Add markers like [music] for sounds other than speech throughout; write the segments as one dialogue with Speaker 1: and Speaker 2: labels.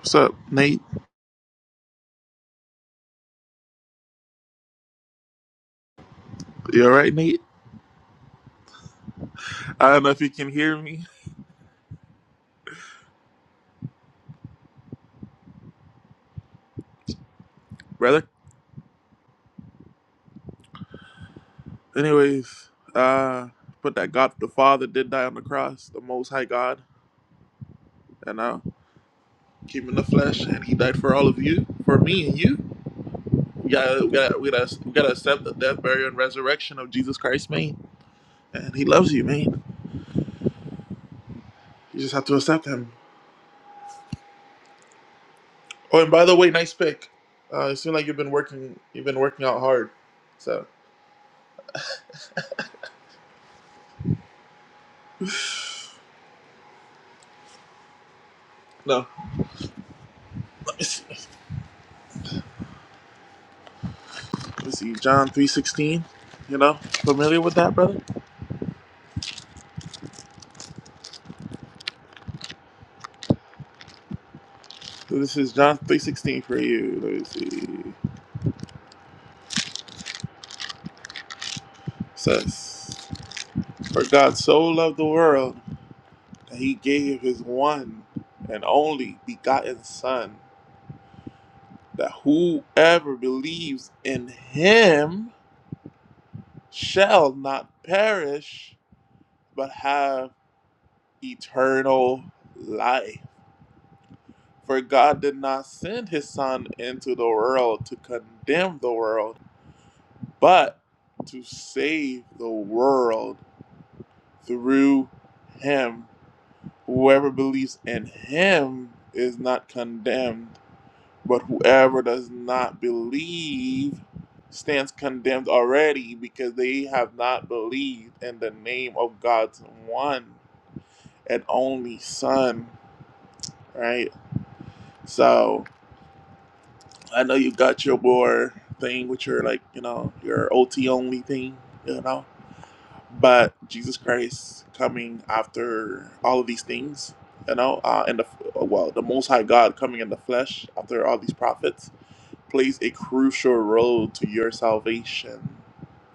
Speaker 1: What's up, Nate? You alright, Nate? I don't know if you can hear me, brother. Anyways, uh, but that God the Father did die on the cross, the Most High God, and uh, came in the flesh, and He died for all of you, for me and you. We gotta, we gotta, we gotta, we gotta accept the death, burial, and resurrection of Jesus Christ, man. And He loves you, man. You just have to accept Him. Oh, and by the way, nice pick. Uh, it seems like you've been working, you've been working out hard. So no, let me see. Let's see, John three sixteen. You know, familiar with that, brother? So this is John three sixteen for you. Let me see. It says, for God so loved the world that he gave his one and only begotten Son, that whoever believes in him shall not perish, but have eternal life. For God did not send his Son into the world to condemn the world but to save the world through him. Whoever believes in him is not condemned, but whoever does not believe stands condemned already because they have not believed in the name of God's one and only Son, right? So I know you got your more thing with your, like, you know, your OT only thing, you know? but Jesus Christ coming after all of these things, you know, uh, and the well, the Most High God coming in the flesh after all these prophets plays a crucial role to your salvation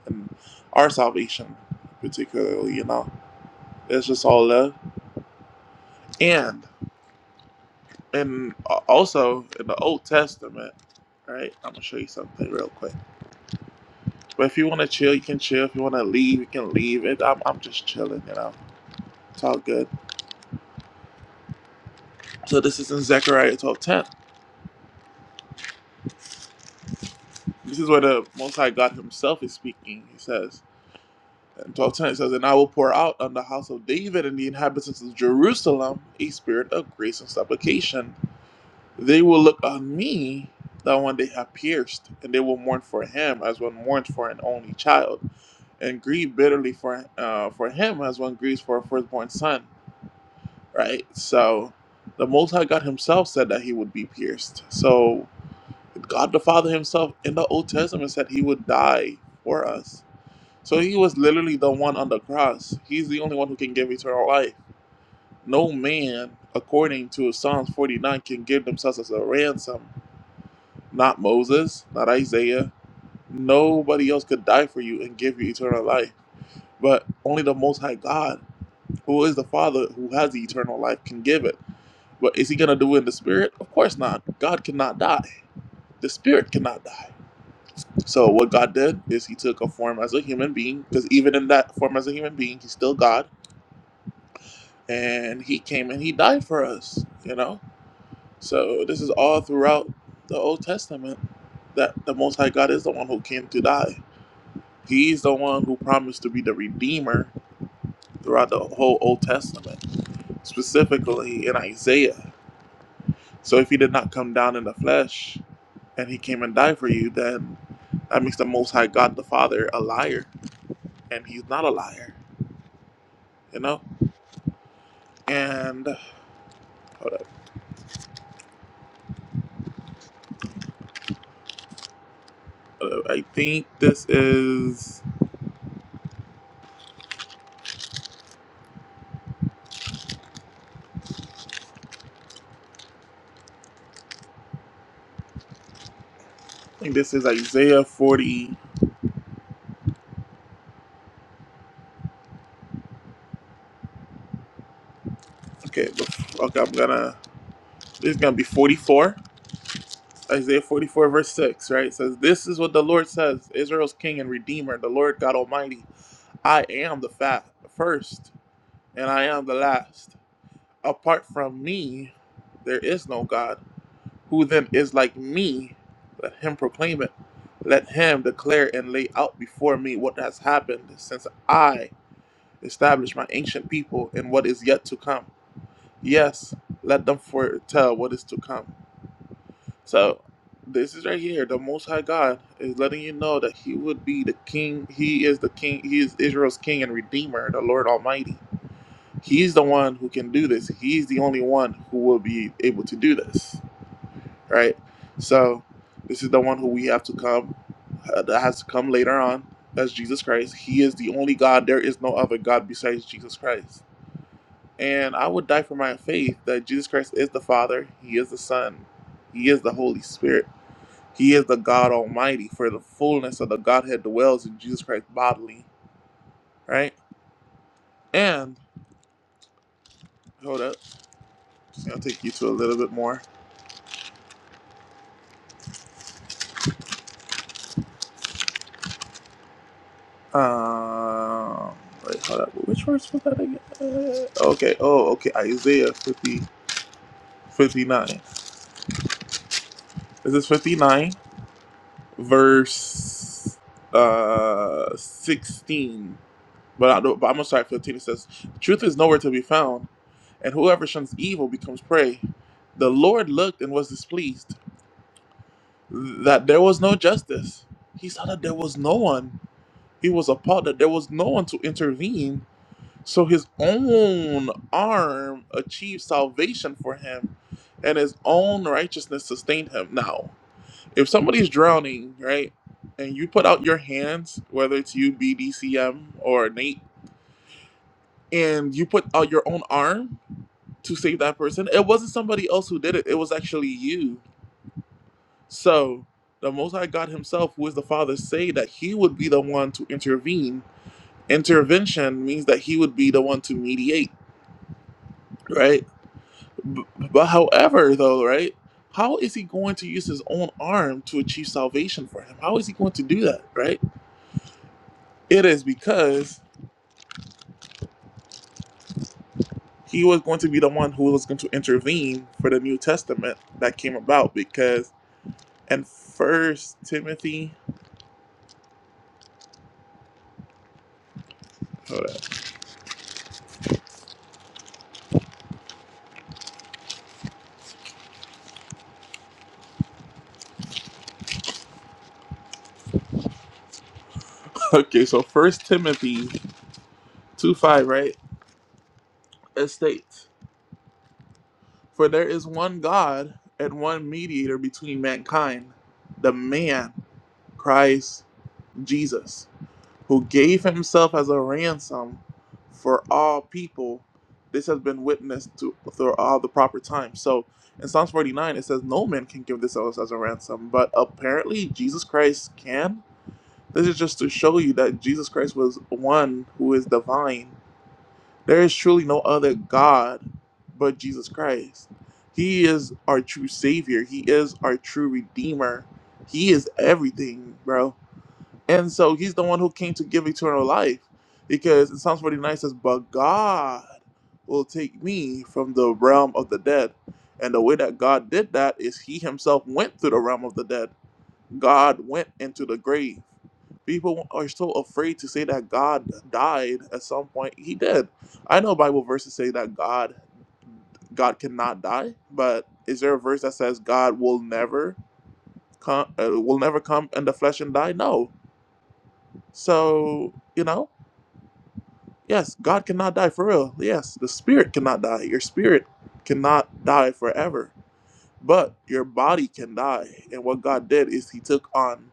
Speaker 1: and our salvation, particularly. You know, it's just all love, and and also in the Old Testament. Right, I'm gonna show you something real quick. But if you wanna chill, you can chill. If you wanna leave, you can leave. It. I'm, I'm just chilling, you know. It's all good. So this is in Zechariah twelve ten. This is where the Most High God Himself is speaking. He says in twelve ten, it says, "And I will pour out on the house of David and the inhabitants of Jerusalem a spirit of grace and supplication. They will look on me, the one they have pierced, and they will mourn for him as one mourns for an only child, and grieve bitterly for uh, for him as one grieves for a firstborn son." Right. So the Most High God Himself said that He would be pierced. So God the Father himself in the Old Testament said he would die for us. So he was literally the one on the cross. He's the only one who can give eternal life. No man, according to Psalms 49, can give themselves as a ransom. Not Moses, not Isaiah. Nobody else could die for you and give you eternal life. But only the Most High God, who is the Father, who has the eternal life, can give it. But is he going to do it in the Spirit? Of course not. God cannot die. The Spirit cannot die. So what God did is he took a form as a human being, because even in that form as a human being, he's still God, and he came and he died for us, you know? So this is all throughout the Old Testament that the Most High God is the one who came to die. He's the one who promised to be the Redeemer throughout the whole Old Testament, specifically in Isaiah. So if he did not come down in the flesh and he came and died for you, then that makes the Most High God the Father a liar, and he's not a liar, you know? and hold up, hold up. I think this is I think this is Isaiah 40. Okay, okay, I'm gonna this is gonna be 44. Isaiah 44 verse 6, right? It says, This is what the Lord says, Israel's King and Redeemer, the Lord God Almighty. I am the fat, the first, and I am the last. Apart from me, there is no God. Who then is like me? Let him proclaim it. Let him declare and lay out before me what has happened since I established my ancient people in what is yet to come. Yes, let them foretell what is to come. So, this is right here. The Most High God is letting you know that He would be the King. He is the King. He is Israel's King and Redeemer, the Lord Almighty. He's the one who can do this. He's the only one who will be able to do this, right? So, this is the one who we have to come, uh, that has to come later on. That's Jesus Christ. He is the only God. There is no other God besides Jesus Christ And I would die for my faith that Jesus Christ is the Father, He is the Son, He is the Holy Spirit, He is the God Almighty, for the fullness of the Godhead dwells in Jesus Christ bodily, right? And hold up, I'll take you to a little bit more. Um, wait, hold up, which verse was that again? Uh, Okay, oh, okay, Isaiah 50, 59. This is 59, verse uh 16 But, I, but Amos 5 15 it says, Truth is nowhere to be found, and whoever shuns evil becomes prey. The Lord looked and was displeased that there was no justice. He saw that there was no one. He was appalled that there was no one to intervene. So his own arm achieved salvation for him, and his own righteousness sustained him. Now, if somebody's drowning, right, and you put out your hands, whether it's you, BDCM, or Nate, and you put out your own arm to save that person. It wasn't somebody else who did it. It was actually you. So the Most High God Himself, who is the Father, say that He would be the one to intervene. Intervention means that He would be the one to mediate, right? B- but however, though, right? How is he going to use his own arm to achieve salvation for him? How is he going to do that, right? It is because he was going to be the one who was going to intervene for the New Testament that came about because. and First Timothy. Hold up. [laughs] Okay, so First Timothy two five, right? It states, "For there is one God and one mediator between mankind, the man Christ Jesus, who gave himself as a ransom for all people." This has been witnessed to through all the proper time. So in Psalms 49, it says no man can give this as as a ransom, but apparently Jesus Christ can This is just to show you that Jesus Christ was one who is divine. There is truly no other God but Jesus Christ. He is our true Savior, He is our true Redeemer. He is everything, bro. And so He's the one who came to give eternal life. Because in Psalms 49 says, But God will take me from the realm of the dead. And the way that God did that is He Himself went through the realm of the dead God went into the grave. People are so afraid to say that God died at some point. He did. I know Bible verses say that God God cannot die, but is there a verse that says God will never come uh, will never come in the flesh and die? No. So, you know, yes, God cannot die for real. Yes, the spirit cannot die. Your spirit cannot die forever, but your body can die. And what God did is he took on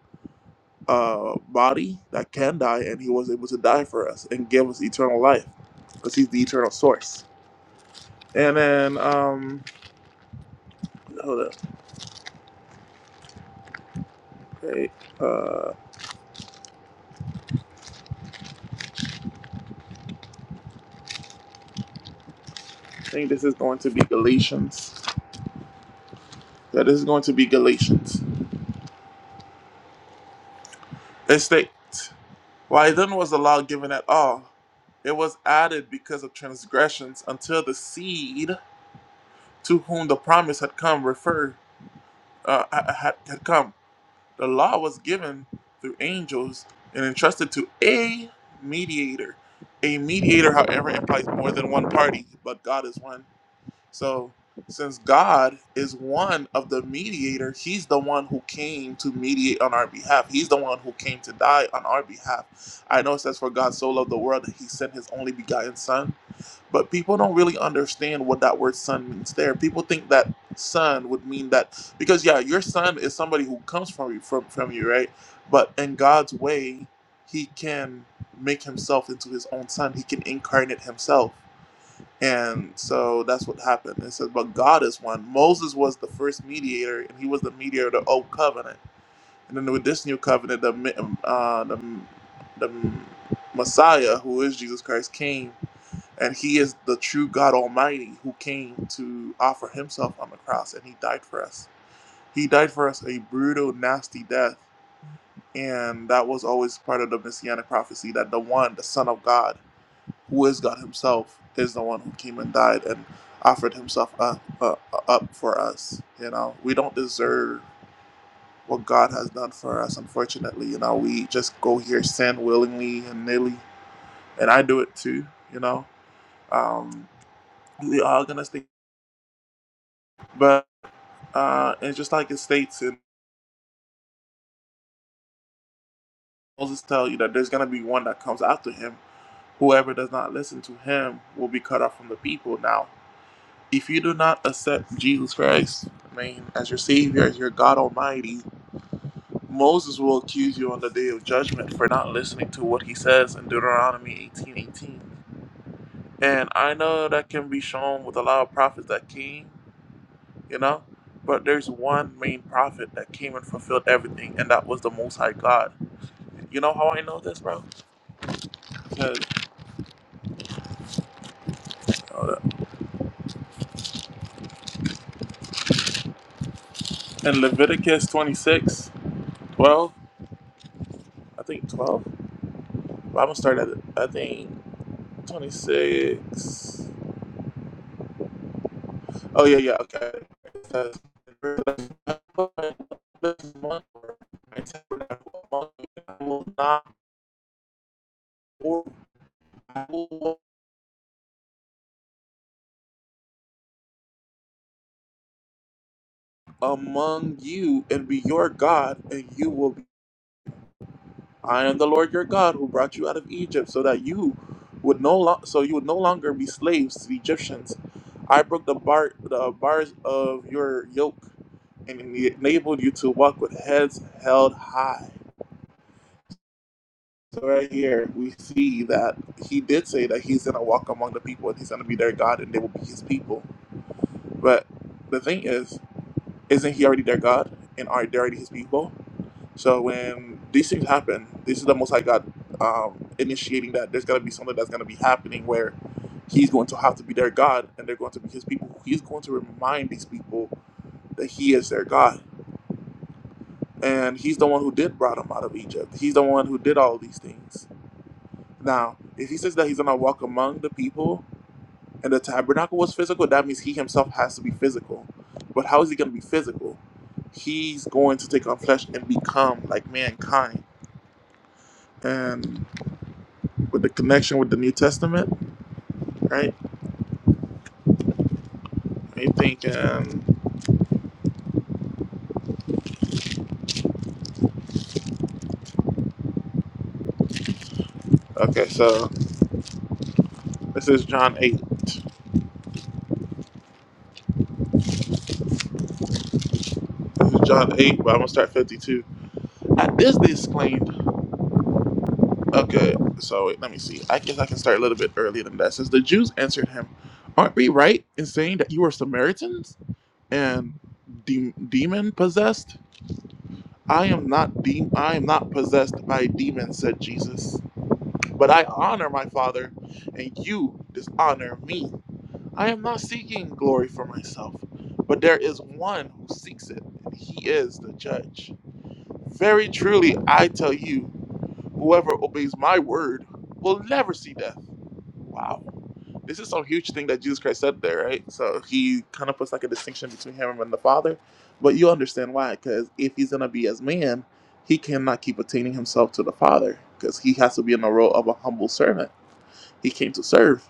Speaker 1: uh, body that can die, and he was able to die for us and give us eternal life because he's the eternal source. And then, um, hold up. Okay. Uh, I think this is going to be Galatians. Yeah, this is going to be Galatians. It states, Why then was the law given at all? It was added because of transgressions until the seed to whom the promise had come refer uh, ha- had, had come. The law was given through angels and entrusted to a mediator. A mediator, however, implies more than one party, but God is one. So, since God is one of the mediator, He's the one who came to mediate on our behalf. He's the one who came to die on our behalf. I know it says, For God so loved the world that He sent His only begotten Son. But people don't really understand what that word son means there. People think that son would mean that because yeah, your son is somebody who comes from you from, from you, right? But in God's way, he can make himself into his own son. He can incarnate himself. And so that's what happened. It says, But God is one. Moses was the first mediator, and he was the mediator of the old covenant. And then with this new covenant, the mi- uh, the, the Messiah, who is Jesus Christ, came and he is the true God Almighty who came to offer himself on the cross and he died for us. He died for us a brutal, nasty death. And that was always part of the messianic prophecy that the one, the Son of God, who is God himself, is the one who came and died and offered himself up, uh, uh, up for us. You know, we don't deserve what God has done for us, unfortunately. You know, we just go here, sin willingly and nilly. And I do it too, you know. Um, we are going to stay. but. Uh, and just like it states in Moses tell you that there's gonna be one that comes after him. Whoever does not listen to him will be cut off from the people. Now, if you do not accept Jesus Christ, I mean, as your Savior, as your God Almighty, Moses will accuse you on the day of judgment for not listening to what he says in Deuteronomy 18:18. And I know that can be shown with a lot of prophets that came, you know, but there's one main prophet that came and fulfilled everything, and that was the Most High God. You know how I know this, bro? In Leviticus 26, 12, I think 12. Well, I'm going to start at, I think, 26. Oh, yeah, yeah, okay. It says, among you, and I will not war- among you and be your God, and you will be I am the Lord your God who brought you out of Egypt so that you would no lo- so you would no longer be slaves to the Egyptians. I broke the bar the bars of your yoke and enabled you to walk with heads held high. So right here we see that he did say that he's gonna walk among the people and he's gonna be their God and they will be his people. But the thing is, isn't he already their God and are they already his people? So when these things happen, this is the Most I got um, initiating that there's going to be something that's going to be happening where He's going to have to be their God and they're going to be His people. He's going to remind these people that He is their God. And He's the one who did brought them out of Egypt. He's the one who did all these things. Now, if He says that He's going to walk among the people and the tabernacle was physical, that means He Himself has to be physical. But how is He going to be physical? He's going to take on flesh and become like mankind. and. with the connection with the New Testament, right? You thinking? okay, so this is John 8. This is John 8, but I'm going to start 52. At this, they exclaimed, okay, so wait, let me see. I guess I can start a little bit earlier than that. Since the Jews answered him, aren't we right in saying that you are Samaritans and de- demon possessed? I am not de- I am not possessed by demons, said Jesus. But I honor my Father, and you dishonor me. I am not seeking glory for myself, but there is one who seeks it, and he is the judge. Very truly, I tell you, whoever obeys my word will never see death. Wow. This is some huge thing that Jesus Christ said there, right? So he kind of puts like a distinction between him and the Father, but you understand why, because if he's going to be as man, he cannot keep attaining himself to the Father, because he has to be in the role of a humble servant. He came to serve.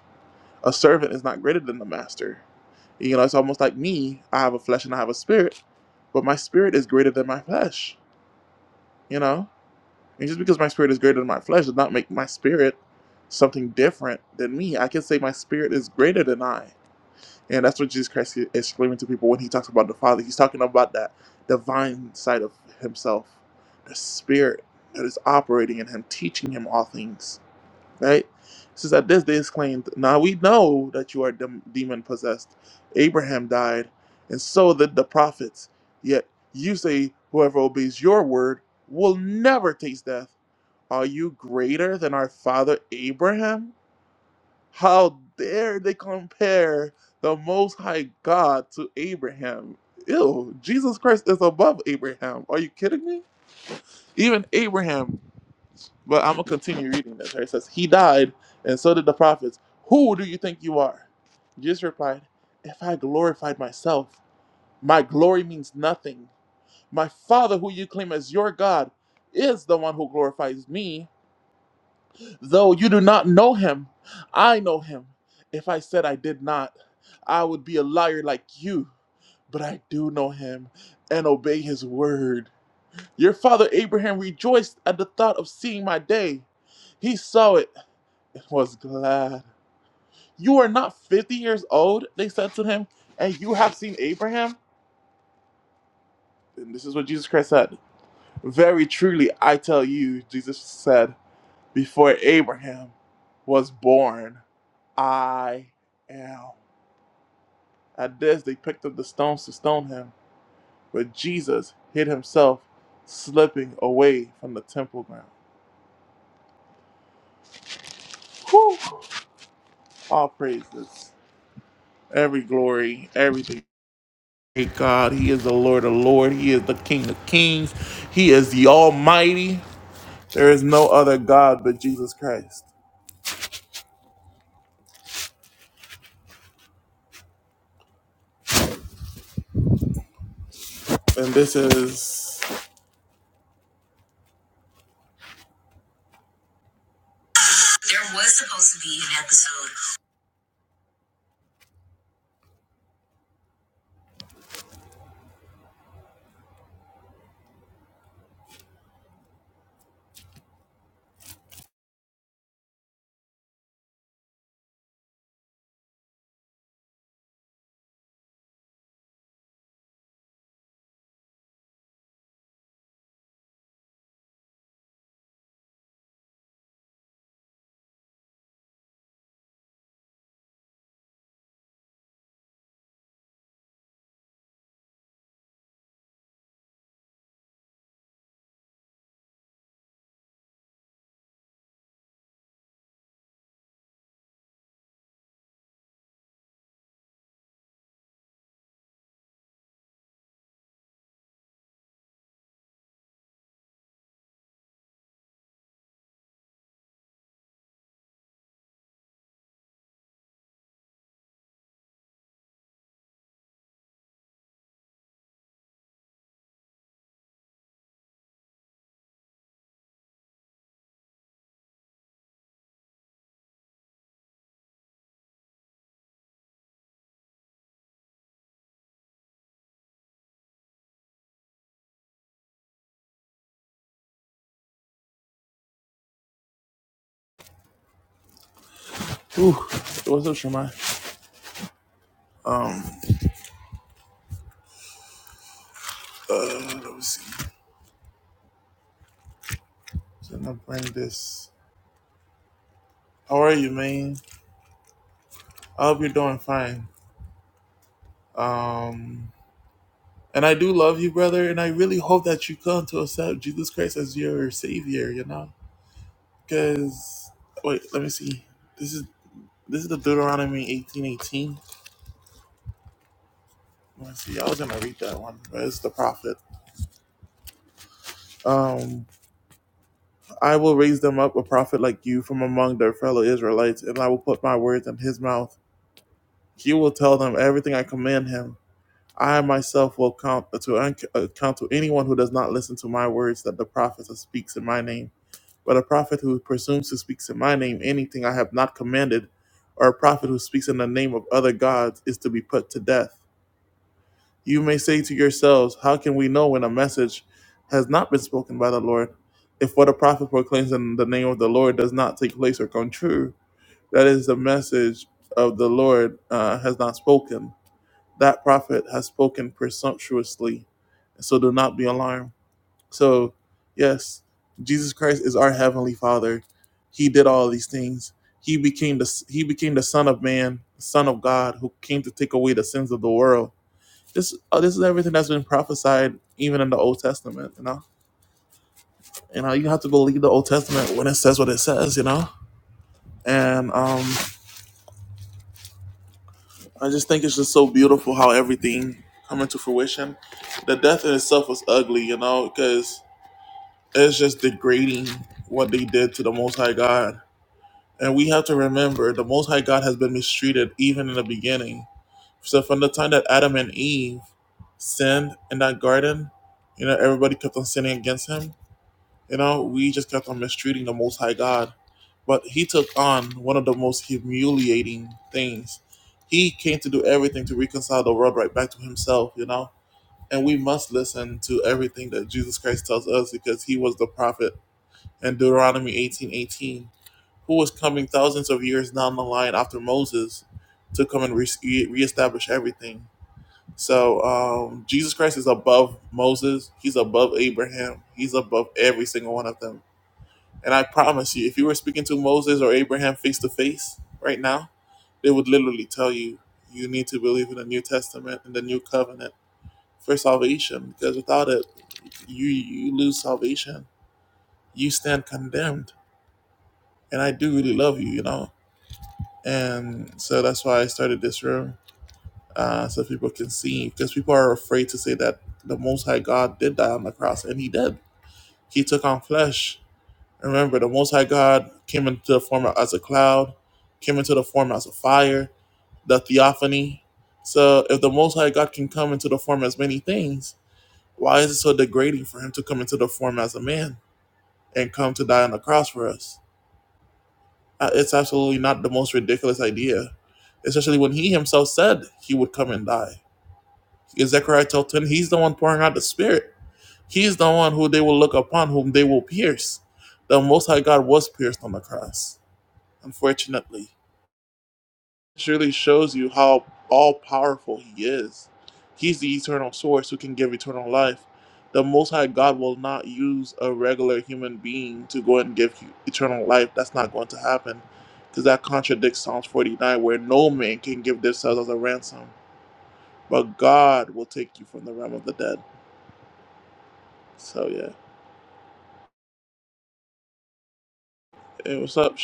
Speaker 1: A servant is not greater than the master. You know, it's almost like me. I have a flesh and I have a spirit, but my spirit is greater than my flesh. You know, and just because my spirit is greater than my flesh does not make my spirit something different than me. I can say my spirit is greater than I, and that's what Jesus Christ is exclaiming to people when he talks about the Father. He's talking about that divine side of Himself, the Spirit that is operating in Him, teaching Him all things Right? It says, At this they exclaimed, Now we know that you are dem- demon possessed. Abraham died, and so did the prophets. Yet you say, Whoever obeys your word will never taste death. Are you greater than our father Abraham? How dare they compare the Most High God to Abraham? Ew, Jesus Christ is above Abraham. Are you kidding me? Even Abraham but I'm gonna continue reading this. Right? It says, He died, and so did the prophets. Who do you think you are? Jesus replied, If I glorified myself, my glory means nothing. My Father, who you claim as your God, is the one who glorifies me. Though you do not know him, I know him. If I said I did not, I would be a liar like you. But I do know him and obey his word. Your father Abraham rejoiced at the thought of seeing my day. He saw it was glad. You are not 50 years old, they said to him, and you have seen Abraham? And this is what Jesus Christ said. Very truly, I tell you, Jesus said, before Abraham was born, I am. At this, they picked up the stones to stone him, but Jesus hid himself, slipping away from the temple ground. All praises, every glory, everything. Hey God, He is the Lord of Lord. He is the King of Kings. He is the Almighty. There is no other God but Jesus Christ. And this is. There was supposed to be an episode. Ooh, what's up, Shemai? Uh, let me see. So I'm gonna bring this. How are you, man? I hope you're doing fine. Um, and I do love you, brother. And I really hope that you come to accept Jesus Christ as your Savior. You know, because wait, let me see. This is. This is the Deuteronomy eighteen eighteen. Let's see, I was gonna read that one, but it's the prophet. Um, I will raise them up a prophet like you from among their fellow Israelites, and I will put my words in his mouth. He will tell them everything I command him. I myself will count to account to anyone who does not listen to my words that the prophet speaks in my name. But a prophet who presumes to speak in my name anything I have not commanded, or a prophet who speaks in the name of other gods, is to be put to death. You may say to yourselves, How can we know when a message has not been spoken by the Lord? If what a prophet proclaims in the name of the Lord does not take place or come true, that is the message of the Lord uh, has not spoken. That prophet has spoken presumptuously. So do not be alarmed. So, yes, Jesus Christ is our heavenly Father. He did all these things. He became the he became the Son of Man, Son of God, who came to take away the sins of the world this oh, this is everything that's been prophesied even in the Old Testament. You know, you know, you have to believe the Old Testament when it says what it says. You know, and um, I just think it's just so beautiful how everything come into fruition. The death in itself was ugly, you know, because it's just degrading what they did to the Most High God. And we have to remember the Most High God has been mistreated even in the beginning. So from the time that Adam and Eve sinned in that garden, you know, everybody kept on sinning against him You know, we just kept on mistreating the Most High God. But he took on one of the most humiliating things. He came to do everything to reconcile the world right back to himself, you know? And we must listen to everything that Jesus Christ tells us because he was the prophet in Deuteronomy eighteen eighteen, who was coming thousands of years down the line after Moses to come and re- reestablish everything. So um, Jesus Christ is above Moses, he's above Abraham, he's above every single one of them and I promise you, if you were speaking to Moses or Abraham face to face right now, they would literally tell you, you need to believe in the New Testament and the New Covenant for salvation, because without it, you, you lose salvation. You stand condemned. And I do really love you, you know? And so that's why I started this room, uh, so people can see, because people are afraid to say that the Most High God did die on the cross, and He did. He took on flesh Remember, the Most High God came into the form as a cloud, came into the form as a fire, the theophany. So, if the Most High God can come into the form as many things, why is it so degrading for him to come into the form as a man and come to die on the cross for us? Uh, It's absolutely not the most ridiculous idea, especially when he himself said he would come and die. In Zechariah twelve 10, he's the one pouring out the Spirit. He's the one who they will look upon, whom they will pierce. The Most High God was pierced on the cross unfortunately. it really shows you how all powerful he is. He's the eternal source who can give eternal life. The Most High God will not use a regular human being to go and give eternal life. That's not going to happen because that contradicts Psalms 49, where no man can give themselves as a ransom, but God will take you from the realm of the dead. So, yeah. Hey, what's up,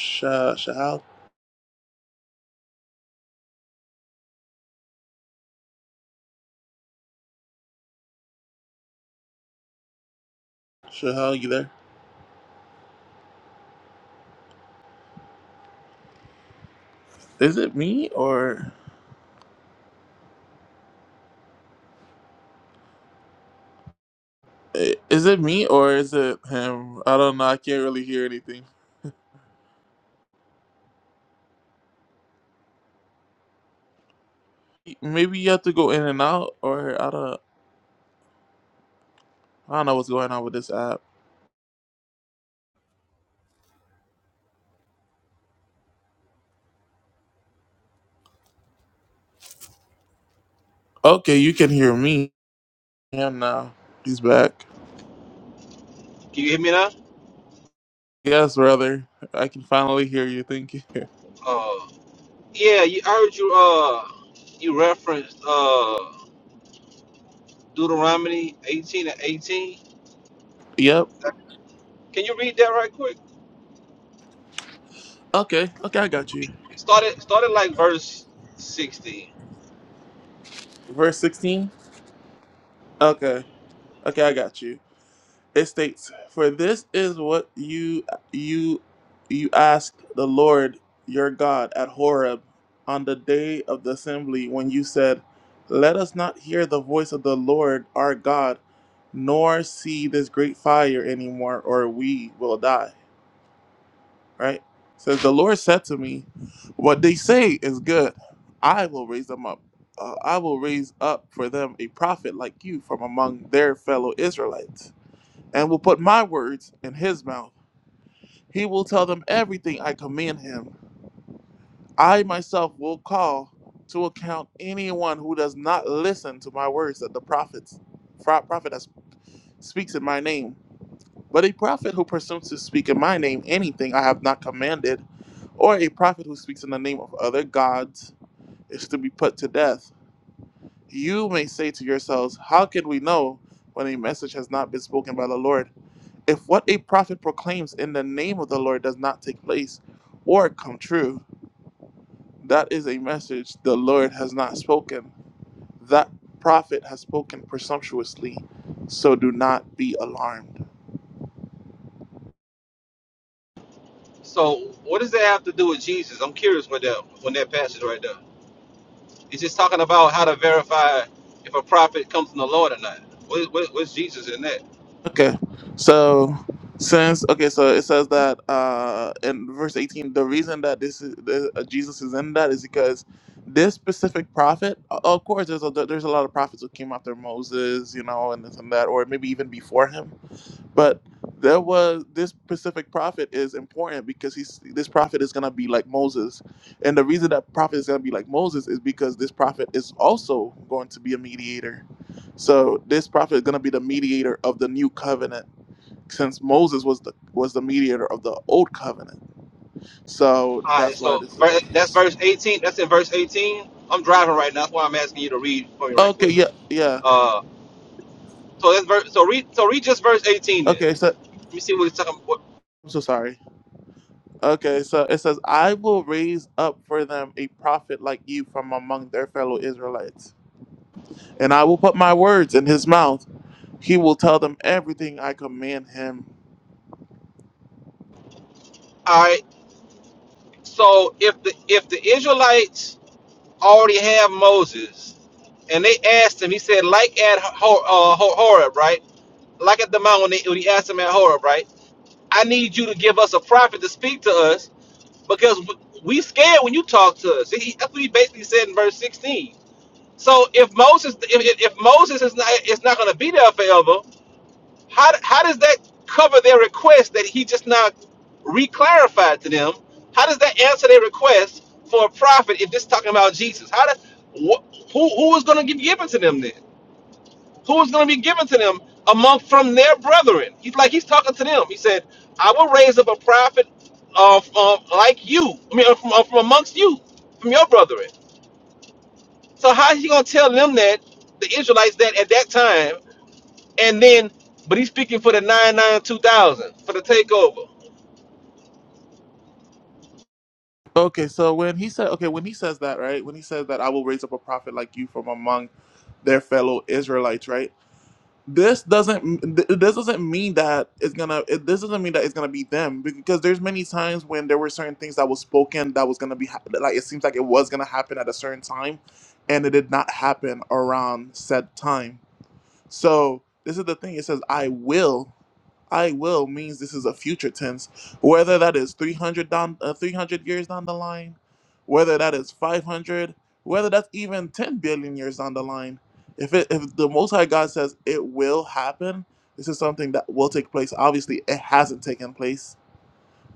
Speaker 1: Shahal? Shahal, you there? Is it me or. I- Is it me or is it him? I don't know. I can't really hear anything. Maybe you have to go in and out, or I don't. I don't know what's going on with this app. Okay, you can hear me. Him now. He's back.
Speaker 2: Can you hear me now?
Speaker 1: Yes, brother. I can finally hear you. Thank you. [laughs]
Speaker 2: Uh, yeah, you, I heard you. Uh, you referenced uh, Deuteronomy eighteen and eighteen.
Speaker 1: Yep.
Speaker 2: Can you read that right quick?
Speaker 1: Okay. Okay, I got you.
Speaker 2: Started started like verse sixteen.
Speaker 1: Verse sixteen. Okay. Okay, I got you. It states, "For this is what you you you asked the Lord your God at Horeb on the day of the assembly when you said, 'Let us not hear the voice of the Lord our God, nor see this great fire anymore, or we will die." Right? says the Lord said to me, "What they say is good. I will raise them up. Uh, I will raise up for them a prophet like you from among their fellow Israelites." and will put my words in his mouth. He will tell them everything I command him. I myself will call to account anyone who does not listen to my words that the prophets, fra- prophet that speaks in my name. But a prophet who presumes to speak in my name anything I have not commanded, or a prophet who speaks in the name of other gods, is to be put to death. You may say to yourselves, How can we know when a message has not been spoken by the Lord? If what a prophet proclaims in the name of the Lord does not take place or come true, that is a message the Lord has not spoken. That prophet has spoken presumptuously, so do not be alarmed.
Speaker 2: So what does that have to do with Jesus? I'm curious with that when that passage right there. It's just talking about how to verify if a prophet comes from the Lord or not. What, what, what's Jesus in that?
Speaker 1: Okay, so since okay, so it says that uh, in verse eighteen, the reason that this is the, uh, Jesus is in that is because this specific prophet, o- of course, there's a, there's a lot of prophets who came after Moses, you know, and this and that, or maybe even before him But there was this specific prophet is important because he's this prophet is gonna be like Moses, and the reason that prophet is gonna be like Moses is because this prophet is also going to be a mediator. So this prophet is gonna be the mediator of the new covenant, since Moses was the was the mediator of the old covenant.
Speaker 2: All
Speaker 1: So
Speaker 2: right,
Speaker 1: that's why
Speaker 2: so
Speaker 1: this is
Speaker 2: ver-
Speaker 1: about
Speaker 2: that's
Speaker 1: Jesus.
Speaker 2: verse eighteen. That's in verse eighteen. I'm driving right now. That's why I'm asking you to read for me right
Speaker 1: Okay,
Speaker 2: quick.
Speaker 1: yeah, yeah.
Speaker 2: Uh, So that's verse. So read. So read just verse eighteen. Then
Speaker 1: Okay, so
Speaker 2: let me see what it's talking about.
Speaker 1: I'm so sorry. Okay, so it says, "I will raise up for them a prophet like you from among their fellow Israelites." and I will put my words in his mouth. He will tell them everything I command him.
Speaker 2: All right. So if the if the Israelites already have Moses, and they asked him, he said, like at Hor, uh, Hor- Horeb, right? Like at the mountain when, they, when he asked him at Horeb, right? I need you to give us a prophet to speak to us because w- we scared when you talk to us. He, that's what he basically said in verse sixteen. So if Moses if, if if Moses is not it's not going to be there forever, How, how does that cover their request that he just now reclarified to them? How does that answer their request for a prophet if this is talking about Jesus? How do, wh- who who is going to be given to them then? Who is going to be given to them among from their brethren? He's like he's talking to them. He said, "I will raise up a prophet uh, um, like you. I mean, uh, from, uh, from amongst you, from your brethren." So how is he going to tell them that the Israelites that at that time? And then, but he's speaking for the nine nine two thousand for the takeover.
Speaker 1: Okay, so when he said, okay, when he says that, right? When he says that I will raise up a prophet like you from among their fellow Israelites, right? This doesn't th- this doesn't mean that it's gonna it, this doesn't mean that it's gonna be them because there's many times when there were certain things that was spoken that was gonna be hap- like it seems like it was gonna happen at a certain time, and it did not happen around said time So this is the thing. It says, I will. I will means this is a future tense. Whether that is 300 down, uh, 300 years down the line, whether that is 500, whether that's even 10 billion years down the line. If it, if the Most High God says it will happen, this is something that will take place. Obviously, it hasn't taken place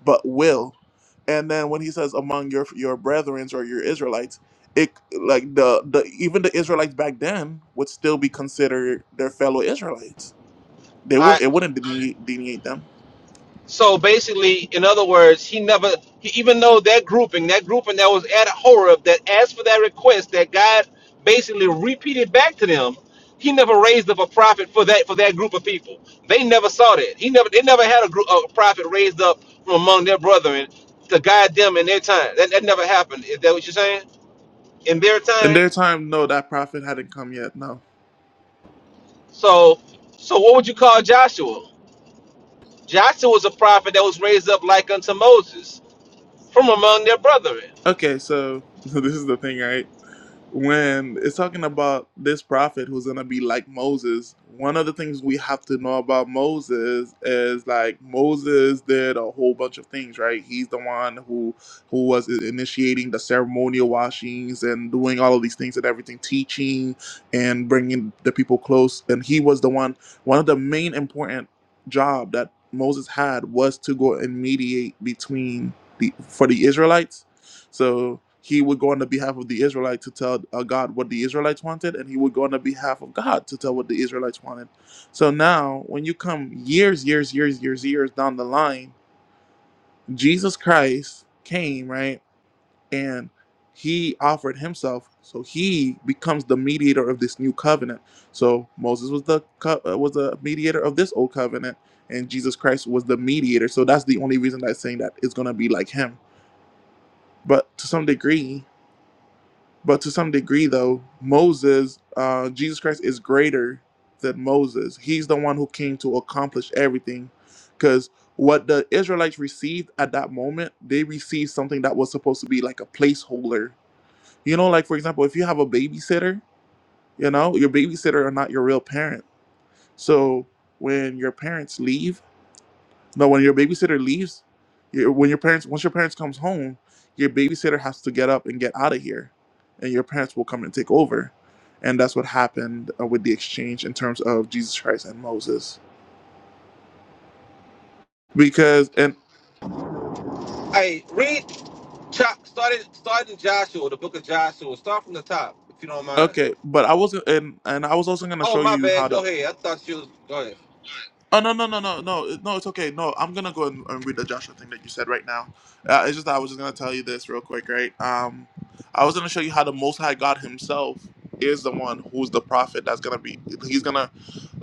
Speaker 1: but will. And then when he says among your your brethrens or your Israelites, it like the the even the Israelites back then would still be considered their fellow Israelites. They
Speaker 2: I
Speaker 1: would it wouldn't delineate, delineate them.
Speaker 2: so basically, in other words, he never, he, even though that grouping, that grouping that was at Horeb that asked for that request that God basically repeated back to them, he never raised up a prophet for that for that group of people. They never saw that. He never, they never had a group a prophet raised up from among their brethren to guide them in their time. That, that never happened. Is that what you're saying? In their
Speaker 1: In
Speaker 2: time.
Speaker 1: their time, no, that prophet hadn't come yet. No.
Speaker 2: So, so what would you call Joshua? Joshua was a prophet that was raised up like unto Moses from among their brethren.
Speaker 1: Okay, so [laughs] so this is the thing, right? When it's talking about this prophet who's gonna be like Moses, one of the things we have to know about Moses is like Moses did a whole bunch of things, right? He's the one who who was i- initiating the ceremonial washings and doing all of these things and everything, teaching and bringing the people close. And he was the one. One of the main important job that Moses had was to go and mediate between the for the Israelites so he would go on the behalf of the Israelites to tell uh, God what the Israelites wanted, and he would go on the behalf of God to tell what the Israelites wanted. So now, when you come years, years, years, years, years down the line, Jesus Christ came, right? And he offered himself. So he becomes the mediator of this new covenant. So Moses was the co- uh, was the mediator of this old covenant, and Jesus Christ was the mediator. So that's the only reason that I'm saying that it's gonna be like him. But to some degree, But to some degree, though, Moses, uh, Jesus Christ is greater than Moses. He's the one who came to accomplish everything. Because what the Israelites received at that moment, they received something that was supposed to be like a placeholder. You know, like for example, if you have a babysitter, you know, your babysitter are not your real parent. So when your parents leave, no, when your babysitter leaves, your, when your parents once your parents comes home, your babysitter has to get up and get out of here, and your parents will come and take over, and that's what happened uh, with the exchange in terms of Jesus Christ and Moses. Because and
Speaker 2: Hey, read, chop, start, it- start in Joshua, the book of Joshua. Start from the top, if you don't mind.
Speaker 1: okay, but I wasn't and and I was also gonna
Speaker 2: Oh,
Speaker 1: show
Speaker 2: my
Speaker 1: you how
Speaker 2: bad.
Speaker 1: to
Speaker 2: Go ahead. I thought you was, go ahead.
Speaker 1: Oh no no no no no no! It's okay. No, I'm gonna go and, and read the Joshua thing that you said right now. Uh, it's just that I was just gonna tell you this real quick, right? Um, I was gonna show you how the Most High God Himself is the one who's the prophet that's gonna be. He's gonna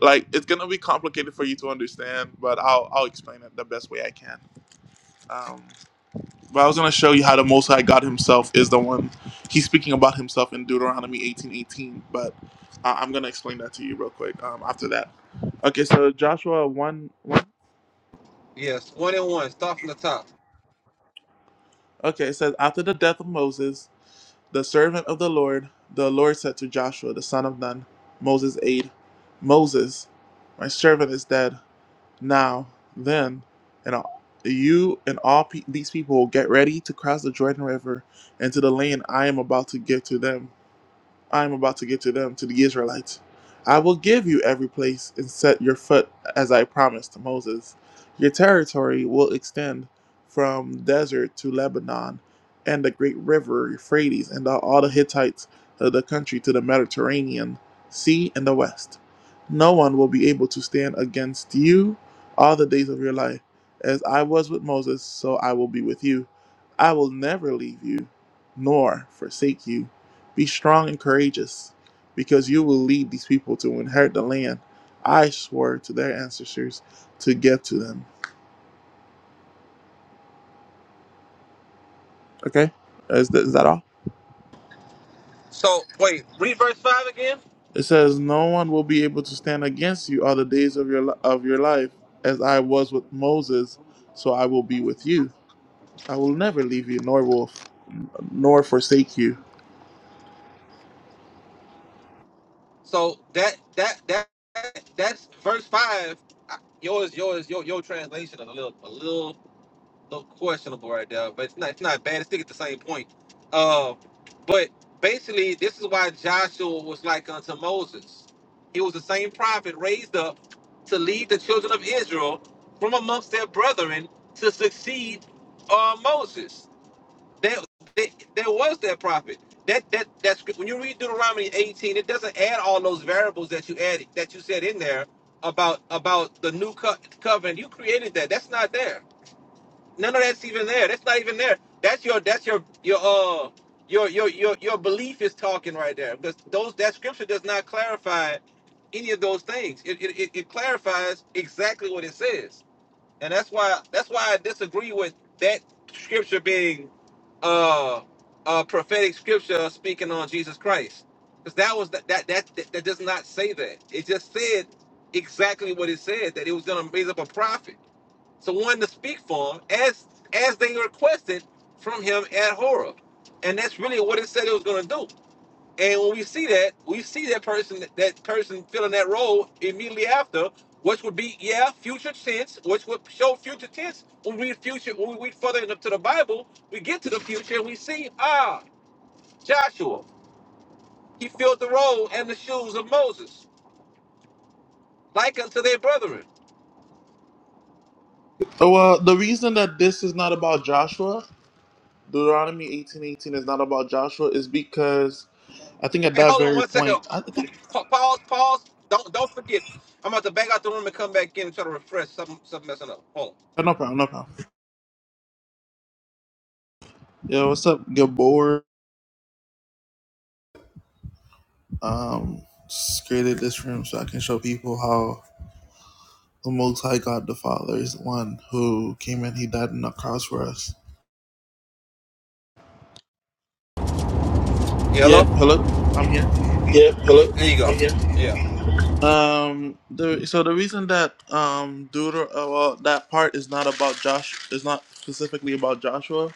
Speaker 1: like it's gonna be complicated for you to understand, but I'll I'll explain it the best way I can. Um, but I was gonna show you how the Most High God Himself is the one. He's speaking about Himself in Deuteronomy 18:18, but uh, I'm gonna explain that to you real quick um, after that. Okay, so Joshua 1 1.
Speaker 2: Yes, one and one. Start from the top.
Speaker 1: Okay, it says, After the death of Moses, the servant of the Lord, the Lord said to Joshua, the son of Nun, Moses' aide, Moses, my servant is dead. Now, then, and all, you and all pe- these people get ready to cross the Jordan River into the land I am about to give to them. I am about to give to them, to the Israelites. I will give you every place and set your foot as I promised to Moses. Your territory will extend from desert to Lebanon and the great river Euphrates and all the Hittites of the country to the Mediterranean Sea and the west. No one will be able to stand against you all the days of your life. As I was with Moses, so I will be with you. I will never leave you nor forsake you. Be strong and courageous, because you will lead these people to inherit the land I swore to their ancestors to give to them. Okay, is that, is that all?
Speaker 2: So, wait, read verse 5 again.
Speaker 1: It says, "No one will be able to stand against you all the days of your of your life, as I was with Moses, so I will be with you. I will never leave you, nor will nor forsake you."
Speaker 2: So, that, that, that, that's verse 5. I- Yours, yours, your, your translation is a little, a little little questionable right there, but it's not it's not bad. It's still at the same point. Uh, but basically, this is why Joshua was like unto Moses. He was the same prophet raised up to lead the children of Israel from amongst their brethren to succeed uh, Moses. There, there, there was that prophet. That that that script. When you read Deuteronomy 18, it doesn't add all those variables that you added that you said in there about about the new co- covenant. You created that. That's not there None of that's even there. That's not even there. That's your that's your your uh your your your your belief is talking right there because those that scripture does not clarify any of those things. It it, it, it clarifies exactly what it says, and that's why that's why I disagree with that scripture being uh a prophetic scripture speaking on Jesus Christ because that was that that, that that does not say that. It just said exactly what it said that it was going to raise up a prophet someone to speak for him as as they requested from him at Horeb. And that's really what it said it was going to do. And when we see that, we see that person that person filling that role immediately after, which would be yeah, future tense, which would show future tense when we read future when we read further into the Bible, we get to the future and we see ah Joshua, he filled the role and the shoes of Moses, like unto their brethren.
Speaker 1: So, uh, the reason that this is not about Joshua, Deuteronomy eighteen eighteen is not about Joshua, is because I think at
Speaker 2: Hey,
Speaker 1: that
Speaker 2: hold on
Speaker 1: very
Speaker 2: one second.
Speaker 1: point, I
Speaker 2: Pa-
Speaker 1: think
Speaker 2: Pause, pause. Don't don't forget. I'm about to back out the room and come back in and try to refresh something something messing up. Hold
Speaker 1: Oh, No problem, no problem. Yo, what's up? Gabor um, just created this room so I can show people how the Most High God the Father is the one who came and He died on the cross for us.
Speaker 2: on. Yeah,
Speaker 1: Yep.
Speaker 2: hello?
Speaker 1: Hello, I'm here.
Speaker 2: Yeah, hello. There you go. Yeah, Yeah.
Speaker 1: Um, the, so the reason that um, Deuter, uh, well, that part is not about Josh, is not specifically about Joshua,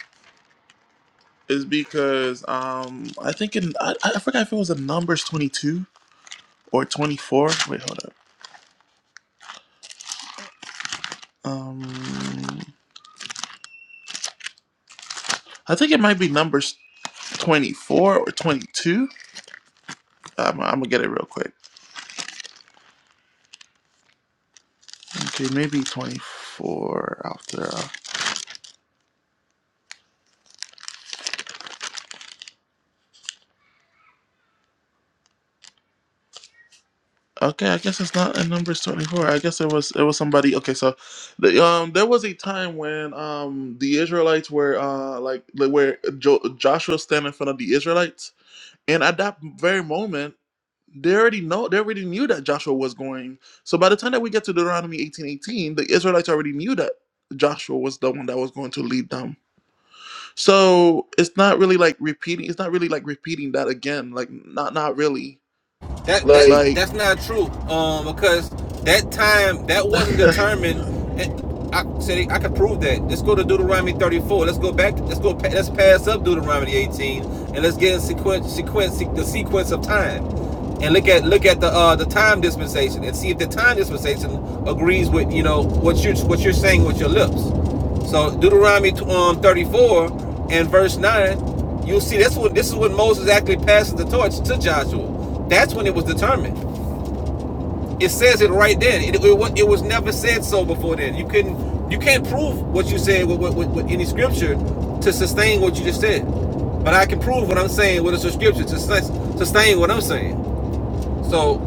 Speaker 1: is because um, I think in I, I forgot if it was in Numbers 22 or 24. Wait, hold up. Um, I think it might be Numbers 24 or 22. Um, I'm gonna get it real quick. Okay, maybe 24 after. Uh, okay, I guess it's not a number It's 24. I guess it was it was somebody. Okay, so the, um, there was a time when um the Israelites were uh like like where jo- Joshua standing in front of the Israelites, and at that very moment. They already know. They already knew that Joshua was going. So by the time that we get to Deuteronomy eighteen eighteen, the Israelites already knew that Joshua was the one that was going to lead them So it's not really like repeating. It's not really like repeating that again. Like not not really.
Speaker 2: That, Like, that
Speaker 1: Like
Speaker 2: that's not true. Um, because that time that wasn't [laughs] determined. And I said I can prove that. Let's go to Deuteronomy 34. Let's go back. Let's go. Let's pass up Deuteronomy 18, and let's get in sequence, sequence, the sequence of time, and look at look at the uh the time dispensation, and see if the time dispensation agrees with you know what you're what you're saying with your lips. So Deuteronomy um, 34 and verse 9, you'll see that's what this is when Moses actually passes the torch to Joshua. That's when it was determined. It says it right then. It, it, it was never said so before then. You couldn't you can't prove what you said with, with, with, any scripture to sustain what you just said. But I can prove what I'm saying with a scripture to sustain what I'm saying. So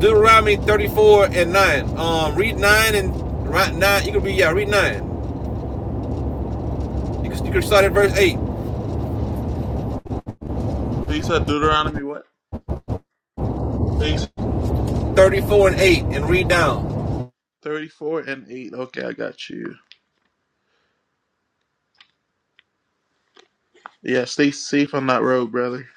Speaker 2: Deuteronomy 34 and 9. Um, read 9 and right 9. You can read, yeah, read 9. You can, you can start at verse 8.
Speaker 1: you said, Deuteronomy what
Speaker 2: 34 and 8 and read down.
Speaker 1: thirty four and eight. Okay, I got you. Yeah, stay safe on that road, brother.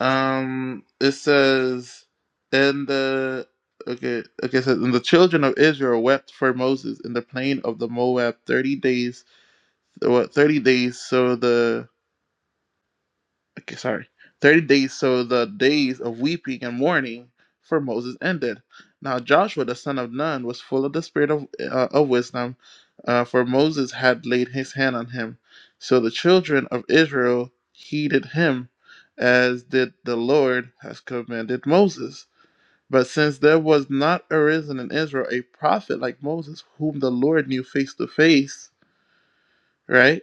Speaker 1: Um, it says, and the okay, okay, it says, and the children of Israel wept for Moses in the plain of the Moab thirty days. What thirty days? So the okay, sorry, 30 days, so the days of weeping and mourning for Moses ended. Now Joshua the son of Nun was full of the spirit of, uh, of wisdom, uh, for Moses had laid his hand on him. So the children of Israel heeded him, as did the Lord has commanded Moses. But since there was not arisen in Israel a prophet like Moses, whom the Lord knew face to face, right?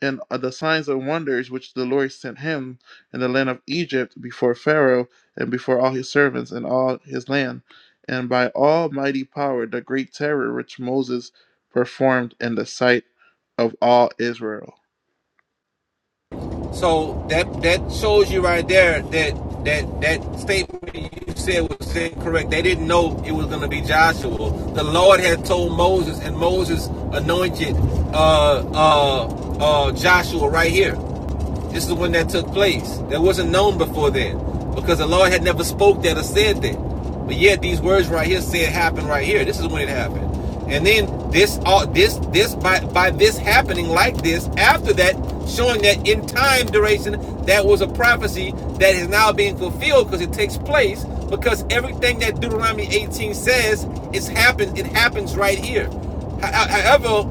Speaker 1: and the signs and wonders which the Lord sent him in the land of Egypt before Pharaoh and before all his servants and all his land, and by almighty power the great terror which Moses performed in the sight of all Israel.
Speaker 2: So that that shows you right there that that that statement you said was incorrect. They didn't know it was going to be Joshua. The Lord had told Moses, and Moses anointed uh, uh, uh, Joshua right here. This is when that took place. That wasn't known before then because the Lord had never spoke that or said that. But yet these words right here said happened right here. This is when it happened. And then this all this this by by this happening like this after that showing that in time duration that was a prophecy that is now being fulfilled because it takes place because everything that Deuteronomy 18 says is happens it happens right here. However,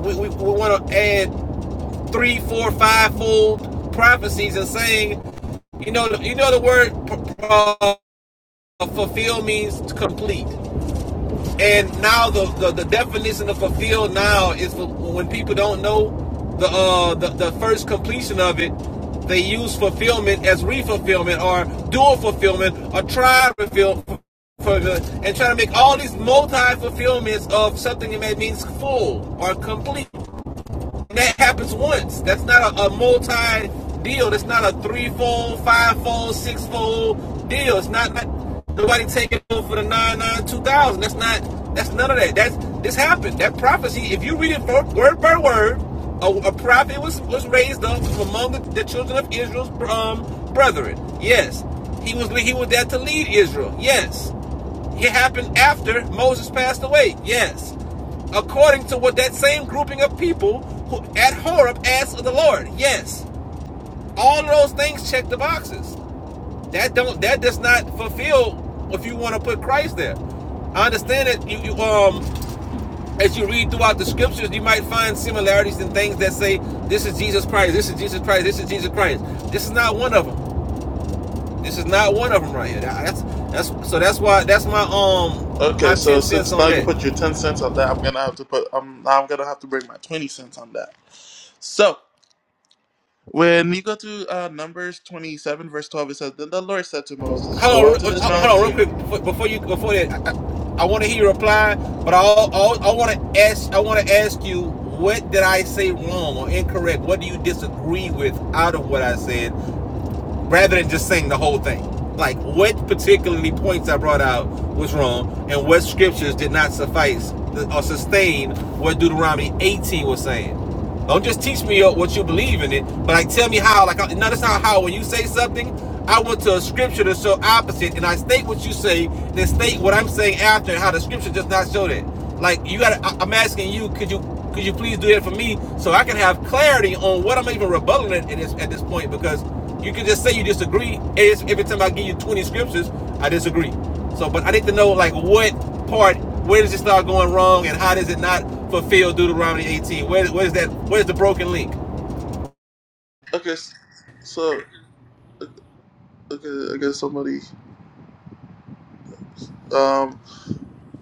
Speaker 2: we, we, we want to add three, four, five fold prophecies and saying, you know, you know the word uh, fulfill means complete. And now the, the, the definition of fulfill now is for when people don't know the, uh, the the first completion of it, they use fulfillment as refulfillment or dual fulfillment or tri fulfillment and try to make all these multi fulfillments of something that means full or complete. That happens once. That's not a, a multi deal. That's not a threefold, fivefold, sixfold deal. It's not, not nobody taking over for the nine nine two thousand. That's not. That's none of that. That's this happened. That prophecy. If you read it word by word, a, a prophet was was raised up from among the, the children of Israel's um, brethren. Yes, he was he was there to lead Israel. Yes. It happened after Moses passed away. Yes. According to what that same grouping of people who at Horeb asked of the Lord. Yes. All of those things check the boxes. That don't that does not fulfill if you want to put Christ there. I understand that you, you um as you read throughout the scriptures, you might find similarities in things that say, This is Jesus Christ, this is Jesus Christ, this is Jesus Christ. This is not one of them. This is not one of them right here. That's that's so that's why that's my um my
Speaker 1: Okay,
Speaker 2: 10
Speaker 1: so
Speaker 2: cents
Speaker 1: since
Speaker 2: on
Speaker 1: now you
Speaker 2: that.
Speaker 1: put your ten cents on that, I'm gonna have to put um now I'm gonna have to bring my twenty cents on that. So when you go to uh, Numbers twenty-seven, verse twelve, it says, "Then the Lord said to Moses, Go
Speaker 2: Hold on,
Speaker 1: up to this
Speaker 2: uh, hold on,
Speaker 1: mountain."
Speaker 2: real quick before- you before that. I, I want to hear you reply, but I al- I want to ask I want to ask you what did I say wrong or incorrect? What do you disagree with out of what I said? rather than just saying the whole thing. Like what particularly points I brought out was wrong, and what scriptures did not suffice or sustain what Deuteronomy 18 was saying. Don't just teach me what you believe in it, but like tell me how. Like no, that's not how. When you say something, I went to a scripture to show opposite, and I state what you say, then state what I'm saying after, and how the scripture does not show that. Like you got, to I'm asking you, could you could you please do that for me so I can have clarity on what I'm even rebutting at, this, at this point? Because you can just say you disagree. every time I give you 20 scriptures, I disagree. So, but I need to know like what part, where does it start going wrong, and how does it not fulfill Deuteronomy 18? Where, where's that? Where's the broken link?
Speaker 1: Okay, so Okay, I guess somebody. Um,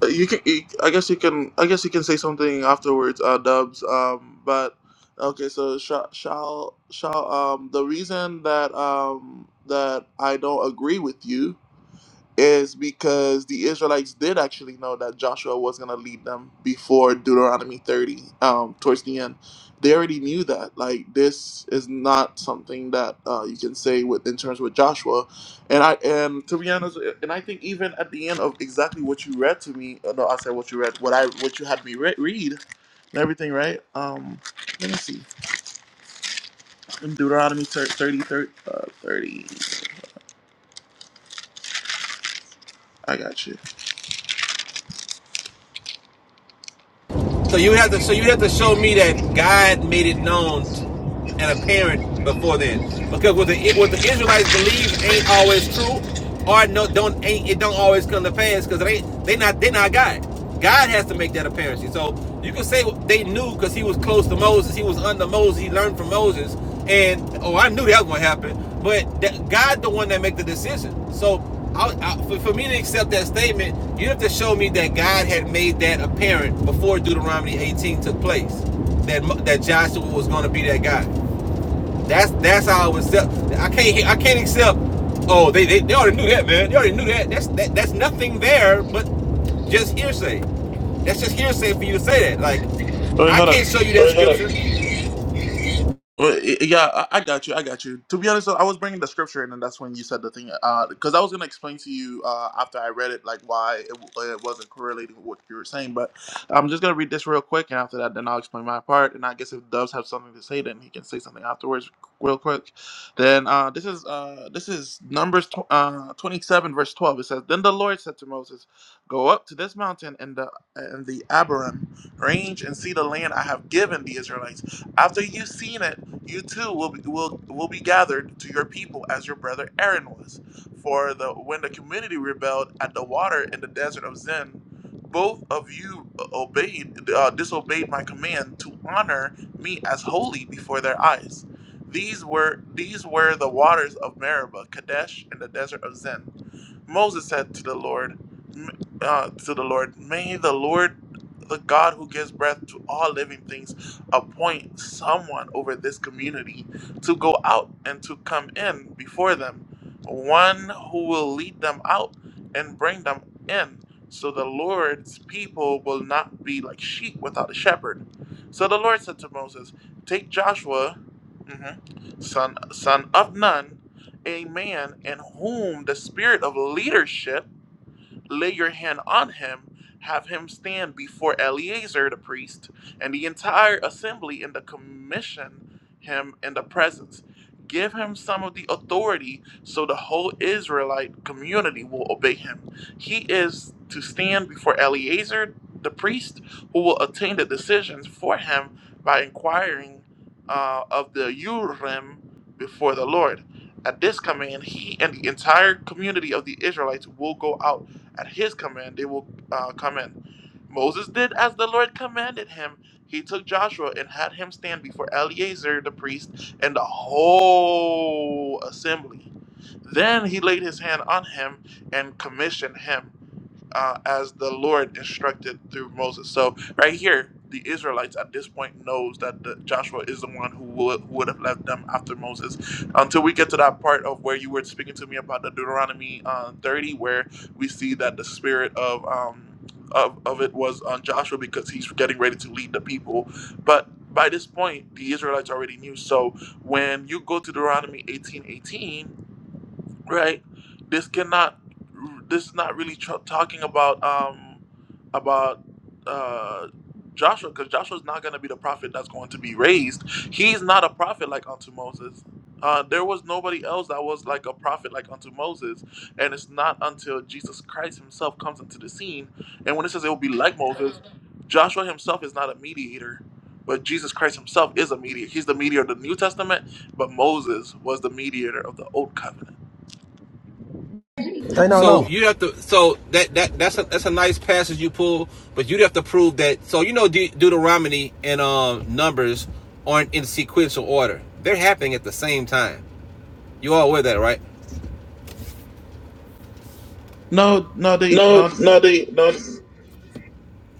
Speaker 1: you can. You, I guess you can. I guess you can say something afterwards, uh, Dubs. Um, but okay. So shall shall shall um the reason that um that I don't agree with you is because the Israelites did actually know that Joshua was going to lead them before Deuteronomy 30, um, towards the end. They already knew that. Like this is not something that uh, you can say with in terms with Joshua, and I and to be honest, and I think even at the end of exactly what you read to me, uh, no, I said what you read, what I what you had me re- read, and everything, right? Um, let me see, in Deuteronomy 30, 30, uh, 30 I got you.
Speaker 2: So you have to. So you have to show me that God made it known and apparent before then, because what the what the Israelites believe ain't always true, or no, don't ain't it don't always come to pass because they they not they not God. God has to make that apparent. So you can say they knew because he was close to Moses. He was under Moses. He learned from Moses and oh, I knew that was going to happen. But that, God, the one that make the decision. So I, I, for, for me to accept that statement, you have to show me that God had made that apparent before Deuteronomy 18 took place. That that Joshua was going to be that guy. That's that's how I would accept. I can't I can't accept. Oh, they, they, they already knew that, man. They already knew that. That's that, that's nothing there, but just hearsay. That's just hearsay for you to say that. Like,
Speaker 1: Oh, Wait,
Speaker 2: I
Speaker 1: hold up.
Speaker 2: can't show you that scripture.
Speaker 1: Well, y- yeah, I I got you. I got you. To be honest, I was bringing the scripture, and then that's when you said the thing. Because I was going to explain to you uh, after I read it, like why it, w- it wasn't correlated with what you were saying. But I'm just going to read this real quick, and after that, then I'll explain my part. And I guess if Doves have something to say, then he can say something afterwards, real quick. Then uh, this is uh, this is Numbers tw- uh, 27, verse 12. It says, "Then the Lord said to Moses, Go up to this mountain in the in the Abiram range and see the land I have given the Israelites." After you've seen it, you too will be, will, will be gathered to your people as your brother Aaron was. For the, when the community rebelled at the water in the desert of Zin, both of you uh, obeyed uh, disobeyed my command to honor me as holy before their eyes. These were these were the waters of Meribah, Kadesh, in the desert of Zin. Moses said to the Lord, uh, to the Lord, may the Lord, the God who gives breath to all living things, appoint someone over this community to go out and to come in before them, one who will lead them out and bring them in. So the Lord's people will not be like sheep without a shepherd. So the Lord said to Moses, Take Joshua, mhm, son, son of Nun, a man in whom the spirit of leadership lay your hand on him, have him stand before Eleazar the priest and the entire assembly, and the commission him in the presence. Give him some of the authority so the whole Israelite community will obey him. He is to stand before Eleazar the priest, who will attain the decisions for him by inquiring uh, of the Urim before the Lord. At this command, he and the entire community of the Israelites will go out at his command, they will uh, come in. Moses did as the Lord commanded him. He took Joshua and had him stand before Eleazar the priest and the whole assembly. Then he laid his hand on him and commissioned him uh, as the Lord instructed through Moses. So right here, the Israelites at this point knows that the, Joshua is the one who would, would have led them after Moses. Until we get to that part of where you were speaking to me about the Deuteronomy uh, 30, where we see that the spirit of um, of, of it was on Joshua because he's getting ready to lead the people. But by this point, the Israelites already knew. So when you go to Deuteronomy 18:18 right this cannot this is not really tr- talking about um about uh joshua because joshua's not going to be the prophet that's going to be raised he's not a prophet like unto moses uh, there was nobody else that was like a prophet like unto moses and it's not until jesus christ himself comes into the scene and when it says it will be like moses joshua himself is not a mediator but jesus christ himself is a mediator he's the mediator of the new testament but moses was the mediator of the old covenant
Speaker 3: I know, I know.
Speaker 2: So you have to. So that that that's a that's a nice passage you pull, but you'd have to prove that. So you know De- Deuteronomy and um, uh, Numbers aren't in sequential order. They're happening at the same time. You all aware of that, right?
Speaker 1: No, no, they
Speaker 2: No,
Speaker 1: no,
Speaker 2: no, they no.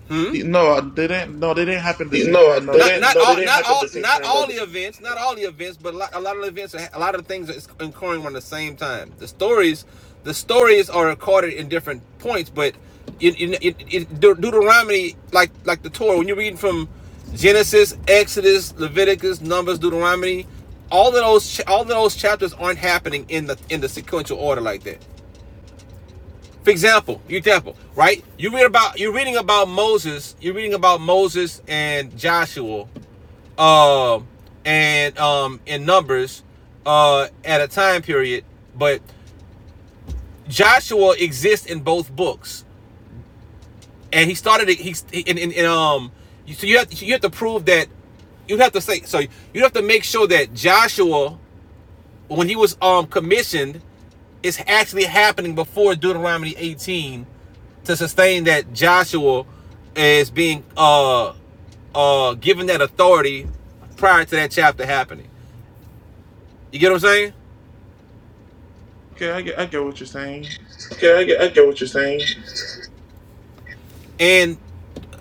Speaker 2: Hmm.
Speaker 1: no, uh, they didn't. No, they didn't happen at the
Speaker 2: No,
Speaker 1: same time. No.
Speaker 2: they Not not no, all didn't all the not all the events, not all the events, but a lot, a lot of the events, a lot of the things are occurring around the same time. The stories, the stories are recorded in different points, but in, in, in, in Deuteronomy, like like the Torah, when you're reading from Genesis, Exodus, Leviticus, Numbers, Deuteronomy, all of those all of those chapters aren't happening in the in the sequential order like that. For example, you example, right? You read about you're reading about Moses, you're reading about Moses and Joshua um, and um, in Numbers uh, at a time period. But Joshua exists in both books, and he started. He's in, in, in um. So you have you have to prove that you have to say so. You have to make sure that Joshua, when he was um commissioned, is actually happening before Deuteronomy 18 to sustain that Joshua is being uh uh given that authority prior to that chapter happening. You get what I'm saying?
Speaker 1: Okay, I get, I get what you're saying.
Speaker 2: Okay, I get, I get what you're saying. And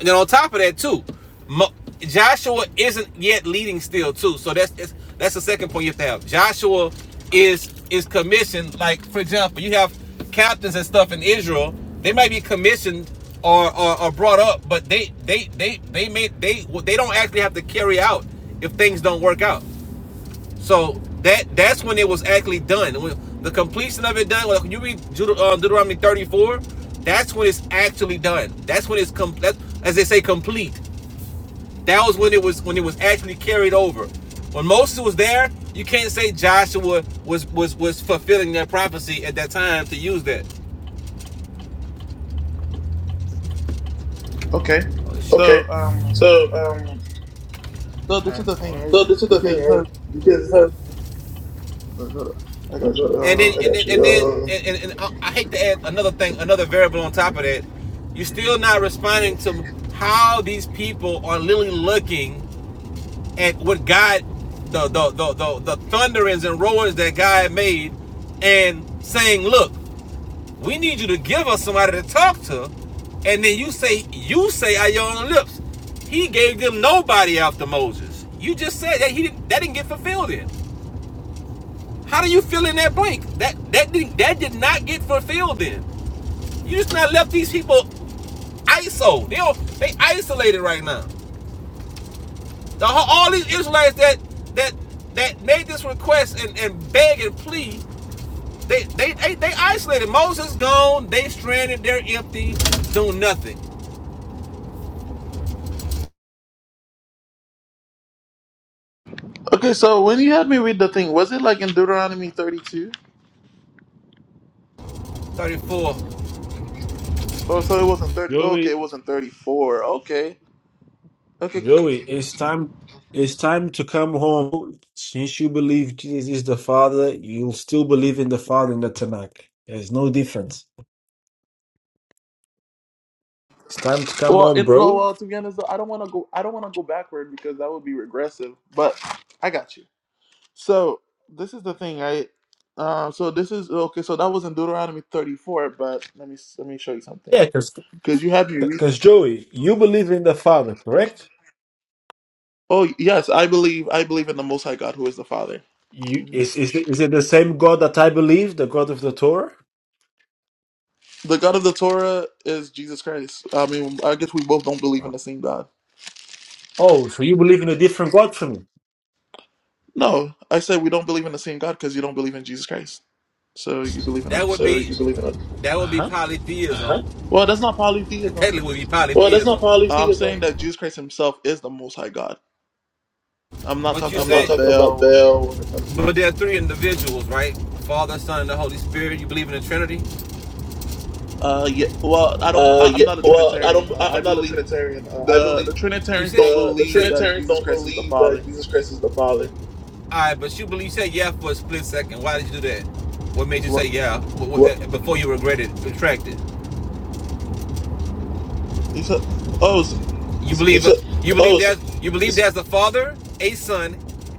Speaker 2: then on top of that too, Mo- Joshua isn't yet leading still too. So that's that's, that's the second point you have to have. Joshua is is commissioned. Like for example, you have captains and stuff in Israel. They might be commissioned or or, or brought up, but they they they they may they they don't actually have to carry out if things don't work out. So that that's when it was actually done. When the completion of it done. Like when you read uh, Deuteronomy 34, that's when it's actually done. That's when it's complete. As they say, complete. That was when it was when it was actually carried over. When Moses was there, you can't say Joshua was was was fulfilling that prophecy at that time to use that.
Speaker 1: Okay,
Speaker 2: Oh Okay.
Speaker 1: so um,
Speaker 2: So um
Speaker 1: so this is the thing, right?
Speaker 2: so this is the
Speaker 1: Because
Speaker 2: thing,
Speaker 1: it's
Speaker 2: right?
Speaker 1: not,
Speaker 2: Because what?
Speaker 1: uh, I
Speaker 2: And
Speaker 1: got
Speaker 2: then,
Speaker 1: you.
Speaker 2: and
Speaker 1: Uh,
Speaker 2: then, and then, Uh, and, and, and I hate to add another thing, another variable on top of that. You're
Speaker 1: mm-hmm.
Speaker 2: still not responding to how these people are literally looking at what God, the the the the, the thunderings and roars that God made, and saying, "Look, we need you to give us somebody to talk to," and then you say, "You say out your own lips." He gave them nobody after Moses. You just said that he didn't, that didn't get fulfilled. in. How do you fill in that blank? That that did, that did not get fulfilled. Then you just not left these people ISO. They do they isolated right now. The, all these Israelites that that that made this request and, and beg and plead, they they, they they isolated. Moses gone. They stranded. They're empty. Doing nothing.
Speaker 1: okay, so when you had me read the thing, was it like in Deuteronomy 32?
Speaker 2: Thirty four.
Speaker 1: Oh, so it wasn't 30. okay,
Speaker 4: Joey,
Speaker 1: it wasn't 34. Okay. Okay. c-
Speaker 4: Joey, it's time it's time to come home. Since you believe Jesus is the Father, you'll still believe in the Father in the Tanakh. There's no difference. It's time to come
Speaker 1: Well,
Speaker 4: home,
Speaker 1: it, no.
Speaker 4: bro.
Speaker 1: Well, to be honest, though, I don't want to go. I don't want to go backward because that would be regressive. But I got you. So this is the thing, right? Uh, so this is okay. So that was in Deuteronomy 34, but let me let me show you something
Speaker 4: Yeah, because
Speaker 1: because you had me read.
Speaker 4: because Joey, you believe in the Father, correct?
Speaker 1: Oh yes, I believe I believe in the Most High God, who is the Father.
Speaker 4: You
Speaker 1: Mhm.
Speaker 4: is is it- is it the same God that I believe, the God of the Torah?
Speaker 1: The God of the Torah is Jesus Christ. I mean, I guess we both don't believe in the same God.
Speaker 4: Oh, so you believe in a different God from me?
Speaker 1: No, I said we don't believe in the same God because you don't believe in Jesus Christ. So you believe in a
Speaker 2: That would So be that would be
Speaker 4: Uh-huh.
Speaker 2: polytheism. huh?
Speaker 1: well, that's not polytheism.
Speaker 2: technically would be polytheism. Well, that's not
Speaker 1: I'm saying
Speaker 2: polytheism.
Speaker 1: that Jesus Christ Himself is the Most High God. I'm not
Speaker 2: But you
Speaker 1: talking
Speaker 2: I'm said, not
Speaker 1: about
Speaker 2: talking
Speaker 1: Baal
Speaker 2: about
Speaker 1: or nothing.
Speaker 2: Bell. but there are three individuals, right? Father, Son, and the Holy Spirit. You believe in the Trinity?
Speaker 1: Uh, yeah. Well, I don't.
Speaker 2: Uh,
Speaker 1: I, I'm
Speaker 2: yeah.
Speaker 1: not a
Speaker 2: Well, I
Speaker 1: Trinitarian.
Speaker 2: don't.
Speaker 1: Uh,
Speaker 2: I,
Speaker 1: I
Speaker 2: I'm not a
Speaker 1: believe
Speaker 2: Trinitarian. Uh, I
Speaker 1: the
Speaker 2: believe
Speaker 1: the
Speaker 2: You
Speaker 1: Trinitarians
Speaker 2: said,
Speaker 1: don't
Speaker 2: the the you said,
Speaker 1: believe that
Speaker 2: Trinitarians said,
Speaker 1: Jesus
Speaker 2: don't
Speaker 1: Christ is the
Speaker 2: believe that
Speaker 1: Father.
Speaker 2: Jesus Christ is the Father. all right, but you believe, you said yeah for a split second. Why did you do that? What made you
Speaker 1: What?
Speaker 2: say yeah? What, what What? that, before you regretted, it, retract it.
Speaker 1: You said? Oh, s
Speaker 2: You
Speaker 1: s-
Speaker 2: believe, So, you believe oh, so, there's, you believe there's a Father, a Son,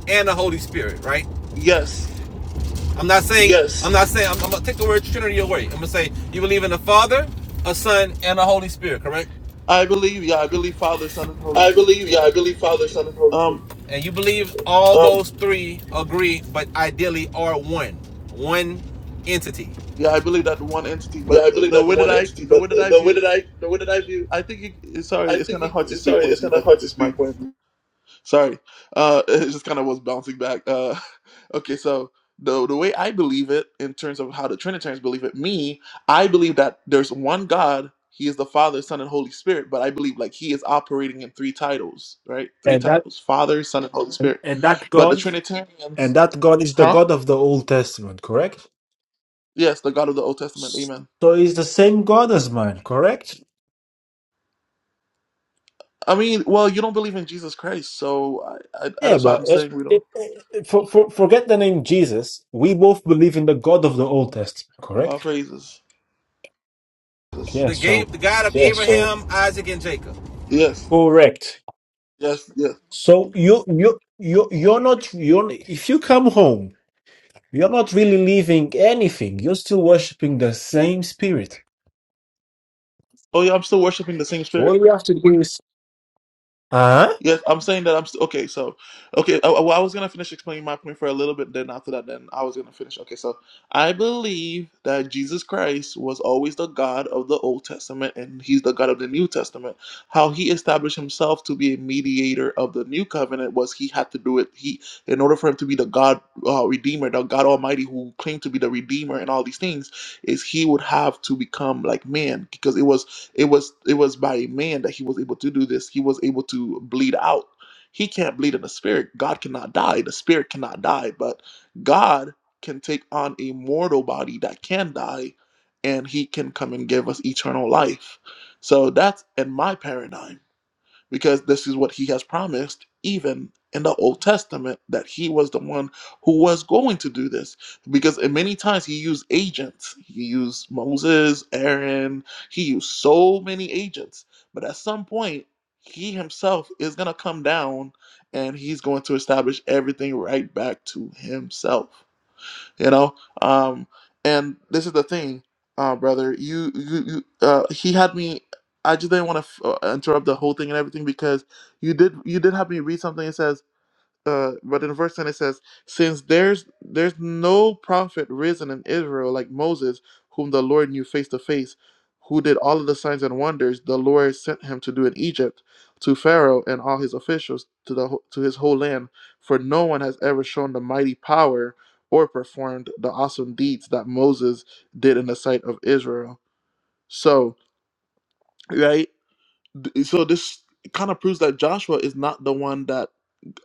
Speaker 2: and a Holy Spirit, right?
Speaker 1: yes.
Speaker 2: I'm not saying. Yes. I'm not saying. I'm, I'm gonna take the word Trinity away. I'm gonna say you believe in the Father, a Son, and a Holy Spirit. Correct.
Speaker 1: I believe. Yeah, I believe Father, Son, and Holy
Speaker 2: I
Speaker 1: Spirit.
Speaker 2: believe, yeah, I believe Father, Son, and Holy Spirit.
Speaker 1: Um.
Speaker 2: And you believe all Um, those three agree, but ideally are one, one entity.
Speaker 1: Yeah, I believe that one entity.
Speaker 2: Yeah,
Speaker 1: But
Speaker 2: I
Speaker 1: uh,
Speaker 2: believe
Speaker 1: the
Speaker 2: that
Speaker 1: way that
Speaker 2: one
Speaker 1: I
Speaker 2: entity,
Speaker 1: the
Speaker 2: but
Speaker 1: way that I
Speaker 2: the way
Speaker 1: view,
Speaker 2: that I, the way that I view,
Speaker 1: I think. It, sorry,
Speaker 2: I
Speaker 1: it's
Speaker 2: think
Speaker 1: kind of
Speaker 2: it,
Speaker 1: hard to speak
Speaker 2: sorry,
Speaker 1: when
Speaker 2: it's
Speaker 1: you
Speaker 2: kind of
Speaker 1: back to
Speaker 2: hard to
Speaker 1: your mic.
Speaker 2: speak when.
Speaker 1: Sorry, uh, [laughs] it just kind of was bouncing back. Uh, [laughs] okay, so the the way I believe it, in terms of how the Trinitarians believe it, me, I believe that there's one God. He is the Father, Son, and Holy Spirit. But I believe like He is operating in three titles, right? Three
Speaker 4: And that
Speaker 1: titles: Father, Son, and Holy
Speaker 4: and
Speaker 1: Spirit.
Speaker 4: and that
Speaker 1: But the
Speaker 4: God and
Speaker 1: Trinitarians,
Speaker 4: that God is the
Speaker 1: huh?
Speaker 4: God of the Old Testament, correct?
Speaker 1: Yes, the God of the Old Testament. Amen.
Speaker 4: So it's the same God as mine, correct?
Speaker 1: I mean, well, you don't believe in Jesus Christ, so I, I, I-
Speaker 4: Yeah,
Speaker 1: that's why
Speaker 4: but
Speaker 1: I'm
Speaker 4: it,
Speaker 1: saying we don't.
Speaker 4: it, it, for, for, forget the name Jesus. We both believe in the God of the Old Testament,
Speaker 1: All
Speaker 4: correct?
Speaker 1: praises.
Speaker 4: Yeah.
Speaker 2: The
Speaker 4: So
Speaker 2: gave the God of Yes, sir. Abraham, sir. Isaac, and Jacob.
Speaker 1: Yes,
Speaker 4: Correct.
Speaker 1: yes, yes.
Speaker 4: So you you you you're not you're if you come home, you're not really leaving anything. You're still worshiping the same spirit.
Speaker 1: Oh yeah, I'm still worshiping the same Spirit.
Speaker 4: All you have to do is uh
Speaker 1: Yes, I'm saying that I'm st- okay. So, okay, I, well, I was gonna finish explaining my point for a little bit. Then after that, then I was gonna finish. Okay, so I believe that Jesus Christ was always the God of the Old Testament, and He's the God of the New Testament. How He established Himself to be a mediator of the New Covenant was He had to do it. He, in order for Him to be the God uh, Redeemer, the God Almighty, who claimed to be the Redeemer and all these things, is He would have to become like man because it was it was it was by a man that he was able to do this. He was able to bleed out. He can't bleed in the spirit. God cannot die. The spirit cannot die, but God can take on a mortal body that can die and he can come and give us eternal life. So that's in my paradigm because this is what he has promised even in the old testament that he was the one who was going to do this because in many times he used agents he used moses aaron he used so many agents but at some point he himself is going to come down and he's going to establish everything right back to himself you know um and this is the thing uh brother you you, you uh he had me i just didn't want to f- uh, interrupt the whole thing and everything because you did you did have me read something that says uh but in verse 10 it says since there's there's no prophet risen in israel like moses whom the lord knew face to face who did all of the signs and wonders the lord sent him to do in egypt to pharaoh and all his officials to the wh- to his whole land for no one has ever shown the mighty power or performed the awesome deeds that moses did in the sight of israel so right th- so this kind of proves that joshua is not the one that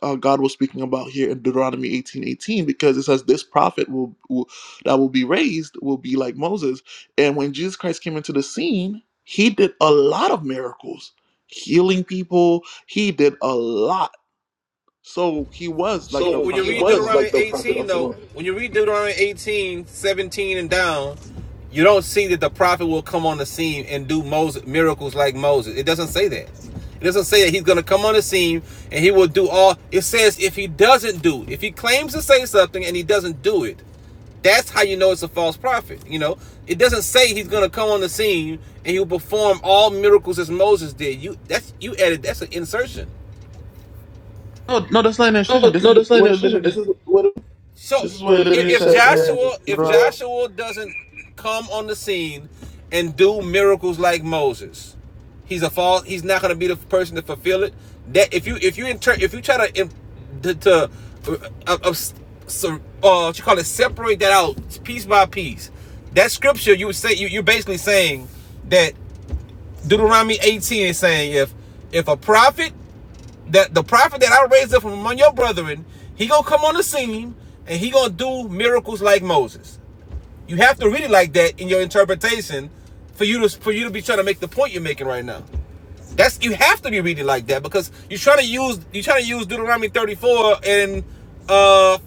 Speaker 1: uh, God was speaking about here in Deuteronomy eighteen eighteen because it says this prophet will, will that will be raised will be like Moses. And when Jesus Christ came into the scene, he did a lot of miracles, healing people. He did a lot. So he was like the
Speaker 2: So When you
Speaker 1: prophet
Speaker 2: read
Speaker 1: of
Speaker 2: was
Speaker 1: the Lord.
Speaker 2: Deuteronomy like 18, though, when you read Deuteronomy 18, 17 and down, you don't see that the prophet will come on the scene and do Moses, miracles like Moses. It doesn't say that. It doesn't say that he's going to come on the scene and he will do all. It says if he doesn't do, if he claims to say something and he doesn't do it, that's how you know it's a false prophet. You know, it doesn't say he's going to come on the scene and he'll perform all miracles as Moses did. You that's you added that's an insertion.
Speaker 1: No, no, that's not an illustration.
Speaker 2: No,
Speaker 1: This
Speaker 2: no,
Speaker 1: is
Speaker 2: that's not ain't
Speaker 1: what it
Speaker 2: incision. This
Speaker 1: literally.
Speaker 2: is what So
Speaker 1: This
Speaker 2: this
Speaker 1: is
Speaker 2: is
Speaker 1: what
Speaker 2: what
Speaker 1: it
Speaker 2: it i-
Speaker 1: literally
Speaker 2: if says.
Speaker 1: says in
Speaker 2: Joshua, yeah. if Yeah.
Speaker 1: Deuteronomy.
Speaker 2: Joshua doesn't come on the scene and do miracles like Moses, he's a false. He's not going to be the person to fulfill it. That if you if you inter- if you try to to, to uh, uh, uh, so, uh, what you call it separate that out piece by piece. That scripture you would say you, you're basically saying that Deuteronomy 18 is saying if if a prophet that the prophet that I raised up from among your brethren, he gonna come on the scene and he gonna do miracles like Moses. You have to read it like that in your interpretation for you to for you to be trying to make the point you're making right now. That's you have to be reading like that because you're trying to use you're trying to use Deuteronomy 34 and uh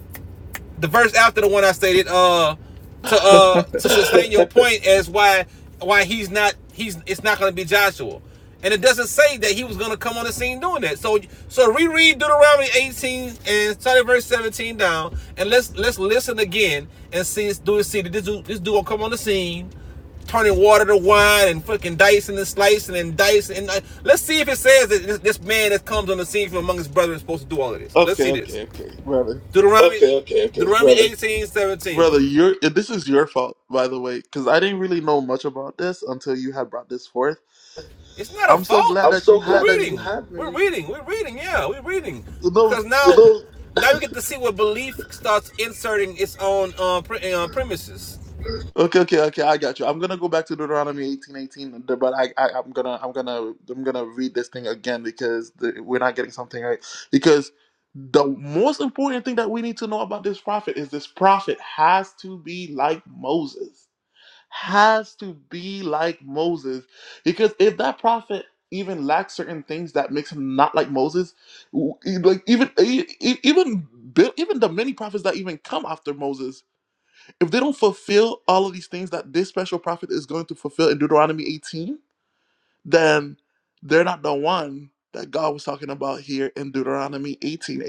Speaker 2: the verse after the one I stated, uh,
Speaker 1: [laughs]
Speaker 2: to uh to sustain [laughs] your point as why why he's not he's it's not gonna be Joshua. And it doesn't say that he was gonna come on the scene doing that. So so reread Deuteronomy 18 and start at verse 17 down and let's let's listen again and see do it see that this dude this dude will come on the scene, turning water to wine and fucking dicing and slicing and dicing and uh, let's see if it says that this, this man that comes on the scene from among his brethren is supposed to do all of this. Let's see
Speaker 1: okay,
Speaker 2: this.
Speaker 1: okay, okay, brother.
Speaker 2: Deuteronomy Okay, okay, okay, Deuteronomy 18:17.
Speaker 1: Brother, you're this is your fault, by the way, because I didn't really know much about this until you had brought this forth
Speaker 2: It's not a
Speaker 1: I'm so
Speaker 2: fault.
Speaker 1: glad
Speaker 2: I'm
Speaker 1: that
Speaker 2: so
Speaker 1: you
Speaker 2: glad We're glad
Speaker 1: have
Speaker 2: that you reading.
Speaker 1: me.
Speaker 2: have me. We're reading. We're reading. Yeah, we're reading.
Speaker 1: You
Speaker 2: Because now those, [laughs] now we get to see where belief starts inserting its own uh, pre- uh, premises.
Speaker 1: okay, okay, okay. I got you. I'm gonna go back to Deuteronomy 18:18, but I, I, I'm gonna, I'm gonna, I'm gonna read this thing again because the, we're not getting something right. Because the most important thing that we need to know about this prophet is this prophet has to be like Moses. has to be like Moses. Because if that prophet even lacks certain things that makes him not like Moses, w- e- like even e- e- even Bi- even the many prophets that even come after Moses, if they don't fulfill all of these things that this special prophet is going to fulfill in Deuteronomy 18, then they're not the one that God was talking about here in Deuteronomy 18:18.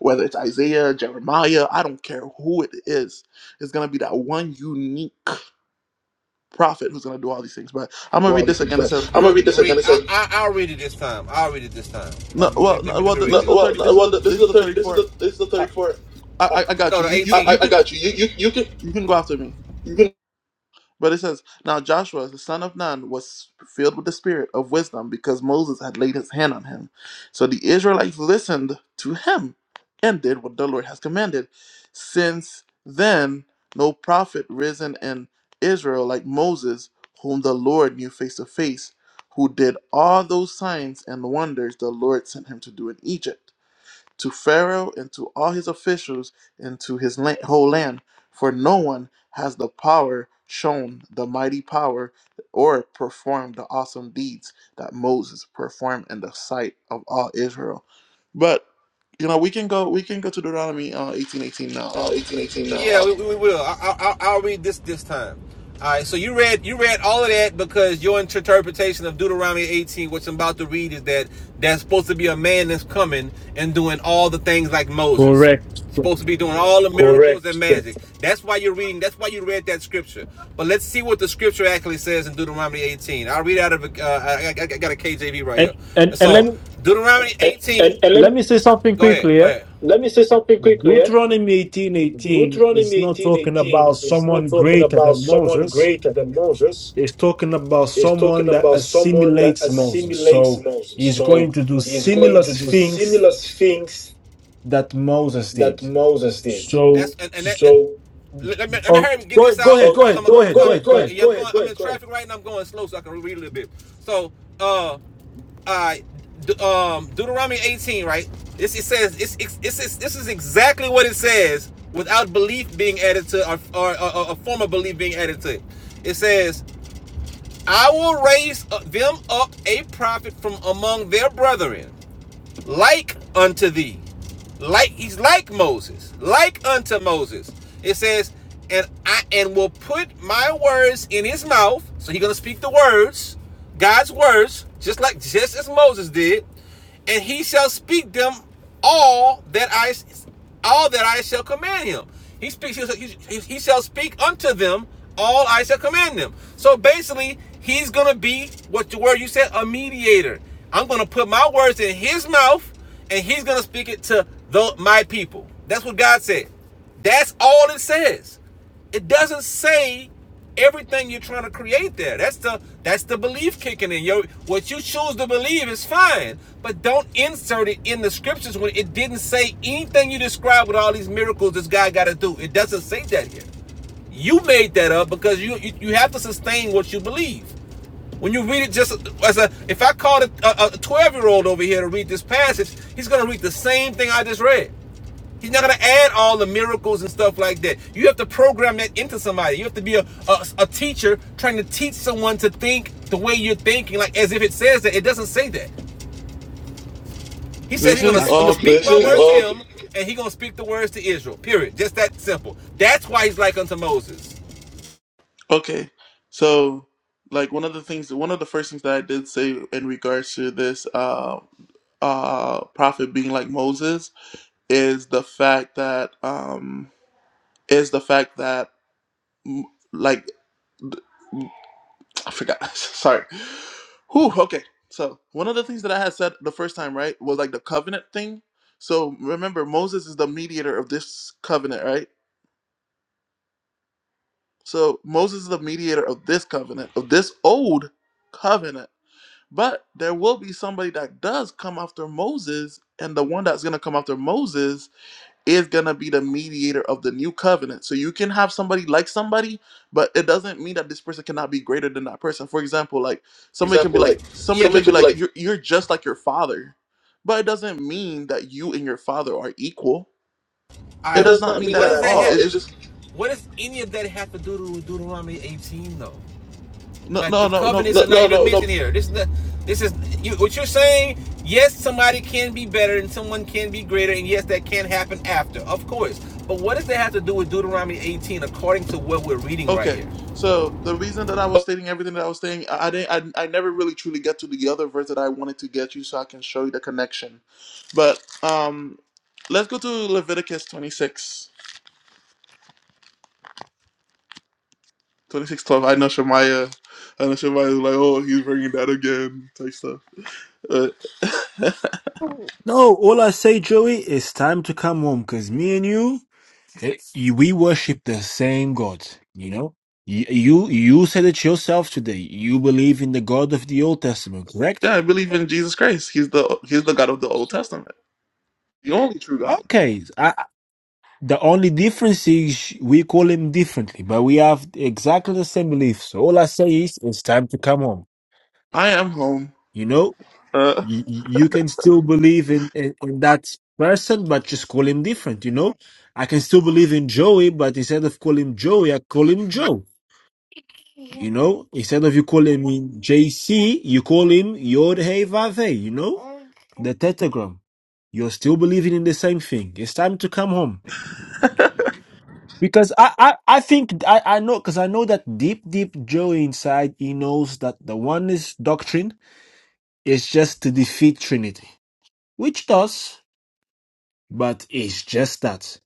Speaker 1: Whether it's Isaiah, Jeremiah, I don't care who it is, it's gonna be that one unique prophet who's going to do all these things. But I'm going
Speaker 2: do
Speaker 1: to
Speaker 2: all
Speaker 1: read
Speaker 2: these
Speaker 1: this
Speaker 2: things,
Speaker 1: again. It
Speaker 2: but
Speaker 1: says,
Speaker 2: I'm gonna read this Read, again. I, I, I'll read it this time. I'll read it this time. I'll-
Speaker 1: no,
Speaker 2: Let me,
Speaker 1: well,
Speaker 2: let
Speaker 1: no,
Speaker 2: me
Speaker 1: well,
Speaker 2: read
Speaker 1: th-
Speaker 2: no,
Speaker 1: this
Speaker 2: it.
Speaker 1: is the
Speaker 2: well,
Speaker 1: 30.
Speaker 2: no,
Speaker 1: This is
Speaker 2: well,
Speaker 1: the
Speaker 2: this is
Speaker 1: this is
Speaker 2: the
Speaker 1: the
Speaker 2: thirty. This is
Speaker 1: 34.
Speaker 2: the this is the
Speaker 1: I,
Speaker 2: thirty-four.
Speaker 1: I
Speaker 2: I,
Speaker 1: I I got
Speaker 2: No,
Speaker 1: you.
Speaker 2: the I,
Speaker 1: You you
Speaker 2: 18. I
Speaker 1: you
Speaker 2: I
Speaker 1: can
Speaker 2: got you. You, you, you can,
Speaker 1: you can go after me.
Speaker 2: you can.
Speaker 1: But it says, Now Joshua, the son of Nun, was filled with the spirit of wisdom because Moses had laid his hand on him. So the Israelites listened to him and did what the Lord has commanded. Since then, no prophet risen in Israel like Moses, whom the Lord knew face to face, who did all those signs and wonders the Lord sent him to do in Egypt to Pharaoh and to all his officials and to his la- whole land, for no one has the power shown the mighty power or performed the awesome deeds that Moses performed in the sight of all Israel. But you know, we can go we can go to Deuteronomy uh, eighteen eighteen now.
Speaker 2: Uh,
Speaker 1: Uh,
Speaker 2: 1818. No. Yeah, we, we will. I, I, I'll read this this time. All right. So you read you read all of that because your interpretation of Deuteronomy 18, which I'm about to read, is that that's supposed to be a man that's coming and doing all the things like Moses.
Speaker 4: Correct.
Speaker 2: He's Supposed to be doing all the miracles Correct. and magic. That's why you're reading. That's why you read that scripture. But let's see what the scripture actually says in Deuteronomy 18. I'll read out of. Uh, I, I got a KJV right
Speaker 4: And
Speaker 2: here.
Speaker 4: and and let
Speaker 2: So
Speaker 4: me
Speaker 2: Deuteronomy And, 18. and, and and let,
Speaker 4: let
Speaker 2: me,
Speaker 4: me say something
Speaker 2: Go ahead.
Speaker 4: quickly.
Speaker 2: Go
Speaker 4: yeah?
Speaker 2: ahead. let me say something quickly. Eh?
Speaker 4: Deuteronomy eighteen eighteen
Speaker 2: Deuteronomy
Speaker 4: is not
Speaker 2: eighteen
Speaker 4: talking
Speaker 2: eighteen
Speaker 4: about
Speaker 2: is not
Speaker 4: someone
Speaker 2: talking
Speaker 4: greater
Speaker 2: about
Speaker 4: than
Speaker 2: someone
Speaker 4: Moses.
Speaker 2: greater than Moses.
Speaker 4: It's talking about
Speaker 2: It's
Speaker 4: someone
Speaker 2: talking
Speaker 4: that
Speaker 2: about someone that
Speaker 4: assimilates Moses.
Speaker 2: assimilates
Speaker 4: So
Speaker 2: Moses.
Speaker 4: he's
Speaker 2: So
Speaker 4: going to do
Speaker 2: he's
Speaker 4: similar
Speaker 2: going to do
Speaker 4: things
Speaker 2: similar things
Speaker 4: that Moses
Speaker 2: that
Speaker 4: did.
Speaker 2: Moses did. That's
Speaker 4: So,
Speaker 2: and, and that, So let, let me, let me
Speaker 4: oh,
Speaker 2: hurry and get
Speaker 4: go,
Speaker 2: this out
Speaker 4: go ahead,
Speaker 2: so
Speaker 4: go
Speaker 2: because I'm
Speaker 4: ahead, go
Speaker 2: I'm go
Speaker 4: ahead, go
Speaker 2: ahead,
Speaker 4: ahead,
Speaker 2: go
Speaker 4: go
Speaker 2: ahead,
Speaker 4: ahead.
Speaker 2: Yeah, go ahead, I'm in traffic right now. I'm going slow so I can read a little bit. So, uh, I um Deuteronomy 18, right? This it says it's, it's, it's, this is exactly what it says without belief being added to or or, a form of belief being added to it. It says, "I will raise uh, them up a prophet from among their brethren." like unto thee. Like he's like Moses, like unto Moses. It says, and I and will put my words in his mouth. So he's gonna speak the words, God's words, just like just as Moses did, and he shall speak them all that I all that I shall command him. He speaks. He, he, shall speak unto them all I shall command them. So basically, he's gonna be what the word you said, a mediator. I'm gonna put my words in his mouth, and he's gonna speak it to the, my people. That's what God said. That's all it says. It doesn't say everything you're trying to create there. That's the that's the belief kicking in. Your what you choose to believe is fine, but don't insert it in the scriptures when it didn't say anything you describe with all these miracles this guy got to do. It doesn't say that here. You made that up because you you, you have to sustain what you believe. When you read it, just as a if I called a twelve year old over here to read this passage, he's going to read the same thing I just read. He's not going to add all the miracles and stuff like that. You have to program that into somebody. You have to be a, a, a teacher trying to teach someone to think the way you're thinking, like as if it says that. It doesn't say that. He said
Speaker 1: This
Speaker 2: he's
Speaker 4: And
Speaker 2: gonna
Speaker 1: is
Speaker 2: I'm
Speaker 4: that's
Speaker 2: gonna
Speaker 1: all
Speaker 2: speak This my words to him, and he gonna speak the words to Israel. Period. Just that simple. That's why he's like unto Moses.
Speaker 1: okay. So like one of the things one of the first things that I did say in regards to this uh uh prophet being like Moses is the fact that um is the fact that mm, like I forgot. [laughs] Sorry. Whew, okay. So one of the things that I had said the first time, right, was like the covenant thing. So remember, Moses is the mediator of this covenant, right? So Moses is the mediator of this covenant, of this old covenant. But there will be somebody that does come after Moses, and the one that's gonna come after Moses is going to be the mediator of the new covenant. So you can have somebody like somebody, but it doesn't mean that this person cannot be greater than that person. For example, like somebody can be
Speaker 2: Example,
Speaker 1: like
Speaker 2: like Yeah.
Speaker 1: somebody
Speaker 2: somebody
Speaker 1: can be
Speaker 2: could be
Speaker 1: like
Speaker 2: like,
Speaker 1: you're you're just like your father. But it doesn't mean that you and your father are equal.
Speaker 2: it
Speaker 1: It
Speaker 2: right.
Speaker 1: does
Speaker 2: does
Speaker 1: not
Speaker 2: not
Speaker 1: mean
Speaker 2: mean
Speaker 1: that
Speaker 2: that
Speaker 1: at
Speaker 2: at all.
Speaker 1: all.
Speaker 2: have?
Speaker 1: It's
Speaker 2: It's
Speaker 1: just
Speaker 2: just What does any of that have to do to Deuteronomy 18 though?
Speaker 1: no
Speaker 2: Like
Speaker 1: no
Speaker 2: the
Speaker 1: no no
Speaker 2: covenants No, are not no, even no, mentioned no. here. This is not, this is you, what you're saying. Yes, somebody can be better and someone can be greater, and yes, that can happen after, of course. But what does that have to do with Deuteronomy 18, according to what we're reading right
Speaker 1: okay.
Speaker 2: here?
Speaker 1: So the reason that I was stating everything that I was saying, I, I didn't I, I never really truly get to the other verse that I wanted to get you so I can show you the connection. But um let's go to Leviticus 26. 26 12. I know Shemaya. I know Shemaya is like, oh, he's bringing that again type stuff. But [laughs]
Speaker 4: no. All I say, Joey, it's time to come home because me and you. It, you- we worship the same God, you know? You, you you said it yourself today. You believe in the God of the Old Testament,
Speaker 1: yeah,
Speaker 4: correct?
Speaker 1: I believe in Jesus Christ. He's the he's the God of the Old Testament, the only true God.
Speaker 4: Okay. I, the only difference is we call him differently, but we have exactly the same beliefs. So all I say is it's time to come home.
Speaker 1: I am home.
Speaker 4: You know,
Speaker 1: Uh,
Speaker 4: you, you can still believe in, in, in that person, but just call him different, you know? I can still believe in Joey, but instead of calling him Joey, I call him Joe. You know, instead of you calling him JC, you call him Yod Hey Vav Hey, you know? The tetragram. You're still believing in the same thing. It's time to come home. Because I, I, I think I, I know because I know that deep, deep Joe inside he knows that the oneness doctrine is just to defeat Trinity. Which does, but it's just that.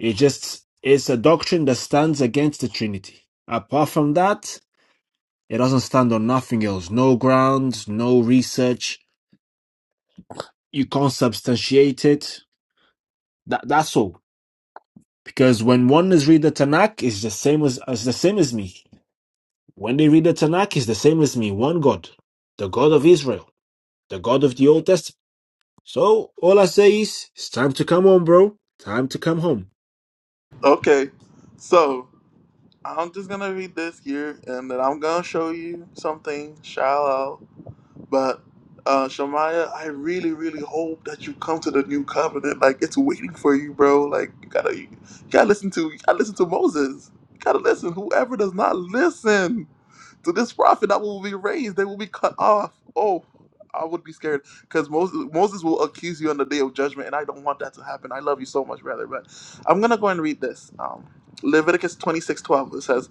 Speaker 4: It just it's a doctrine that stands against the Trinity. Apart from that, It doesn't stand on nothing else. No grounds, no research. You can't substantiate it. That that's all. Because when one is read the Tanakh, it's the same as, as the same as me. When they read the Tanakh, it's the same as me. One God, the God of Israel, the God of the Old Testament. So all I say is, it's time to come home, bro. Time to come home.
Speaker 1: okay, so I'm just gonna read this here, and then I'm gonna show you something. Shout out. But uh, Shamaya, I really, really hope that you come to the new covenant. Like it's waiting for you, bro. Like you gotta, you gotta listen to, you gotta listen to Moses. You gotta listen. Whoever does not listen to this prophet that will be raised, they will be cut off. Oh, I would be scared because Moses, Moses will accuse you on the day of judgment, and I don't want that to happen. I love you so much, brother. But I'm gonna go and read this. Um, Leviticus 26:12. says.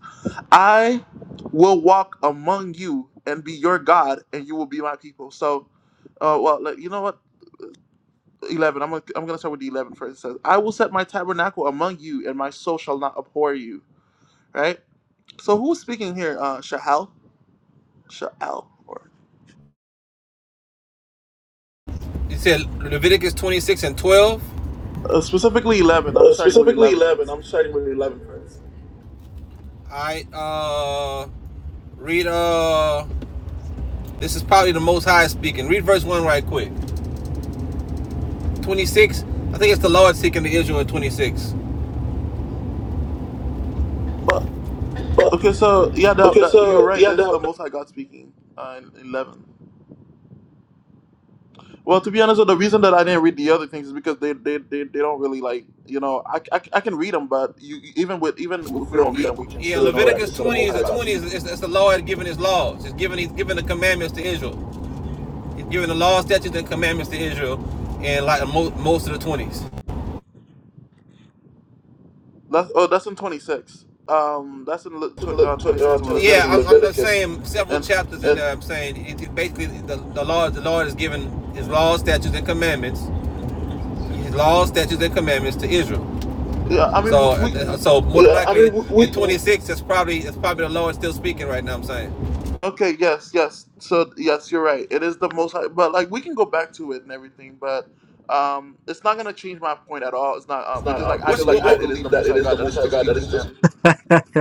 Speaker 1: I will walk among you and be your God, and you will be my people. So, uh, well, like, you know what? 11. I'm gonna, I'm gonna start with the 11 first. It says, I will set my tabernacle among you, and my soul shall not abhor you. Right? So, who's speaking here? Uh, Shahal? Shahal. Or,
Speaker 2: You said Leviticus 26 and 12.
Speaker 1: uh, specifically 11. I'm
Speaker 2: Uh,
Speaker 1: starting with
Speaker 2: specifically
Speaker 1: 11
Speaker 2: 11.
Speaker 1: first.
Speaker 2: I'm starting with 11 first. I uh read uh this is probably the most high speaking. Read verse one right quick. Twenty six. I think it's the Lord seeking the Israel in twenty six.
Speaker 1: But, okay, so, yeah, that,
Speaker 2: Okay,
Speaker 1: that, you're
Speaker 2: so
Speaker 1: right.
Speaker 2: yeah,
Speaker 1: That's
Speaker 2: the,
Speaker 1: the Most High God speaking uh, in 11. Well, to be honest, the reason that I didn't read the other things is because they they, they, they don't really like you know I, I, I can read them, but you you- even with even
Speaker 2: If
Speaker 1: if
Speaker 2: we
Speaker 1: we
Speaker 2: don't
Speaker 1: don't
Speaker 2: read
Speaker 1: read
Speaker 2: them,
Speaker 1: them,
Speaker 2: we
Speaker 1: we
Speaker 2: can
Speaker 1: can
Speaker 2: Yeah,
Speaker 1: still know that
Speaker 2: Leviticus this
Speaker 1: this is
Speaker 2: the
Speaker 1: the
Speaker 2: 20
Speaker 1: Most
Speaker 2: is the
Speaker 1: High God
Speaker 2: 20 is
Speaker 1: speaking.
Speaker 2: it's, it's the Lord giving his laws. It's giving he's giving the commandments to Israel. He's giving the laws, statutes, and commandments to Israel and like mo- most of the 20s.
Speaker 1: That's oh that's in twenty six. Um, that's in Le, tw- uh, twenty
Speaker 2: uh,
Speaker 1: six of
Speaker 2: Yeah, I'm, I'm
Speaker 1: Leviticus,
Speaker 2: just saying several
Speaker 1: and
Speaker 2: chapters in there. I'm saying it, it basically the, the Lord the Lord is giving his laws, statutes, and commandments. His laws, statutes, and commandments to Israel.
Speaker 1: yeah, I mean
Speaker 2: So uh,
Speaker 1: we,
Speaker 2: uh,
Speaker 1: we
Speaker 2: so most well, I likely I mean, we, in 26 it's probably it's probably the Lord still speaking right now. I'm saying
Speaker 1: okay yes yes so yes you're right it is the Most High, but like we can go back to it and everything, but. Um, it's not gonna change my point at all. It's not uh,
Speaker 2: it's not
Speaker 1: because
Speaker 2: uh,
Speaker 1: like I
Speaker 2: because like
Speaker 1: believe
Speaker 2: I
Speaker 1: that it is the
Speaker 2: believe that
Speaker 1: Most
Speaker 2: it
Speaker 1: High
Speaker 2: is
Speaker 1: God
Speaker 2: the
Speaker 1: that
Speaker 2: Most
Speaker 1: is
Speaker 2: High
Speaker 1: still
Speaker 2: God that is
Speaker 1: speaking,
Speaker 2: just
Speaker 1: and.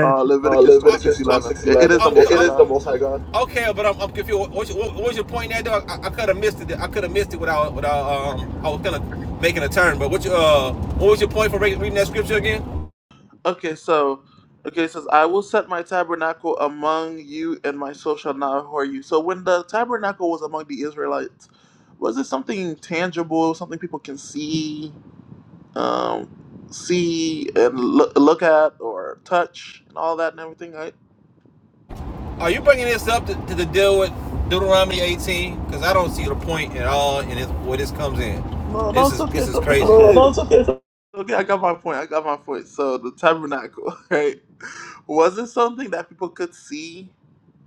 Speaker 1: Uh,
Speaker 2: Uh,
Speaker 1: Leviticus twenty six
Speaker 2: Leviticus twenty
Speaker 1: eleven.
Speaker 2: six
Speaker 1: It, it is the
Speaker 2: It,
Speaker 1: Most
Speaker 2: it is
Speaker 1: High
Speaker 2: the
Speaker 1: God.
Speaker 2: Most High God. okay, but I'm, I'm confused. What, what's your- what, was your point there, dog? I, I could have missed it. I could have missed it without without um. I was kind of making a turn, but what you uh, what was your point for re- reading that scripture again?
Speaker 1: Okay, so okay, it says, "I will set my tabernacle among you, and my soul shall not abhor you." So when the tabernacle was among the Israelites, was it something tangible, something people can see, um, see and look, look at or touch and all that and everything, right?
Speaker 2: Are you bringing this up to, to the deal with Deuteronomy 18? Because I don't see the point at all in this, where this comes in.
Speaker 1: No, no,
Speaker 2: This
Speaker 1: it's
Speaker 2: is
Speaker 1: okay.
Speaker 2: this
Speaker 1: It's,
Speaker 2: is
Speaker 1: o- it's
Speaker 2: crazy. No, no,
Speaker 1: okay.
Speaker 2: it's okay. It's okay.
Speaker 1: Okay, I got my point. I got my point. So the tabernacle, [laughs] right? Was it something that people could see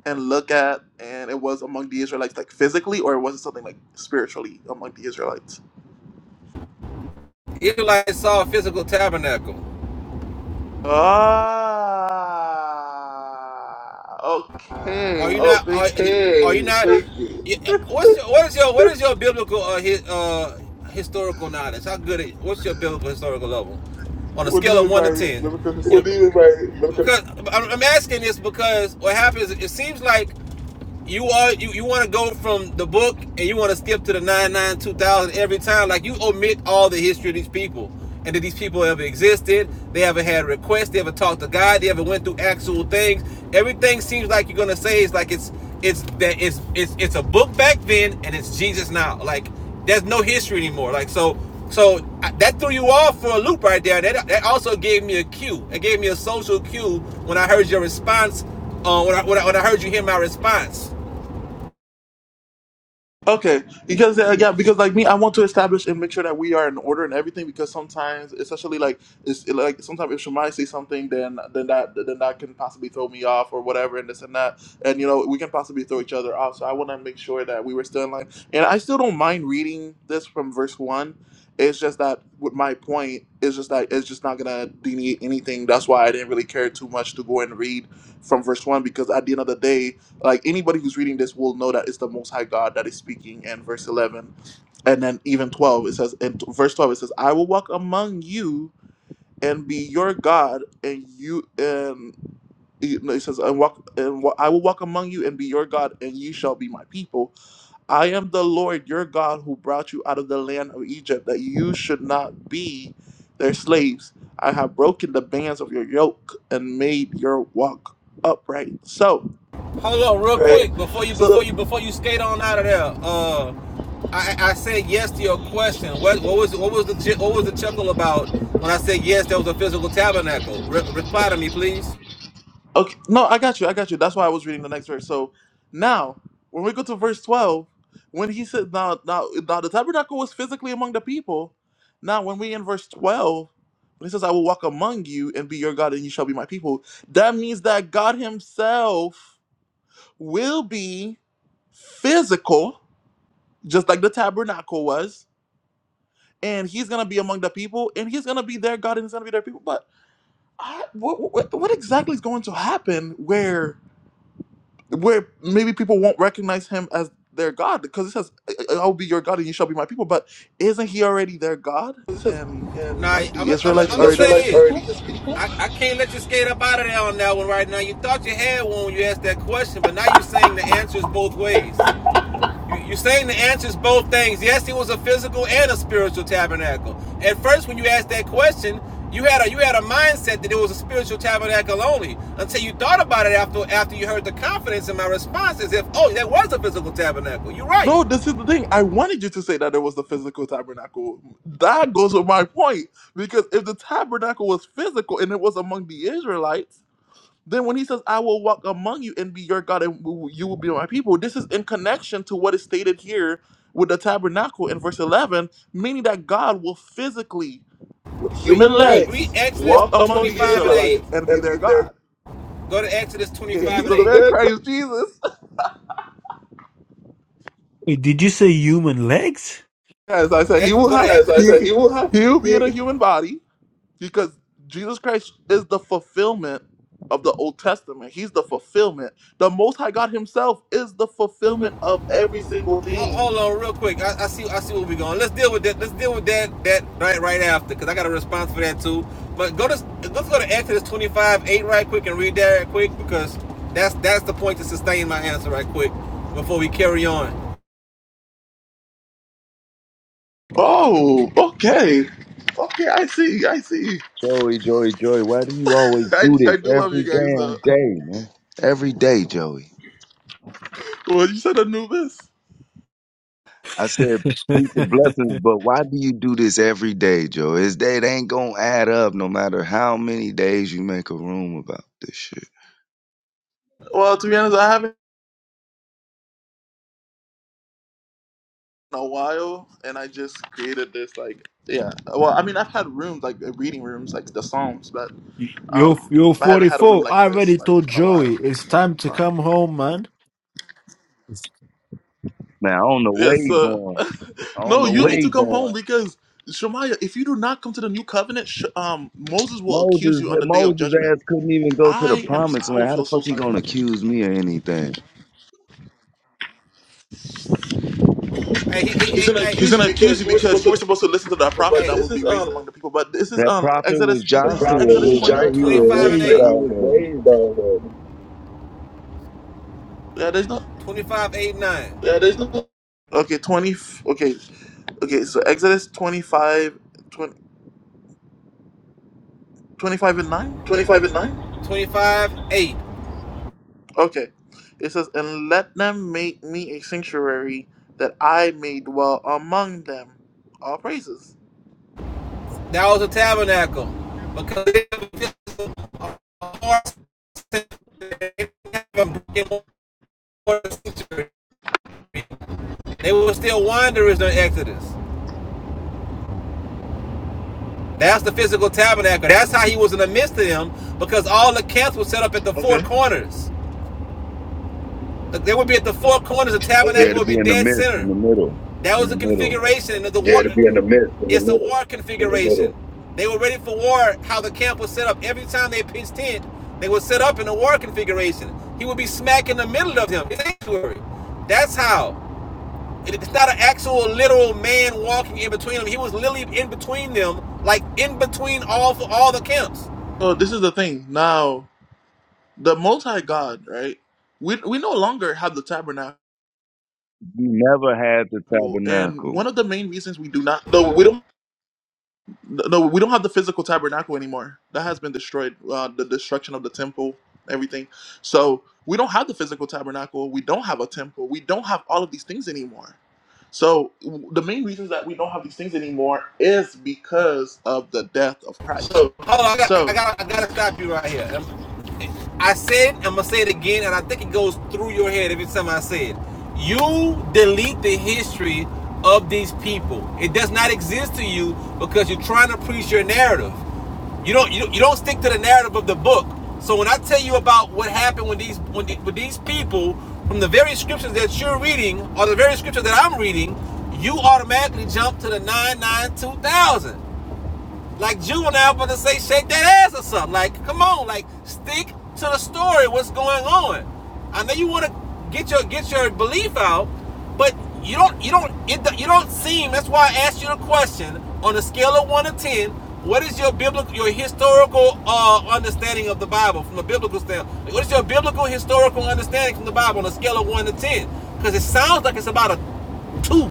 Speaker 1: and look at, and it was among the Israelites, like physically, or was it something like spiritually among the Israelites?
Speaker 2: Israelites saw a physical tabernacle.
Speaker 1: Ah,
Speaker 2: Are you
Speaker 1: okay.
Speaker 2: not?
Speaker 1: Thank
Speaker 2: Are,
Speaker 1: you.
Speaker 2: okay. are Okay, you not? What's your, what is your what is your biblical uh, his, uh historical knowledge? How good? Is, what's your biblical historical level on a
Speaker 1: What do
Speaker 2: scale
Speaker 1: you
Speaker 2: of
Speaker 1: mean
Speaker 2: one to
Speaker 1: by
Speaker 2: ten?
Speaker 1: miracles?
Speaker 2: What do you mean by because I'm I'm asking this because what happens? It seems like you are you, you want to go from the book and you want to skip to the nine nine two thousand every time like you omit all the history of these people and that these people ever existed they ever had requests they ever talked to god they ever went through actual things everything seems like you're gonna say is like it's it's that it's it's it's a book back then and it's jesus now like there's no history anymore like so so that threw you off for a loop right there that, that also gave me a cue it gave me a social cue when i heard your response uh, when, I, when, I, when I heard you hear my response.
Speaker 1: Okay, because uh, yeah, because like me, I want to establish and make sure that we are in order and everything. Because sometimes, especially like, it's like sometimes if Shemai says something, then then that then that can possibly throw me off or whatever, and this and that, and you know we can possibly throw each other off. So I want to make sure that we were still in line, and I still don't mind reading this from verse one. It's just that with my point, it's just that it's just not gonna delineate anything. That's why I didn't really care too much to go and read from verse one because at the end of the day, like anybody who's reading this will know that it's the most high god that is speaking and verse 11 and then even 12 it says in t- verse 12 it says i will walk among you and be your god and you and you know, it says and walk and wa- i will walk among you and be your god and you shall be my people i am the lord your god who brought you out of the land of egypt that you should not be their slaves i have broken the bands of your yoke and made your walk upright so
Speaker 2: Hold on, real Right.
Speaker 1: right
Speaker 2: quick, before you before
Speaker 1: so
Speaker 2: So you before you skate on out of there. Uh, I I said yes to your question. What what was what was the what was the chuckle about when I said yes? There was a physical tabernacle. Re- reply to me, please.
Speaker 1: Okay, no, I got you. I got you. That's why I was reading the next verse. So now, when we go to verse twelve, when he said, "Now, now, now, the tabernacle was physically among the people." Now, when we in verse twelve, when he says, "I will walk among you and be your God, and you shall be my people," that means that God Himself will be physical, just like the tabernacle was, and He's gonna be among the people, and He's gonna be their God, and He's gonna be their people. But I, what, what, what exactly is going to happen where? where maybe people won't recognize him as their God because it says, "I I- will be your God and you shall be my people." But isn't he already their God? And
Speaker 2: yeah, Now
Speaker 1: aren't
Speaker 2: I'm gonna I'm
Speaker 1: the
Speaker 2: Like, I'm the
Speaker 1: Israelites
Speaker 2: say
Speaker 1: already his
Speaker 2: this.
Speaker 1: people?
Speaker 2: I, I can't let you skate up out of there on that one right now. You thought you had one when you asked that question, but now you're saying the answer is both ways. [laughs] You- are saying the answer is both things. Yes, it was a physical and a spiritual tabernacle. At first, when you asked that question, you had a you had a mindset that it was a spiritual tabernacle only. Until you thought about it after after you heard the confidence in my response, as if oh, that was a physical tabernacle. You're right.
Speaker 1: No, this is the thing. I wanted you to say that there was the physical tabernacle. That goes with my point because if the tabernacle was physical and it was among the Israelites, then when he says, "I will walk among you and be your God and w- you will be my people," this is in connection to what is stated here with the tabernacle in verse eleven meaning that God will physically with
Speaker 2: Re,
Speaker 1: human
Speaker 2: Human re, legs re
Speaker 1: legs
Speaker 2: Exodus
Speaker 1: walk among the
Speaker 2: 25 and 8.
Speaker 1: Israelites and be their God.
Speaker 2: Go to Exodus
Speaker 1: And
Speaker 2: 25
Speaker 1: he's
Speaker 2: and
Speaker 1: the
Speaker 2: 8.
Speaker 1: man Christ Jesus.
Speaker 4: Wait, did you say human legs? [laughs]
Speaker 1: [laughs] As I said, he will
Speaker 2: go to Exodus. As
Speaker 1: have
Speaker 2: I said,
Speaker 1: he
Speaker 2: he will have.
Speaker 1: he will be in a
Speaker 2: He,
Speaker 1: human body because Jesus Christ is the fulfillment of the Old Testament. He's the fulfillment. The Most High God Himself is the fulfillment of
Speaker 2: of
Speaker 1: every
Speaker 2: every
Speaker 1: single
Speaker 2: single Hold, thing. hold
Speaker 1: thing.
Speaker 2: hold on, real quick. I, I see. I see where we're going. Let's deal with that. Let's deal with that. That right, right after, because I got a response for that too. But go to let's go to Exodus twenty-five eight right quick and read that right quick because that's that's the point to sustain my answer right quick before we carry on.
Speaker 1: Oh, okay. Okay, I see. I see.
Speaker 5: Joey, Joey, Joey, why do you always
Speaker 1: I,
Speaker 5: do this
Speaker 1: I do love you
Speaker 5: every
Speaker 1: guys
Speaker 5: damn
Speaker 1: though.
Speaker 5: day, man? Every day, Joey.
Speaker 1: Well, you said Anubis.
Speaker 5: I said peace and blessings, but why do you do this every day, Joey? It's it ain't gonna add up no matter how many days you make a room about this shit.
Speaker 1: Well, to be honest, I haven't. a while, and I just created this like yeah. Well, I mean, I've had rooms like uh, reading rooms like the Psalms, but
Speaker 4: You- You're
Speaker 1: um,
Speaker 4: you're
Speaker 1: I haven't had a room
Speaker 4: 44.
Speaker 1: like
Speaker 4: I already
Speaker 1: this like
Speaker 4: told
Speaker 1: in a while.
Speaker 4: Joey it's time to
Speaker 1: Um,
Speaker 4: come home, man.
Speaker 5: Man, I don't know where
Speaker 1: yes,
Speaker 5: you
Speaker 1: uh,
Speaker 5: going.
Speaker 1: [laughs]
Speaker 5: I don't
Speaker 1: no,
Speaker 5: know
Speaker 1: you
Speaker 5: where
Speaker 1: need to
Speaker 5: you
Speaker 1: come
Speaker 5: going.
Speaker 1: home because Shemaiah, if you do not come to the new covenant, sh- um, Moses will accuse
Speaker 5: Moses
Speaker 1: you on the day of
Speaker 5: Moses
Speaker 1: judgment.
Speaker 5: ass couldn't even go to the
Speaker 1: I am.
Speaker 5: promised
Speaker 1: I will
Speaker 5: land. How the
Speaker 1: feel so
Speaker 5: fuck he
Speaker 1: sorry.
Speaker 5: gonna accuse me of anything?
Speaker 2: Hey, he, he, He's he, gonna hey,
Speaker 1: He's
Speaker 2: accuse you
Speaker 1: gonna accuse
Speaker 2: because
Speaker 1: you
Speaker 2: you were supposed
Speaker 1: because you were
Speaker 2: to.
Speaker 1: supposed to listen to that
Speaker 2: But
Speaker 1: prophet
Speaker 2: hey,
Speaker 1: that will
Speaker 2: this is
Speaker 1: be raised
Speaker 2: um.
Speaker 1: among the people. But this is
Speaker 5: That
Speaker 1: um
Speaker 5: prophet
Speaker 1: Exodus.
Speaker 5: was
Speaker 1: Did
Speaker 2: The
Speaker 5: Joshua.
Speaker 1: you
Speaker 5: It
Speaker 1: say
Speaker 2: prophet
Speaker 1: Exodus
Speaker 2: was
Speaker 5: Was
Speaker 2: Joshua.
Speaker 1: twenty?
Speaker 5: ra- he was
Speaker 1: Um,
Speaker 2: twenty-five and
Speaker 5: raised
Speaker 1: shut
Speaker 2: eight, he
Speaker 1: up.
Speaker 2: was
Speaker 5: already?
Speaker 2: raised on
Speaker 1: Yeah, there's no.
Speaker 2: it. twenty-five eight nine, Yeah, there's no
Speaker 1: Okay, twenty. Okay, Okay, so Exodus 25, twenty, twenty-five and 9?
Speaker 2: twenty-five and nine. twenty-five eight.
Speaker 1: Okay. It says, And let them make me a sanctuary that I may dwell among them. All praises.
Speaker 2: That was a tabernacle. Because they didn't have a sanctuary. They were still wanderers during Exodus. That's the physical tabernacle. That's how he was in the midst of them because all the camps were set up at the four
Speaker 1: Okay.
Speaker 2: corners. They would be at the four corners. The Okay.
Speaker 5: Yeah,
Speaker 2: tabernacle
Speaker 5: to
Speaker 2: would
Speaker 5: be
Speaker 2: be
Speaker 5: in the
Speaker 2: dead
Speaker 5: midst,
Speaker 2: center.
Speaker 5: in the middle,
Speaker 2: That
Speaker 5: in
Speaker 2: was
Speaker 5: the
Speaker 2: a
Speaker 5: middle.
Speaker 2: configuration of the Yeah, war. to be in the midst, in it's the It's a war in the configuration. They were ready for war. How the camp was set up. Every time they pitched tent, they were set up in a war configuration. He would be smack in the middle of them. It's sanctuary. That's how. It's not an actual literal man walking in between them. He was literally in between them, like in between all for all the camps.
Speaker 1: So this is the thing. Now, the multi God, right? We, we no longer have the tabernacle.
Speaker 5: He never had the
Speaker 1: And
Speaker 5: tabernacle.
Speaker 1: one of the main reasons we do not
Speaker 2: No, we don't.
Speaker 1: No, we don't have the physical tabernacle anymore. That has been destroyed. Uh, the destruction of the temple, everything. So we don't have the physical tabernacle. We don't have a temple. We don't have all of these things anymore. So w- the main reasons that we don't have these things anymore is because of the death of Christ.
Speaker 2: So Hold on, I got, I
Speaker 1: So,
Speaker 2: got, I got to stop you right here. I said, I'm gonna say it again, and I think it goes through your head every time I say it. You delete the history of these people. It does not exist to you because you're trying to preach your narrative. You don't you, don't- you don't stick to the narrative of the book. So when I tell you about what happened with these when the, with these people from the very scriptures that you're reading or the very scriptures that I'm reading, you automatically jump to the 992,000 like juvenile, but to say shake that ass or something. Like, come on, like stick to the story. What's going on? I know you want to get your get your belief out, but you don't you don't it, you don't seem. That's why I asked you the question on a scale of one to ten. What is your biblical your historical uh, understanding of the Bible from a biblical standpoint? Like, What is your biblical historical understanding from the Bible on a scale of one to ten? Because it sounds like it's about a two,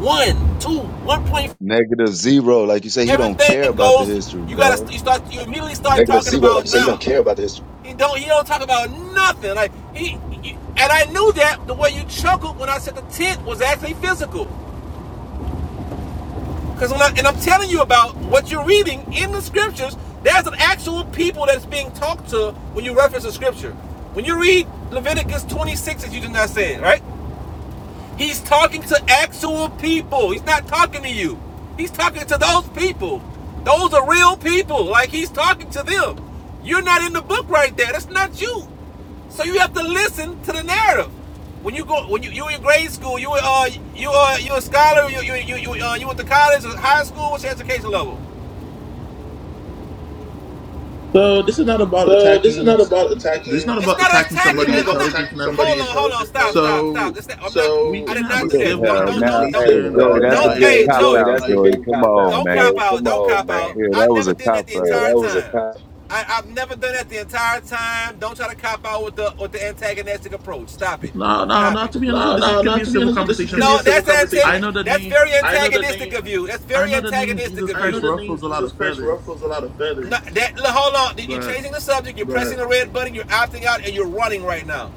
Speaker 2: one, two, one point five.
Speaker 5: Negative zero, like you say, he don't care
Speaker 2: Everything
Speaker 5: about the
Speaker 2: goes.
Speaker 5: history,
Speaker 2: You gotta.
Speaker 5: dog.
Speaker 2: You start. You immediately start They talking about like say you don't care about this. He don't. He don't talk about nothing. Like he, he- And I knew that the way you chuckled when I said the tent was actually physical. Because when I, and I'm telling you about what you're reading in the scriptures, there's an actual people that's being talked to when you reference the scripture. When you read Leviticus 26, as you just not saying, right? He's talking to actual people. He's not talking to you. He's talking to those people. Those are real people. Like he's talking to them. You're not in the book right there. That's not you. So you have to listen to the narrative. When you go, when you you in grade school, you uh you uh you a scholar, you you you you uh, you went to college, or high school. What's your education level?
Speaker 1: so this is not about
Speaker 2: Uh, this is
Speaker 1: attacking.
Speaker 2: not about
Speaker 1: This is
Speaker 2: attacking.
Speaker 1: not
Speaker 2: It's
Speaker 1: about
Speaker 2: not This is
Speaker 1: attacking
Speaker 2: attacking. It's not man.
Speaker 1: somebody'
Speaker 2: about not.
Speaker 1: intelligence
Speaker 2: attacking
Speaker 1: and
Speaker 2: somebody Hold
Speaker 1: everything.
Speaker 2: on, hold on. Stop, stop, stop.
Speaker 1: So
Speaker 2: It's not, i not.
Speaker 1: we
Speaker 2: So I
Speaker 1: can
Speaker 2: did
Speaker 1: have
Speaker 2: not
Speaker 1: a
Speaker 2: do that. Don't,
Speaker 1: civil
Speaker 2: don't,
Speaker 5: Yeah, now,
Speaker 2: don't, don't,
Speaker 5: hey,
Speaker 1: conversation
Speaker 2: consider Nah,
Speaker 5: Joey,
Speaker 1: about the
Speaker 2: nah,
Speaker 5: that's a
Speaker 2: don't.
Speaker 5: big
Speaker 2: hey, Hey,
Speaker 1: Bible.
Speaker 2: Joey,
Speaker 5: cop
Speaker 2: Joey,
Speaker 5: out,
Speaker 2: that's like, a Like,
Speaker 5: Joey.
Speaker 2: big
Speaker 5: Come
Speaker 2: cop out,
Speaker 5: on,
Speaker 2: don't cop
Speaker 5: man.
Speaker 2: out. Don't cop out.
Speaker 5: Yeah,
Speaker 2: I
Speaker 5: that was
Speaker 2: never
Speaker 5: a
Speaker 2: did that
Speaker 5: cop
Speaker 2: the entire
Speaker 5: out.
Speaker 2: Yeah, that entire time. I, I've never done that the entire time. Don't try to cop out with the with the antagonistic approach. Stop it.
Speaker 1: No, no,
Speaker 2: Stop
Speaker 1: no. To
Speaker 2: it.
Speaker 1: be honest, though,
Speaker 2: No,
Speaker 1: this is,
Speaker 2: no,
Speaker 1: can
Speaker 2: no.
Speaker 1: be a
Speaker 2: To be
Speaker 1: civil
Speaker 2: honest, this is
Speaker 1: conversation
Speaker 2: No, that's antagonistic.
Speaker 1: I know the
Speaker 2: that's
Speaker 1: name.
Speaker 2: very antagonistic name- of you. That's
Speaker 1: I
Speaker 2: very
Speaker 1: know the name
Speaker 2: antagonistic
Speaker 1: Jesus
Speaker 2: of I you. I
Speaker 1: Christ
Speaker 2: know the name
Speaker 1: ruffles a lot
Speaker 2: Jesus
Speaker 1: of
Speaker 2: Christ
Speaker 1: feathers,
Speaker 2: ruffles a lot of feathers. No, that hold on. You're
Speaker 1: but
Speaker 2: changing the subject. You're Right. pressing the red button. You're opting out, and you're running right now.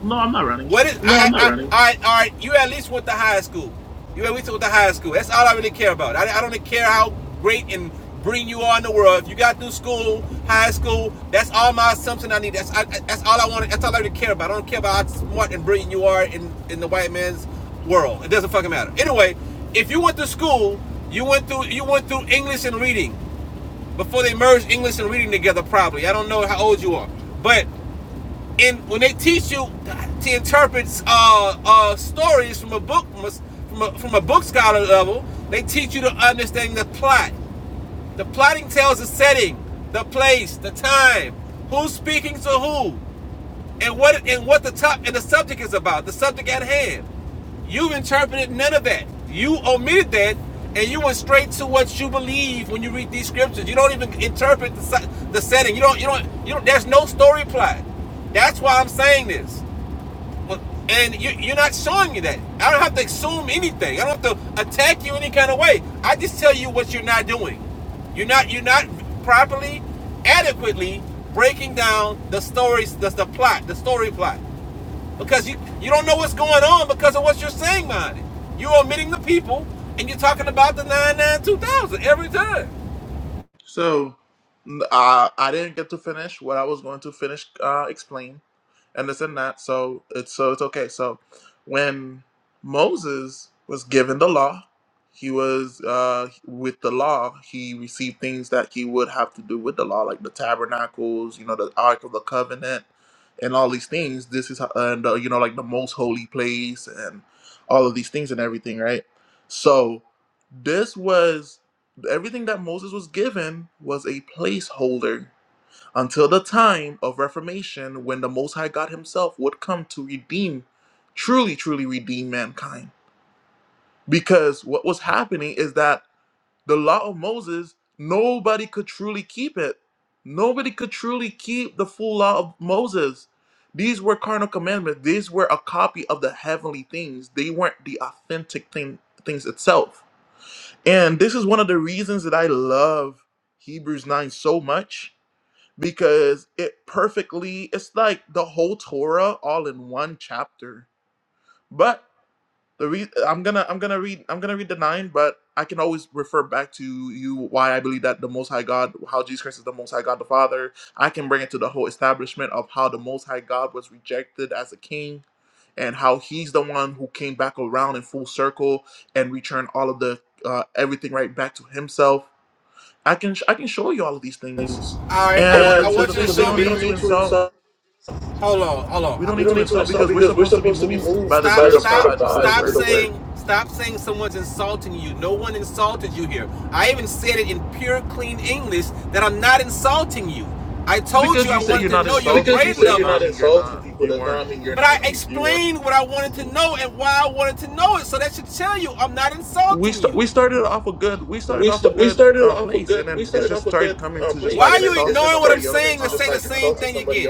Speaker 1: no, I'm not running.
Speaker 2: What is? No, I, I'm not I, running. All right, all right. You at least went to high school. You at least went to high school. That's all I really care about. I, I don't really care how great and brilliant you are in the world. If you got through school, high school, that's all my assumption I need. That's I, that's all I want. That's all I really care about. I don't care about how smart and brilliant you are in in the white man's world. It doesn't fucking matter. Anyway, if you went to school, you went through you went through English and reading before they merged English and reading together. Probably. I don't know how old you are, but and when they teach you to interpret uh, uh, stories from a book from a, from a, from a book scholar level, they teach you to understand the plot. The plotting tells the setting, the place, the time, who's speaking to who, and what and what the top and the subject is about, the subject at hand. You've interpreted none of that. You omitted that, and you went straight to what you believe when you read these scriptures. You don't even interpret the, si, the setting. You don't. You don't. You don't. There's no story plot. That's why I'm saying this. Well, And you, you're not showing me that. I don't have to assume anything. I don't have to attack you any kind of way. I just tell you what you're not doing. You're not you're not properly, adequately breaking down the stories, the, the plot, the story plot, because you you don't know what's going on because of what you're saying behind it. You're omitting the people, and you're talking about the nine nine two thousand every time.
Speaker 1: So, n- uh, I didn't get to finish what I was going to finish uh, explain. and this and that. So it's so it's okay. So when Moses was given the law, he was uh, with the law. He received things that he would have to do with the law, like the tabernacles, you know, the Ark of the Covenant, and all these things. This is how, and uh, you know, like the most holy place, and all of these things and everything, right? So this was everything that Moses was given was a placeholder until the time of Reformation when the Most High God Himself would come to redeem, truly, truly redeem mankind. Because what was happening is that the law of Moses, nobody could truly keep it. Nobody could truly keep the full law of Moses. These were carnal commandments. These were a copy of the heavenly things. They weren't the authentic thing, things itself. And this is one of the reasons that I love Hebrews 9 so much because it perfectly it's like the whole torah all in one chapter but the re- i'm gonna i'm gonna read i'm gonna read the nine but i can always refer back to you why i believe that the most high god how jesus christ is the most high god the father i can bring it to the whole establishment of how the most high god was rejected as a king and how he's the one who came back around in full circle and returned all of the uh, everything right back to himself I can I can show you all of these things,
Speaker 2: All right, I want
Speaker 1: and
Speaker 2: I
Speaker 1: that's just
Speaker 2: want
Speaker 1: the
Speaker 2: you
Speaker 1: thing.
Speaker 2: to
Speaker 1: We
Speaker 2: show thing,
Speaker 1: don't
Speaker 2: we me.
Speaker 1: need
Speaker 2: don't
Speaker 1: to
Speaker 2: need to
Speaker 1: insult.
Speaker 2: insult. Hold on, hold
Speaker 1: We
Speaker 2: on.
Speaker 1: don't
Speaker 2: We
Speaker 1: need
Speaker 2: don't
Speaker 1: to
Speaker 2: need to
Speaker 1: insult
Speaker 2: insult
Speaker 1: because we're
Speaker 2: because we're
Speaker 1: supposed to be
Speaker 2: supposed to be
Speaker 1: moved by
Speaker 2: moved by
Speaker 1: the
Speaker 2: Stop, by
Speaker 1: Spirit
Speaker 2: the
Speaker 1: of
Speaker 2: stop, Spirit of
Speaker 1: God
Speaker 2: God
Speaker 1: through the
Speaker 2: stop
Speaker 1: Word.
Speaker 2: saying, stop saying someone's insulting you. No one insulted you here. I even said it in pure, clean English that I'm not insulting you. I
Speaker 1: Just
Speaker 2: told you
Speaker 1: because
Speaker 2: I
Speaker 1: you say
Speaker 2: wanted
Speaker 1: you're
Speaker 2: to
Speaker 1: not
Speaker 2: know Just your grade level.
Speaker 1: insulting
Speaker 2: because you grade
Speaker 1: people
Speaker 2: say you're
Speaker 1: does
Speaker 2: not
Speaker 1: not mean you're
Speaker 2: insulting
Speaker 1: not.
Speaker 2: people
Speaker 1: You
Speaker 2: does
Speaker 1: weren't.
Speaker 2: not mean you're but I not. You explained you what I wanted to know and why I wanted to know it. So that should tell you I'm not
Speaker 1: We
Speaker 2: insulting
Speaker 1: st-
Speaker 2: you
Speaker 1: we started off a good. We started
Speaker 2: we
Speaker 1: off a
Speaker 2: st- we
Speaker 1: good
Speaker 2: started
Speaker 1: uh,
Speaker 2: off a
Speaker 1: place, and
Speaker 2: good we
Speaker 1: then it's
Speaker 2: started
Speaker 1: just
Speaker 2: off a
Speaker 1: started
Speaker 2: good
Speaker 1: coming
Speaker 2: uh,
Speaker 1: to
Speaker 2: place.
Speaker 1: just
Speaker 2: Why are
Speaker 1: like
Speaker 2: you it,
Speaker 1: insulting
Speaker 2: ignoring what I'm
Speaker 1: somebody
Speaker 2: saying
Speaker 1: else's
Speaker 2: and just
Speaker 1: knowledge
Speaker 2: saying like
Speaker 1: and
Speaker 2: the like
Speaker 1: stuff.
Speaker 2: same
Speaker 1: so.
Speaker 2: thing again?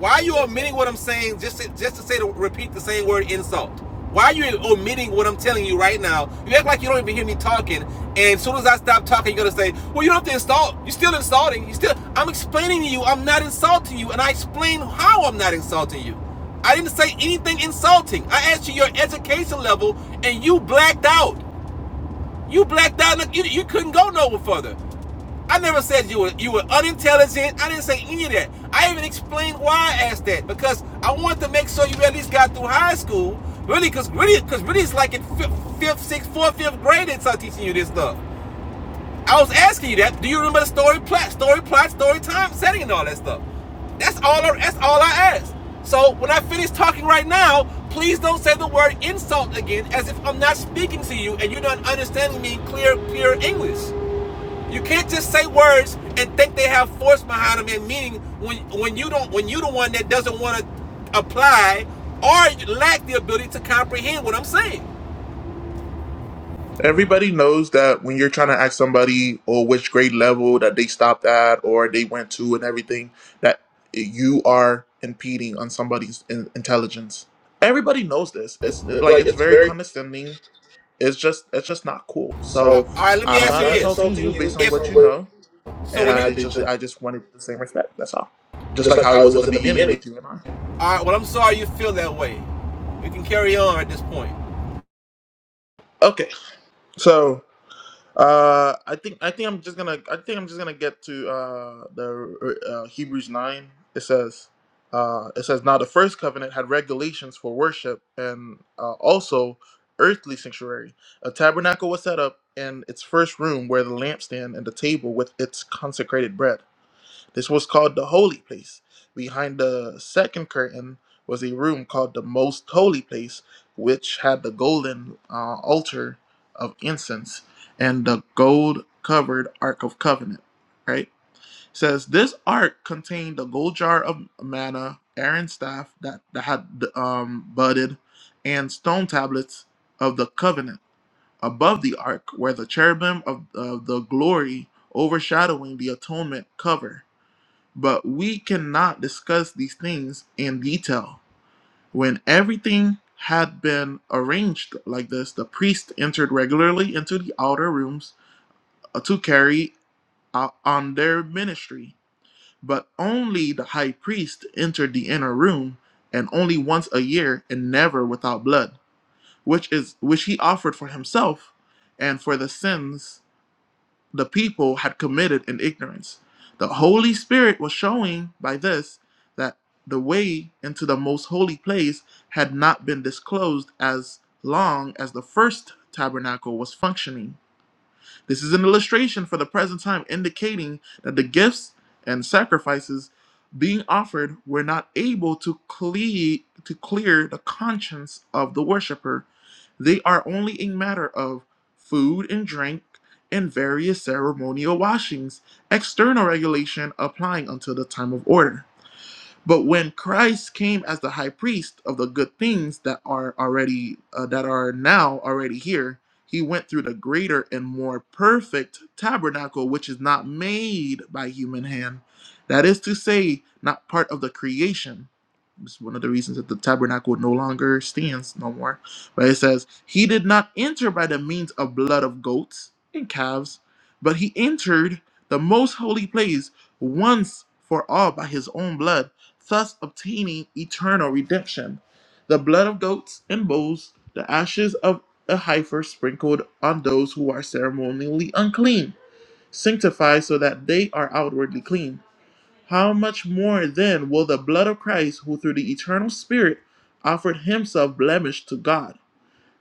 Speaker 2: Why are you omitting what I'm saying just to, just to say to repeat the same word insult? Why are you omitting what I'm telling you right now? You act like you don't even hear me talking, and as soon as I stop talking, you're gonna say, "Well, you don't have to insult. You're still insulting. You still." I'm explaining to you. I'm not insulting you, and I explain how I'm not insulting you. I didn't say anything insulting. I asked you your education level, and you blacked out. You blacked out. you, you couldn't go no further. I never said you were you were unintelligent. I didn't say any of that. I even explained why I asked that because I wanted to make sure you at least got through high school. Really, because really, because really, it's like in fifth, fifth, sixth, fourth, fifth grade they start teaching you this stuff. I was asking you that. Do you remember the story plot, story plot, story time, setting, and all that stuff? That's all. I, that's all I asked. So when I finish talking right now, please don't say the word insult again, as if I'm not speaking to you and you're not understanding me clear, clear English. You can't just say words and think they have force behind them and meaning when when you don't when you are the one that doesn't want to apply or lack the ability to comprehend what I'm saying.
Speaker 1: Everybody knows that when you're trying to ask somebody or which grade level that they stopped at or they went to and everything, that you are impeding on somebody's in- intelligence. Everybody knows this. It's
Speaker 2: It's
Speaker 1: like
Speaker 2: like
Speaker 1: it's
Speaker 2: it's
Speaker 1: very
Speaker 2: very
Speaker 1: condescending. It's just it's just not cool.
Speaker 2: Uh, so.
Speaker 1: So
Speaker 2: all right, let me
Speaker 1: I'm
Speaker 2: ask I'm you
Speaker 1: not
Speaker 2: not this:
Speaker 1: insulting you
Speaker 2: insulting you based
Speaker 1: based
Speaker 2: If
Speaker 1: on what
Speaker 2: on
Speaker 1: you
Speaker 2: what.
Speaker 1: know,
Speaker 2: So
Speaker 1: and
Speaker 2: and
Speaker 1: I
Speaker 2: you, I
Speaker 1: did
Speaker 2: did
Speaker 1: just
Speaker 2: just,
Speaker 1: I just wanted the same respect. That's all. Just
Speaker 2: just
Speaker 1: like
Speaker 2: like
Speaker 1: how it
Speaker 2: how it
Speaker 1: was in
Speaker 2: was
Speaker 1: the
Speaker 2: in the
Speaker 1: beginning
Speaker 2: beginning.
Speaker 1: with you and I.
Speaker 2: all right, well, I'm sorry you feel that way. We can carry on at this point.
Speaker 1: Okay, so Uh, I think I think I'm just gonna I think I'm just gonna get to uh, the uh, Hebrews nine. It says, uh, it says now the first covenant had regulations for worship and uh, also earthly sanctuary. A tabernacle was set up in its first room where the lampstand and the table with its consecrated bread. This was called the holy place. Behind the second curtain was a room called the most holy place, which had the golden uh, altar of incense and the gold covered ark of covenant. Right? It says this ark contained the gold jar of manna, Aaron's staff that, that had um, budded, and stone tablets of the covenant. Above the ark were the cherubim of, of the glory overshadowing the atonement cover but we cannot discuss these things in detail. When everything had been arranged like this, the priests entered regularly into the outer rooms uh, to carry out on their ministry, but only the high priest entered the inner room and only once a year and never without blood, which is which he offered for himself and for the sins the people had committed in ignorance. The Holy Spirit was showing by this that the way into the most holy place had not been disclosed as long as the first tabernacle was functioning. This is an illustration for the present time, indicating that the gifts and sacrifices being offered were not able to, cle- to clear the conscience of the worshiper. They are only a matter of food and drink and various ceremonial washings, external regulation applying until the time of order. But when Christ came as the high priest of the good things that are already uh, that are now already here, he went through the greater and more perfect tabernacle which is not made by human hand. That is to say, not part of the creation. It's one of the reasons that the tabernacle no longer stands no more. But it says, He did not enter by the means of blood of goats and calves, but he entered the most holy place once for all by his own blood thus obtaining eternal redemption. The blood of goats and bulls, the ashes of a heifer sprinkled on those who are ceremonially unclean, sanctify so that they are outwardly clean. How much more then will the blood of Christ, who through the eternal Spirit offered himself blemished to God,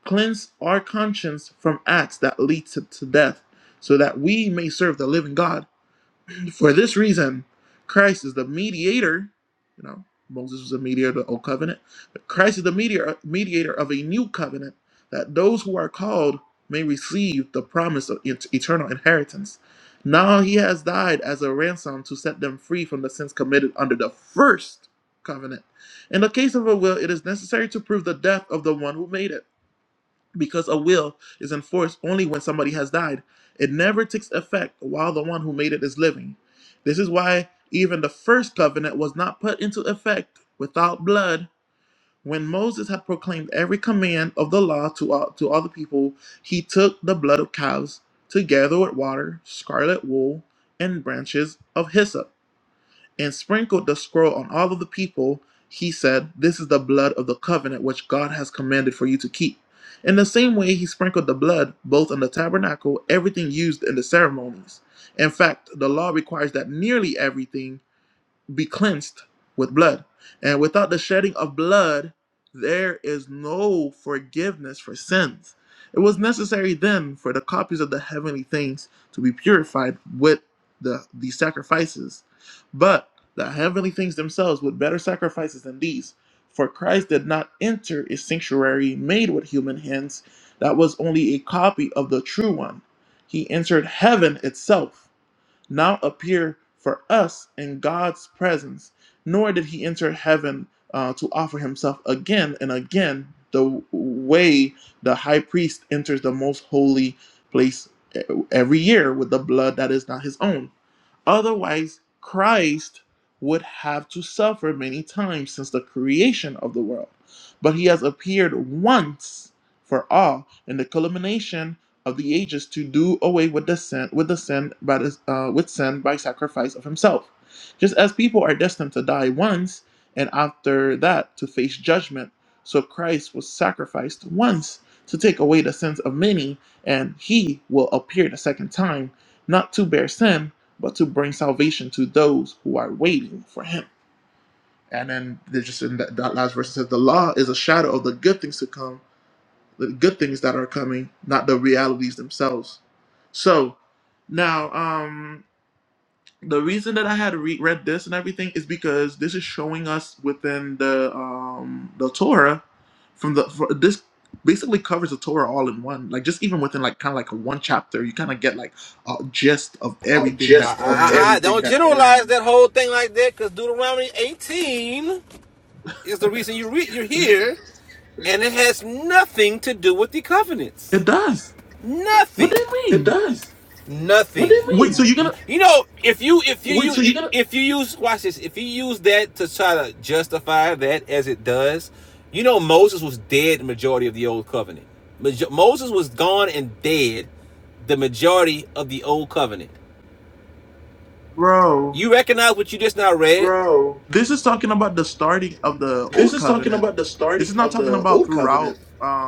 Speaker 1: cleanse our conscience from acts that lead to, to death, so that we may serve the living God? For this reason, Christ is the mediator. You know, Moses was a mediator of the old covenant, but Christ is the mediator, mediator of a new covenant, that those who are called may receive the promise of et- eternal inheritance. Now he has died as a ransom to set them free from the sins committed under the first covenant. In the case of a will, it is necessary to prove the death of the one who made it because a will is enforced only when somebody has died. It never takes effect while the one who made it is living. This is why even the first covenant was not put into effect without blood. When Moses had proclaimed every command of the law to all, to all the people, he took the blood of calves together with water, scarlet wool, and branches of hyssop and sprinkled the scroll on all of the people, he said, This is the blood of the covenant which God has commanded for you to keep. In the same way, he sprinkled the blood both on the tabernacle, everything used in the ceremonies. In fact, the law requires that nearly everything be cleansed with blood. And without the shedding of blood, there is no forgiveness for sins. It was necessary then for the copies of the heavenly things to be purified with the these sacrifices. But the heavenly things themselves with better sacrifices than these. For Christ did not enter a sanctuary made with human hands that was only a copy of the true one. He entered heaven itself now appear for us in God's presence, nor did he enter heaven uh, to offer himself again and again the way the high priest enters the most holy place e- every year with the blood that is not his own. Otherwise, Christ would have to suffer many times since the creation of the world. But he has appeared once for all in the culmination of the ages to do away with the sin with the sin by the, uh, with sin by sacrifice of himself. Just as people are destined to die once and after that to face judgment, so Christ was sacrificed once to take away the sins of many, and he will appear the second time, not to bear sin, but to bring salvation to those who are waiting for him. And then there's just in that, that last verse it says, The law is a shadow of the good things to come, the good things that are coming, not the realities themselves. So now, um, the reason that I had re- read this and everything is because this is showing us within the um, the Torah from the for, this basically covers the Torah all in one. Like just even within like kind of like one chapter, you kind of get like a gist of
Speaker 2: Oh,
Speaker 1: everything
Speaker 2: just
Speaker 1: that
Speaker 2: I, I, I
Speaker 1: Aaron.
Speaker 2: don't generalize that whole thing like that because Deuteronomy 18 is the reason you re- you're here, and it has nothing to do with the covenants.
Speaker 1: It does. What
Speaker 2: Nothing.
Speaker 1: do you
Speaker 2: It
Speaker 1: mean?
Speaker 2: does. nothing. What do
Speaker 1: Wait,
Speaker 2: you
Speaker 1: so you're
Speaker 2: mean?
Speaker 1: gonna,
Speaker 2: You know, if you if you Wait, use, so you gotta. if you use watch this, if you use that to try to justify that as it does, you know Moses was dead the majority of the old covenant. Maj- Moses was gone and dead the majority of the old covenant.
Speaker 1: bro?
Speaker 2: You recognize what you just now read? Bro,
Speaker 1: This is talking about the starting of the
Speaker 2: this
Speaker 1: old
Speaker 2: is talking
Speaker 1: covenant.
Speaker 2: about the
Speaker 1: This
Speaker 2: starting
Speaker 1: is not
Speaker 2: of
Speaker 1: talking
Speaker 2: the
Speaker 1: about
Speaker 2: old covenant.
Speaker 1: throughout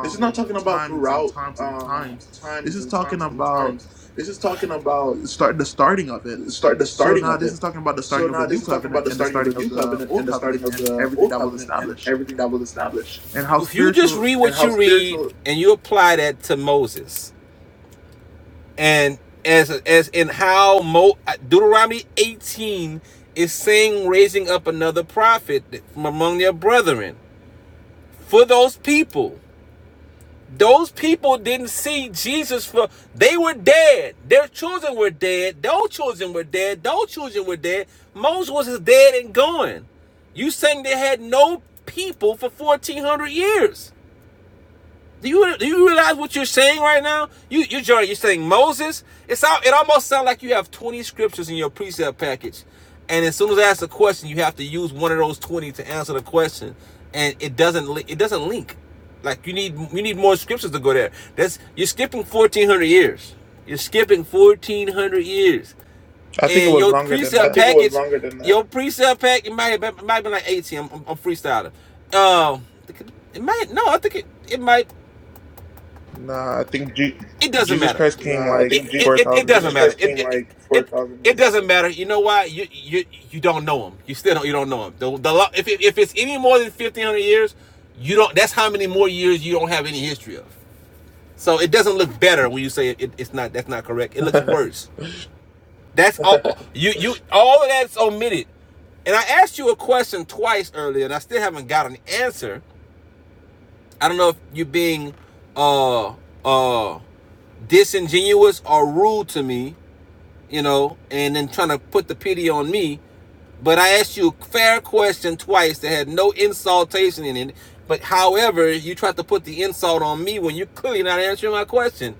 Speaker 2: This is not talking about
Speaker 1: times and
Speaker 2: throughout
Speaker 1: times and
Speaker 2: um,
Speaker 1: times. This
Speaker 2: times
Speaker 1: is
Speaker 2: and
Speaker 1: talking
Speaker 2: times and
Speaker 1: about
Speaker 2: times. This is talking about
Speaker 1: start the starting of it.
Speaker 2: start the
Speaker 1: So
Speaker 2: starting
Speaker 1: now
Speaker 2: of
Speaker 1: this
Speaker 2: it.
Speaker 1: is talking about the
Speaker 2: So
Speaker 1: starting of
Speaker 2: now
Speaker 1: the
Speaker 2: this
Speaker 1: new
Speaker 2: is talking about
Speaker 1: covenant
Speaker 2: the
Speaker 1: and the
Speaker 2: starting of the
Speaker 1: starting
Speaker 2: new
Speaker 1: of the
Speaker 2: covenant and
Speaker 1: old
Speaker 2: the starting
Speaker 1: covenant
Speaker 2: of
Speaker 1: and
Speaker 2: the
Speaker 1: everything
Speaker 2: old
Speaker 1: that was
Speaker 2: covenant and
Speaker 1: established
Speaker 2: everything that was established.
Speaker 1: and how
Speaker 2: If you just
Speaker 1: spiritual.
Speaker 2: read what you read and you apply that to Moses, and as as in how Mo, Deuteronomy 18 is saying, raising up another prophet from among their brethren for those people. Those people didn't see Jesus for they were dead. Their children were dead. Those children were dead. Those children were dead. Moses was dead and gone. You saying they had no people for 1400 years. Do you do you realize what you're saying right now? You you Jordan, you're saying Moses. It's all, it almost sounds like you have 20 scriptures in your precept package, and as soon as I ask a question, you have to use one of those 20 to answer the question, and it doesn't li- it doesn't link. Like you need you need more scriptures to go there. That's you're skipping 1400 years. You're skipping 1400 years,
Speaker 1: I think it
Speaker 2: and
Speaker 1: was
Speaker 2: your I
Speaker 1: longer than
Speaker 2: precept
Speaker 1: that.
Speaker 2: think it was package, longer than that. your precept pack, it might have been, it might have been like 18. I'm, I'm, I'm freestyling. Um, it might no, I think it it might
Speaker 1: Nah, I think Je-
Speaker 2: it doesn't
Speaker 1: Jesus
Speaker 2: matter.
Speaker 1: Christ
Speaker 2: Nah,
Speaker 1: came
Speaker 2: I
Speaker 1: like
Speaker 2: think it, Jesus, it,
Speaker 1: four
Speaker 2: it
Speaker 1: thousand
Speaker 2: doesn't
Speaker 1: years
Speaker 2: matter.
Speaker 1: after.
Speaker 2: It like it it doesn't matter. You know why? You you you don't know him. You still don't. You don't know him. The, the if it, if it's any more than fifteen hundred years, you don't. That's how many more years you don't have any history of. So it doesn't look better when you say it, it- it's not. That's not correct. It looks
Speaker 1: [laughs]
Speaker 2: worse. That's all. [laughs] You you all of that's omitted. And I asked you a question twice earlier, and I still haven't got an answer. I don't know if you're being uh uh disingenuous or rude to me you know, and then trying to put the pity on me. But I asked you a fair question twice that had no insultation in it. But however, you tried to put the insult on me when you're clearly not answering my question.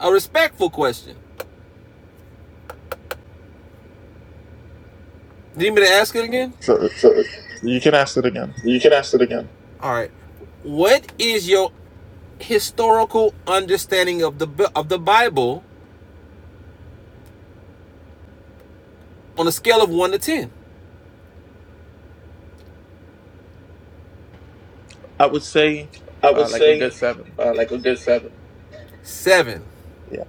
Speaker 2: A respectful question. Do you need me to ask it again?
Speaker 1: so
Speaker 2: Sure.
Speaker 1: you can ask it again.
Speaker 2: You can ask it again. All right. What is your historical understanding of the of the Bible on a scale of 1 to 10?
Speaker 1: I would say
Speaker 2: I would
Speaker 1: uh, like a good
Speaker 2: say
Speaker 1: seven.
Speaker 2: uh, like a good seven. 7.
Speaker 1: Yeah.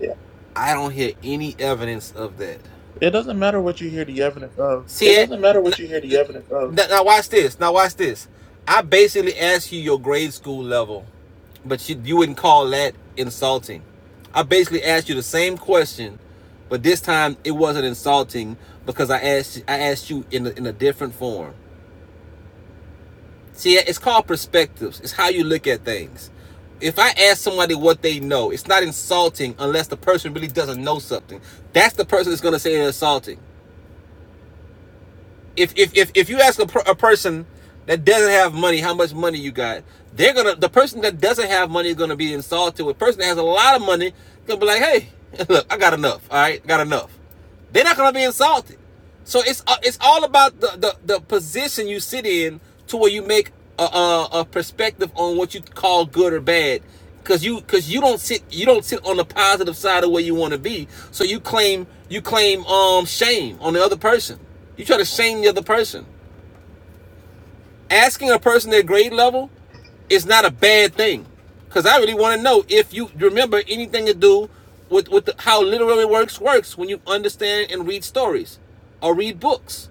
Speaker 2: Yeah. I don't hear any evidence of that.
Speaker 1: It doesn't matter what you hear the evidence of.
Speaker 2: See, It doesn't matter what you hear the evidence of. now, now watch this. Now watch this. I basically asked you your grade school level, but you, you wouldn't call that insulting. I basically asked you the same question, but this time it wasn't insulting because I asked I asked you in a, in a different form. See, it's called perspectives. It's how you look at things. If I ask somebody what they know, it's not insulting unless the person really doesn't know something. That's the person that's going to say it's insulting if if if, if you ask a, per- a person that doesn't have money how much money you got they're gonna the person that doesn't have money is gonna be insulted the person that has a lot of money gonna be like hey [laughs] look i got enough all right got enough they're not gonna be insulted so it's uh, it's all about the, the the position you sit in to where you make a, a, a perspective on what you call good or bad because you because you don't sit you don't sit on the positive side of where you want to be so you claim you claim um shame on the other person you try to shame the other person. Asking a person their grade level is not a bad thing, because I really want to know if you remember anything to do with with the, how literary works works when you understand and read stories or read books.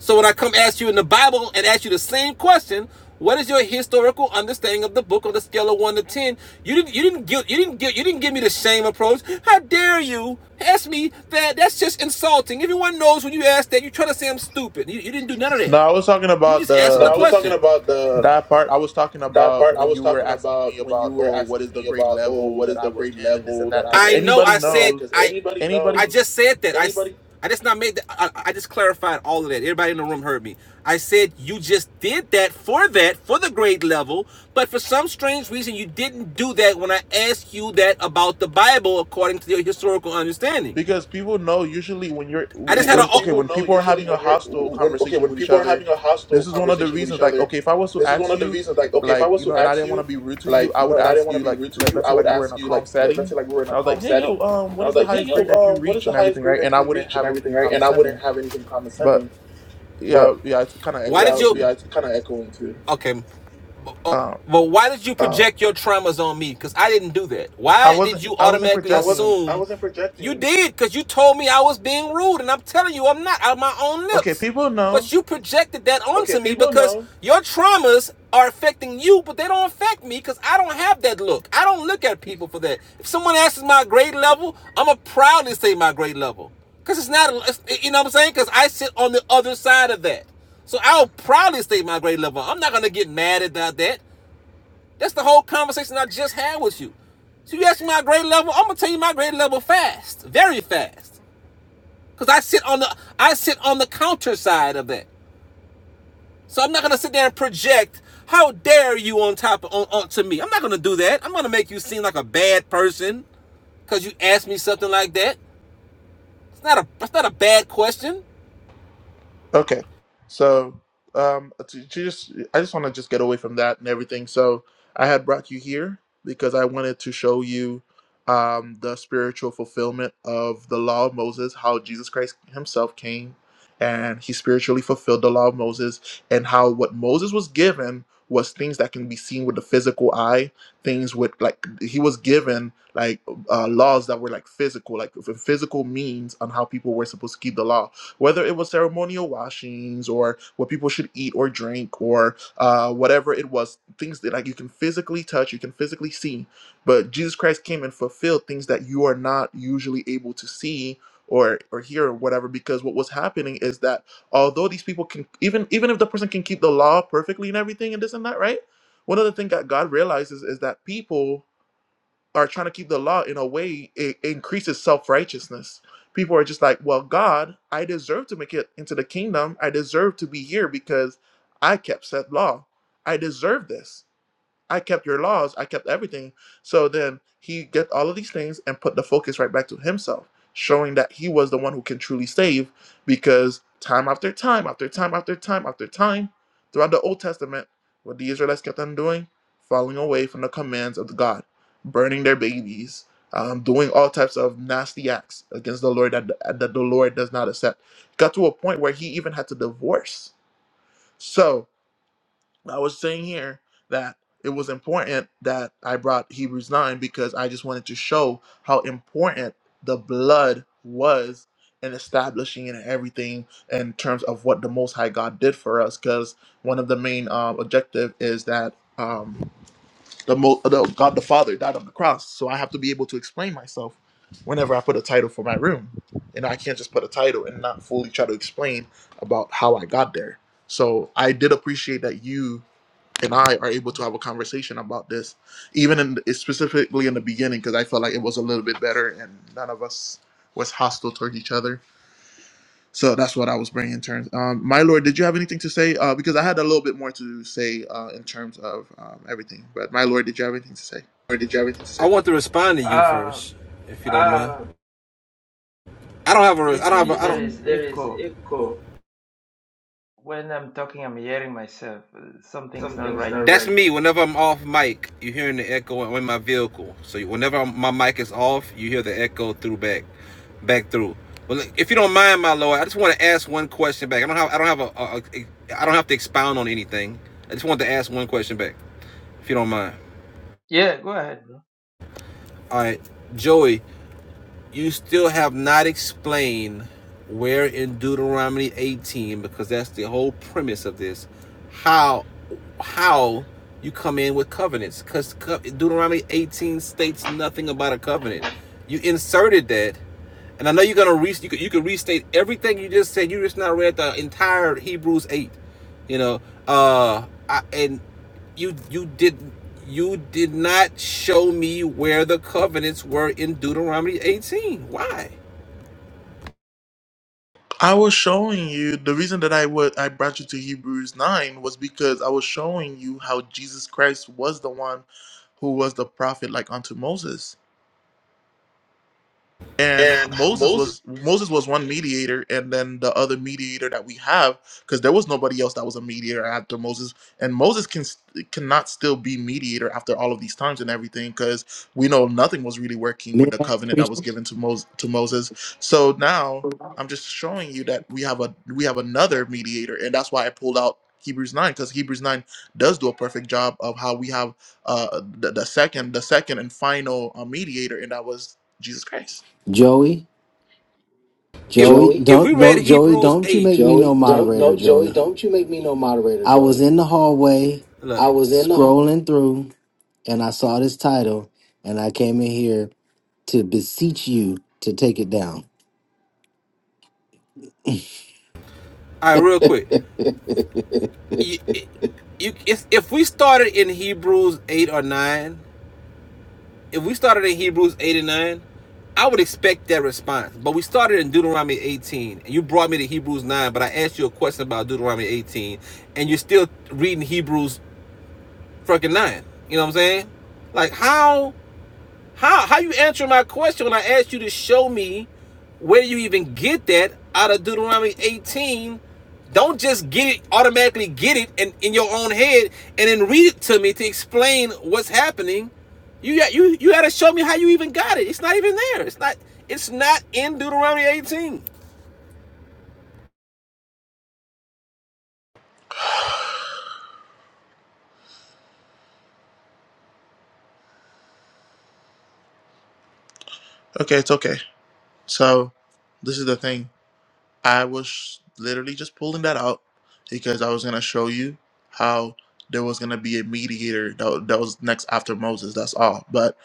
Speaker 2: So when I come ask you in the Bible and ask you the same question, what is your historical understanding of the book on the scale of one to ten? You didn't you didn't give you didn't give you didn't give me the shame approach. How dare you ask me that? That's just insulting. Everyone knows when you ask that you try to say I'm stupid. You, you didn't do none of that.
Speaker 1: No, I was talking
Speaker 2: You
Speaker 1: about
Speaker 2: just answered No, the
Speaker 1: the
Speaker 2: question. I was talking about the
Speaker 1: that part. I was talking
Speaker 2: that
Speaker 1: about
Speaker 2: part I
Speaker 1: when
Speaker 2: was
Speaker 1: you were
Speaker 2: talking
Speaker 1: asking me
Speaker 2: about when you
Speaker 1: about
Speaker 2: were
Speaker 1: oh, what
Speaker 2: asking
Speaker 1: is the
Speaker 2: me
Speaker 1: grade
Speaker 2: about, oh,
Speaker 1: level
Speaker 2: what
Speaker 1: that
Speaker 2: is
Speaker 1: I
Speaker 2: the
Speaker 1: was
Speaker 2: grade
Speaker 1: in and this
Speaker 2: level
Speaker 1: and
Speaker 2: that
Speaker 1: that.
Speaker 2: I
Speaker 1: Because
Speaker 2: I know. I
Speaker 1: anybody
Speaker 2: said
Speaker 1: knows,
Speaker 2: Because I. anybody knows. I
Speaker 1: anybody
Speaker 2: just said that anybody. I I just not made. The, I, I just clarified all of that. Everybody in the room heard me. I said you just did that for that for the grade level, but for some strange reason you didn't do that when I asked you that about the Bible according to your historical understanding.
Speaker 1: Because people know usually when you're
Speaker 2: I just people,
Speaker 1: when
Speaker 2: had a.
Speaker 1: okay
Speaker 2: People Oh,
Speaker 1: when
Speaker 2: know
Speaker 1: people are
Speaker 2: usually
Speaker 1: having a
Speaker 2: when you're
Speaker 1: hostile
Speaker 2: when okay
Speaker 1: conversation
Speaker 2: when
Speaker 1: with each
Speaker 2: people are
Speaker 1: other,
Speaker 2: having a hostile
Speaker 1: this is one of the
Speaker 2: conversation with
Speaker 1: reasons.
Speaker 2: each
Speaker 1: Like
Speaker 2: other,
Speaker 1: okay, if I was to
Speaker 2: this is one
Speaker 1: ask
Speaker 2: of the
Speaker 1: you,
Speaker 2: reasons. Like okay, if I
Speaker 1: like
Speaker 2: was
Speaker 1: you
Speaker 2: to
Speaker 1: know, and I
Speaker 2: ask
Speaker 1: didn't want
Speaker 2: you,
Speaker 1: to be rude to you,
Speaker 2: like
Speaker 1: I
Speaker 2: you know,
Speaker 1: would
Speaker 2: and I didn't
Speaker 1: ask
Speaker 2: want to
Speaker 1: you
Speaker 2: be
Speaker 1: like
Speaker 2: rude to
Speaker 1: let,
Speaker 2: you,
Speaker 1: let's say
Speaker 2: I would
Speaker 1: like we were in
Speaker 2: ask
Speaker 1: a
Speaker 2: you like
Speaker 1: calm
Speaker 2: let,
Speaker 1: setting,
Speaker 2: let's
Speaker 1: and
Speaker 2: say like we were in a
Speaker 1: I was like,
Speaker 2: calm
Speaker 1: hey yo,
Speaker 2: setting,
Speaker 1: um,
Speaker 2: and I
Speaker 1: what
Speaker 2: was
Speaker 1: is the
Speaker 2: like, hey
Speaker 1: highest
Speaker 2: yo,
Speaker 1: grade that you
Speaker 2: um, what is
Speaker 1: reach
Speaker 2: the
Speaker 1: and
Speaker 2: highest
Speaker 1: everything,
Speaker 2: grade
Speaker 1: right? And
Speaker 2: that
Speaker 1: I
Speaker 2: you
Speaker 1: wouldn't
Speaker 2: reach and
Speaker 1: have
Speaker 2: everything,
Speaker 1: anything
Speaker 2: right? And I wouldn't
Speaker 1: condescending,
Speaker 2: have anything
Speaker 1: but
Speaker 2: condescending, but
Speaker 1: yeah, yeah, it's kind of
Speaker 2: why yeah,
Speaker 1: echoing
Speaker 2: did would
Speaker 1: too.
Speaker 2: you? be kind of echoing too. Okay,
Speaker 1: Um,
Speaker 2: but why did you project uh, your traumas on me? Because I didn't do that.
Speaker 1: I
Speaker 2: Why did
Speaker 1: wasn't
Speaker 2: you
Speaker 1: I wasn't
Speaker 2: automatically I
Speaker 1: projecting.
Speaker 2: wasn't. I wasn't projecting. you did? Because you told me I was being rude, and I'm telling you, I'm not out of my own
Speaker 1: Okay,
Speaker 2: lips.
Speaker 1: people know.
Speaker 2: But you projected that Okay, onto okay, me because know. your traumas are affecting you, but they don't affect me because I don't have that look. I don't look at people for that. If someone asks my grade level, I'm going to proudly say my grade level because it's not, you know what I'm saying? Because I sit on the other side of that. So I'll proudly state my grade level. I'm not gonna get mad about that. That's the whole conversation I just had with you. So you ask me my grade level, I'm gonna tell you my grade level fast, very fast, because I sit on the I sit on the counter side of that. So I'm not gonna sit there and project. How dare you on top of, on, on to me? I'm not gonna do that. I'm gonna make you seem like a bad person because you asked me something like that. It's not a It's not a bad question.
Speaker 1: Okay, so um, to, to just I just want to just get away from that and everything. So I had brought you here because I wanted to show you um, the spiritual fulfillment of the law of Moses, how Jesus Christ Himself came and He spiritually fulfilled the law of Moses, and how what Moses was given was things that can be seen with the physical eye, things with like he was given like uh, laws that were like physical, like physical means on how people were supposed to keep the law whether it was ceremonial washings or what people should eat or drink or uh, whatever it was, things that like you can physically touch, you can physically see. But Jesus Christ came and fulfilled things that you are not usually able to see or or hear or whatever. Because what was happening is that although these people can even even if the person can keep the law perfectly and everything and this and that, right? One of the things that God realizes is that people are trying to keep the law in a way it increases self-righteousness people are just like well god i deserve to make it into the kingdom i deserve to be here because i kept said law i deserve this I kept your laws, I kept everything. So then he get all of these things and put the focus right back to himself, showing that he was the one who can truly save because time after time after time after time after time throughout the Old Testament, what the Israelites kept on doing, falling away from the commands of God, burning their babies, um, doing all types of nasty acts against the Lord that, that the Lord does not accept. Got to a point where he even had to divorce. So I was saying here that it was important that I brought Hebrews 9 because I just wanted to show how important the blood was in establishing and everything in terms of what the Most High God did for us. Because one of the main um, objective is that um, the, Mo- the God the Father died on the cross. So I have to be able to explain myself whenever I put a title for my room. And I can't just put a title and not fully try to explain about how I got there. So I did appreciate that you and I are able to have a conversation about this, even in specifically in the beginning, because I felt like it was a little bit better, and none of us was hostile toward each other. So that's what I was bringing in terms. Um, my lord, did you have anything to say? Uh, because I had a little bit more to say uh, in terms of um, everything. But my lord, did you have anything to say?
Speaker 2: Or did you have anything to say? I want to respond to you
Speaker 6: Uh,
Speaker 2: first, if you don't uh, mind. I don't have
Speaker 6: it
Speaker 2: a. I don't have. A,
Speaker 6: seems
Speaker 2: I
Speaker 6: there
Speaker 2: don't.
Speaker 6: is
Speaker 2: there is
Speaker 6: echo
Speaker 2: echo.
Speaker 6: when I'm talking. I'm hearing myself. Uh, Something's not
Speaker 2: Something's
Speaker 6: right.
Speaker 2: not That's right. me. Whenever I'm off mic, you hearing the echo in my vehicle. So whenever my mic is off, you hear the echo through back, back through. But look, if you don't mind, my lord, I just want to ask one question back. I don't have. I don't have a. a, a I don't have to expound on anything. I just want to ask one question back, if you don't mind.
Speaker 6: Yeah, go ahead. bro.
Speaker 2: All right, Joey. you still have not explained where in Deuteronomy 18, because that's the whole premise of this, how how you come in with covenants, because Deuteronomy 18 states nothing about a covenant. You inserted that and I know you're gonna re- you could, you could restate everything you just said. You just now read the entire Hebrews eight, you know. Uh, I, and you you did you did not show me where the covenants were in Deuteronomy eighteen. Why?
Speaker 1: I was showing you the reason that I would I brought you to Hebrews nine was because I was showing you how Jesus Christ was the one who was the prophet like unto Moses and
Speaker 2: And
Speaker 1: Moses
Speaker 2: Moses.
Speaker 1: was Moses was one mediator, and then the other mediator that we have, because there was nobody else that was a mediator after Moses, and Moses can cannot still be mediator after all of these times and everything, because we know nothing was really working
Speaker 7: May
Speaker 1: with the
Speaker 7: I
Speaker 1: covenant that
Speaker 7: preach?
Speaker 1: was given to Moses. To Moses, so now I'm just showing you that we have a we have another mediator, and that's why I pulled out Hebrews nine, because Hebrews nine does do a perfect job of how we have uh, the, the second the second and final uh, mediator, and that was Jesus Christ.
Speaker 7: Joey,
Speaker 2: If
Speaker 7: Joey,
Speaker 2: Joey, if
Speaker 7: don't
Speaker 2: we read
Speaker 7: no Joey,
Speaker 2: Hebrews
Speaker 7: don't you
Speaker 2: eight,
Speaker 7: make
Speaker 2: Joe,
Speaker 7: me no moderator, Joey. I was in the hallway
Speaker 2: look, I was.
Speaker 7: scrolling through and I saw this title and I came in here to beseech you to take it down.
Speaker 2: all right, real quick. [laughs] You, you, if, if we started in Hebrews eight or nine, if we started in Hebrews 8 and 9, I would expect that response. But we started in Deuteronomy 18, and you brought me to Hebrews 9, but I asked you a question about Deuteronomy 18, and you're still reading Hebrews fucking 9. You know what I'm saying? Like, how? How how you answer my question when I asked you to show me where you even get that out of Deuteronomy 18? Don't just get it automatically get it in, in your own head and then read it to me to explain what's happening. You got you you gotta show me how you even got it. It's not even there. It's not it's not in Deuteronomy 18.
Speaker 1: Okay, it's okay. So, this is the thing. I was literally just pulling that out because I was going to show you how there was going to be a mediator that, wa- that was next after Moses. That's all. But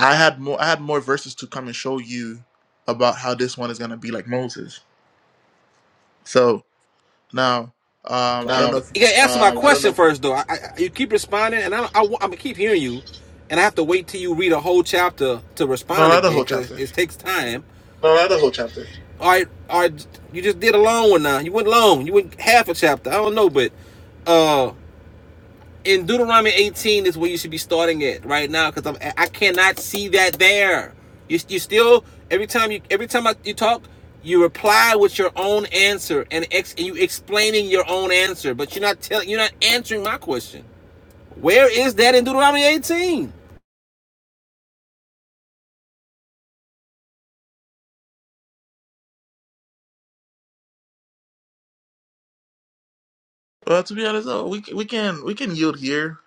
Speaker 1: I had more I had more verses to come and show you about how this one is going to be like Moses. So, now um I don't
Speaker 2: Now
Speaker 1: know if
Speaker 2: You gotta answer uh, my um, question first, though. I, I, you keep responding, and I, do I, am gonna keep hearing you, and I have to wait till you read a whole chapter to
Speaker 1: no,
Speaker 2: respond
Speaker 1: not the
Speaker 2: again
Speaker 1: whole
Speaker 2: because it,
Speaker 1: chapter.
Speaker 2: it takes time. No, not the whole chapter. All right, all right. You just did a long one now. You went long. You went half a chapter. I don't know, but uh, in Deuteronomy 18 is where you should be starting it right now because I'm I cannot see that there. You, you still every time you every time I, you talk, you reply with your own answer and ex, and you explaining your own answer, but you're not telling you're not answering my question. Where is that in Deuteronomy 18?
Speaker 1: Well, to be honest, though, we c- we can we can yield here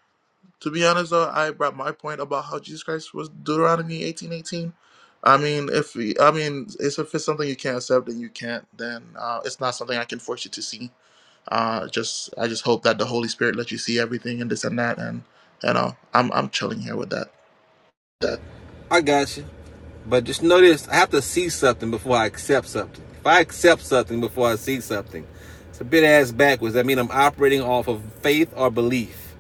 Speaker 1: to be honest though i brought my point about how jesus christ was deuteronomy eighteen eighteen. i mean if we, i mean it's, if it's something you can't accept then you can't then uh, it's not something i can force you to see uh, just i just hope that the holy spirit lets you see everything and this and that and you know i'm, I'm chilling here with that
Speaker 2: I got you. But just notice, I have to see something before I accept something. If I accept something before I see something, it's a bit ass backwards. I mean, I'm operating off of faith or belief.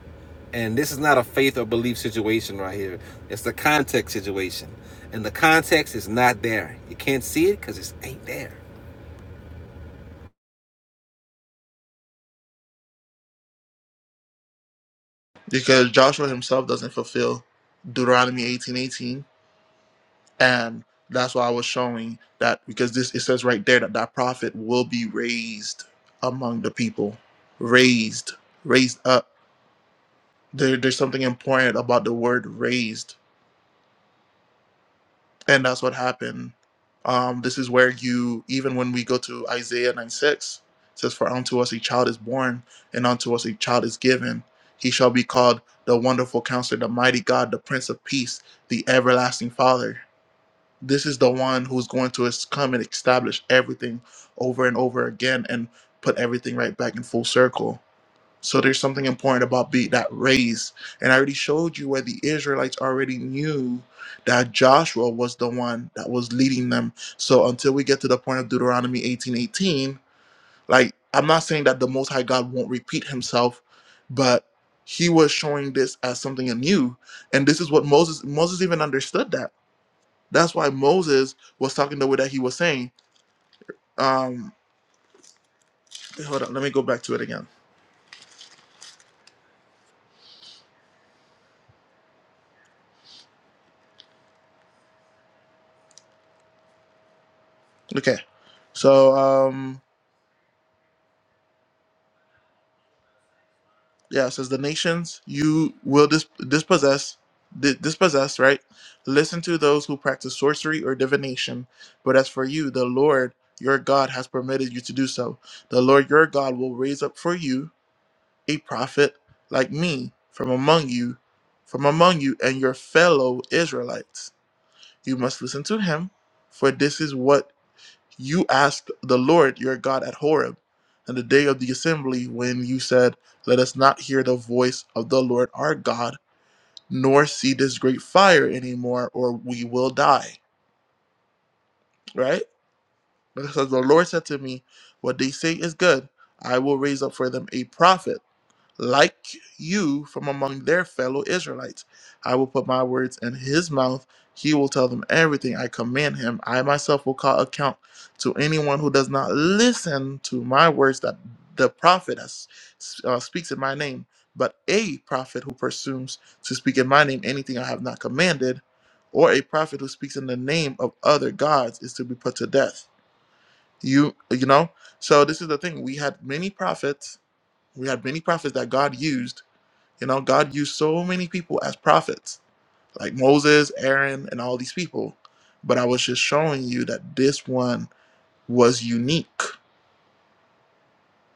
Speaker 2: And this is not a faith or belief situation right here. It's the context situation. And the context is not there. You can't see it because it ain't there.
Speaker 1: because joshua himself doesn't fulfill deuteronomy eighteen eighteen, and that's why i was showing that because this it says right there that that prophet will be raised among the people raised raised up there, there's something important about the word raised and that's what happened um, this is where you even when we go to isaiah 9 6 it says for unto us a child is born and unto us a child is given he shall be called the wonderful counselor the mighty god the prince of peace the everlasting father this is the one who's going to es- come and establish everything over and over again and put everything right back in full circle So there's something important about be, that race. And I already showed you where the Israelites already knew that Joshua was the one that was leading them. So until we get to the point of Deuteronomy 18:18, like I'm not saying that the Most High God won't repeat himself, but he was showing this as something anew. And this is what Moses Moses even understood that. That's why Moses was talking the way that he was saying. Um hold on, let me go back to it again. Okay. So um Yeah, it says the nations you will dis- dispossess, di- dispossess, right? Listen to those who practice sorcery or divination. But as for you, the Lord your God has permitted you to do so. The Lord your God will raise up for you a prophet like me from among you, from among you and your fellow Israelites. You must listen to him, for this is what you asked the Lord your God at Horeb, and the day of the assembly, when you said, Let us not hear the voice of the Lord our God, nor see this great fire anymore, or we will die. Right? Because the Lord said to me, What they say is good. I will raise up for them a prophet like you from among their fellow Israelites. I will put my words in his mouth. He will tell them everything I command him. I myself will call account to anyone who does not listen to my words that the prophet has, uh, speaks in my name. But a prophet who presumes to speak in my name anything I have not commanded, or a prophet who speaks in the name of other gods, is to be put to death. You, you know. So this is the thing. We had many prophets. We had many prophets that God used you know, God used so many people as prophets, like Moses, Aaron, and all these people. But I was just showing you that this one was unique.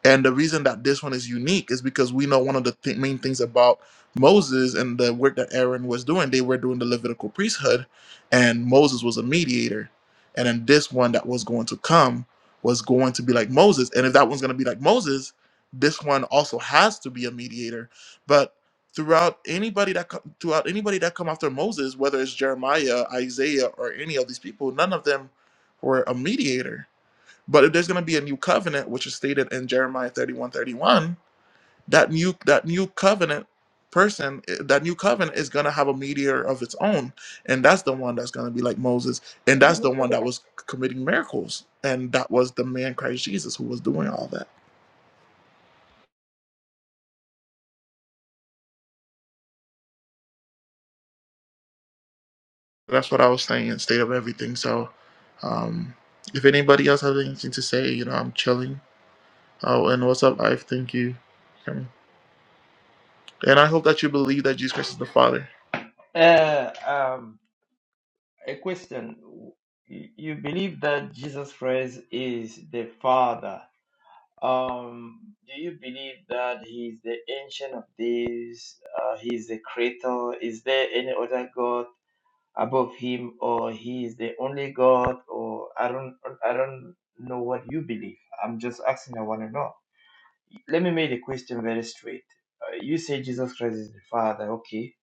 Speaker 1: And the reason that this one is unique is because we know one of the th- main things about Moses and the work that Aaron was doing, they were doing the Levitical priesthood, and Moses was a mediator. And then this one that was going to come was going to be like Moses. And if that one's going to be like Moses, this one also has to be a mediator. But throughout anybody that co- throughout anybody that come after Moses, whether it's Jeremiah, Isaiah, or any of these people, none of them were a mediator but if there's going to be a new covenant, which is stated in Jeremiah 31 31, that new that new covenant person, eh, that new covenant is going to have a mediator of its own, and that's the one that's going to be like Moses, and that's the one that was committing miracles, and that was the man Christ Jesus who was doing all that. That's what I was saying, in state of everything. So, um, if anybody else has anything to say, you know, I'm chilling. Oh, and what's up, life? Thank you. Um, And I hope that you believe that Jesus Christ is the Father.
Speaker 6: Uh, um, a question. You you believe that Jesus Christ is the Father. Um, do you believe that He's the Ancient of Days? Uh, he's the Creator. Is there any other God above Him, or He is the only God? Or I don't, I don't know what you believe. I'm just asking. I want to know. let me make the question very straight. Uh, you say Jesus Christ is the Father, okay?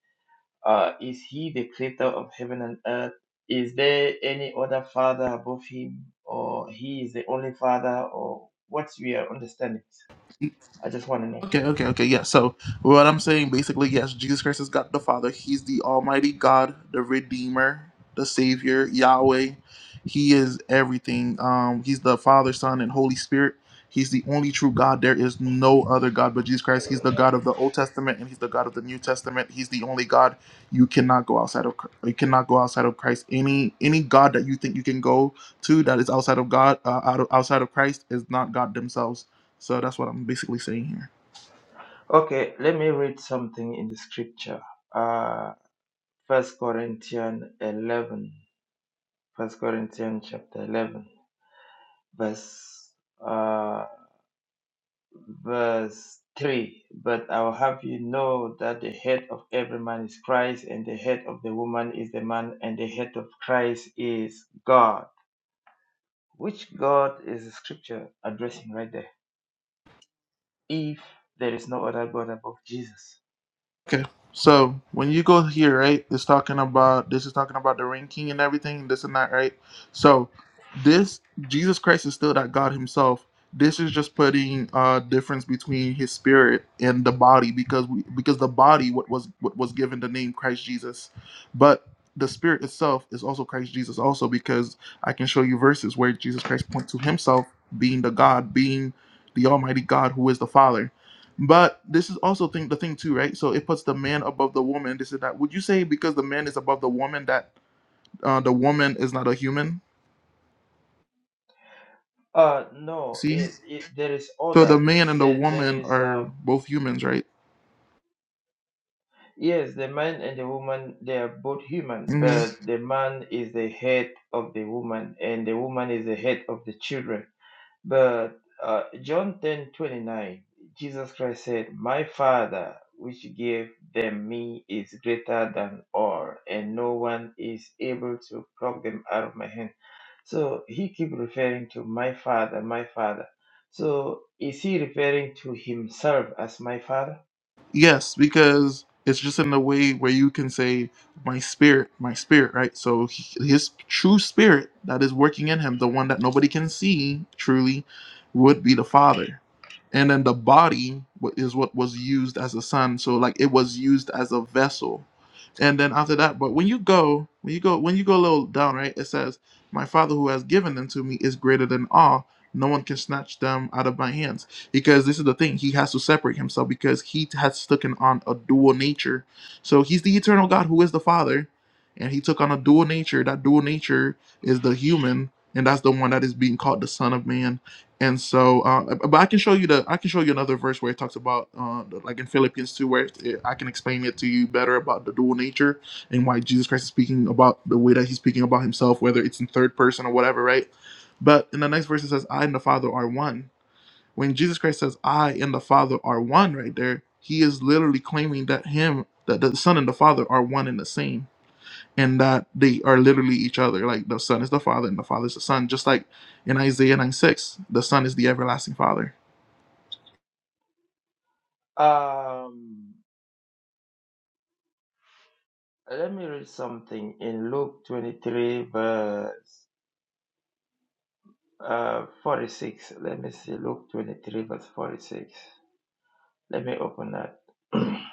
Speaker 6: Uh, is he the creator of heaven and earth? Is there any other Father above him, or he is the only Father, or what's your understanding? I just want to know.
Speaker 1: Okay, okay, okay. Yeah. So what I'm saying basically, yes, Jesus Christ is God the Father. He's the Almighty God, the Redeemer, the Savior, Yahweh. He is everything. Um, he's the Father, Son, and Holy Spirit. He's the only true God. There is no other God but Jesus Christ. He's the God of the Old Testament and He's the God of the New Testament. He's the only God. You cannot go outside of Chr- you cannot go outside of Christ. Any any God that you think you can go to that is outside of God, uh, out of, outside of Christ, is not God themselves. So that's what I'm basically saying here.
Speaker 6: Okay, let me read something in the scripture. Uh, First Corinthians eleven, First Corinthians chapter eleven, verse. Uh, verse 3 But I will have you know that the head of every man is Christ, and the head of the woman is the man, and the head of Christ is God. Which God is the scripture addressing right there? If there is no other God above Jesus.
Speaker 1: Okay, so when you go here, right, it's talking about this is talking about the ranking and everything, this and that, right? So this Jesus Christ is still that God Himself. This is just putting uh, difference between His spirit and the body because we because the body what was what was given the name Christ Jesus, but the spirit itself is also Christ Jesus also because I can show you verses where Jesus Christ points to Himself being the God, being the Almighty God who is the Father but this is also thing the thing too, right? So it puts the man above the woman. This is that. Would you say because the man is above the woman that uh, the woman is not a human?
Speaker 6: Uh, no,
Speaker 1: See,
Speaker 6: it, it, there is
Speaker 1: so the
Speaker 6: order.
Speaker 1: man and the
Speaker 6: There, there
Speaker 1: woman
Speaker 6: is, uh,
Speaker 1: are both humans, right?
Speaker 6: yes, the man and the woman, they are both human,
Speaker 1: Mm-hmm.
Speaker 6: but the man is the head of the woman, and the woman is the head of the children But uh, John ten twenty nine, Jesus Christ said, My Father, which gave them me, is greater than all, and no one is able to pluck them out of my hand. So he keep referring to my Father, my Father. So is he referring to himself as my Father?
Speaker 1: Yes, because it's just in a way where you can say, "My spirit, my spirit," right? So he- his true spirit that is working in him, the one that nobody can see truly, would be the Father, and then the body wa- is what was used as a son. So like it was used as a vessel, and then after that, but when you go, when you go, when you go a little down, right? It says, "My Father who has given them to me is greater than all." No one can snatch them out of my hands because this is the thing he has to separate himself because he has taken on a dual nature so he's the eternal god who is the father and he took on a dual nature that dual nature is the human and that's the one that is being called the son of man and so uh, but i can show you the i can show you another verse where it talks about uh, like in philippians 2 where it, i can explain it to you better about the dual nature and why jesus christ is speaking about the way that he's speaking about himself whether it's in third person or whatever right but in the next verse it says i and the father are one when Jesus Christ says, I and the Father are one right there, he is literally claiming that him, that the Son and the Father are one and the same, and that they are literally each other. Like the Son is the Father and the Father is the Son. Just like in Isaiah 9 6, the Son is the everlasting Father.
Speaker 6: Um, let me read something in Luke 23, verse uh, 46. Let me see, Luke 23, verse 46. Let me open that. [clears throat]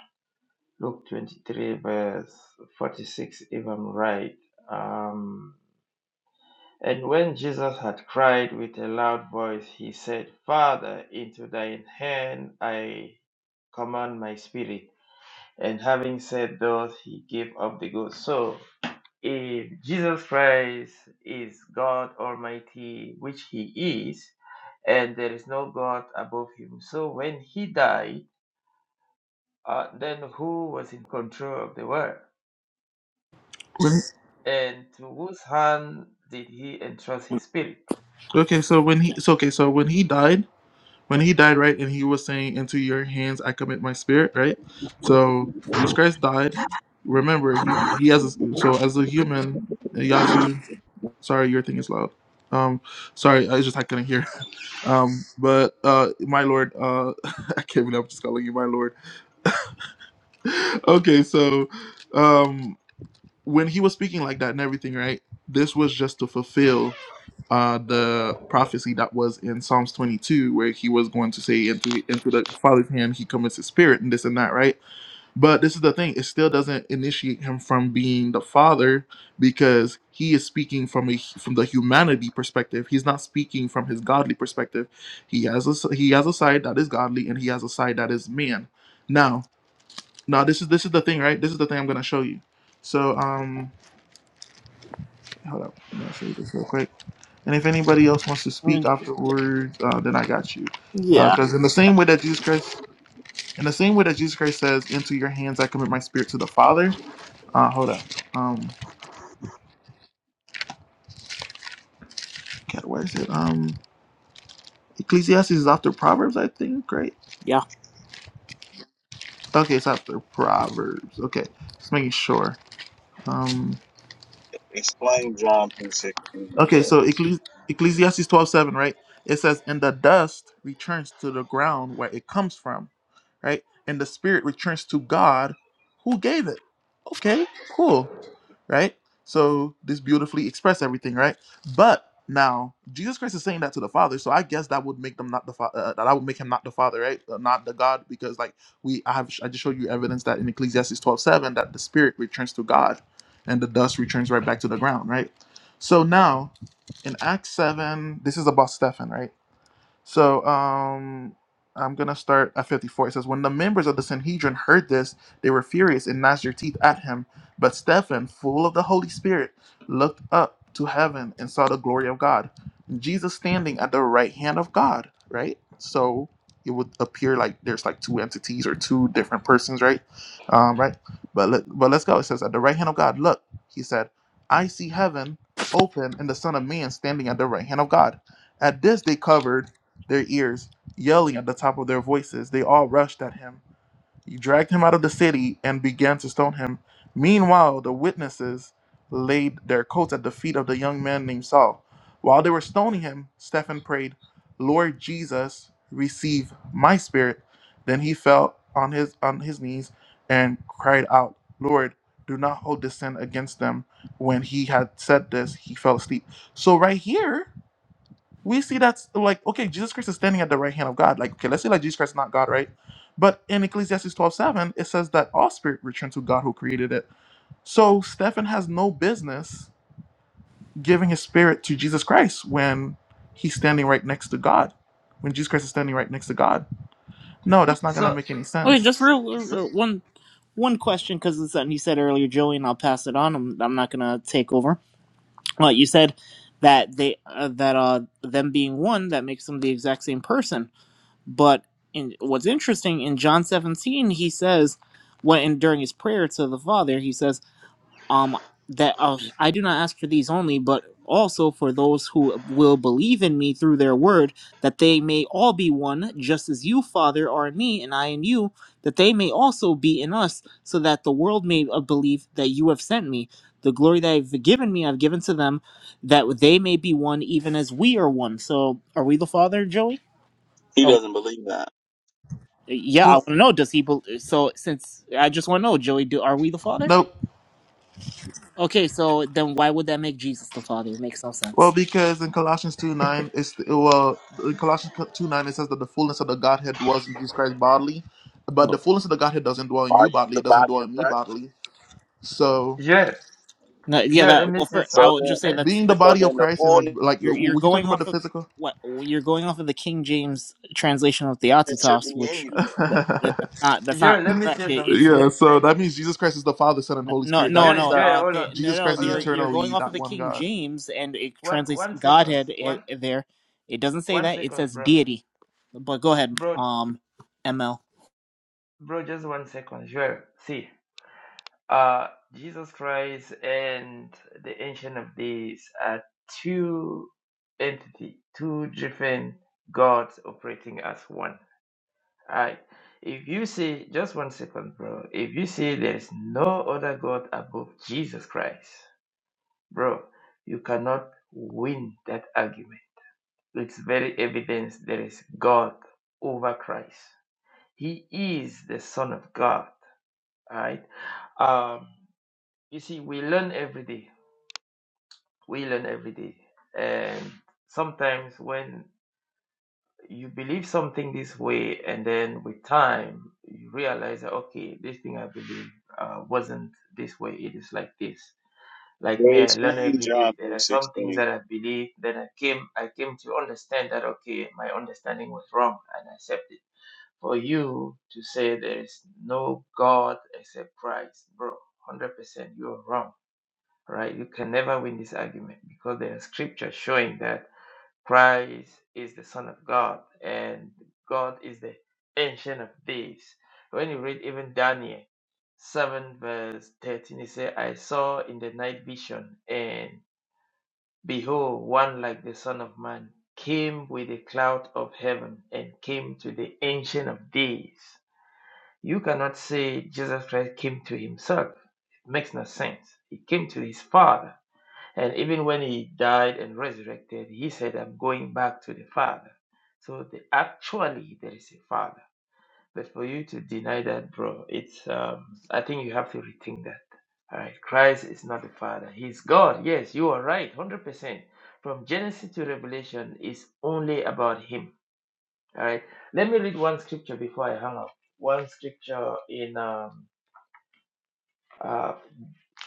Speaker 6: Luke 23, verse 46, if I'm right. Um, and when Jesus had cried with a loud voice, he said, Father, into thine hand I command my spirit. And having said those, he gave up the ghost. So, if Jesus Christ is God Almighty, which he is, and there is no God above him, so when he died, Uh, then who was in control of the world?
Speaker 1: When,
Speaker 6: And to whose hand did he entrust his spirit?
Speaker 1: okay, so when he
Speaker 8: Okay.
Speaker 1: so okay, so when he died, when he died, right, and he was saying, Into your hands I commit my spirit, right? So Jesus Christ died remember he he has a, so as a human Yazoo. Sorry, your thing is loud. Um, sorry, I just I couldn't hear. [laughs] Um, but uh, my lord, uh, [laughs] I can't even. I'm just calling you my lord. [laughs] okay, so um, when he was speaking like that and everything, right? This was just to fulfill uh the prophecy that was in Psalms 22, where he was going to say, "Into into the Father's hand he commits his spirit," and this and that, right? But this is the thing, it still doesn't initiate him from being the father because he is speaking from a from the humanity perspective. He's not speaking from his godly perspective. He has a he has a side that is godly and he has a side that is man. Now, now this is this is the thing, right? This is the thing I'm going to show you. So, um hold up. I'm going to show you this real quick. And if anybody else wants to speak
Speaker 8: Mm,
Speaker 1: afterwards, uh, then I got you.
Speaker 8: Yeah,
Speaker 1: Because in the same way that Jesus Christ, in the same way that Jesus Christ says, "Into your hands I commit my spirit to the Father," Uh, hold up. Um, God, where is it? Um, Ecclesiastes is after Proverbs, I think. Right?
Speaker 8: yeah.
Speaker 1: Okay, it's after Proverbs. Okay, just making sure. Um,
Speaker 9: Explain John three sixteen.
Speaker 1: okay, so Ecclesi- Ecclesiastes twelve seven, right? It says, "And the dust returns to the ground where it comes from." Right? And the spirit returns to God, who gave it. Okay, cool. right? So this beautifully expressed everything, right? But now Jesus Christ is saying that to the Father, so I guess that would make them not the Father. Uh, that I would make him not the Father, right? Uh, not the God, because like we, I have, I just showed you evidence that in Ecclesiastes twelve seven that the Spirit returns to God, and the dust returns right back to the ground, right? So now in Acts seven, this is about Stephen, right? So um, I'm going to start at 54. It says, When the members of the Sanhedrin heard this, they were furious and gnashed their teeth at him. But Stephen, full of the Holy Spirit, looked up to heaven and saw the glory of God. Jesus standing at the right hand of God, right? So it would appear like there's like two entities or two different persons, right? Um, right? But let, but let's go. It says, At the right hand of God, look, he said, I see heaven open and the Son of Man standing at the right hand of God. At this, they covered their ears, yelling at the top of their voices. They all rushed at him. He dragged him out of the city and began to stone him. Meanwhile, the witnesses laid their coats at the feet of the young man named Saul. While they were stoning him, Stephen prayed, Lord Jesus, receive my spirit. Then he fell on his on his knees and cried out, Lord, do not hold this sin against them. When he had said this, he fell asleep. So right here, we see that like okay jesus christ is standing at the right hand of god like okay let's say like jesus christ is not god right but in ecclesiastes twelve seven, it says that all spirit returned to god who created it so stephen has no business giving his spirit to jesus christ when he's standing right next to god when jesus christ is standing right next to god no that's not gonna
Speaker 6: So,
Speaker 1: make any
Speaker 8: Okay,
Speaker 1: sense
Speaker 8: just real uh,
Speaker 6: so
Speaker 8: uh, one one question because it's something you said earlier, Joey, and I'll pass it on. I'm, I'm not gonna take over. Well, you said that they uh, that uh them being one that makes them the exact same person. But in what's interesting in John 17, he says when and during his prayer to the Father, he says. um that uh, I do not ask for these only, but also for those who will believe in me through their word, that they may all be one, just as you, Father, are in me, and I in you, that they may also be in us, so that the world may uh, believe that you have sent me. The glory that I've given me, I've given to them, that they may be one, even as we are one. So, are we the Father, Joey?
Speaker 9: He
Speaker 8: Are we,
Speaker 9: doesn't believe that.
Speaker 8: yeah, I
Speaker 1: well,
Speaker 8: want to know. Does he? bel so, since I just want to know, Joey, do are we the Father?
Speaker 1: no
Speaker 8: Okay, so then why would that make Jesus the Father? It makes no
Speaker 1: Well,
Speaker 8: sense.
Speaker 1: because in Colossians 2 9, it's well, in Colossians 2 9, it says that the fullness of the Godhead dwells in Jesus Christ bodily, but the
Speaker 8: Well,
Speaker 1: fullness of the Godhead doesn't dwell in
Speaker 9: Are
Speaker 1: you
Speaker 9: you
Speaker 1: bodily,
Speaker 9: the
Speaker 1: it doesn't
Speaker 9: body
Speaker 1: dwell
Speaker 9: of
Speaker 1: in me
Speaker 9: Christ?
Speaker 1: bodily. So,
Speaker 6: Joel,
Speaker 8: no, yeah,
Speaker 6: Joel,
Speaker 8: that.
Speaker 6: let me
Speaker 8: Well,
Speaker 6: say
Speaker 8: for I
Speaker 6: some.
Speaker 9: So
Speaker 8: would
Speaker 9: then,
Speaker 8: just say
Speaker 6: Let,
Speaker 8: that's
Speaker 1: being the
Speaker 8: that
Speaker 9: so
Speaker 1: body of
Speaker 9: then the
Speaker 1: Christ, and
Speaker 9: fullness
Speaker 1: like,
Speaker 8: you're you're
Speaker 1: were you talking
Speaker 8: going
Speaker 1: about the
Speaker 8: off of
Speaker 1: physical?
Speaker 8: what you're going off of the King James translation of
Speaker 9: should
Speaker 8: Theotitos,
Speaker 9: be in
Speaker 8: which
Speaker 9: you.
Speaker 1: [laughs]
Speaker 8: that, that- that's not that's
Speaker 6: Joel,
Speaker 8: not
Speaker 6: let me say
Speaker 8: correct. It, it's
Speaker 6: something.
Speaker 8: lit-
Speaker 6: eh.
Speaker 1: yeah,
Speaker 6: Let,
Speaker 1: so that means Jesus Christ is the Father, Son, and
Speaker 8: no
Speaker 1: Holy
Speaker 8: no
Speaker 1: Spirit. That
Speaker 8: no
Speaker 6: Joel,
Speaker 1: means
Speaker 8: no,
Speaker 1: that
Speaker 6: Joel,
Speaker 8: uh
Speaker 6: hold
Speaker 8: they,
Speaker 6: on.
Speaker 8: no
Speaker 1: Jesus
Speaker 8: no no,
Speaker 1: Christ
Speaker 6: Hold
Speaker 1: is
Speaker 8: you're
Speaker 6: on,
Speaker 8: you're
Speaker 6: Joel.
Speaker 8: going
Speaker 1: eternally
Speaker 8: off of
Speaker 1: that
Speaker 8: the
Speaker 1: one
Speaker 8: King
Speaker 1: God.
Speaker 8: James and it
Speaker 6: One,
Speaker 8: translates
Speaker 6: one seconds.
Speaker 8: Godhead i-
Speaker 6: One,
Speaker 8: there. It doesn't say
Speaker 6: one
Speaker 8: that. It
Speaker 6: seconds,
Speaker 8: says
Speaker 6: bro.
Speaker 8: deity. But go ahead,
Speaker 6: Bro,
Speaker 8: um, ML.
Speaker 6: bro, just one second. Joel, see. Uh, Jesus Christ and the Ancient of Days are two entity, two different gods operating as one I, if you say, just one second, bro. If you say there's no other God above Jesus Christ, bro, you cannot win that argument. It's very evident there is God over Christ. He is the Son of God, right? Um, you see, we learn every day. We learn every day, and sometimes when you believe something this way, and then with time, you realize that, okay, this thing I believe uh, wasn't this way, it is like this. Like me,
Speaker 9: They
Speaker 6: I learn
Speaker 9: explain
Speaker 6: every
Speaker 9: John
Speaker 6: day. There
Speaker 9: three
Speaker 6: are some things
Speaker 9: sixteen.
Speaker 6: that I believe. Then I came, I came to understand that okay, my understanding was wrong, and I accept it. For you to say there is no God except Christ, bro, one hundred percent, you are wrong. Right? You can never win this argument because there are scriptures showing that Christ is the Son of God, and God is the Ancient of Days. When you read even Daniel 7, verse 13, it says, I saw in the night vision, and behold, one like the Son of Man came with a cloud of heaven and came to the Ancient of Days. You cannot say Jesus Christ came to himself, it makes no sense. He came to his Father and even when he died and resurrected, he said, I'm going back to the Father. So the, actually, there is a Father. But for you to deny that, bro, it's, um, I think you have to rethink that. All right. Christ is not the Father. He's God. Yes, you are right. 100%. From Genesis to Revelation is only about Him. All right. Let me read one scripture before I hang up. One scripture in, um, uh,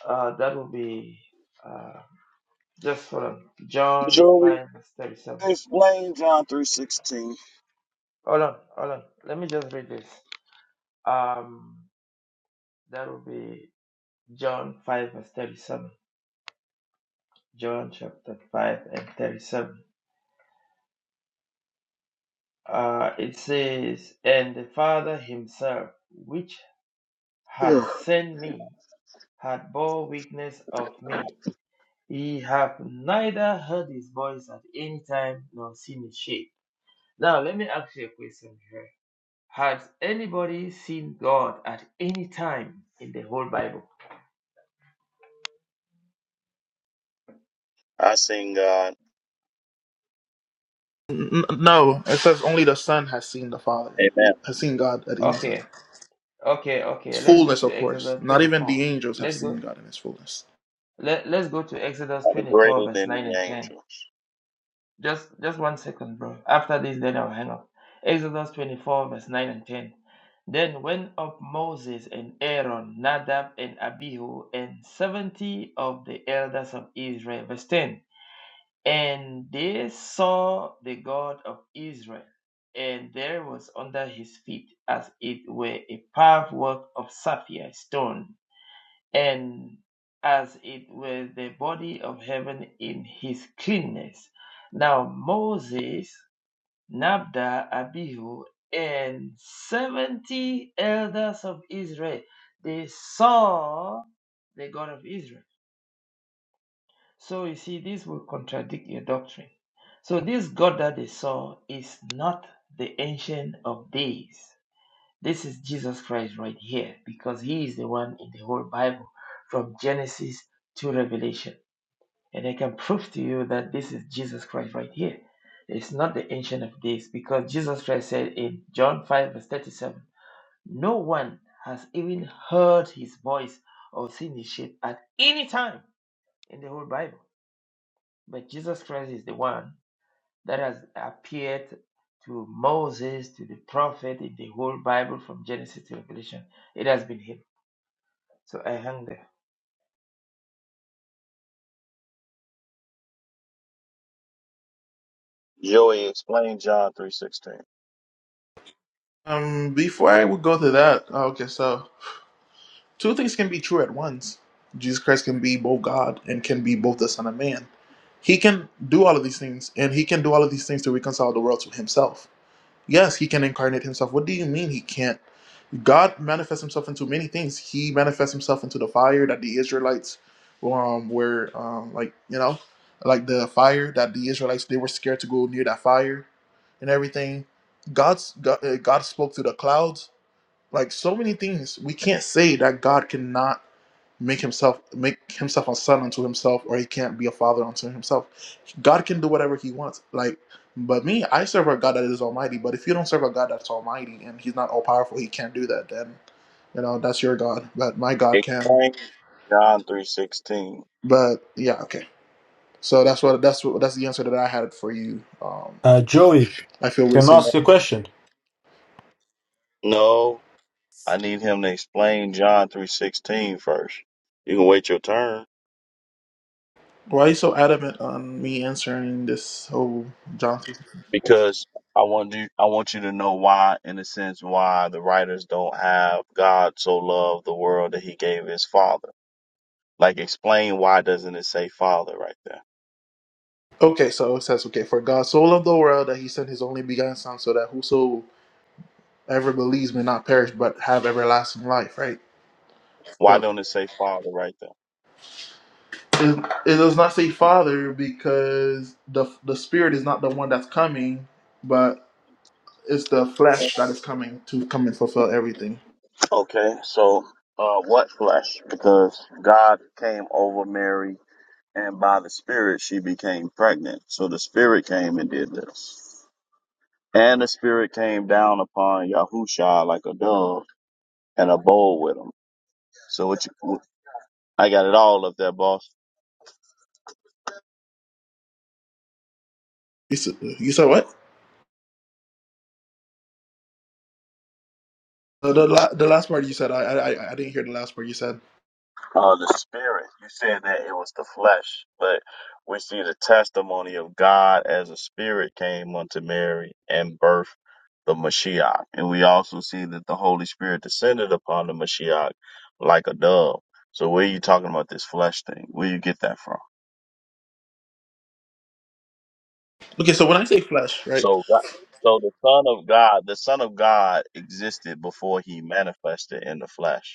Speaker 6: uh, that will be. uh, Just hold on. John
Speaker 9: Joey,
Speaker 6: 5, verse 37.
Speaker 9: explain John three sixteen.
Speaker 6: Hold on, hold on. Let me just read this. Um, that will be John 5, verse 37. John chapter 5 and 37. Uh, it says, And the Father himself, which
Speaker 9: Yeah.
Speaker 6: hath sent me, hath bore witness of me. Ye have neither heard his voice at any time nor seen his shape. Now, let me ask you a question here. Has anybody seen God at any time in the whole Bible?
Speaker 9: I sing God.
Speaker 1: N- n- no, it says only the Son has seen the Father,
Speaker 9: Amen.
Speaker 1: has seen God at any time.
Speaker 6: Okay, okay, okay.
Speaker 1: His
Speaker 6: Let's go
Speaker 1: fullness,
Speaker 6: to
Speaker 1: of course.
Speaker 6: Exodus
Speaker 1: Not even
Speaker 6: 24.
Speaker 1: the angels have
Speaker 6: Let's go
Speaker 1: seen God in His fullness.
Speaker 6: let, let's go to Exodus
Speaker 9: I'm
Speaker 6: 24
Speaker 9: greater
Speaker 6: verse
Speaker 9: than
Speaker 6: 9
Speaker 9: the
Speaker 6: and 10.
Speaker 9: angels.
Speaker 6: Just just one second, bro. After this then I'll hang up. Exodus 24 verse 9 and 10. Then went up Moses and Aaron, Nadab and Abihu, and 70 of the elders of Israel. Verse 10. And they saw the God of Israel, and there was under his feet as it were a carved work of sapphire stone, and as it were the body of heaven in his cleanness. Now Moses, Nabda, Abihu, and seventy elders of Israel, they saw the God of Israel so you see, this will contradict your doctrine. So this God that they saw is not the ancient of days. This is Jesus Christ right here, because he is the one in the whole Bible from Genesis to Revelation. And I can prove to you that this is Jesus Christ right here. It's not the ancient of days, because Jesus Christ said in John 5, verse 37, no one has even heard his voice or seen his shape at any time in the whole Bible. But Jesus Christ is the one that has appeared to Moses, to the prophet, in the whole Bible from Genesis to Revelation. It has been him. So I hang there.
Speaker 9: Joey, explain John three sixteen.
Speaker 1: Um, before I would go to that, okay, so two things can be true at once. Jesus Christ can be both God and can be both the Son of Man. He can do all of these things, and he can do all of these things to reconcile the world to himself. Yes, he can incarnate himself. What do you mean he can't? God manifests himself into many things. He manifests himself into the fire that the Israelites um, were, um, like, you know, like the fire that the Israelites, they were scared to go near that fire and everything. God's, God, uh, God spoke to the clouds like so many things, we can't say that God cannot make himself make himself a son unto himself, or he can't be a father unto himself. God can do whatever he wants. Like, but me, I serve a God that is almighty. But if you don't serve a God that's almighty and he's not all powerful, he can't do that. Then you know that's your God, but my God can.
Speaker 9: Explain John three sixteen.
Speaker 1: But yeah, okay. So that's what that's what that's the answer that I had for you. Um,
Speaker 4: Uh, Joey,
Speaker 1: I feel we're
Speaker 4: Can I
Speaker 1: saying
Speaker 4: ask
Speaker 1: that.
Speaker 4: you a question?
Speaker 9: No, I need him to explain John three sixteen first. You can wait your turn.
Speaker 1: Why are you so adamant on me answering this whole John? Three-
Speaker 9: because I want you I want you to know why, in a sense, why the writers don't have God so loved the world that he gave his father. Like explain why doesn't it say father right there?
Speaker 1: Okay, so it says, okay, for God so loved the world that he sent his only begotten Son, so that whosoever believes may not perish but have everlasting life, right?
Speaker 9: Why
Speaker 1: So
Speaker 9: don't it say father right there?
Speaker 1: it, it does not say Father because the the Spirit is not the one that's coming, but it's the flesh that is coming to come and fulfill everything.
Speaker 9: Okay, so uh what flesh? Because God came over Mary and by the spirit she became pregnant. So the spirit came and did this. And the spirit came down upon Yahusha like a dove and abode with him. So what you I got it all up there, boss.
Speaker 1: You said, you said what? The, the, la- the last part you said, I, I I I didn't hear the last part you said.
Speaker 9: Uh, the spirit. You said that it was the flesh, but we see the testimony of God as a spirit came unto Mary and birthed the Mashiach. And we also see that the Holy Spirit descended upon the Mashiach like a dove. So where are you talking about this flesh thing? Where you get that from?
Speaker 1: Okay, so when I say flesh, right?
Speaker 9: So, God- so the Son of God, the Son of God existed before he manifested in the flesh.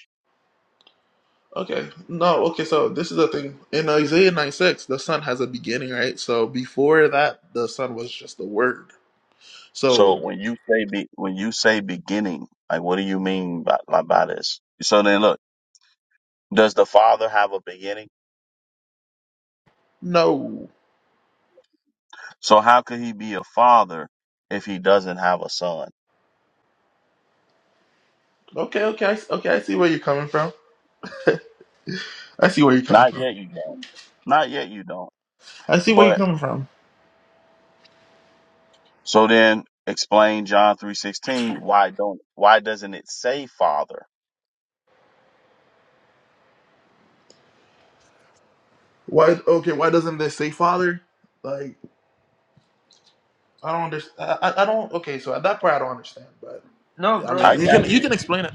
Speaker 1: Okay, no, okay, so this is the thing. In Isaiah 9 6, the Son has a beginning, right? So before that, the Son was just the Word. So,
Speaker 9: So when you say be, when you say beginning, like what do you mean by, by by this? So then look, does the father have a beginning?
Speaker 1: no.
Speaker 9: So how could he be a father if he doesn't have a son?
Speaker 1: Okay, okay, I, s- okay, I see where you're coming from. I see where you're coming
Speaker 9: Not
Speaker 1: from.
Speaker 9: yet you don't. Not yet you don't.
Speaker 1: I see where you're
Speaker 9: But
Speaker 1: coming from.
Speaker 9: so then explain John 3:16 why don't why doesn't it say father?
Speaker 1: Why, okay, why doesn't this say Father? Like, I don't understand. I, I I don't, okay, so at that part, I don't understand, but
Speaker 6: No,
Speaker 1: I
Speaker 9: I
Speaker 6: bro,
Speaker 1: mean, you can
Speaker 9: got you.
Speaker 1: you
Speaker 6: he,
Speaker 1: can
Speaker 6: he-
Speaker 1: explain it.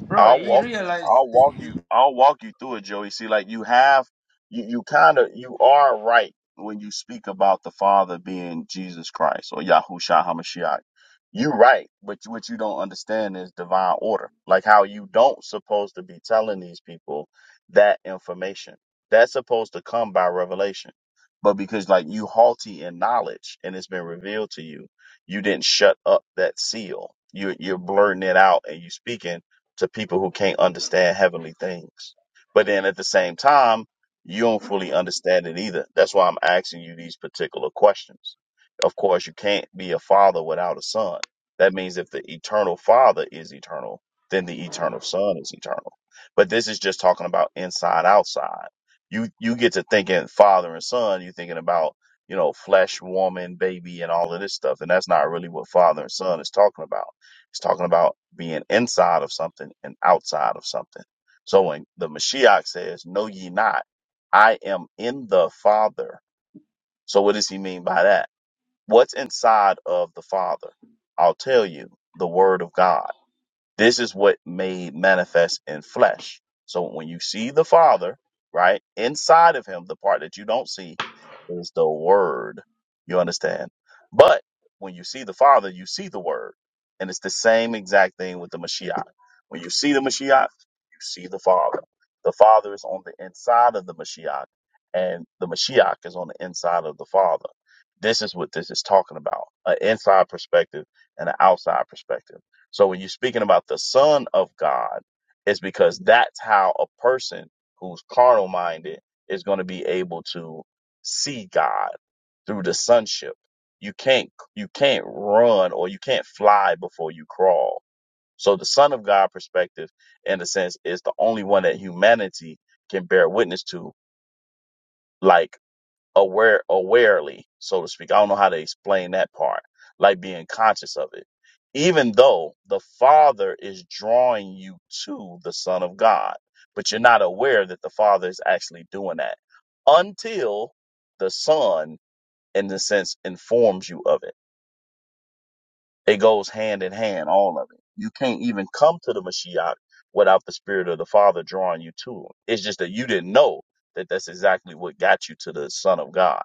Speaker 6: bro,
Speaker 9: I'll
Speaker 6: he
Speaker 9: walk
Speaker 6: realized.
Speaker 9: I'll walk you I'll walk you through it, Joey. See, like you have you, you kinda you are right when you speak about the Father being Jesus Christ or Yahushua Hamashiach. You are right, but what you don't understand is divine order. Like how you don't supposed to be telling these people that information. That's supposed to come by revelation. But because like you halty in knowledge and it's been revealed to you, you didn't shut up that seal. You're you're blurting it out and you speaking to people who can't understand heavenly things. But then at the same time, you don't fully understand it either. That's why I'm asking you these particular questions. Of course, you can't be a father without a son. That means if the eternal father is eternal, then the eternal son is eternal. But this is just talking about inside outside. You you get to thinking father and son, you're thinking about, you know, flesh, woman, baby, and all of this stuff. And that's not really what father and son is talking about He's talking about being inside of something and outside of something. So when the Mashiach says, Know ye not, I am in the Father. So what does he mean by that? What's inside of the Father? I'll tell you the Word of God. This is what made manifest in flesh. So when you see the Father, right, inside of him, the part that you don't see is the Word. You understand? But when you see the Father, you see the Word. And it's the same exact thing with the Mashiach. When you see the Mashiach, you see the Father. The Father is on the inside of the Mashiach, and the Mashiach is on the inside of the Father. This is what this is talking about an inside perspective and an outside perspective. So when you're speaking about the Son of God, it's because that's how a person who's carnal minded is going to be able to see God through the sonship. You can't you can't run or you can't fly before you crawl. So the Son of God perspective, in a sense, is the only one that humanity can bear witness to. Like aware awarely, so to speak. I don't know how to explain that part, like being conscious of it. Even though the Father is drawing you to the Son of God, but you're not aware that the Father is actually doing that until the Son, in the sense, informs you of it. It goes hand in hand, all of it. You can't even come to the Mashiach without the Spirit of the Father drawing you to Him. It's just that you didn't know that that's exactly what got you to the Son of God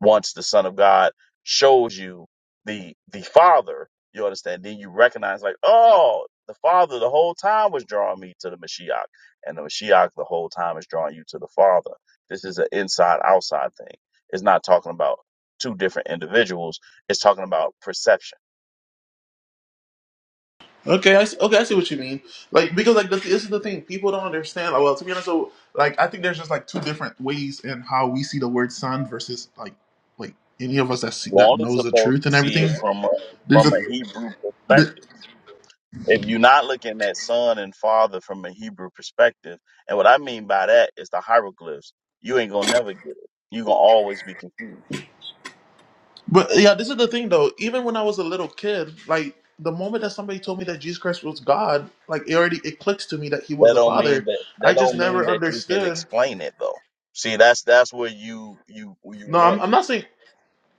Speaker 9: once the Son of God shows you the the Father, you understand, then you recognize like, oh, the Father the whole time was drawing me to the Mashiach, and the Mashiach the whole time is drawing you to the Father. This is an inside outside thing. It's not talking about two different individuals. It's talking about perception.
Speaker 1: Okay, I see, okay, I see what you mean. Like because like the, this is the thing people don't understand. Like, well, to be honest, so like I think there's just like two different ways in how we see the word son versus like like any of us that
Speaker 9: You
Speaker 1: see, that
Speaker 9: only
Speaker 1: knows the
Speaker 9: supposed
Speaker 1: truth
Speaker 9: to
Speaker 1: and
Speaker 9: see
Speaker 1: everything.
Speaker 9: it from a,
Speaker 1: There's
Speaker 9: from
Speaker 1: a
Speaker 9: a Hebrew perspective.
Speaker 1: the,
Speaker 9: if you're not looking at son and father from a Hebrew perspective, and what I mean by that is the hieroglyphs, you ain't gonna never get it. you gonna always be confused.
Speaker 1: but yeah, this is the thing though. Even when I was a little kid, like the moment that somebody told me that Jesus Christ was God, like it already it clicks to me that He was
Speaker 9: That
Speaker 1: the
Speaker 9: don't mean
Speaker 1: Father.
Speaker 9: that that
Speaker 1: I just
Speaker 9: don't mean
Speaker 1: never
Speaker 9: that you can
Speaker 1: understood.
Speaker 9: explain it though. See, that's that's where you you you
Speaker 1: No, I'm,
Speaker 9: want.
Speaker 1: I'm not saying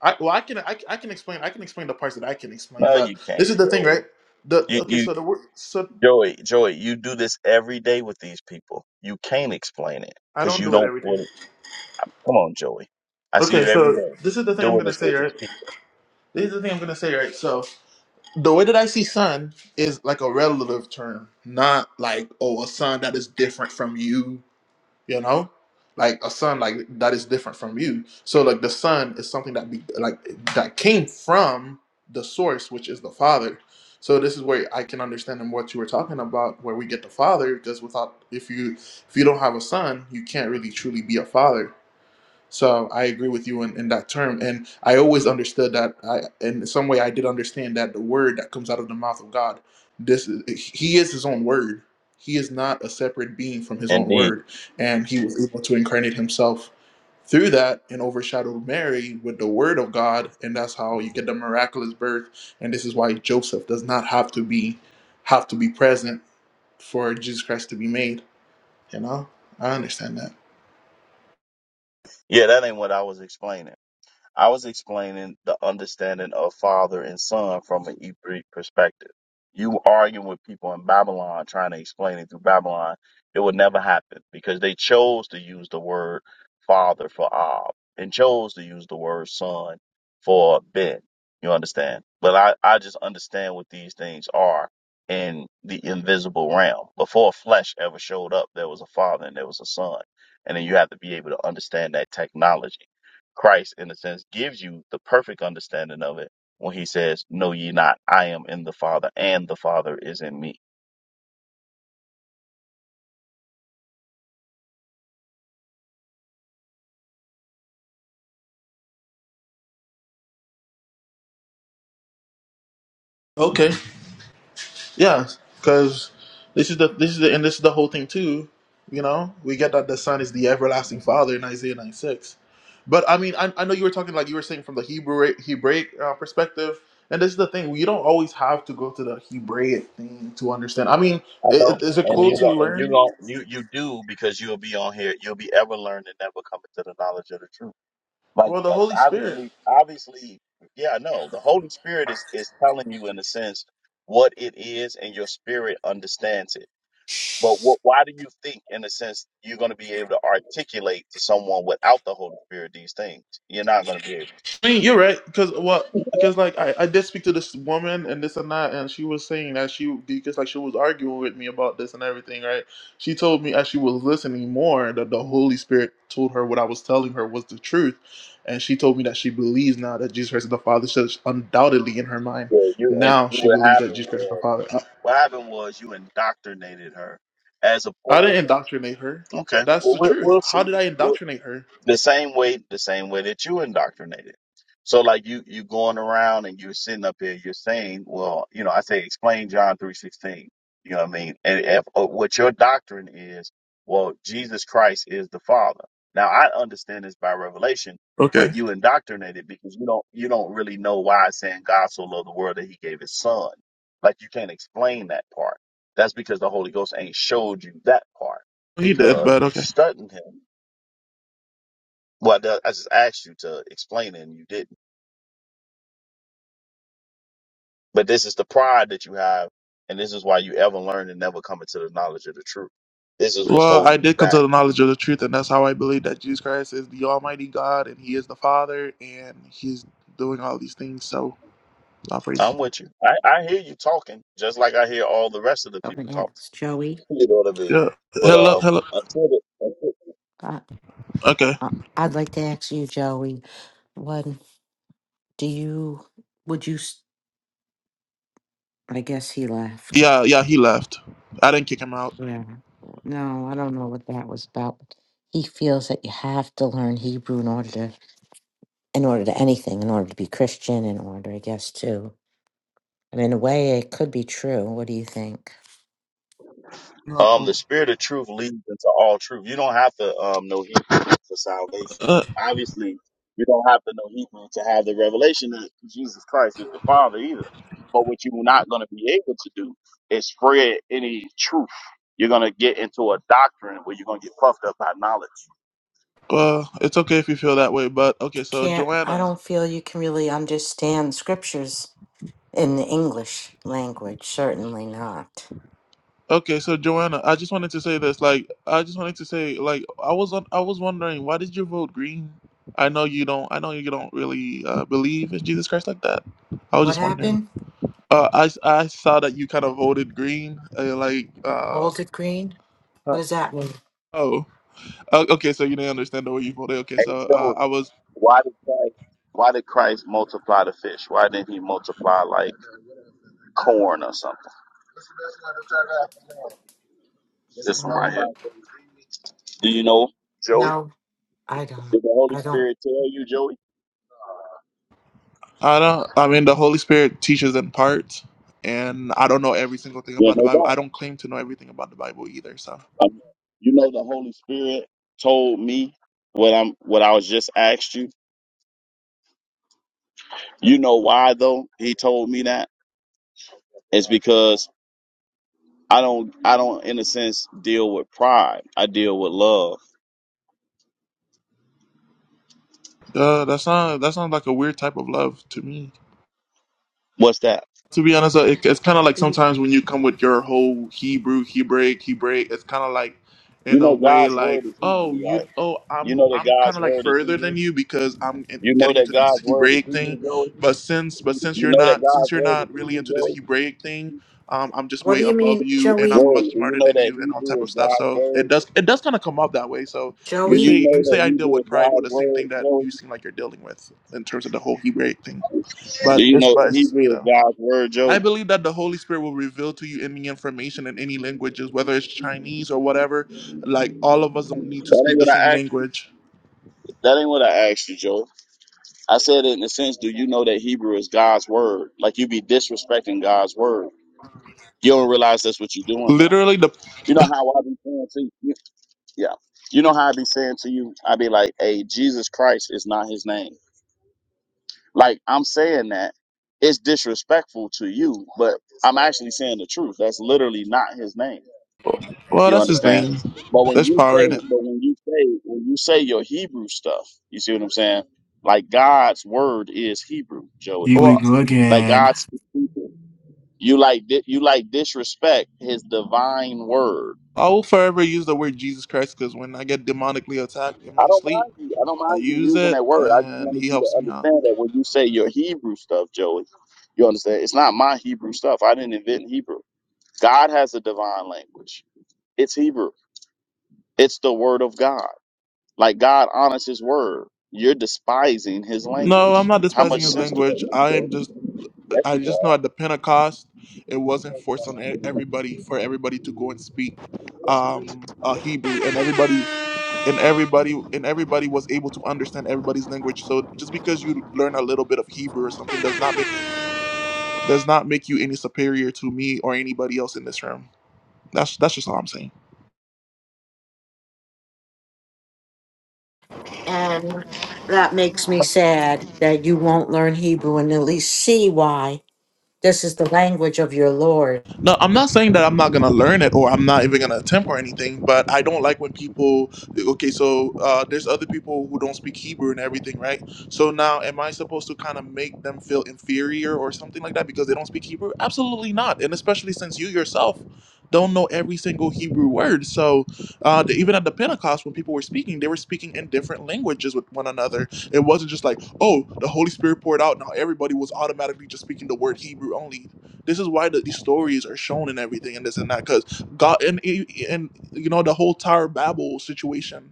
Speaker 1: I, well, I can I, I can explain I can explain the parts that I can explain,
Speaker 9: No, you
Speaker 1: but this
Speaker 9: can't,
Speaker 1: is the thing,
Speaker 9: Joey.
Speaker 1: right? The
Speaker 9: You
Speaker 1: okay,
Speaker 9: you
Speaker 1: so the word so
Speaker 9: Joey Joey, you do this every day with these people. You can't explain it
Speaker 1: I
Speaker 9: because
Speaker 1: don't
Speaker 9: you
Speaker 1: do it
Speaker 9: don't
Speaker 1: every day.
Speaker 9: want. it. Come on, Joey. I see you
Speaker 1: Okay,
Speaker 9: every
Speaker 1: so
Speaker 9: day
Speaker 1: this is the thing I'm
Speaker 9: doing
Speaker 1: gonna
Speaker 9: this
Speaker 1: say,
Speaker 9: with these
Speaker 1: right?
Speaker 9: people.
Speaker 1: This is the thing I'm gonna say, right? So the way that I see son is like a relative term, not like oh a son that is different from you you know like a son like that is different from you so like the son is something that be like that came from the source which is the father so this is where i can understand and what you were talking about where we get the father because without if you if you don't have a son you can't really truly be a father so I agree with you in, in that term. And I always understood that I in some way I did understand that the word that comes out of the mouth of God, this is, he is his own word. He is not a separate being from his own
Speaker 9: Indeed.
Speaker 1: word. And he was able to incarnate himself through that and overshadow Mary with the word of God. And that's how you get the miraculous birth. And this is why Joseph does not have to be have to be present for Jesus Christ to be made. You know? I understand that.
Speaker 9: Yeah, that ain't what I was explaining. I was explaining the understanding of father and son from an Hebrew perspective. You arguing with people in Babylon, trying to explain it through Babylon, it would never happen because they chose to use the word father for Ab and chose to use the word son for Ben. You understand? But I, I just understand what these things are in the invisible realm. Before flesh ever showed up, there was a father and there was a son. And then you have to be able to understand that technology Christ, in a sense, gives you the perfect understanding of it when he says, Know ye not, I am in the Father, and the Father is in me.
Speaker 1: Okay. Yeah, because this is the this is the and this is the whole thing too. You know, we get that the Son is the everlasting Father in Isaiah nine six, but I mean, I, I know you were talking like you were saying from the Hebrew Hebraic uh, perspective, and this is the thing: you don't always have to go to the Hebraic thing to understand. I mean,
Speaker 9: I
Speaker 1: i-
Speaker 9: know.
Speaker 1: i- is it
Speaker 9: And
Speaker 1: cool
Speaker 9: you
Speaker 1: to
Speaker 9: go,
Speaker 1: learn?
Speaker 9: you you do because you'll be on here, you'll be ever learning, never coming to the knowledge of the truth. Like,
Speaker 1: Well, the
Speaker 9: like
Speaker 1: Holy Spirit.
Speaker 9: obviously, obviously, yeah, I know. The Holy Spirit is is telling you in a sense what it is, and your spirit understands it. But what, why do you think, in a sense, you're going to be able to articulate to someone without the Holy Spirit these things? You're not going to be able.
Speaker 1: I mean, you're right, because well, because like I, I did speak to this woman and this and that, and she was saying that she because like she was arguing with me about this and everything, right? She told me as she was listening more that the Holy Spirit told her what I was telling her was the truth, and she told me that she believes now that Jesus Christ is the Father. So it's undoubtedly in her mind
Speaker 9: Yeah, you and
Speaker 1: now
Speaker 9: you
Speaker 1: she
Speaker 9: what
Speaker 1: believes that
Speaker 9: happened
Speaker 1: Jesus Christ is the
Speaker 9: was
Speaker 1: Father.
Speaker 9: what happened was you indoctrinated her as
Speaker 1: I, I didn't
Speaker 9: opposed.
Speaker 1: indoctrinate her.
Speaker 9: Okay,
Speaker 1: That's
Speaker 9: well
Speaker 1: the
Speaker 9: we'll,
Speaker 1: truth.
Speaker 9: we'll
Speaker 1: How
Speaker 9: see
Speaker 1: did I indoctrinate her?
Speaker 9: the same way the same way that you indoctrinated so like you you going around and you're sitting up here you're saying well you know i say explain john 3.16 you know what i mean and if, uh, what your doctrine is well jesus christ is the father now i understand this by revelation but
Speaker 1: Okay,
Speaker 9: you indoctrinated because you don't you don't really know why it's saying god so loved the world that he gave his son like you can't explain that part that's because the holy ghost ain't showed you that part
Speaker 1: he did,
Speaker 9: because
Speaker 1: but
Speaker 9: you
Speaker 1: okay.
Speaker 9: studied him well, I I just asked you to explain it and you didn't. But this is the pride that you have, and this is why you ever learn and never come into the knowledge of the truth. This is what's
Speaker 1: Well, I
Speaker 9: holding you
Speaker 1: did come to
Speaker 9: back.
Speaker 1: the knowledge of the truth, and that's how I believe that Jesus Christ is the Almighty God, and He is the Father, and He's doing all these things. So, I praise.
Speaker 9: I'm with you. I, I hear you talking, just like I hear all the rest of the
Speaker 10: I want
Speaker 9: people
Speaker 10: to
Speaker 9: talk.
Speaker 10: ask Joey.
Speaker 9: [laughs] You know what I mean?
Speaker 1: Yeah.
Speaker 9: But
Speaker 1: Hello.
Speaker 9: um,
Speaker 1: Hello.
Speaker 9: until the,
Speaker 10: Uh,
Speaker 1: Okay.
Speaker 10: uh, I'd like to ask you, Joey. What do you? Would you? s- I guess he left.
Speaker 1: Yeah. Yeah. He left. I didn't kick him out.
Speaker 10: Yeah. No, I don't know what that was about. He feels that you have to learn Hebrew in order to, in order to anything, in order to be Christian, in order, I guess, too. And in a way, it could be true. What do you think?
Speaker 9: Um, the
Speaker 1: No.
Speaker 9: spirit of truth leads into all truth. You don't have to um know Hebrew for salvation.
Speaker 1: Uh,
Speaker 9: Obviously, you don't have to know Hebrew to have the revelation that Jesus Christ is the Father either. But what you're not going to be able to do is spread any truth. You're going to get into a doctrine where you're going to get puffed up by knowledge.
Speaker 1: well, it's okay if you feel that way, but
Speaker 10: You
Speaker 1: okay. So,
Speaker 10: can't. I
Speaker 1: Joanna.
Speaker 10: don't feel you can really understand scriptures in the English language. Certainly not.
Speaker 1: Okay, so Joanna, I just wanted to say this. Like, I just wanted to say, like, I was on. I was wondering, why did you vote green? I know you don't. I know you don't really uh, believe in Jesus Christ like that. I was
Speaker 10: What
Speaker 1: just wondering.
Speaker 10: happened?
Speaker 1: Uh, I I saw that you kind of voted green. Uh, like, uh,
Speaker 10: Hold it green.
Speaker 1: Uh,
Speaker 10: What does that mean?
Speaker 1: oh, uh, okay. So you didn't understand the way you voted. Okay,
Speaker 9: Hey,
Speaker 1: so uh,
Speaker 9: Joey,
Speaker 1: I was.
Speaker 9: why did Christ? Why did Christ multiply the fish? Why didn't he multiply like corn or something? This one right
Speaker 10: Um,
Speaker 9: here. Do you know, Joey?
Speaker 10: no, I don't.
Speaker 9: Did the Holy
Speaker 10: I don't.
Speaker 9: Spirit tell you, Joey?
Speaker 1: I don't. I mean, the Holy Spirit teaches in parts, and I don't know every single thing
Speaker 9: Yeah,
Speaker 1: about the
Speaker 9: no
Speaker 1: Bible.
Speaker 9: doubt.
Speaker 1: I don't claim to know everything about the Bible either. So,
Speaker 9: I mean, you know, the Holy Spirit told me what I'm what I was just asked you. You know why though? He told me that it's because I don't I don't in a sense deal with pride. I deal with love.
Speaker 1: uh, that's not that's not like a weird type of love to me.
Speaker 9: What's that?
Speaker 1: to be honest, uh, it, it's kind of like
Speaker 10: You-
Speaker 1: sometimes when you come with your whole Hebrew, Hebraic, Hebraic, it's kind of like
Speaker 9: You
Speaker 1: in a
Speaker 9: know,
Speaker 1: way
Speaker 9: God's word
Speaker 1: like,
Speaker 9: is
Speaker 1: oh,
Speaker 9: Hebrew, right?
Speaker 1: you, oh,
Speaker 9: You
Speaker 1: I'm,
Speaker 9: know that
Speaker 1: I'm kind
Speaker 9: God's
Speaker 1: of like
Speaker 9: word is
Speaker 1: further
Speaker 9: Hebrew.
Speaker 1: than you because I'm
Speaker 9: You
Speaker 1: in,
Speaker 9: know
Speaker 1: getting
Speaker 9: that
Speaker 1: into this
Speaker 9: God's word is
Speaker 1: Hebraic
Speaker 9: Hebrew,
Speaker 1: thing,
Speaker 9: Joey.
Speaker 1: but since, but since
Speaker 9: You
Speaker 1: you're
Speaker 9: know that
Speaker 1: not, since
Speaker 9: God's
Speaker 1: you're
Speaker 9: word is
Speaker 1: not really
Speaker 9: Hebrew,
Speaker 1: into this
Speaker 9: Joey.
Speaker 1: Hebraic thing, um, I'm just
Speaker 10: What
Speaker 1: way
Speaker 10: do you
Speaker 1: above
Speaker 10: mean,
Speaker 1: you and
Speaker 10: Joey?
Speaker 1: I'm
Speaker 9: Joey,
Speaker 1: much
Speaker 9: do you
Speaker 1: smarter
Speaker 9: know
Speaker 1: than
Speaker 9: that
Speaker 1: you and all
Speaker 9: Hebrew
Speaker 1: type of
Speaker 9: is
Speaker 1: stuff.
Speaker 9: God's
Speaker 1: So
Speaker 9: word?
Speaker 1: it does, it does kind of come up that way. So
Speaker 9: Do
Speaker 1: you
Speaker 10: Joey?
Speaker 1: say,
Speaker 9: you know
Speaker 1: you
Speaker 9: that
Speaker 1: say I deal
Speaker 9: Hebrew is
Speaker 1: with pride with
Speaker 9: God's
Speaker 1: the same
Speaker 9: word,
Speaker 1: thing that
Speaker 9: Joey?
Speaker 1: you seem like you're dealing with in terms of the whole Hebraic thing,
Speaker 9: Do
Speaker 1: but
Speaker 9: you
Speaker 1: it's,
Speaker 9: know
Speaker 1: but it's just me
Speaker 9: Hebrew is
Speaker 1: though.
Speaker 9: God's word,
Speaker 1: I
Speaker 9: Joey?
Speaker 1: believe that the Holy Spirit will reveal to you any information in any languages, whether it's Chinese or whatever. Like all of us don't need to
Speaker 9: That ain't
Speaker 1: speak the
Speaker 9: what
Speaker 1: same
Speaker 9: I asked.
Speaker 1: language.
Speaker 9: That ain't what I asked you, Joey. I said it in a sense. Do you know that Hebrew is God's word? Like you be disrespecting God's word. You don't realize that's what you're doing, though.
Speaker 1: Literally, the
Speaker 9: You know how I be saying to you? Yeah. You know how I be saying to you? I be like, "Hey, Jesus Christ is not His name." Like I'm saying that it's disrespectful to you, but I'm actually saying the truth. That's literally not His name.
Speaker 1: well,
Speaker 9: You
Speaker 1: that's his
Speaker 9: understand?
Speaker 1: name.
Speaker 9: But when
Speaker 1: There's
Speaker 9: you
Speaker 1: power in
Speaker 9: say,
Speaker 1: it.
Speaker 9: but when you say, when you say your Hebrew stuff, you see what I'm saying? Like God's word is Hebrew, Joey.
Speaker 4: Here we
Speaker 1: Well,
Speaker 4: go
Speaker 9: Like
Speaker 4: again.
Speaker 9: God's you like di- you like disrespect His divine word.
Speaker 1: I will forever use the word Jesus Christ because when I get demonically attacked in
Speaker 9: I
Speaker 1: my
Speaker 9: don't
Speaker 1: sleep,
Speaker 9: mind you. I don't
Speaker 1: I
Speaker 9: mind you
Speaker 1: use
Speaker 9: using
Speaker 1: it
Speaker 9: that word. I just
Speaker 1: and
Speaker 9: wanted
Speaker 1: he
Speaker 9: you to
Speaker 1: helps me out.
Speaker 9: understand that when you say your Hebrew stuff, Joey, you understand? It's not my Hebrew stuff. I didn't invent Hebrew. God has a divine language. It's Hebrew. It's the word of God. Like God honors his word. You're despising his
Speaker 1: No, I'm
Speaker 9: language.
Speaker 1: not
Speaker 9: How much
Speaker 1: despising his
Speaker 9: sense does
Speaker 1: language.
Speaker 9: that
Speaker 1: I am
Speaker 9: make?
Speaker 1: just
Speaker 9: Yes,
Speaker 1: I
Speaker 9: you
Speaker 1: just
Speaker 9: are.
Speaker 1: know at the Pentecost, it wasn't forced on e- everybody for everybody to go and speak um, uh, Hebrew, and everybody and everybody and everybody was able to understand everybody's language. So just because you learn a little bit of Hebrew or something does not make does not make you any superior to me or anybody else in this room. That's that's just all I'm saying.
Speaker 10: And that makes me sad that you won't learn Hebrew and at least see why this is the language of your Lord.
Speaker 1: No, I'm not saying that I'm not gonna learn it or I'm not even gonna attempt or anything, but I don't like when people. Okay, so uh, there's other people who don't speak Hebrew and everything, right? So now, am I supposed to kind of make them feel inferior or something like that because they don't speak Hebrew? Absolutely not, and especially since you yourself don't know every single Hebrew word. So uh, the, even at the Pentecost, when people were speaking, they were speaking in different languages with one another. It wasn't just like, oh, the Holy Spirit poured out, now everybody was automatically just speaking the word Hebrew only this is why the, these stories are shown and everything and this and that because God and and you know the whole Tower of Babel situation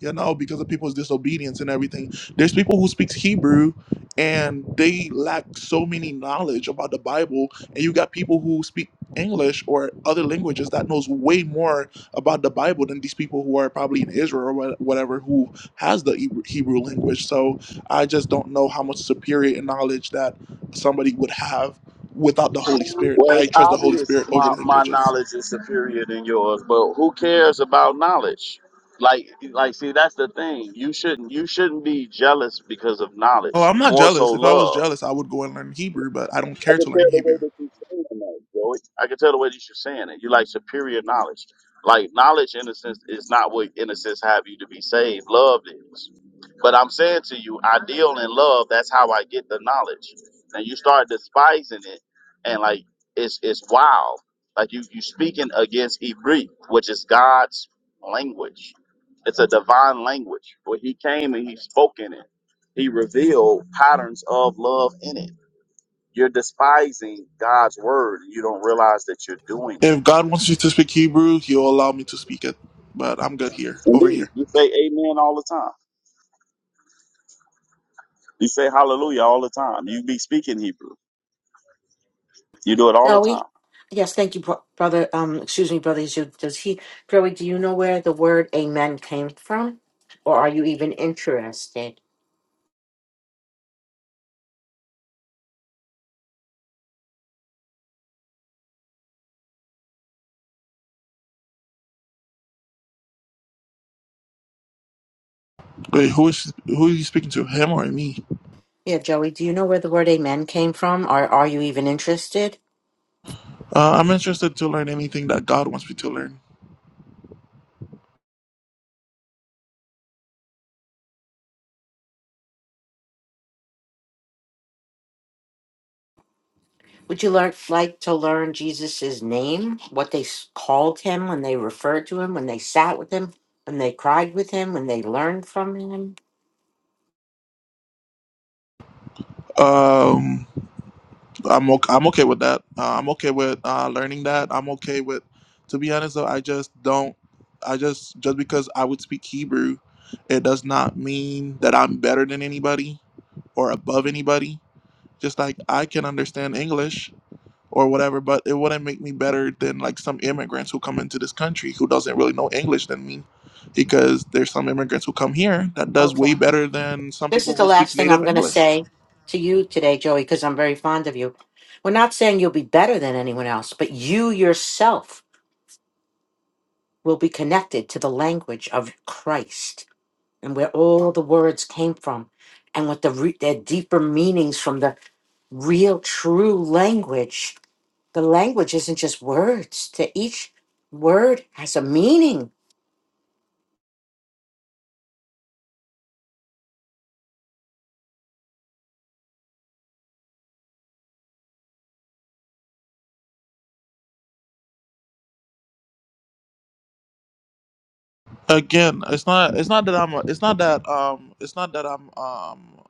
Speaker 1: you know, because of people's disobedience and everything. There's people who speaks Hebrew and they lack so many knowledge about the Bible, and you got people who speak English or other languages that knows way more about the Bible than these people who are probably in Israel or wha- whatever who has the Hebrew Hebrew language. So I just don't know how much superior knowledge that somebody would have without the Holy Spirit.
Speaker 9: Well,
Speaker 1: I
Speaker 9: it's
Speaker 1: trust the Holy
Speaker 9: obvious
Speaker 1: Spirit over
Speaker 9: my, my
Speaker 1: languages.
Speaker 9: knowledge is superior than yours, but who cares about knowledge? Like like see that's the thing. You shouldn't you shouldn't be jealous because of
Speaker 1: Oh,
Speaker 9: knowledge.
Speaker 1: I'm not
Speaker 9: More so
Speaker 1: jealous. If I was
Speaker 9: love.
Speaker 1: jealous, I would go and learn Hebrew, but I don't
Speaker 9: I
Speaker 1: care
Speaker 9: can
Speaker 1: to
Speaker 9: tell
Speaker 1: learn
Speaker 9: the
Speaker 1: Hebrew.
Speaker 9: way that you're saying that, Joey. I can tell the way that you're saying it. You like superior knowledge. Like knowledge, innocence is not what innocence have you to be saved. Love is. But I'm saying to you, I deal in love. That's how I get the knowledge. And you start despising it, and like it's it's wild. Like you you speaking against Hebrew, which is God's language. It's a divine language. Where He came and He spoke in it. He revealed patterns of love in it you're despising God's word. and You don't realize that you're doing
Speaker 1: If
Speaker 9: it.
Speaker 1: God wants me to speak Hebrew, He'll allow me to speak it. But I'm good here, over
Speaker 9: Indeed,
Speaker 1: here.
Speaker 9: you say amen all the time. You say hallelujah all the time. You be speaking Hebrew. You do it all the time.
Speaker 10: Joey? Yes, thank you, bro- brother. Um, excuse me, brother. Is you- Does he, Joey? Do you know where the word "amen" came from, or are you even interested?
Speaker 1: Wait, who is who are you speaking to? Him or me?
Speaker 10: Yeah, Joey. Do you know where the word "amen" came from, or are you even interested?
Speaker 1: Uh, I'm interested to learn anything that God wants me to learn.
Speaker 10: Would you learn, like to learn Jesus' name, what they s- called him when they referred to him, when they sat with him, when they cried with him, when they learned from him?
Speaker 1: Um, I'm okay, I'm okay with that. Uh, I'm okay with uh, learning that. I'm okay with. To be honest, though, I just don't. I just just because I would speak Hebrew, it does not mean that I'm better than anybody or above anybody. Just like I can understand English, or whatever, but it wouldn't make me better than like some immigrants who come into this country who doesn't really know English than me. Because there's some immigrants who come here that does way
Speaker 10: Okay.
Speaker 1: better than some
Speaker 10: This is
Speaker 1: people
Speaker 10: the
Speaker 1: who speak
Speaker 10: last thing
Speaker 1: native
Speaker 10: I'm going to
Speaker 1: English.
Speaker 10: say to you today, Joey, because I'm very fond of you. We're not saying you'll be better than anyone else, but you yourself will be connected to the language of Christ and where all the words came from and what the re- their deeper meanings from the real, true language The language isn't just words. To each word has a meaning.
Speaker 1: Again, it's not it's not that I'm a, it's not that um it's not that I'm um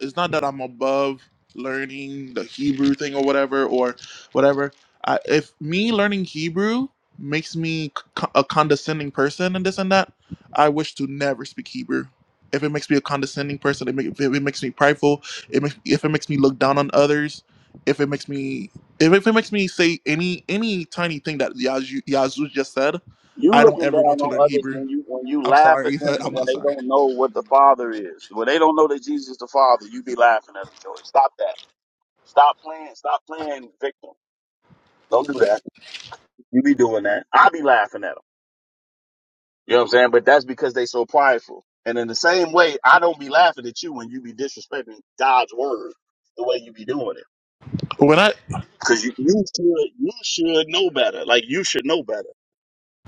Speaker 1: it's not that I'm above learning the Hebrew thing or whatever or whatever. I, if me learning Hebrew makes me c- a condescending person and this and that, I wish to never speak Hebrew. If it makes me a condescending person, it make, if it makes me prideful, it makes, if it makes me look down on others, if it makes me if, if it makes me say any any tiny thing that Yazoo Yazoo just said,
Speaker 9: You
Speaker 1: I don't
Speaker 9: looking down
Speaker 1: ever want to learn
Speaker 9: on others
Speaker 1: Hebrew.
Speaker 9: when you when you
Speaker 1: I'm
Speaker 9: laugh at
Speaker 1: sorry, [laughs]
Speaker 9: them
Speaker 1: but I'm
Speaker 9: when
Speaker 1: not
Speaker 9: they
Speaker 1: sorry.
Speaker 9: don't know what the Father is. When they don't know that Jesus is the Father, you be laughing at them, Joey. Stop that. Stop playing. Stop playing victim. Don't do that. You be doing that. I be laughing at them. You know what I'm saying? But that's because they so prideful. And in the same way, I don't be laughing at you when you be disrespecting God's word the way you be doing it.
Speaker 1: When I
Speaker 9: Cause you, you should, you should know better. Like you should know better.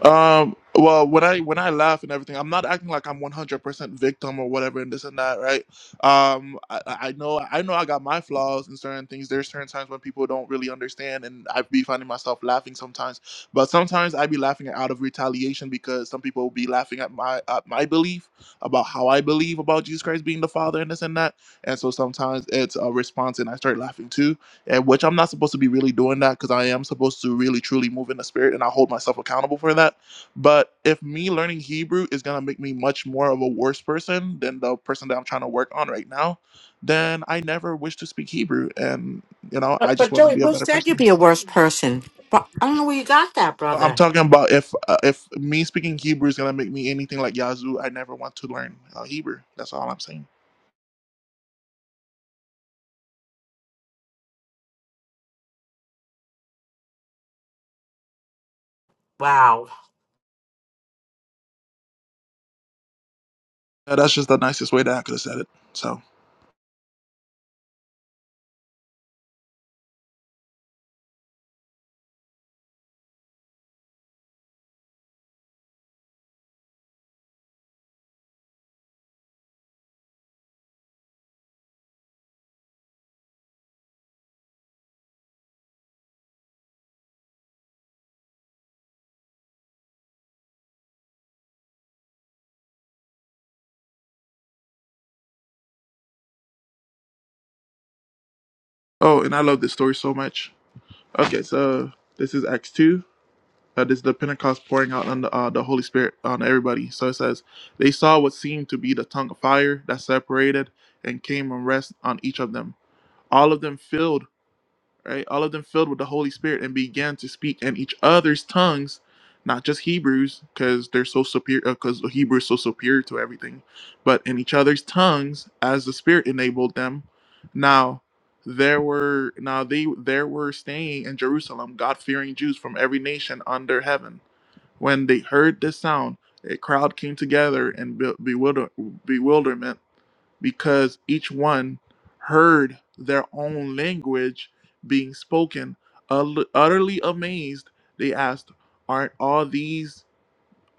Speaker 1: Um. Well, when I when I laugh and everything, I'm not acting like I'm 100% victim or whatever and this and that, right? Um. I, I I know I know I got my flaws and certain things. There's certain times when people don't really understand, and I be finding myself laughing sometimes. But sometimes I be laughing out of retaliation because some people be laughing at my at my belief about how I believe about Jesus Christ being the Father and this and that. And so sometimes it's a response, and I start laughing too and which I'm not supposed to be really doing that because I am supposed to really truly move in the spirit and I hold myself accountable for that. But if me learning Hebrew is gonna make me much more of a worse person than the person that I'm trying to work on right now, then I never wish to speak Hebrew, and you know
Speaker 10: But,
Speaker 1: I just
Speaker 10: but
Speaker 1: want to
Speaker 10: Joey,
Speaker 1: be a
Speaker 10: who
Speaker 1: better
Speaker 10: said you'd
Speaker 1: person.
Speaker 10: be a worse person? But I don't know where you got that,
Speaker 1: I'm
Speaker 10: brother.
Speaker 1: talking about if uh, if me speaking Hebrew is gonna make me anything like Yazoo, I never want to learn uh, Hebrew. That's all I'm saying.
Speaker 10: Wow.
Speaker 1: Yeah, that's just the nicest way that I could have said it. So, oh, and I love this story so much. Okay, so this is Acts two Uh, this is the Pentecost pouring out on the, uh, the Holy Spirit on everybody. So it says, They saw what seemed to be the tongue of fire that separated and came and rest on each of them. All of them filled, right? All of them filled with the Holy Spirit and began to speak in each other's tongues, not just Hebrews, because they're so superior, because Hebrew is so superior to everything, but in each other's tongues as the Spirit enabled them. Now, there were now they there were staying in Jerusalem God fearing Jews from every nation under heaven. When they heard this sound, a crowd came together in bewilder- bewilderment because each one heard their own language being spoken. Ut- utterly amazed, they asked, "Aren't all these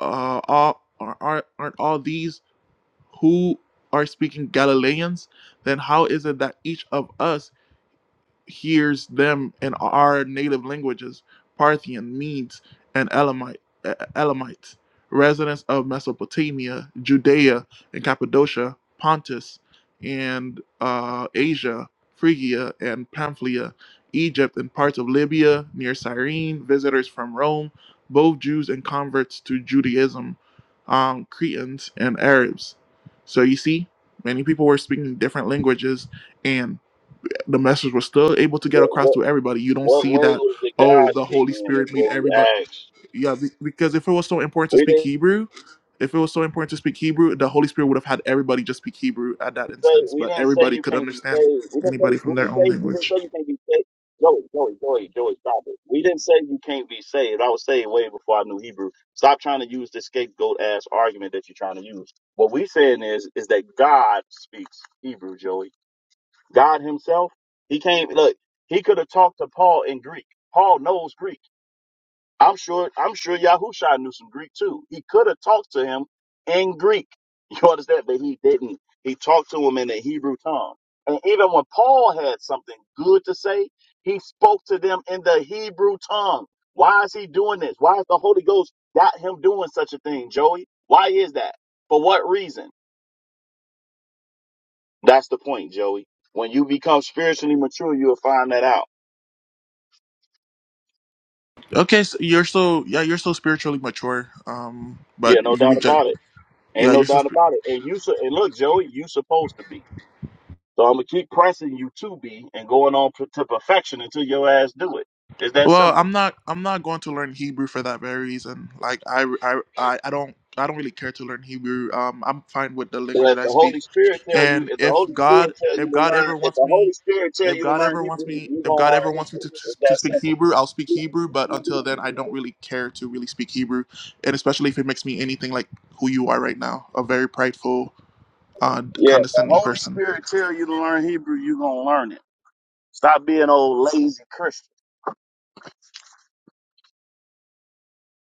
Speaker 1: uh, all are, not aren't all these who are speaking Galileans? Then how is it that each of us hears them in our native languages Parthian, Medes, and Elamite, E- E-, Elamites, residents of Mesopotamia, Judea, and Cappadocia, Pontus, and uh, Asia, Phrygia, and Pamphylia, Egypt, and parts of Libya near Cyrene, visitors from Rome, both Jews and converts to Judaism, um, Cretans, and Arabs. So you see, many people were speaking different languages and the message was still able to get
Speaker 9: What,
Speaker 1: across
Speaker 9: what,
Speaker 1: to everybody. You don't see
Speaker 9: what
Speaker 1: that,
Speaker 9: language did
Speaker 1: oh,
Speaker 9: God
Speaker 1: the
Speaker 9: speak
Speaker 1: Holy
Speaker 9: in is
Speaker 1: Spirit made
Speaker 9: what we
Speaker 1: everybody.
Speaker 9: ask.
Speaker 1: Yeah, be- because if it was so important to
Speaker 9: We
Speaker 1: speak
Speaker 9: didn't
Speaker 1: Hebrew, if it was so important to speak Hebrew, the Holy Spirit would have had everybody just speak Hebrew at that
Speaker 9: didn't say
Speaker 1: instance,
Speaker 9: we
Speaker 1: but
Speaker 9: didn't say
Speaker 1: everybody
Speaker 9: you
Speaker 1: could
Speaker 9: can't be
Speaker 1: understand
Speaker 9: saved. We didn't
Speaker 1: anybody
Speaker 9: say we
Speaker 1: from their
Speaker 9: didn't
Speaker 1: own
Speaker 9: say we didn't
Speaker 1: language.
Speaker 9: say you can't be saved. Joey, Joey, Joey, Joey, stop it. We didn't say you can't be saved. I was saved way before I knew Hebrew. Stop trying to use this scapegoat ass argument that you're trying to use. What we saying is is that God speaks Hebrew, Joey. God Himself, He came. Look, He could have talked to Paul in Greek. Paul knows Greek. I'm sure I'm sure Yahusha knew some Greek too. He could have talked to him in Greek. [laughs] You understand? But he didn't. He talked to him in the Hebrew tongue. And even when Paul had something good to say, he spoke to them in the Hebrew tongue. Why is he doing this? Why is the Holy Ghost got him doing such a thing, Joey? Why is that? For what reason? That's the point, Joey. When you become spiritually mature, you'll find that out.
Speaker 1: Okay, so you're so yeah, you're so spiritually mature, um,
Speaker 9: Yeah,
Speaker 1: but
Speaker 9: no
Speaker 1: you
Speaker 9: doubt
Speaker 1: reject.
Speaker 9: about it. Ain't
Speaker 1: Yeah,
Speaker 9: no
Speaker 1: you're so.
Speaker 9: doubt
Speaker 1: Sp-
Speaker 9: about it. And you su- and look, Joey, you supposed to be. So I'm gonna keep pressing you to be and going on per- to perfection until your ass do it. It's that
Speaker 1: well,
Speaker 9: simple.
Speaker 1: I'm not. I'm not going to learn Hebrew for that very reason. Like I, I, I, I don't. I don't really care to learn Hebrew. Um, I'm fine with the language
Speaker 9: Well, if
Speaker 1: that I
Speaker 9: the
Speaker 1: speak
Speaker 9: Holy Spirit tell you,
Speaker 1: And
Speaker 9: if the
Speaker 1: if
Speaker 9: Holy
Speaker 1: God,
Speaker 9: Spirit tell you
Speaker 1: if
Speaker 9: to
Speaker 1: God
Speaker 9: learn,
Speaker 1: ever
Speaker 9: if
Speaker 1: wants
Speaker 9: the Holy
Speaker 1: me,
Speaker 9: Spirit tell
Speaker 1: if
Speaker 9: you to
Speaker 1: God
Speaker 9: learn
Speaker 1: ever
Speaker 9: Hebrew,
Speaker 1: wants me,
Speaker 9: you
Speaker 1: if
Speaker 9: gonna
Speaker 1: God ever
Speaker 9: learn
Speaker 1: wants me
Speaker 9: Hebrew.
Speaker 1: to,
Speaker 9: It's
Speaker 1: to
Speaker 9: that
Speaker 1: speak
Speaker 9: simple.
Speaker 1: Hebrew, I'll speak Hebrew. But until then, I don't really care to really speak Hebrew, and especially if it makes me anything like who you are right now—a very prideful, uh,
Speaker 9: Yeah, if the
Speaker 1: condescending
Speaker 9: Holy
Speaker 1: person.
Speaker 9: Spirit tell you to learn Hebrew, you gonna learn it. Stop being old lazy Christian.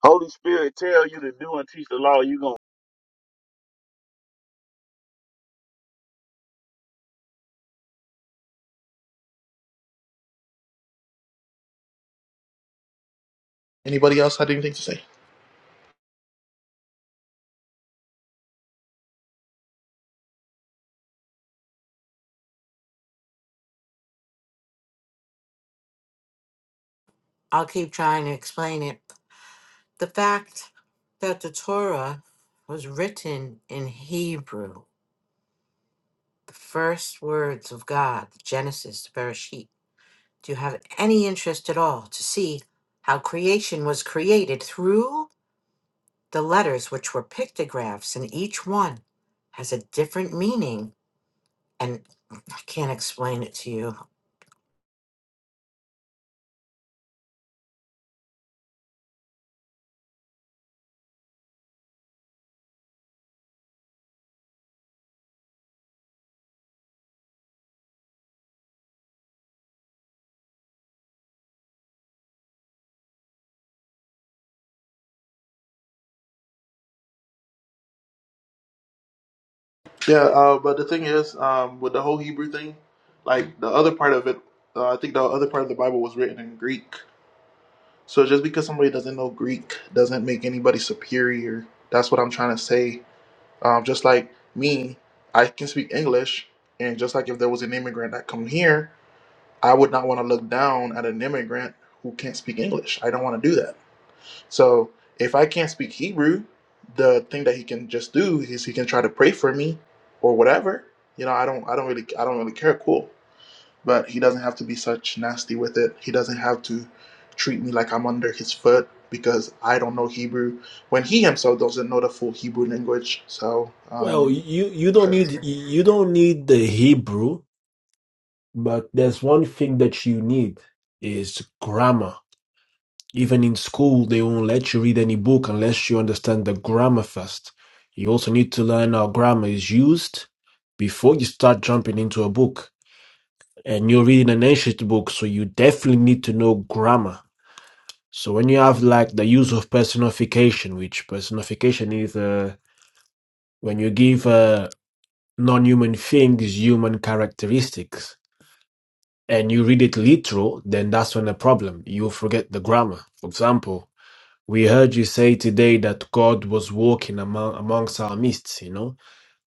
Speaker 9: Holy Spirit tell you to do and teach the law, you gonna
Speaker 1: Anybody else had anything to say?
Speaker 10: I'll keep trying to explain it. The fact that the Torah was written in Hebrew, the first words of God, Genesis, the Bereshit. Do you have any interest at all to see how creation was created through? The letters, which were pictographs, and each one has a different meaning. And I can't explain it to you.
Speaker 1: Yeah, uh, but the thing is, um, with the whole Hebrew thing, like the other part of it, uh, I think the other part of the Bible was written in Greek. So just because somebody doesn't know Greek doesn't make anybody superior. That's what I'm trying to say. Um, just like me, I can speak English, and just like if there was an immigrant that come here, I would not want to look down at an immigrant who can't speak English. I don't want to do that. So if I can't speak Hebrew, the thing that he can just do is he can try to pray for me or whatever. You know, I don't, I don't really, I don't really care. Cool, but he doesn't have to be such nasty with it. He doesn't have to treat me like I'm under his foot because I don't know Hebrew when he himself doesn't know the full Hebrew language. So.
Speaker 4: Well,
Speaker 1: Um,
Speaker 4: you you don't need you don't need the Hebrew, but there's one thing that you need is grammar. Even in school, they won't let you read any book unless you understand the grammar first. You also need to learn how grammar is used before you start jumping into a book. And you're reading an ancient book, so you definitely need to know grammar. So when you have like the use of personification, which personification is uh, When you give uh, non-human things human characteristics and you read it literal, then that's when the problem. You forget the grammar. For example, we heard you say today that God was walking among amongst our midst. You know,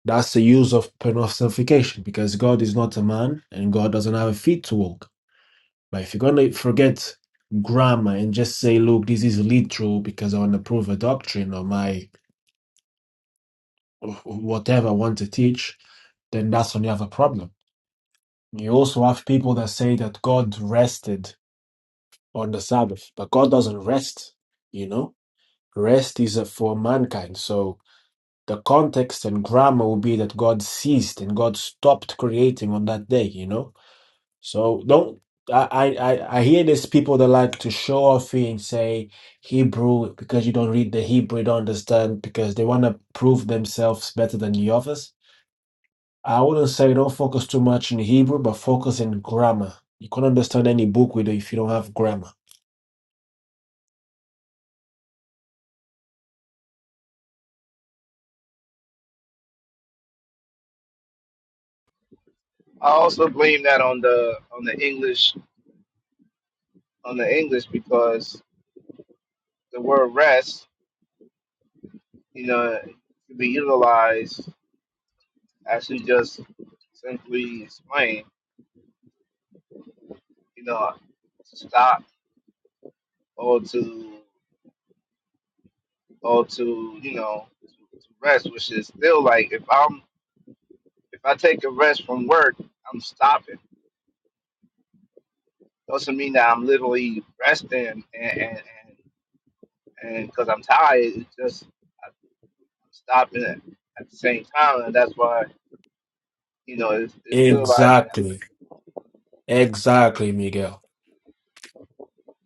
Speaker 4: that's the use of personification because God is not a man and God doesn't have a feet to walk. But if you're gonna forget grammar and just say, look, this is literal because I want to prove a doctrine or my whatever I want to teach, then that's when you have a problem. You also have people that say that God rested on the Sabbath, but God doesn't rest, you know? Rest is uh, for mankind. So the context and grammar will be that God ceased and God stopped creating on that day, you know? So don't I, I, I I hear there's people that like to show off here and say Hebrew because you don't read the Hebrew, you don't understand, because they want to prove themselves better than the others I wouldn't say don't focus too much in Hebrew, but focus in grammar. You can't understand any book with it if you don't have grammar.
Speaker 11: I also blame that on the on the English on the English because the word rest, you know, can be utilized as you just simply explain, you know, to stop or to or to you know to rest, which is still like if I'm if I take a rest from work, I'm stopping. Doesn't mean that I'm literally resting and and and because I'm tired, it's just I'm stopping at the same time, and that's why. you know, is, is utilized that
Speaker 4: Exactly. Exactly, Miguel.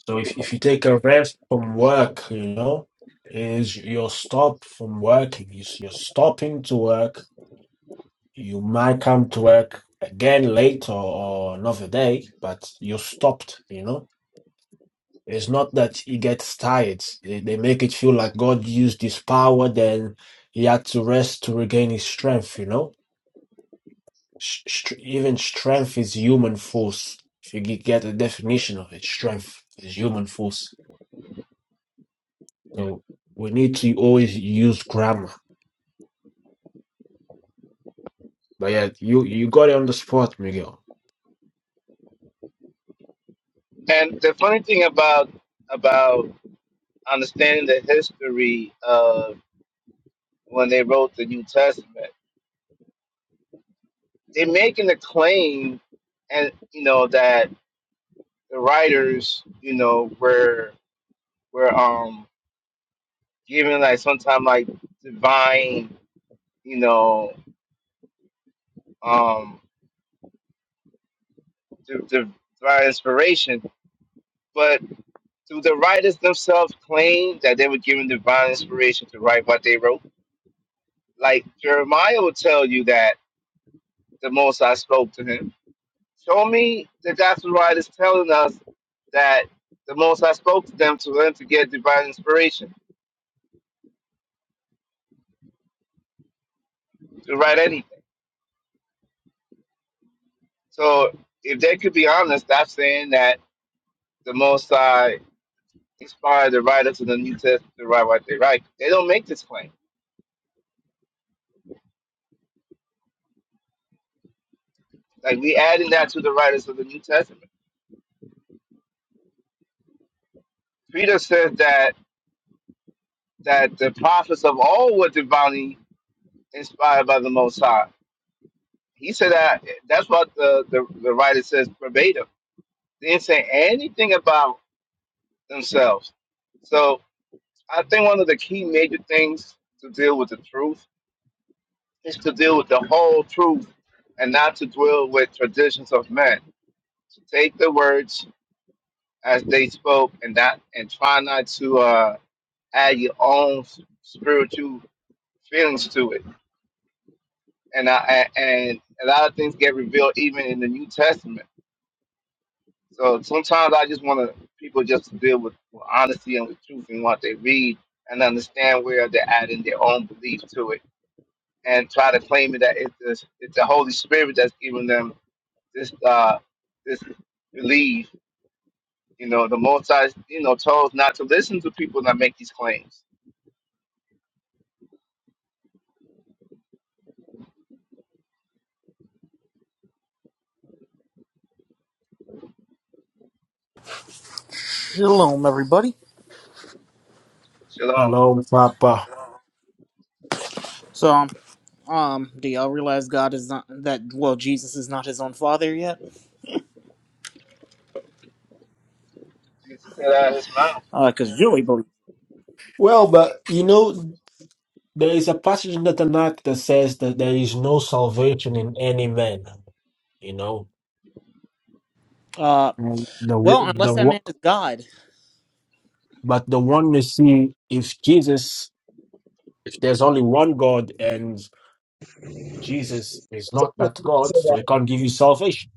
Speaker 4: So if, if you take a rest from work, you know, is you're stopped from working. You s- You're stopping to work. You might come to work again later or another day, but you're stopped, you know. It's not that he gets tired. They, they make it feel like God used his power, then he had to rest to regain his strength, you know? Sh- str- even strength is human force. If you g- get the definition of it, strength is human force. So we need to always use grammar. But yeah, you, you got it on the spot, Miguel.
Speaker 11: way. And the funny thing about about understanding the history of when they wrote the New Testament, they're making the claim, and you know that the writers, you know, were were um given like sometime like divine, you know, um di- divine inspiration, but do the writers themselves claim that they were given divine inspiration to write what they wrote? Like Jeremiah will tell you that the Most High spoke to him. Show me the gospel writers telling us that the Most High spoke to them to them to get divine inspiration to write anything. So if they could be honest, I'm saying that the Most High inspired the writers of the New Testament to write what they write. They don't make this claim. Like we adding that to the writers of the New Testament. Peter says that that the prophets of all were divinely inspired by the Most High he said that that's what the, the, the writer says verbatim. They didn't say anything about themselves. So I think one of the key major things to deal with the truth is to deal with the whole truth and not to dwell with traditions of men. To take the words as they spoke and not and try not to uh, add your own s- spiritual feelings to it. And I, and and a lot of things get revealed even in the New Testament So sometimes I just want to people just to deal with, with honesty and with truth in what they read and understand where they're adding their own belief to it and try to claim it that it's the, it's the Holy Spirit that's giving them this uh this belief. You know, the Most High, you know, told us not to listen to people that make these claims.
Speaker 8: Shalom, everybody.
Speaker 11: Shalom.
Speaker 4: Hello, Papa.
Speaker 8: So um. Um, do y'all realize God is not that? Well, Jesus is not his own father yet.
Speaker 11: Jesus said out of his mouth.
Speaker 8: Uh, because Joey believes.
Speaker 4: Well, but you know, there is a passage in the Tanakh that says that there is no salvation in any man, you know?
Speaker 8: Uh,
Speaker 4: And the
Speaker 8: well, unless
Speaker 4: the
Speaker 8: that man
Speaker 4: one-
Speaker 8: is God.
Speaker 4: but the one you see if Jesus if there's only one God and Jesus is not
Speaker 11: So
Speaker 4: that God, so he
Speaker 11: that-
Speaker 4: can't give you salvation.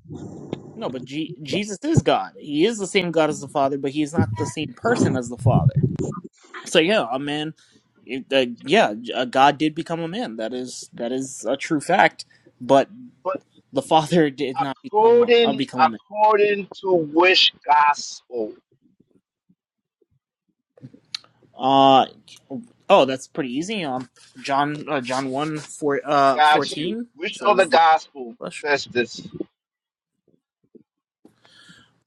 Speaker 8: No, but G- Jesus is God. He is the same God as the Father, but he's not the same person as the Father. So yeah, a man. It, uh, yeah, uh, God did become a man. That is that is a true fact. But
Speaker 11: But
Speaker 8: the Father [laughs] did not become a, uh,
Speaker 11: according
Speaker 8: become a man.
Speaker 11: according to which gospel?
Speaker 8: Uh oh, that's pretty easy. Um, John uh, John one four uh
Speaker 11: Got you.
Speaker 8: fourteen
Speaker 11: Which other
Speaker 8: says the
Speaker 11: gospel
Speaker 8: flesh.
Speaker 11: says this?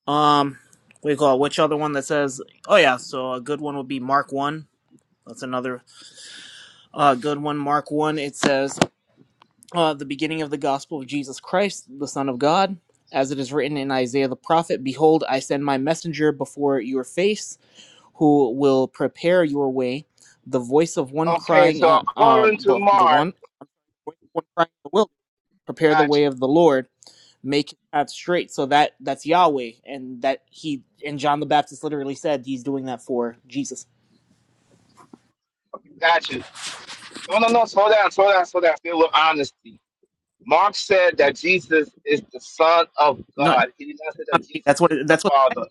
Speaker 8: Um, what do you call it? Which other one that says? Oh yeah, so a good one would be Mark one. That's another uh, good one. Mark one. It says uh, the beginning of the gospel of Jesus Christ, the Son of God, as it is written in Isaiah the prophet. Behold, I send my messenger before your face, who will prepare your way. The voice of one
Speaker 11: Okay,
Speaker 8: crying,
Speaker 11: so
Speaker 8: uh, uh,
Speaker 11: according to
Speaker 8: bu- the
Speaker 11: Mark,
Speaker 8: one, one crying in the wilderness, prepare the
Speaker 11: got
Speaker 8: way
Speaker 11: you,
Speaker 8: of the Lord make his path straight. So that that's Yahweh, and that he and John the Baptist literally said he's doing that for Jesus.
Speaker 11: got you. No, no, no, slow down, slow down, slow down. Deal with honesty. Mark said that Jesus is the Son of
Speaker 8: No, no
Speaker 11: God. He did not say that Jesus
Speaker 8: That's what.
Speaker 11: is
Speaker 8: It,
Speaker 11: the
Speaker 8: that's what.
Speaker 11: Father.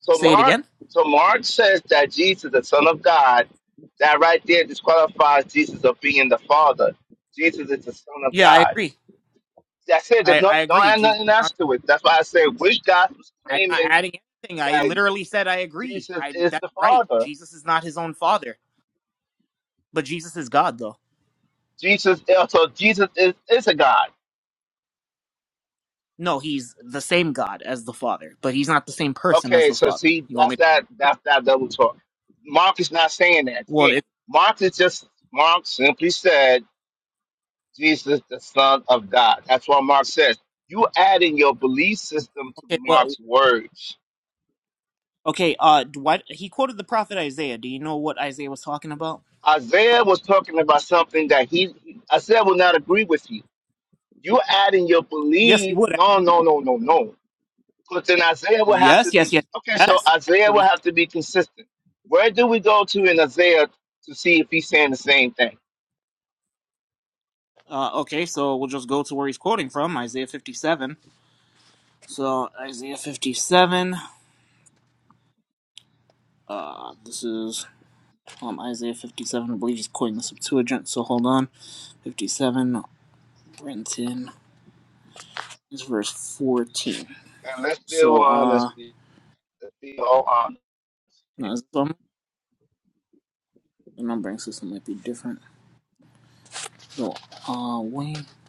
Speaker 11: So
Speaker 8: Say it
Speaker 11: Mark,
Speaker 8: again.
Speaker 11: so Mark says that Jesus is the Son of God. That right there disqualifies Jesus of being the Father. Jesus is the Son of
Speaker 8: Yeah, I
Speaker 11: God.
Speaker 8: agree.
Speaker 11: That's it. There's
Speaker 8: I
Speaker 11: no,
Speaker 8: I
Speaker 11: don't
Speaker 8: agree.
Speaker 11: add
Speaker 8: Jesus.
Speaker 11: nothing
Speaker 8: I'm
Speaker 11: else to it. That's why I say which gospel's
Speaker 8: I'm not
Speaker 11: claiming
Speaker 8: adding anything. I
Speaker 11: that
Speaker 8: literally said I agree.
Speaker 11: Jesus
Speaker 8: I
Speaker 11: is
Speaker 8: that's
Speaker 11: the
Speaker 8: right.
Speaker 11: Father.
Speaker 8: Jesus is not his own father, but Jesus is God though.
Speaker 11: Jesus, yeah, so Jesus is, is a God.
Speaker 8: No, he's the same God as the Father, but he's not the same person as
Speaker 11: Okay,
Speaker 8: the
Speaker 11: so
Speaker 8: Father.
Speaker 11: see,
Speaker 8: You want
Speaker 11: that's
Speaker 8: me
Speaker 11: that
Speaker 8: to?
Speaker 11: that's that double talk. Mark is not saying that.
Speaker 8: Well,
Speaker 11: Yeah,
Speaker 8: it,
Speaker 11: Mark is just Mark simply said Jesus the Son of God. That's what Mark says. You adding your belief system to
Speaker 8: okay. Well,
Speaker 11: Mark's words.
Speaker 8: okay. Uh, what he quoted the prophet Isaiah. Do you know what Isaiah was talking about?
Speaker 11: Isaiah was talking about something that he Isaiah will not agree with you. You adding your
Speaker 8: Yes, he
Speaker 11: belief.
Speaker 8: would.
Speaker 11: No, no, no, no, no. But then Isaiah will have to
Speaker 8: Yes,
Speaker 11: be
Speaker 8: yes, yes,
Speaker 11: okay. So
Speaker 8: yes.
Speaker 11: Isaiah will
Speaker 8: Actually,
Speaker 11: have to be consistent. Where do we go to in Isaiah to see if he's saying the same thing?
Speaker 8: uh, okay. So we'll just go to where he's quoting from, Isaiah 57. So Isaiah 57. Uh, this is um Isaiah 57. I believe he's quoting the Septuagint. So hold on, 57. Brenton is verse 14.
Speaker 11: Now let's be
Speaker 8: So
Speaker 11: honest.
Speaker 8: uh,
Speaker 11: Let's be all honest. here.
Speaker 8: no, is this one- the numbering system might be different. So uh, wait, how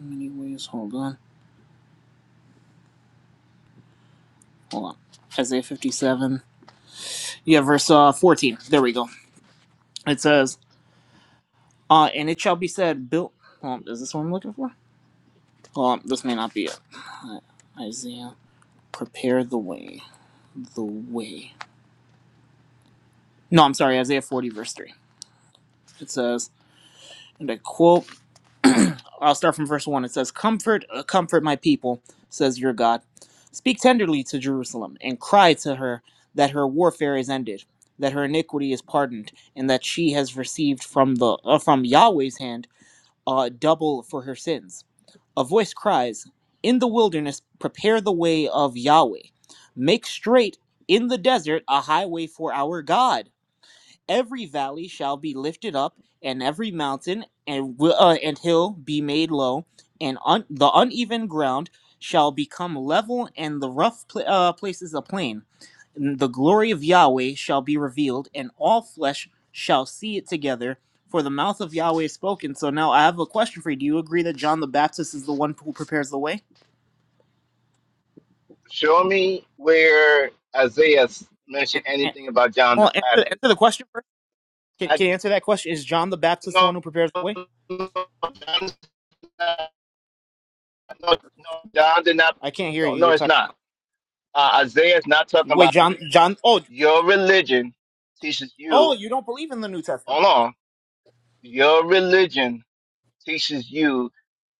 Speaker 8: many ways? Hold on, hold on. Isaiah 57. Yeah, verse uh 14. There we go. It says. Uh, and it shall be said, built. Um, is this what I'm looking for? Um, this may not be it. Uh, Isaiah, prepare the way. The way. No, I'm sorry, Isaiah 40, verse 3. It says, and I quote, I'll start from verse 1. It says, Comfort, uh, comfort my people, says your God. Speak tenderly to Jerusalem and cry to her that her warfare is ended, that her iniquity is pardoned, and that she has received from the uh, from Yahweh's hand uh, double for her sins A voice cries, In the wilderness, prepare the way of Yahweh. Make straight in the desert a highway for our God every valley shall be lifted up, and every mountain and wi- uh, and hill be made low, and un- the uneven ground shall become level, and the rough pla- uh, places a plain. And the glory of Yahweh shall be revealed, and all flesh shall see it together. For the mouth of Yahweh is spoken. So now I have a question for you. Do you agree that John the Baptist is the one who prepares the way?
Speaker 11: Show me where Isaiah mentioned
Speaker 8: And, and,
Speaker 11: anything about John the
Speaker 8: well, answer, answer
Speaker 11: Baptist.
Speaker 8: the question first. Can,
Speaker 11: I
Speaker 8: can you answer that question? Is John the Baptist the
Speaker 11: no,
Speaker 8: one who prepares the
Speaker 11: no,
Speaker 8: way?
Speaker 11: no, John, no, no, John did not.
Speaker 8: I can't hear
Speaker 11: No,
Speaker 8: you.
Speaker 11: no,
Speaker 8: You're
Speaker 11: it's
Speaker 8: cut.
Speaker 11: not. Uh, Isaiah is not talking
Speaker 8: Wait,
Speaker 11: about
Speaker 8: John, John. Oh,
Speaker 11: your religion teaches you.
Speaker 8: oh, you don't believe in the New
Speaker 11: Hold
Speaker 8: Testament?
Speaker 11: on. Your religion teaches you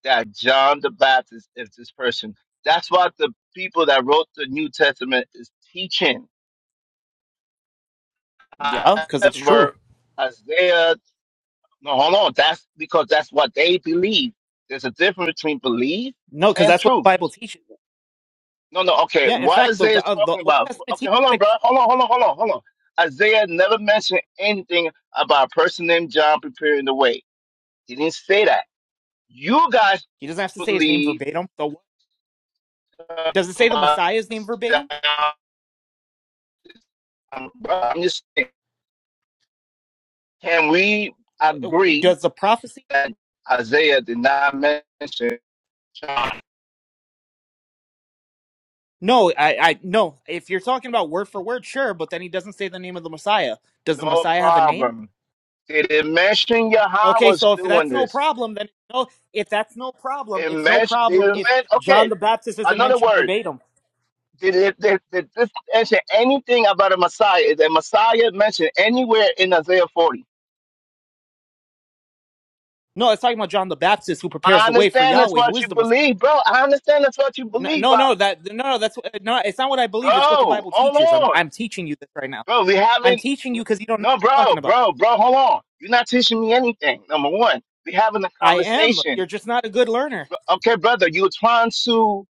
Speaker 11: that John the Baptist is this person. That's what the people that wrote the New Testament is teaching.
Speaker 8: Yeah, because it's true.
Speaker 11: However, Isaiah, no, hold on. That's because that's what they believe. There's a difference between belief
Speaker 8: No, because
Speaker 11: and
Speaker 8: that's what the
Speaker 11: truth.
Speaker 8: Bible teaches.
Speaker 11: No, no, okay.
Speaker 8: Yeah, in
Speaker 11: What
Speaker 8: fact, the
Speaker 11: Isaiah is
Speaker 8: uh, the
Speaker 11: talking
Speaker 8: Old
Speaker 11: about?
Speaker 8: Testament
Speaker 11: Okay,
Speaker 8: teaches
Speaker 11: hold on,
Speaker 8: that
Speaker 11: bro. Hold on, hold on, hold on, hold on. Isaiah never mentioned anything about a person named John preparing the way. He didn't say that. You guys
Speaker 8: he doesn't have to say his name
Speaker 11: believe
Speaker 8: verbatim. The does it say the Messiah's name verbatim?
Speaker 11: Um, but I'm just saying, can we
Speaker 8: W- w-
Speaker 11: agree
Speaker 8: Does the prophecy?
Speaker 11: that Isaiah did not mention John?
Speaker 8: No, I, I no. If you're talking about word for word, sure, but then he doesn't say the name of the Messiah. Does the
Speaker 11: No
Speaker 8: Messiah have a name?
Speaker 11: problem. They didn't mention Yahweh
Speaker 8: Okay,
Speaker 11: was
Speaker 8: so if
Speaker 11: doing
Speaker 8: that's no
Speaker 11: this.
Speaker 8: problem, then no. If that's no problem,
Speaker 11: It
Speaker 8: it's no
Speaker 11: mentioned, they
Speaker 8: problem
Speaker 11: didn't
Speaker 8: if
Speaker 11: men-
Speaker 8: John
Speaker 11: okay,
Speaker 8: the Baptist isn't
Speaker 11: another
Speaker 8: mentioned
Speaker 11: word.
Speaker 8: verbatim.
Speaker 11: Did, it, did, did this mention anything about a Messiah? Is the Messiah mentioned anywhere in Isaiah 40?
Speaker 8: No, it's talking about John the Baptist who prepares
Speaker 11: I
Speaker 8: the way for
Speaker 11: understand that's
Speaker 8: Yahweh, who
Speaker 11: what you
Speaker 8: is the Messiah.
Speaker 11: believe, bro. I understand that's what you
Speaker 8: No,
Speaker 11: believe,
Speaker 8: no,
Speaker 11: but
Speaker 8: no, that no, no, that's no. It's not what I believe. It's what the
Speaker 11: bro,
Speaker 8: Bible
Speaker 11: hold
Speaker 8: teaches. I'm,
Speaker 11: on.
Speaker 8: I'm teaching you this right now.
Speaker 11: Bro, we
Speaker 8: I'm
Speaker 11: haven't.
Speaker 8: teaching you because you don't know
Speaker 11: No,
Speaker 8: what you're
Speaker 11: bro,
Speaker 8: talking about.
Speaker 11: bro, bro, hold on. You're not teaching me anything. Number one, we're having a
Speaker 8: I am.
Speaker 11: conversation.
Speaker 8: You're just not a good learner.
Speaker 11: Okay, brother, you're trying to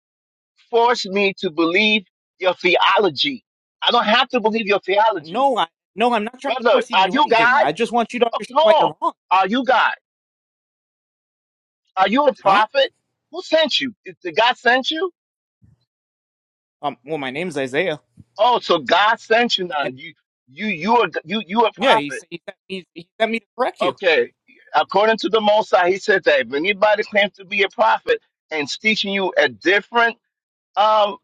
Speaker 11: force me to believe your theology. I don't have to believe your theology.
Speaker 8: No, I, no, I'm not trying to
Speaker 11: Brother,
Speaker 8: force you to
Speaker 11: are
Speaker 8: do
Speaker 11: you
Speaker 8: anything.
Speaker 11: God?
Speaker 8: I just want you to
Speaker 11: Okay,
Speaker 8: understand why
Speaker 11: hold on.
Speaker 8: you're wrong,
Speaker 11: Are you God? Are you a
Speaker 8: huh?
Speaker 11: prophet? Who sent you? Did did God sent you?
Speaker 8: Um. Well, my name's Isaiah,
Speaker 11: Oh, so God sent you now.
Speaker 8: and
Speaker 11: You you you are you you a
Speaker 8: yeah, he
Speaker 11: prophet.
Speaker 8: s- he sent me, he sent me to correct you.
Speaker 11: Okay, according to the Most High, he said that if anybody claims to be a prophet and is teaching you a different um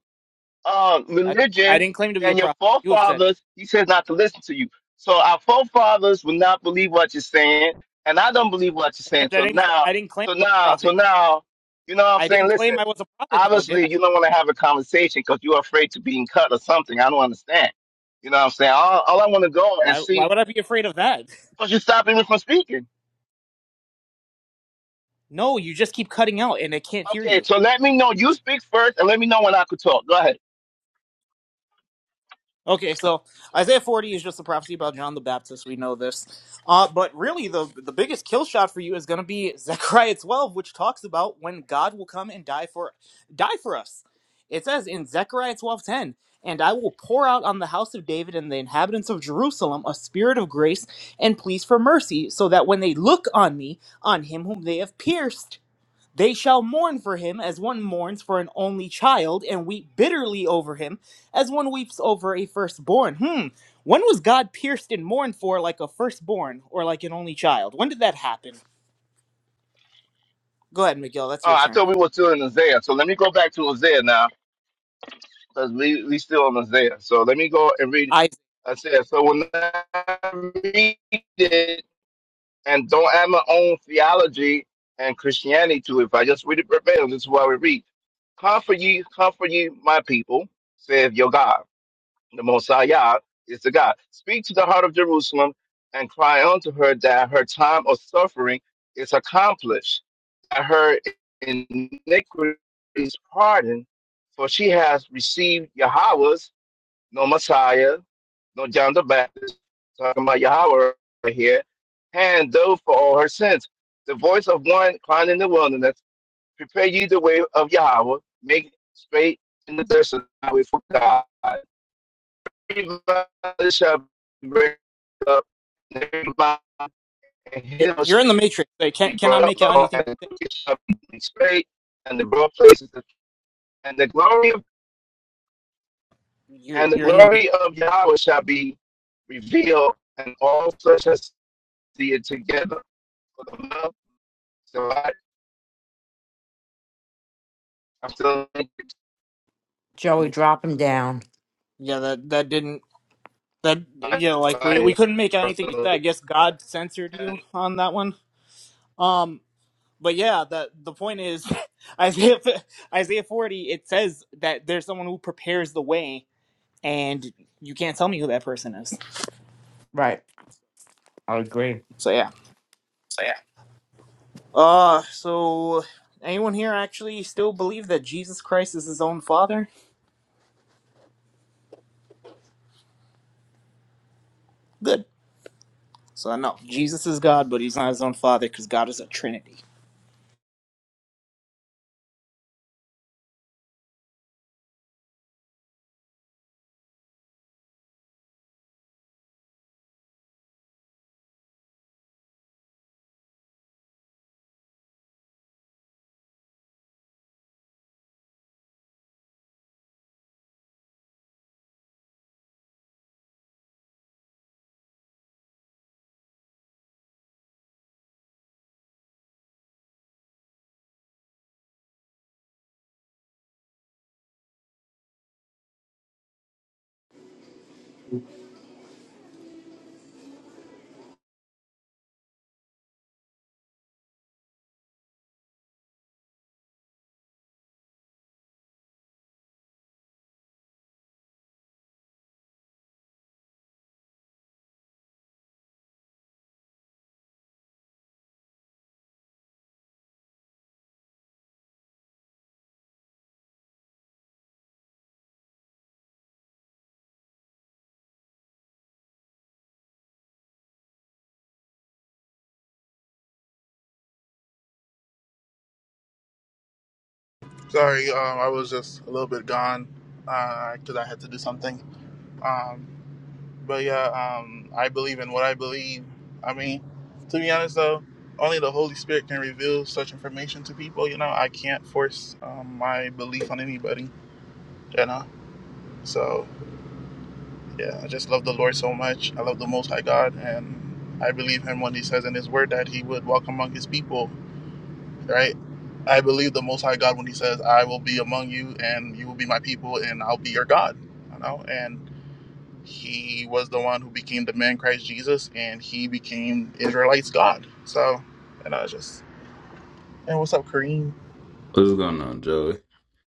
Speaker 11: uh,
Speaker 8: I didn't, I
Speaker 11: religion
Speaker 8: didn't claim to be a
Speaker 11: than your
Speaker 8: prophet. You have said,
Speaker 11: forefathers, he says not to listen to you. So our forefathers will not believe what you're saying, and I don't believe what you're saying.
Speaker 8: except I
Speaker 11: So
Speaker 8: didn't, cl-
Speaker 11: now,
Speaker 8: I didn't claim
Speaker 11: so
Speaker 8: I was a
Speaker 11: now, so
Speaker 8: prophet.
Speaker 11: now, you know what I'm
Speaker 8: I
Speaker 11: saying?
Speaker 8: didn't claim
Speaker 11: Listen,
Speaker 8: I was a prophet, though, did I?
Speaker 11: obviously you don't want to have a conversation because you're afraid to being cut or something. I don't understand. You know what I'm saying? All, all I want to go and
Speaker 8: Why, why
Speaker 11: see
Speaker 8: would I be afraid of that?
Speaker 11: because you stop me from speaking.
Speaker 8: No, you just keep cutting out and I can't hear
Speaker 11: Okay,
Speaker 8: you.
Speaker 11: so let me know. You speak first, and let me know when I could talk. Go ahead.
Speaker 8: Okay, so Isaiah 40 is just a prophecy about John the Baptist. We know this. Uh, but really, the, the biggest kill shot for you is going to be [laughs] Zechariah 12, which talks about when God will come and die for die for us. It says in Zechariah 12:10, "And I will pour out on the house of David and the inhabitants of Jerusalem a spirit of grace and pleas for mercy, so that when they look on me, on him whom they have pierced, They shall mourn for him as one mourns for an only child, and weep bitterly over him as one weeps over a firstborn. Hmm. When was God pierced and mourned for like a firstborn or like an only child? When did that happen? Go ahead, Miguel. That's your
Speaker 11: Uh, I
Speaker 8: turn.
Speaker 11: told we were still in Isaiah, so let me go back to Isaiah now, because we we still in Isaiah. So let me go and read
Speaker 8: I,
Speaker 11: Isaiah. So when I read it, and don't add my own theology and Christianity to it, if I just read it verbatim, this is what we read. Comfort ye, comfort ye, my people, saith your God. the Mosiah is the God. Speak to the heart of Jerusalem and cry unto her that her time of suffering is accomplished, that her iniquity is pardoned, for she has received Yahweh's, no Messiah, no John the Baptist, talking about Yahweh right here, hand though for all her sins. The voice of one crying in the wilderness, prepare ye the way of Yahweh, make straight in the desert the highway for God violence shall be break up, and every lie and
Speaker 8: you're
Speaker 11: hidden shall
Speaker 8: you're in the matrix. I can't
Speaker 11: be
Speaker 8: cannot
Speaker 11: brought up,
Speaker 8: make out
Speaker 11: Lord,
Speaker 8: anything.
Speaker 11: and the crooked shall be straight, and the broad places, and the glory of
Speaker 8: You're
Speaker 11: and the
Speaker 8: you're in the matrix.
Speaker 11: glory of Yahweh shall be revealed, and all flesh shall see it together. For the mouth shall lie- I'm still
Speaker 10: Joey,
Speaker 8: Yeah,
Speaker 10: drop him down.
Speaker 8: yeah, that that didn't that yeah. Like we
Speaker 11: lying.
Speaker 8: we couldn't make out anything you said. I guess God censored you on that one. Um. but yeah, the the point is [laughs] Isaiah Isaiah 40 it says that there's someone who prepares the way and you can't tell me who that person is.
Speaker 10: Right. I agree.
Speaker 8: So yeah. Uh so anyone here actually still believe that Jesus Christ is his own father? Good. So no, Jesus is God, but he's not his own father cuz God is a trinity.
Speaker 1: Sorry, um, I was just a little bit gone because I had to do something. Um, but yeah, um, I believe in what I believe. I mean, to be honest though, only the Holy Spirit can reveal such information to people. You know, I can't force um, my belief on anybody. You know, so yeah, I just love the Lord so much. I love the Most High God, and I believe Him when He says in His Word that He would walk among His people right? I believe the Most High God when He says, "I will be among you, and you will be my people, and I'll be your God." You know, and He was the one who became the man Christ Jesus, and He became Israelites' God. So, and I was just, and what's up, Kareem?
Speaker 12: What's going on, Joey?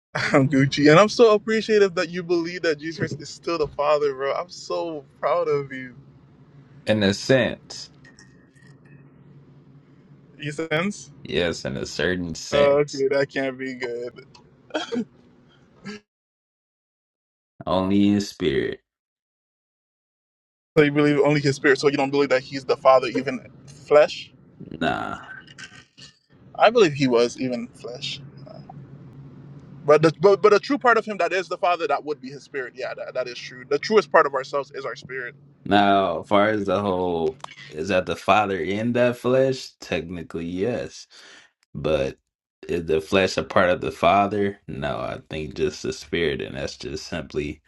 Speaker 1: [laughs] I'm Gucci, and I'm so appreciative that you believe that Jesus Christ is still the Father, bro. I'm so proud of you.
Speaker 12: In a sense,
Speaker 1: You sense?
Speaker 12: yes, in a certain
Speaker 1: Uh,
Speaker 12: sense,
Speaker 1: okay, that can't be good.
Speaker 12: only in spirit.
Speaker 1: So you believe only His Spirit, so you don't believe that He's the Father, even flesh.
Speaker 12: Nah.
Speaker 1: I believe He was even flesh. But the but, but the true part of him that is the Father, that would be his spirit. Yeah, that, that is true. The truest part of ourselves is our spirit.
Speaker 12: Now, as far as the whole, is that the Father in that flesh? Technically, yes. But is the flesh a part of the Father? No, I think just the spirit, and that's just simply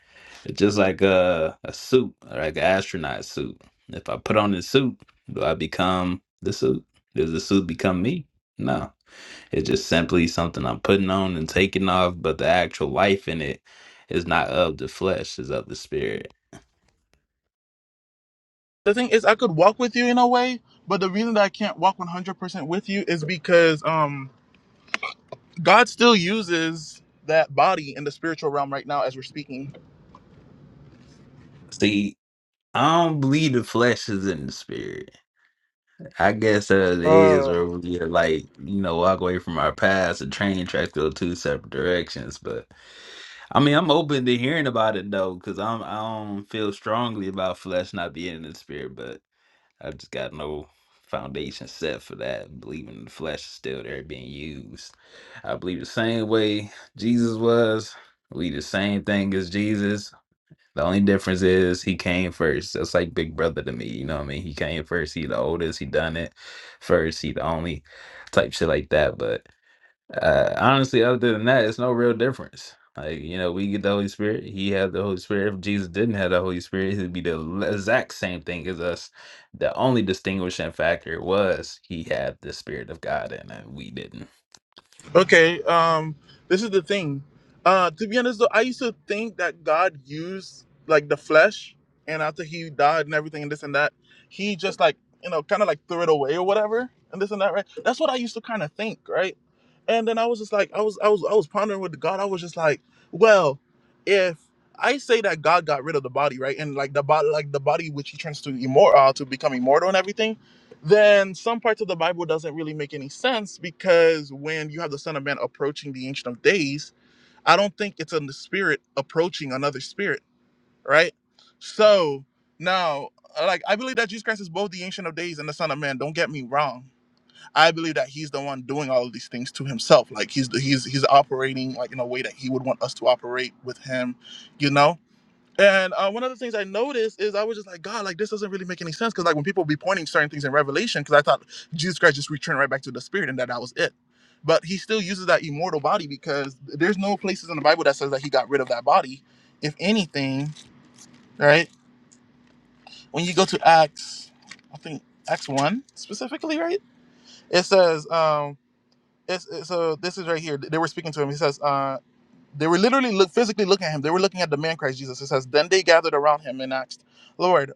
Speaker 12: it's just like a a suit, like an astronaut suit. If I put on this suit, do I become the suit? Does the suit become me? No. It's just simply something I'm putting on and taking off, but the actual life in it is not of the flesh, is of the spirit.
Speaker 1: The thing is I could walk with you in a way, but the reason that I can't walk one hundred percent with you is because um God still uses that body in the spiritual realm right now as we're speaking.
Speaker 12: See, I don't believe the flesh is in the spirit. I guess that it is,
Speaker 1: Uh,
Speaker 12: or we like, you know, walk away from our past. The train tracks go two separate directions. But I mean, I'm open to hearing about it though, because I'm I don't feel strongly about flesh not being in the spirit. But I just got no foundation set for that. Believing the flesh is still there being used. I believe the same way Jesus was. We the same thing as Jesus. The only difference is he came first. That's like big brother to me. You know what I mean? He came first. He the oldest. He done it first. He the only type shit like that. But uh, honestly, other than that, it's no real difference. Like, you know, we get the Holy Spirit, he had the Holy Spirit. If Jesus didn't have the Holy Spirit, he'd be the l- exact same thing as us. The only distinguishing factor was he had the Spirit of God in it. We didn't.
Speaker 1: Okay, um, this is the thing. Uh, to be honest, though, I used to think that God used like the flesh, and after He died and everything and this and that, He just like you know kind of like threw it away or whatever and this and that, right? That's what I used to kind of think, right? And then I was just like, I was, I was, I was pondering with God. I was just like, well, if I say that God got rid of the body, right, and like the body, like the body which He turns to immortal, uh, to become immortal and everything, then some parts of the Bible doesn't really make any sense because when you have the Son of Man approaching the Ancient of Days, I don't think it's in the spirit approaching another spirit, right? So now, like, I believe that Jesus Christ is both the Ancient of Days and the Son of Man. Don't get me wrong. I believe that He's the one doing all of these things to Himself. Like He's He's He's operating like in a way that He would want us to operate with Him, you know and uh, one of the things I noticed is I was just like, God, like this doesn't really make any sense. Because like when people be pointing certain things in Revelation, because I thought Jesus Christ just returned right back to the Spirit and that that was it. But he still uses that immortal body because there's no places in the Bible that says that he got rid of that body. If anything, right? When you go to Acts, I think Acts one specifically, right? It says, um, it's, it's, so this is right here. They were speaking to him. He says, uh, they were literally look physically looking at him. They were looking at the man Christ Jesus. It says, then they gathered around him and asked. Lord.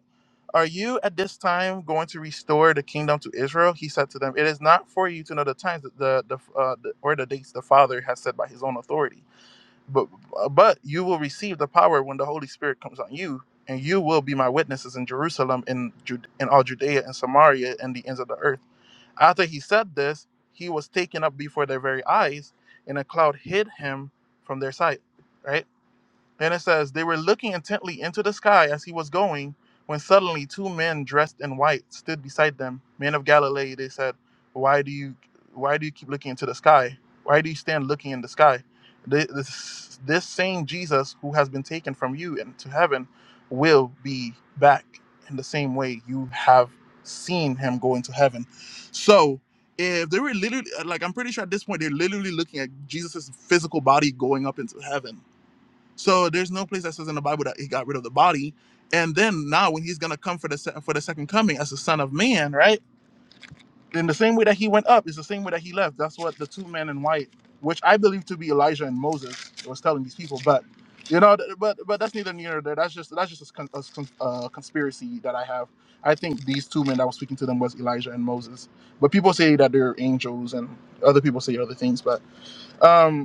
Speaker 1: Are you at this time going to restore the kingdom to Israel? He said to them, It is not for you to know the times that the, the, uh, the or the dates the Father has said by his own authority, but uh, but you will receive the power when the Holy Spirit comes on you, and you will be my witnesses in Jerusalem, in Jude- in all Judea and Samaria and the ends of the earth. After he said this, he was taken up before their very eyes, and a cloud hid him from their sight. Right? And it says, They were looking intently into the sky as he was going, when suddenly two men dressed in white stood beside them. Men of Galilee, they said, Why do you why do you keep looking into the sky? Why do you stand looking in the sky? Th- This, this same Jesus who has been taken from you into heaven will be back in the same way you have seen him go into heaven. So if they were literally like I'm pretty sure at this point they're literally looking at Jesus' physical body going up into heaven so there's no place that says in the Bible that he got rid of the body. And then now when he's gonna come for the se- for the second coming as the Son of Man, right? In the same way that he went up is the same way that he left. That's what the two men in white, which I believe to be Elijah and Moses, was telling these people. But you know, th- but but that's neither near nor there. That's just that's just a, con- a con- uh, conspiracy that I have. I think these two men that was speaking to them was Elijah and Moses. But people say that they're angels, and other people say other things. But um,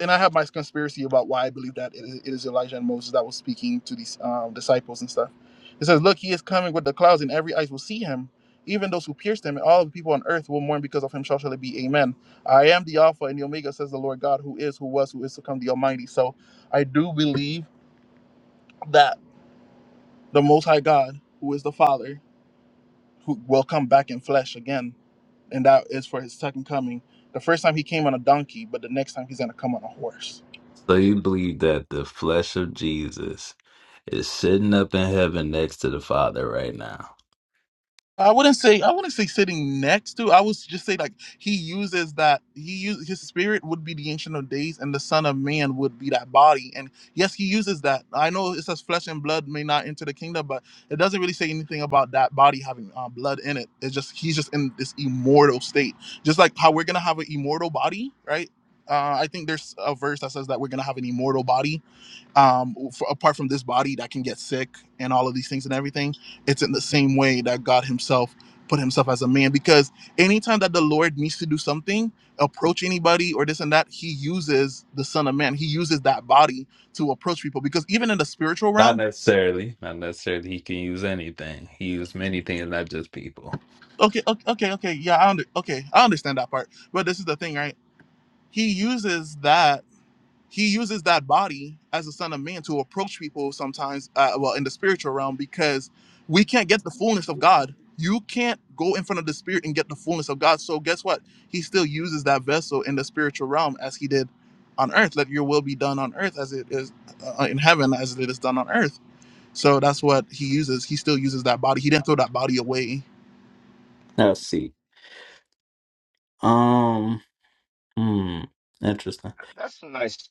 Speaker 1: and I have my conspiracy about why I believe that it is, it is Elijah and Moses that was speaking to these um, disciples and stuff. It says, "Look, he is coming with the clouds, and every eyes will see him. Even those who pierced him, and all the people on earth will mourn because of him. Shall shall it be? Amen. I am the Alpha and the Omega," says the Lord God, who is, who was, who is to come, the Almighty. So, I do believe that the Most High God, who is the Father, who will come back in flesh again, and that is for his second coming. The first time he came on a donkey, but the next time he's going to come on a horse
Speaker 12: So you believe that the flesh of Jesus is sitting up in heaven next to the Father right now.
Speaker 1: I wouldn't say I wouldn't say sitting next to. I would just say like he uses that he use his spirit would be the ancient of days, and the Son of Man would be that body. And yes, he uses that. I know it says flesh and blood may not enter the kingdom, but it doesn't really say anything about that body having uh, blood in it. It's just he's just in this immortal state, just like how we're gonna have an immortal body, right? Uh, I think there's a verse that says that we're gonna have an immortal body, um for, apart from this body that can get sick and all of these things and everything it's in the same way that god himself put himself as a man because anytime that the lord needs to do something approach anybody or this and that he uses the son of man he uses that body to approach people because even in the spiritual
Speaker 12: Not
Speaker 1: realm
Speaker 12: necessarily. Not necessarily he can use anything. He used many things, not just people.
Speaker 1: okay okay okay, okay yeah i under, okay i understand that part but this is the thing right he uses that he uses that body as a son of man to approach people sometimes uh, well in the spiritual realm because we can't get the fullness of god you can't go in front of the spirit and get the fullness of god so guess what he still uses that vessel in the spiritual realm as he did on earth let your will be done on earth as it is uh, in heaven as it is done on earth so that's what he uses he still uses that body he didn't throw that body away
Speaker 12: Let's see. Um, hmm, interesting.
Speaker 11: That's a nice.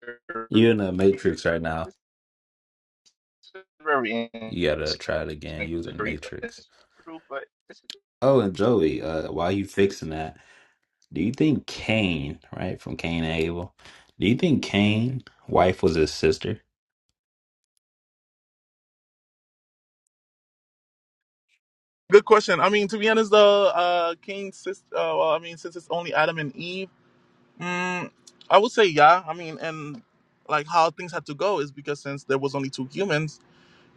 Speaker 11: It's
Speaker 12: You're in a matrix right now.
Speaker 11: very interesting
Speaker 12: You gotta try it again
Speaker 11: to
Speaker 12: using the
Speaker 11: read.
Speaker 12: matrix.
Speaker 11: It's true, but it's
Speaker 12: Oh, and Joey, uh, while you fixing that, do you think Cain, right, from Cain and Abel, do you think Cain' wife was his sister?
Speaker 1: Good question. I mean, to be honest, though, uh, King, sis, uh, well, I mean, since it's only Adam and Eve, mm, I would say yeah. I mean, and like how things had to go is because since there was only two humans,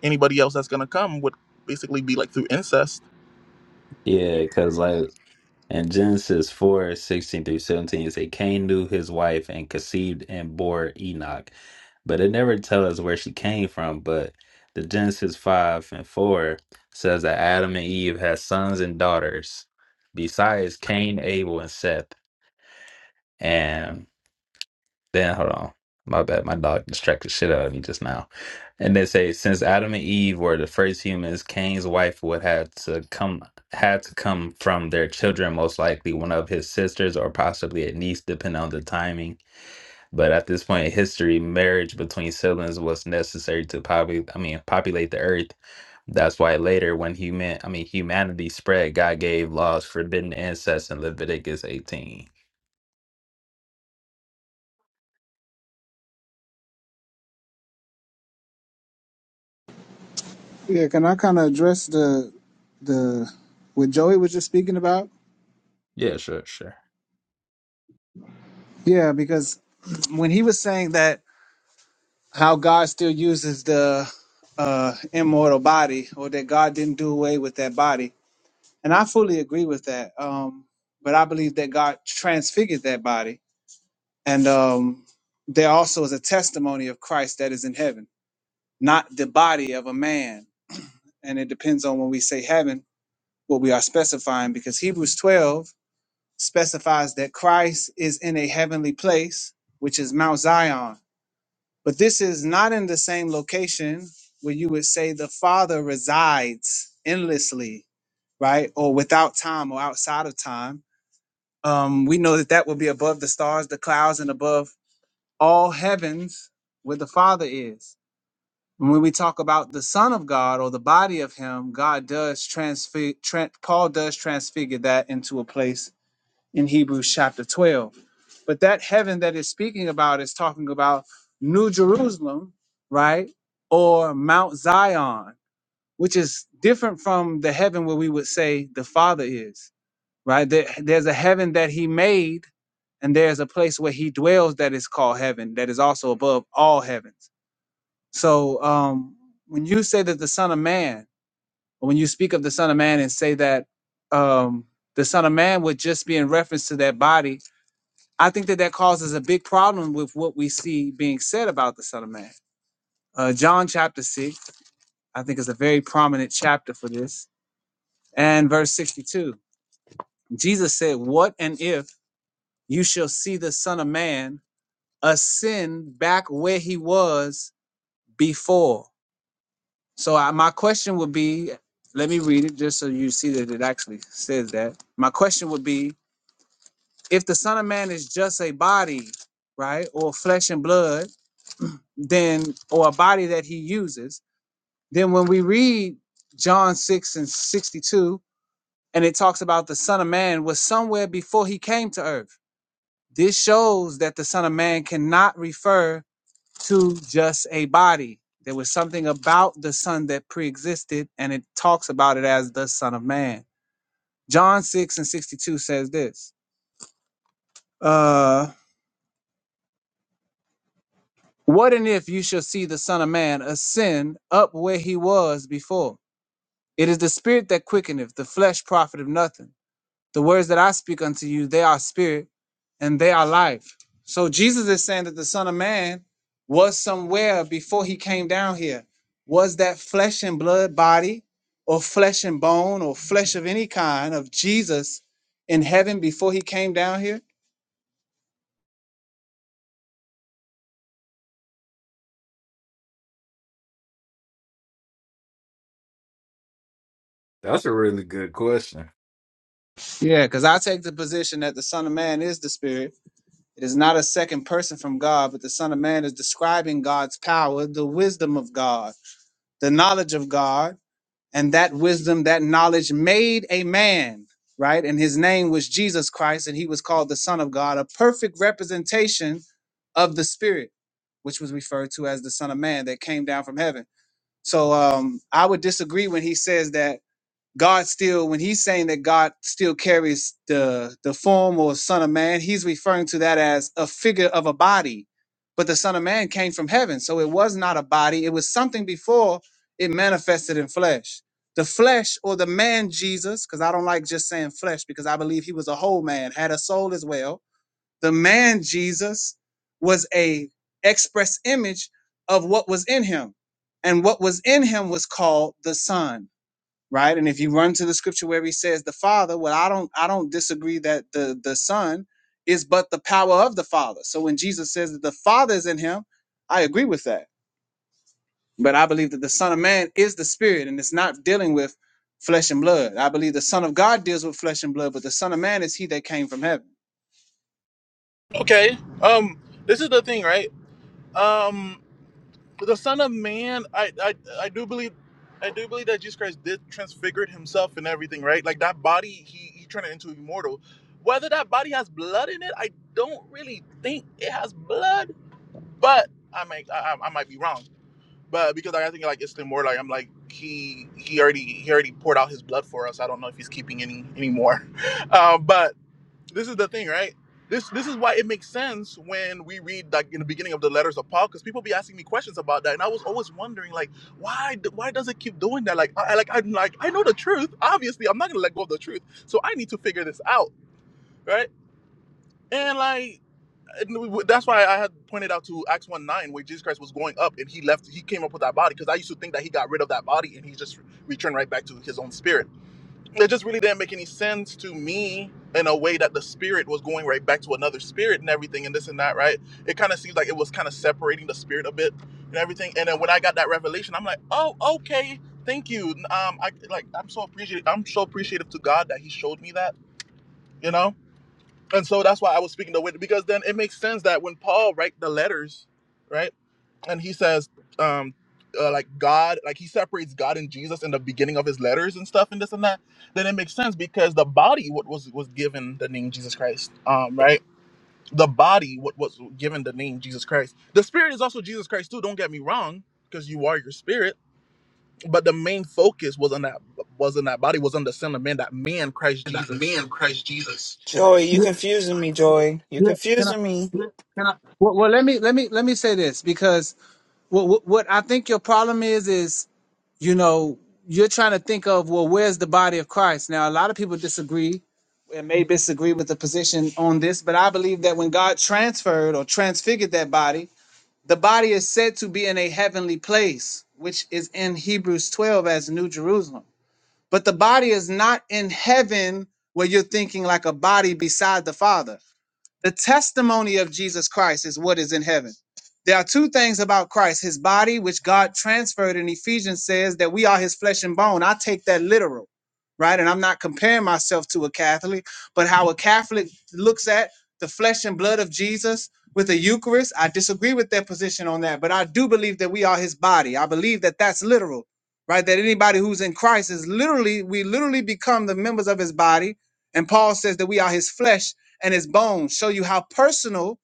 Speaker 1: anybody else that's gonna come would basically be like through incest.
Speaker 12: Yeah, because like In Genesis 4 16 through 17, it says, Cain knew his wife and conceived and bore Enoch. But it never tells us where she came from. But the Genesis 5 and 4 says that Adam and Eve had sons and daughters, besides Cain, Abel, and Seth. Then hold on. My bad. My dog distracted the shit out of me just now. And they say since Adam and Eve were the first humans, Cain's wife would have to come had to come from their children, most likely one of his sisters or possibly a niece, depending on the timing. But at this point in history, marriage between siblings was necessary to populate I mean populate the earth. That's why later when human I mean humanity spread, God gave laws forbidding incest in Leviticus 18.
Speaker 13: Yeah, can I kind of address the the what Joey was just speaking about?
Speaker 12: Yeah, sure, sure.
Speaker 13: Yeah, because when he was saying that how God still uses the uh immortal body or that God didn't do away with that body. And I fully agree with that. Um but I believe that God transfigured that body and um there also is a testimony of Christ that is in heaven, not the body of a man. And it depends on when we say heaven what we are specifying because Hebrews 12 specifies that Christ is in a heavenly place, which is Mount Zion. But this is not in the same location where you would say the Father resides endlessly, right? Or without time or outside of time. Um, we know that that will be above the stars, the clouds, and above all heavens where the Father is. And when we talk about the Son of God or the body of Him, God does transfigure, Paul does transfigure that into a place in Hebrews chapter 12. But that heaven that it's speaking about is talking about New Jerusalem, right? Or Mount Zion, which is different from the heaven where we would say the Father is, right? There, there's a heaven that He made, and there's a place where He dwells that is called heaven, that is also above all heavens. So um, when you say that the Son of Man, or when you speak of the Son of Man and say that um, the Son of Man would just be in reference to that body I think that that causes a big problem with what we see being said about the Son of Man. Uh, John chapter 6, I think, is a very prominent chapter for this. And verse 62, Jesus said, What and if you shall see the Son of Man ascend back where he was before? So I, my question would be let me read it just so you see that it actually says that. My question would be if the Son of Man is just a body, right, or flesh and blood then or a body that he uses then when we read john 6 and 62 and it talks about the son of man was somewhere before he came to earth this shows that the son of man cannot refer to just a body there was something about the son that preexisted and it talks about it as the son of man john 6 and 62 says this uh what and if you shall see the son of man ascend up where he was before It is the spirit that quickeneth, the flesh profiteth nothing. The words that I speak unto you, they are spirit and they are life. So Jesus is saying that the Son of Man was somewhere before he came down here. Was that flesh and blood body or flesh and bone or flesh of any kind of Jesus in heaven before he came down here?
Speaker 12: That's a really good question.
Speaker 13: Yeah, because I take the position that the Son of Man is the Spirit. It is not a second person from God, but the Son of Man is describing God's power, the wisdom of God the knowledge of God, and that wisdom, that knowledge made a man, right? And his name was Jesus Christ, and he was called the Son of God, a perfect representation of the Spirit, which was referred to as the Son of Man that came down from heaven. So um, I would disagree when he says that God still, when he's saying that God still carries the the form or Son of Man, he's referring to that as a figure of a body. But the Son of Man came from heaven, so it was not a body. It was something before it manifested in flesh. The flesh or the man Jesus, because I don't like just saying flesh, because I believe he was a whole man, had a soul as well. The man Jesus was a express image of what was in him, and what was in him was called the Son right? And if you run to the scripture where he says the Father, well, I don't I don't disagree that the the Son is but the power of the Father. So when Jesus says that the Father is in him, I agree with that. But I believe that the Son of Man is the Spirit, and it's not dealing with flesh and blood. I believe the Son of God deals with flesh and blood, but the Son of Man is he that came from heaven.
Speaker 1: Okay. Um, this is the thing, right? Um, the Son of Man, I, I, I do believe, I do believe that Jesus Christ did transfigured himself and everything, right? Like that body, he he turned it into immortal. Whether that body has blood in it, I don't really think it has blood, but I might, I, I I might be wrong. But because I think like it's immortal, like, I'm like he he already he already poured out his blood for us. I don't know if he's keeping any anymore, [laughs] um, but this is the thing, right? This this is why it makes sense when we read like in the beginning of the letters of Paul, because people be asking me questions about that, and I was always wondering like, why d- why does it keep doing that? Like I like I'm like I know the truth. Obviously, I'm not gonna let go of the truth, so I need to figure this out, right? And like and w- w- that's why I had pointed out to Acts one nine where Jesus Christ was going up and he left, he came up with that body because I used to think that he got rid of that body and he just returned right back to his own spirit it just really didn't make any sense to me in a way that the spirit was going right back to another spirit and everything and this and that, right? It kind of seems like it was kind of separating the spirit a bit and everything. And then when I got that revelation, I'm like, oh, okay, thank you. Um, I like I'm so appreciative. I'm so appreciative to God that He showed me that, you know. And so that's why I was speaking the way because then it makes sense that when Paul write the letters, right? and he says um uh, like god like he separates god and jesus in the beginning of his letters and stuff and this and that then it makes sense because the body what was was given the name jesus christ um right the body what was given the name jesus christ the spirit is also jesus christ too don't get me wrong because you are your spirit but the main focus was on that was on that body was on the son of man that man christ jesus
Speaker 14: Joy, you confusing me, Joy. You
Speaker 13: Yeah. can I?
Speaker 14: confusing me,
Speaker 13: Well, well, let me let me let me say this because what, what what I think your problem is is you know you're trying to think of well where's the body of Christ now a lot of people disagree and may disagree with the position on this but I believe that when God transferred or transfigured that body the body is said to be in a heavenly place which is in Hebrews 12 as New Jerusalem but the body is not in heaven where you're thinking like a body beside the Father the testimony of Jesus Christ is what is in heaven. There are two things about Christ his body, which God transferred in Ephesians, says that we are his flesh and bone. I take that literal, right? And I'm not comparing myself to a Catholic, but how a Catholic looks at the flesh and blood of Jesus with the Eucharist, I disagree with their position on that, but I do believe that we are his body. I believe that that's literal, right? That anybody who's in Christ is literally, we literally become the members of his body. And Paul says that we are his flesh and his bones show you how personal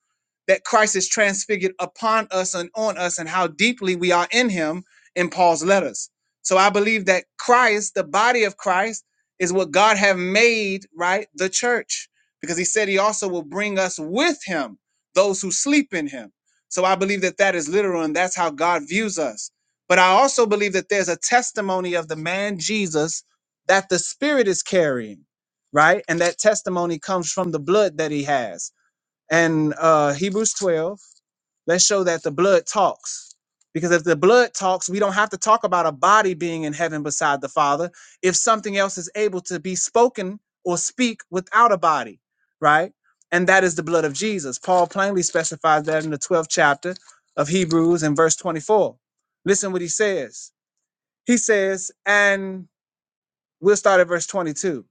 Speaker 13: that Christ is transfigured upon us and on us and how deeply we are in him in Paul's letters. So I believe that Christ, the body of Christ, is what God have made, right? The church. Because he said he also will bring us with him, those who sleep in him. So I believe that that is literal and that's how God views us. But I also believe that there's a testimony of the man Jesus that the Spirit is carrying right? And that testimony comes from the blood that he has. And uh, Hebrews 12, let's show that the blood talks. Because if the blood talks, we don't have to talk about a body being in heaven beside the Father if something else is able to be spoken or speak without a body, right? And that is the blood of Jesus. Paul plainly specifies that in the 12th chapter of Hebrews in verse 24. Listen what he says. He says, and we'll start at verse 22.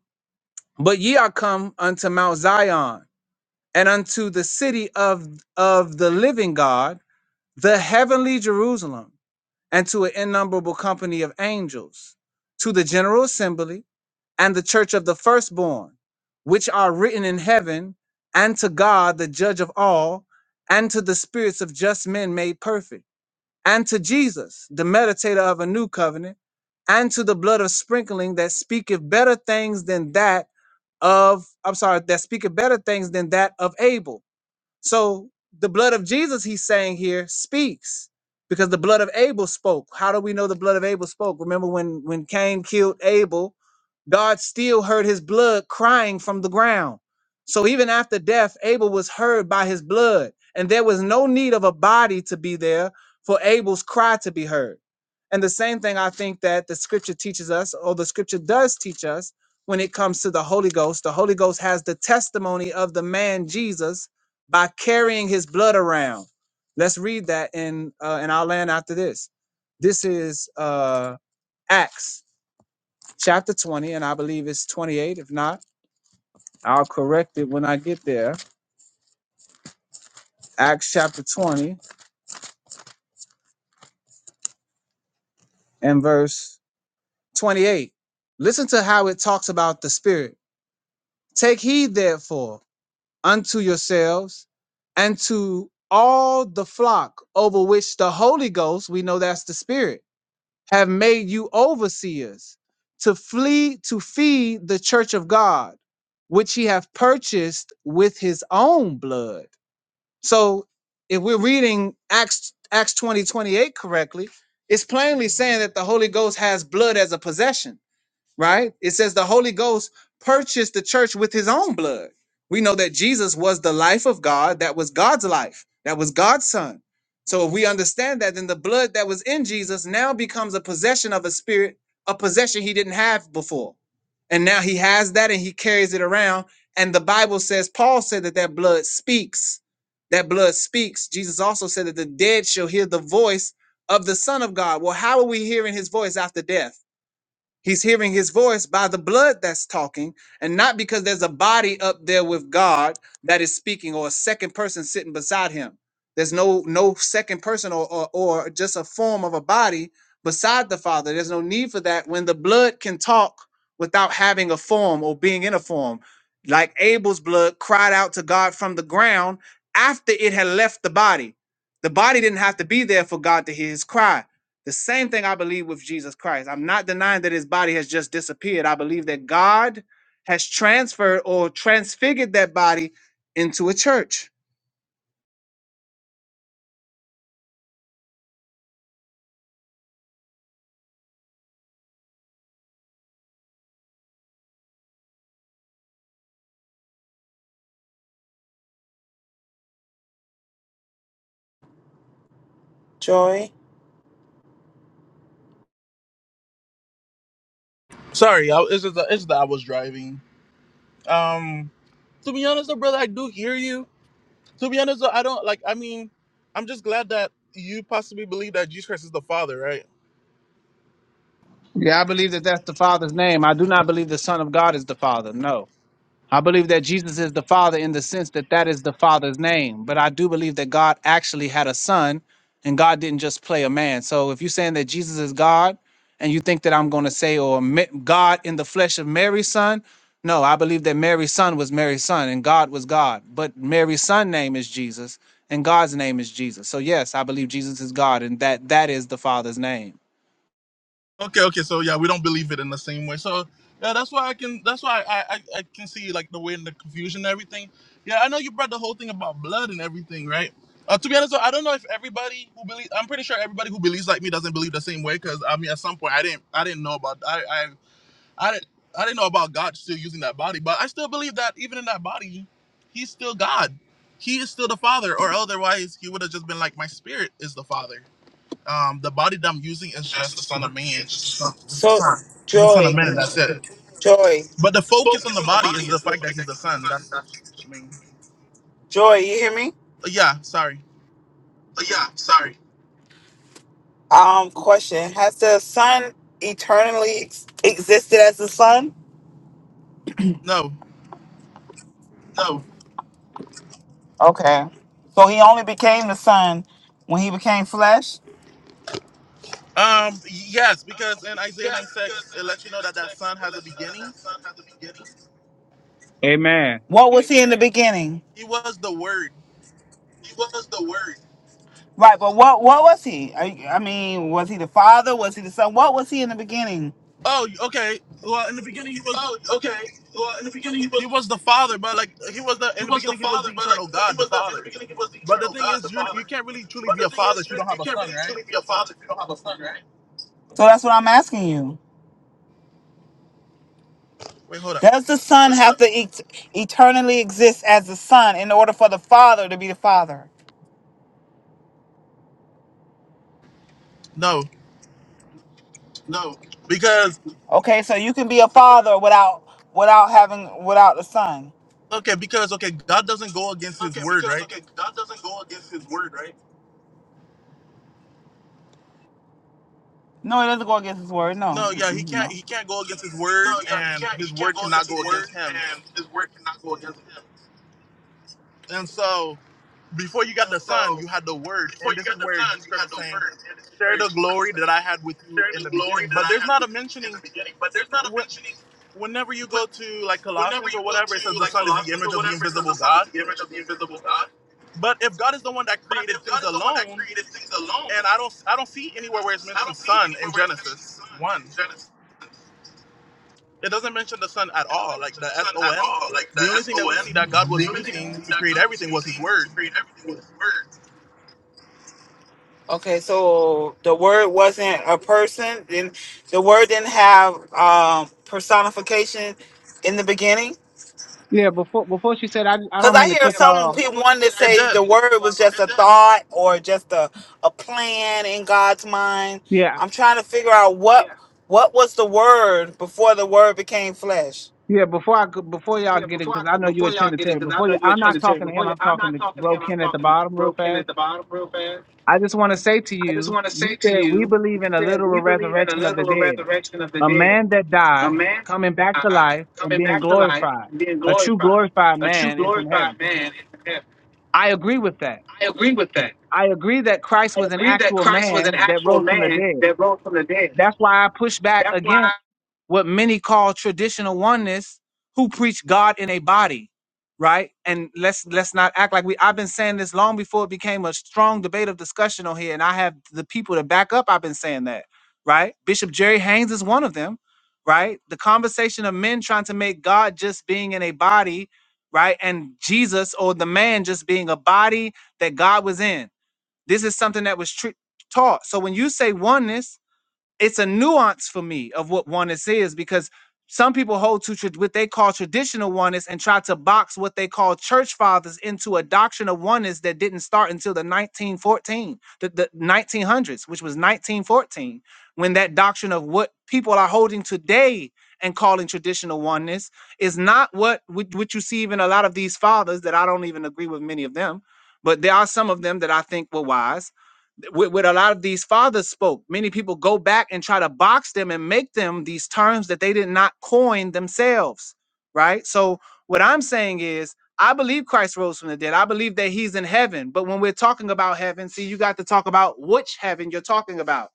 Speaker 13: But ye are come unto Mount Zion and unto the city of, of the living God, the heavenly Jerusalem, and to an innumerable company of angels, to the general assembly and the church of the firstborn, which are written in heaven, and to God, the judge of all, and to the spirits of just men made perfect, and to Jesus, the meditator of a new covenant, and to the blood of sprinkling that speaketh better things than that of I'm sorry, that speaketh better things than that of Abel. So the blood of Jesus, he's saying here, speaks because the blood of Abel spoke. How do we know the blood of Abel spoke? Remember when when Cain killed Abel, God still heard his blood crying from the ground. So even after death, Abel was heard by his blood, and there was no need of a body to be there for Abel's cry to be heard. And the same thing I think that the scripture teaches us, or the scripture does teach us when it comes to the Holy Ghost. The Holy Ghost has the testimony of the man Jesus by carrying his blood around. Let's read that in uh, in our land after this. This is uh, Acts chapter 20, and I believe it's 28. If not, I'll correct it when I get there. Acts chapter 20 and verse 28. Listen to how it talks about the Spirit. Take heed, therefore, unto yourselves and to all the flock over which the Holy Ghost, we know that's the Spirit have made you overseers to flee to feed the church of God, which he hath purchased with his own blood. So if we're reading Acts Acts 20 28 correctly, it's plainly saying that the Holy Ghost has blood as a possession right? It says the Holy Ghost purchased the church with his own blood. We know that Jesus was the life of God, that was God's life, that was God's son. So if we understand that, then the blood that was in Jesus now becomes a possession of a spirit, a possession he didn't have before. And now he has that and he carries it around. And the Bible says, Paul said that that blood speaks. That blood speaks. Jesus also said that the dead shall hear the voice of the Son of God. Well, how are we hearing his voice after death? He's hearing his voice by the blood that's talking, and not because there's a body up there with God that is speaking or a second person sitting beside him. There's no no second person or, or, or just a form of a body beside the Father. There's no need for that when the blood can talk without having a form or being in a form. Like Abel's blood cried out to God from the ground after it had left the body. The body didn't have to be there for God to hear his cry the same thing I believe with Jesus Christ. I'm not denying that his body has just disappeared. I believe that God has transferred or transfigured that body into a church.
Speaker 14: Joy.
Speaker 1: sorry I, it's just that- it's that i was driving um to be honest though brother i do hear you To be honest, though, I don't like. I mean, I'm just glad that you possibly believe that Jesus Christ is the Father, right?
Speaker 13: Yeah, I believe that that's the Father's name. I do not believe the Son of God is the Father. No. I believe that Jesus is the Father in the sense that that is the Father's name, but I do believe that God actually had a son and God didn't just play a man. So if you're saying that Jesus is God and you think that I'm going to say, or Ma- God in the flesh of Mary's son, no, I believe that Mary's son was Mary's son and God was God, but Mary's son name is Jesus and God's name is Jesus. So yes, I believe Jesus is God and that that is the Father's name.
Speaker 1: Okay, okay. So yeah, we don't believe it in the same way. So yeah, that's why I can. That's why I I, I can see like the way and the confusion and everything. Yeah, I know you brought the whole thing about blood and everything, right? Uh, to be honest, though, I don't know if everybody who believes. I'm pretty sure everybody who believes like me doesn't believe the same way. Because I mean, at some point, I didn't. I didn't know about. I I I didn't I didn't know about God still using that body, but I still believe that even in that body, he's still God. He is still the Father, or otherwise he would have just been like, My spirit is the Father. Um, the body that I'm using is just the Son of Man, just the Son, just the
Speaker 14: So,
Speaker 1: Son, just the Son of
Speaker 14: Joy,
Speaker 1: Man. That's it.
Speaker 14: Joy,
Speaker 1: But the focus on the body is the fact that he's the Son. That's the main.
Speaker 14: Joy. You hear me?
Speaker 1: uh, Yeah, sorry.
Speaker 14: Um, question: Has the Son eternally ex- existed as the Son?
Speaker 1: No.
Speaker 14: Okay. So he only became the Son when he became flesh.
Speaker 1: Um. Yes, because in Isaiah nine six, it lets you know that that Son has a beginning.
Speaker 13: Amen.
Speaker 14: What was he in the beginning?
Speaker 1: He was the Word.
Speaker 14: Right, but what what was he? I, I mean, was he the Father? Was he the Son? What was he in the beginning?
Speaker 1: Oh, okay. Well, in the beginning, he was. He was the Father, but like he was the in the beginning, he was the eternal God, the Father. But the thing is, you you can't really truly be a father if you don't have a son, right?
Speaker 14: So that's what I'm asking you.
Speaker 1: Wait, hold up.
Speaker 14: Does the Son have to et- eternally exist as the Son in order for the Father to be the Father?
Speaker 1: No, because
Speaker 14: Okay, so you can be a father without without having without the Son.
Speaker 1: okay, because okay, God doesn't go against His word, right?
Speaker 14: No, it doesn't go against His word. No,
Speaker 1: No, yeah, he
Speaker 14: Mm-mm,
Speaker 1: can't.
Speaker 14: no.
Speaker 1: He can't go against His word, and His word cannot go against Him. And so, before you got the Son, you had the Word, and this is where Jesus Christ was saying, "Share the glory that I had with you in the beginning." But there's not a mentioning. whenever you go to like Colossians or whatever, it says the Son is the image of the invisible God. But if God is the one that created things alone, and I don't I don't see anywhere where it's mentioned Son in Genesis one. It doesn't mention the Son at all, like the S O N. The only thing that we see that God was using to create everything was His Word.
Speaker 14: Okay, so the Word wasn't a person, and the Word didn't have um, personification in the beginning.
Speaker 13: Yeah, before before she said I I
Speaker 14: Cause
Speaker 13: don't
Speaker 14: I
Speaker 13: mean to
Speaker 14: hear
Speaker 13: cut y'all
Speaker 14: some
Speaker 13: off.
Speaker 14: people wanting to
Speaker 1: It
Speaker 14: say
Speaker 1: did.
Speaker 14: the word was just a thought or just a, a plan in God's mind.
Speaker 13: Yeah,
Speaker 14: I'm trying to figure out what what was the word before the word became flesh.
Speaker 13: Yeah, before I go- before y'all
Speaker 14: Yeah,
Speaker 13: get in,
Speaker 14: before I
Speaker 13: because I
Speaker 14: could,
Speaker 13: know you're a
Speaker 14: before y'all get it,
Speaker 13: Trinitarian.
Speaker 14: because I
Speaker 13: Before
Speaker 14: know
Speaker 13: you,
Speaker 14: you're a
Speaker 13: I'm not
Speaker 14: Trinitarian.
Speaker 13: talking to
Speaker 14: Before
Speaker 13: him.
Speaker 14: you,
Speaker 13: I'm
Speaker 14: I'm
Speaker 13: talking
Speaker 14: not
Speaker 13: to
Speaker 14: talking to
Speaker 13: Bro
Speaker 14: him. I'm
Speaker 13: Ken at the
Speaker 14: talking to
Speaker 13: bottom, real
Speaker 14: Bro Ken at
Speaker 13: fast.
Speaker 14: the bottom, real fast.
Speaker 13: I just want to say to
Speaker 14: I just
Speaker 13: you,
Speaker 14: want to
Speaker 13: you
Speaker 14: say to
Speaker 13: said we
Speaker 14: you, you
Speaker 13: believe in a
Speaker 14: said
Speaker 13: literal
Speaker 14: we believe in a
Speaker 13: resurrection of the
Speaker 14: literal
Speaker 13: dead,
Speaker 14: resurrection of the
Speaker 13: a
Speaker 14: dead,
Speaker 13: man that
Speaker 14: a
Speaker 13: died
Speaker 14: man
Speaker 13: coming back to
Speaker 14: uh,
Speaker 13: life and
Speaker 14: coming
Speaker 13: being
Speaker 14: back to life
Speaker 13: glorified.
Speaker 14: and being
Speaker 13: A true
Speaker 14: glorified,
Speaker 13: glorified
Speaker 14: a true
Speaker 13: man is in heaven.
Speaker 14: glorified man in heaven.
Speaker 13: I agree with that.
Speaker 14: I agree with that.
Speaker 13: I agree that Christ
Speaker 14: I
Speaker 13: was an
Speaker 14: agree that
Speaker 13: actual
Speaker 14: Christ was an
Speaker 13: man that
Speaker 14: actual
Speaker 13: rose from the
Speaker 14: man
Speaker 13: dead.
Speaker 14: that rose from the dead.
Speaker 13: That's why I push back
Speaker 14: That's
Speaker 13: against.
Speaker 14: why,
Speaker 13: what many call traditional oneness who preach God in a body, right? And let's let's not act like we I've been saying this long before it became a strong debate of discussion on here, and I have the people to back up I've been saying that, right? Bishop Jerry Haynes is one of them, right? The conversation of men trying to make God just being in a body, right? And Jesus or the man just being a body that God was in. This is something that was tr- taught. So when you say oneness, it's a nuance for me of what oneness is because some people hold to tra- what they call traditional oneness and try to box what they call church fathers into a doctrine of oneness that didn't start until the 1914, the, the 1900s, which was 1914, when that doctrine of what people are holding today and calling traditional oneness is not what what what you see even a lot of these fathers that I don't even agree with many of them, but there are some of them that I think were wise with what a lot of these fathers spoke. Many people go back and try to box them and make them these terms that they did not coin themselves, right? So what I'm saying is, I believe Christ rose from the dead. I believe that He's in heaven. But when we're talking about heaven, see, you got to talk about which heaven you're talking about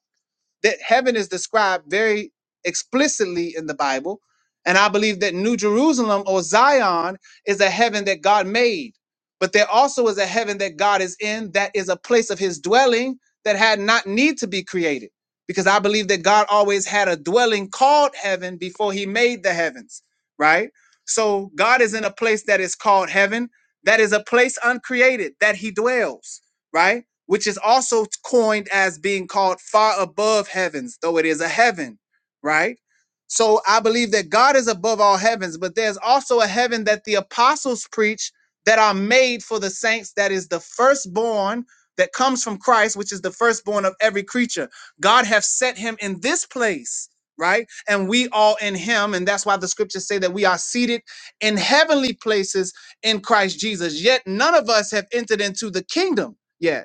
Speaker 13: that heaven is described very explicitly in the Bible. And I believe that New Jerusalem or Zion is a heaven that God made. But there also is a heaven that God is in that is a place of his dwelling that had not need to be created. Because I believe that God always had a dwelling called heaven before he made the heavens, right? So God is in a place that is called heaven, that is a place uncreated that he dwells, right? which is also coined as being called far above heavens, though it is a heaven, right? So I believe that God is above all heavens, but there's also a heaven that the apostles preach that are made for the saints, that is the firstborn that comes from Christ, which is the firstborn of every creature. God have set him in this place, right? And we all in him. And that's why the scriptures say that we are seated in heavenly places in Christ Jesus. Yet none of us have entered into the kingdom yet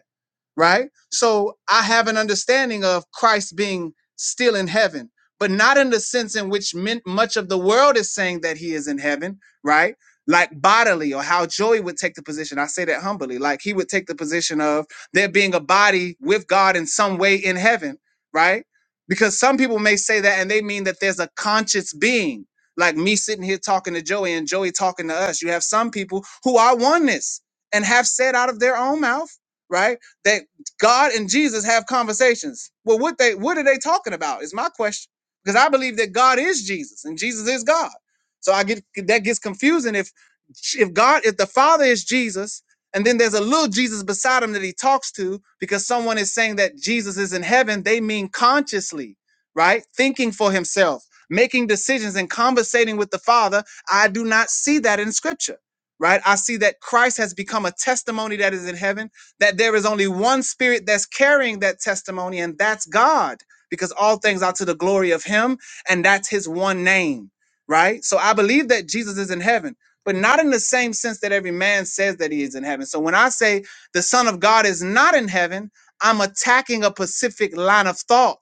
Speaker 13: right? So I have an understanding of Christ being still in heaven, but not in the sense in which men, much of the world is saying that he is in heaven, right? Like bodily, or how Joey would take the position. I say that humbly. Like he would take the position of there being a body with God in some way in heaven, right? Because some people may say that and they mean that there's a conscious being, like me sitting here talking to Joey and Joey talking to us. You have some people who are oneness and have said out of their own mouth, right? that. God and Jesus have conversations. Well, what they what are they talking about? Is my question. Because I believe that God is Jesus and Jesus is God. So I get that gets confusing if if God if the Father is Jesus and then there's a little Jesus beside him that he talks to because someone is saying that Jesus is in heaven, they mean consciously, right? Thinking for himself, making decisions and conversating with the Father. I do not see that in scripture. Right? I see that Christ has become a testimony that is in heaven that there is only one spirit that's carrying that testimony, and that's God, because all things are to the glory of Him, and that's His one name, right? So I believe that Jesus is in heaven, but not in the same sense that every man says that he is in heaven. So when I say the Son of God is not in heaven, I'm attacking a specific line of thought.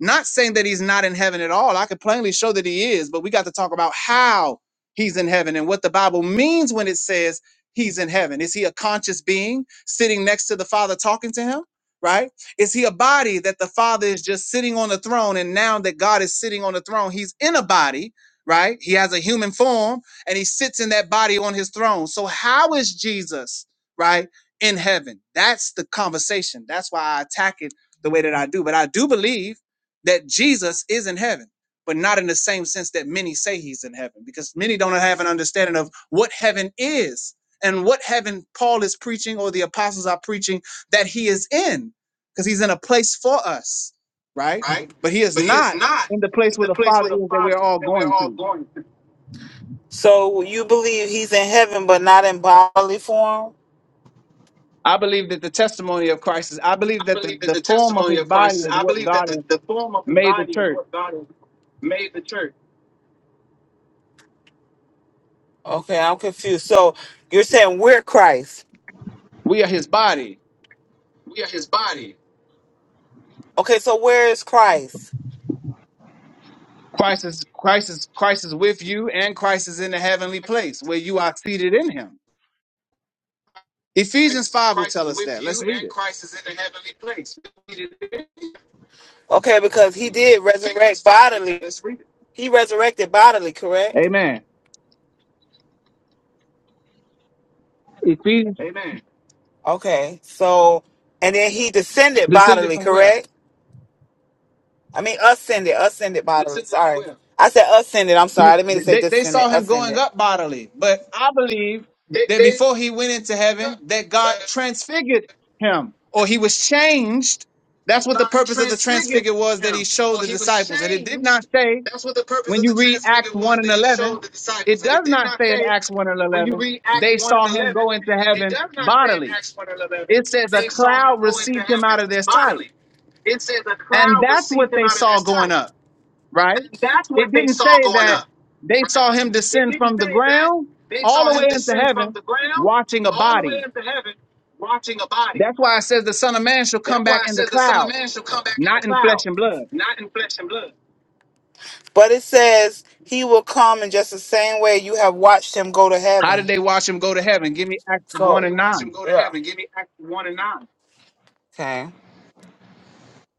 Speaker 13: Not saying that he's not in heaven at all. I could plainly show that he is, but we got to talk about how he's in heaven and what the Bible means when it says he's in heaven? Is he a conscious being sitting next to the Father talking to him? Right? Is he a body that the Father is just sitting on the throne? And now that God is sitting on the throne, he's in a body, right? He has a human form and he sits in that body on his throne. So, how is Jesus, right, in heaven? That's the conversation. That's why I attack it the way that I do. But I do believe that Jesus is in heaven but not in the same sense that many say he's in heaven because many don't have an understanding of what heaven is and what heaven Paul is preaching or the apostles are preaching that he is in, because he's in a place for us, right?
Speaker 14: right?
Speaker 13: But he is
Speaker 14: But he is
Speaker 13: not
Speaker 14: not
Speaker 13: in the place
Speaker 14: in
Speaker 13: where
Speaker 14: the
Speaker 13: the
Speaker 14: place
Speaker 13: Father
Speaker 14: where the
Speaker 13: is that
Speaker 14: Father
Speaker 13: we're
Speaker 14: is
Speaker 13: all
Speaker 14: that we're
Speaker 13: going
Speaker 14: all
Speaker 13: to.
Speaker 14: going to. So you believe he's in heaven, but not in bodily form?
Speaker 13: I believe that the testimony of Christ is, I believe
Speaker 14: I
Speaker 13: that the,
Speaker 14: believe that
Speaker 13: the
Speaker 14: the
Speaker 13: form of
Speaker 14: testimony
Speaker 13: his
Speaker 14: of
Speaker 13: body
Speaker 14: Christ is,
Speaker 13: is
Speaker 14: I
Speaker 13: what
Speaker 14: believe that
Speaker 13: God
Speaker 14: the,
Speaker 13: has
Speaker 14: the form of his
Speaker 13: made the
Speaker 14: body is
Speaker 13: church.
Speaker 14: what God has made the church. Okay, I'm confused. So you're saying we're Christ.
Speaker 13: We are his body.
Speaker 14: We are his body. Okay, so where is Christ?
Speaker 13: Christ is Christ is Christ is with you and Christ is in the heavenly place where you are seated in him.
Speaker 14: Christ
Speaker 13: Ephesians
Speaker 14: is,
Speaker 13: 5 will
Speaker 14: Christ
Speaker 13: tell
Speaker 14: is
Speaker 13: us that.
Speaker 14: with
Speaker 13: Let's
Speaker 14: you
Speaker 13: read
Speaker 14: and
Speaker 13: it.
Speaker 14: Christ is in the heavenly place. Okay, because he did resurrect bodily. He resurrected bodily, correct?
Speaker 13: Amen. Ephesians
Speaker 14: Amen. Okay, so and then he descended
Speaker 13: descended
Speaker 14: bodily,
Speaker 13: from where?
Speaker 14: correct? I mean ascended, ascended bodily. Sorry, I said ascended. I'm sorry, I didn't mean to say
Speaker 13: They, they
Speaker 14: descended.
Speaker 13: saw him going
Speaker 14: Ascended.
Speaker 13: up bodily, but I believe
Speaker 14: They
Speaker 13: that
Speaker 14: They they
Speaker 13: before he went into heaven, that God transfigured him or he was changed. That's what the purpose of the
Speaker 14: transfigured
Speaker 13: transfigure was that he
Speaker 14: him.
Speaker 13: showed the disciples. And it did not say, when you read Acts 1 and 11, it does
Speaker 14: him him It It does not
Speaker 13: not
Speaker 14: not
Speaker 13: say in
Speaker 14: say
Speaker 13: Acts 1 and
Speaker 14: when you
Speaker 13: 11,
Speaker 14: read Acts
Speaker 13: they
Speaker 14: one one and
Speaker 13: saw
Speaker 14: and and
Speaker 13: him
Speaker 14: eleven.
Speaker 13: go into heaven bodily.
Speaker 14: eleven.
Speaker 13: It says a
Speaker 14: saw saw
Speaker 13: cloud
Speaker 14: going
Speaker 13: received him
Speaker 14: heaven
Speaker 13: out of their sight.
Speaker 14: bodily. It says a
Speaker 13: And
Speaker 14: cloud
Speaker 13: that's
Speaker 14: received
Speaker 13: what
Speaker 14: him
Speaker 13: they
Speaker 14: out of
Speaker 13: saw
Speaker 14: this
Speaker 13: going
Speaker 14: type.
Speaker 13: up right?
Speaker 14: And that's what
Speaker 13: It
Speaker 14: they
Speaker 13: didn't
Speaker 14: saw
Speaker 13: say
Speaker 14: going up.
Speaker 13: that they
Speaker 14: right?
Speaker 13: saw him
Speaker 14: It
Speaker 13: descend
Speaker 14: didn't
Speaker 13: from the
Speaker 14: say that
Speaker 13: ground
Speaker 14: they
Speaker 13: all
Speaker 14: saw
Speaker 13: the
Speaker 14: him
Speaker 13: way into
Speaker 14: descend from
Speaker 13: heaven,
Speaker 14: the ground
Speaker 13: watching a
Speaker 14: all the way
Speaker 13: body.
Speaker 14: into heaven, watching a body.
Speaker 13: That's why it says the Son of Man shall come
Speaker 14: That's why
Speaker 13: back
Speaker 14: it
Speaker 13: in the
Speaker 14: says the Son of
Speaker 13: cloud,
Speaker 14: Man shall come back in the
Speaker 13: not in
Speaker 14: cloud,
Speaker 13: flesh and blood.
Speaker 14: not in flesh and blood. But it says he will come in just the same way you have watched him go to
Speaker 13: How did
Speaker 14: heaven.
Speaker 13: they watch him go to heaven? Give me Acts
Speaker 14: How So
Speaker 13: one
Speaker 14: did they
Speaker 13: and
Speaker 14: watch
Speaker 13: nine.
Speaker 14: him go to yeah. heaven. Give me Acts one and nine. Okay.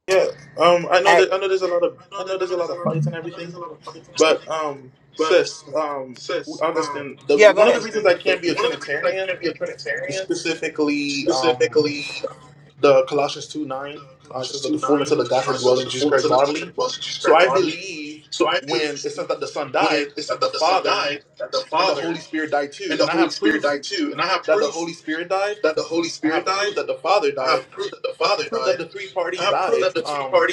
Speaker 1: Yeah, um, I know
Speaker 14: Act,
Speaker 1: that I know there's a lot of I know there's a lot of fights and everything, but um, sis, um, Augustine, the one of the reasons I can't be a Trinitarian, is specifically, um. the Colossians 2 9 uh, it says that the fullness of the Godhead dwells in Jesus Christ bodily. So I believe when it says that the Son died, that the Father and the Holy Spirit died too. And I have proof that the Holy Spirit died. I have proof that the Father died. I have proof that the three parties died. Um,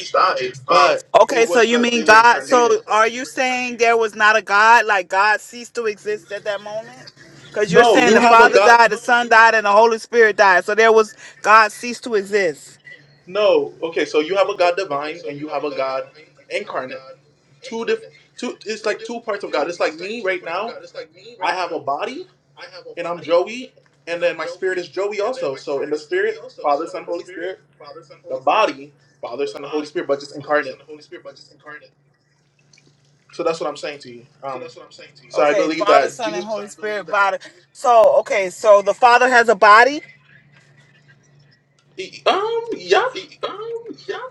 Speaker 1: but it
Speaker 14: Okay, so
Speaker 1: was
Speaker 14: you
Speaker 1: uh, they
Speaker 14: mean
Speaker 1: were
Speaker 14: God?
Speaker 1: incarnated.
Speaker 14: So are you saying there was not a God? Like God ceased to exist at that moment? Because you're
Speaker 1: No,
Speaker 14: saying
Speaker 1: you
Speaker 14: the
Speaker 1: have a
Speaker 14: Father
Speaker 1: God.
Speaker 14: died, the Son died, and the Holy Spirit died. So there was God ceased to exist.
Speaker 1: No, okay, so you have a God divine and you have a God incarnate. Two diff, two. It's like two parts of God. It's like me right now. I have a body and I'm Joey, and then my spirit is Joey also. So in the spirit, Father, Son, Holy Spirit, the body, Father, Son, and Holy Spirit, but just incarnate. So that's what I'm saying to you. Um, so I
Speaker 14: Okay,
Speaker 1: believe
Speaker 14: Father,
Speaker 1: that
Speaker 14: Son,
Speaker 1: Jesus,
Speaker 14: and Holy Spirit body. So okay, so the Father has a body.
Speaker 1: he- um, yeah,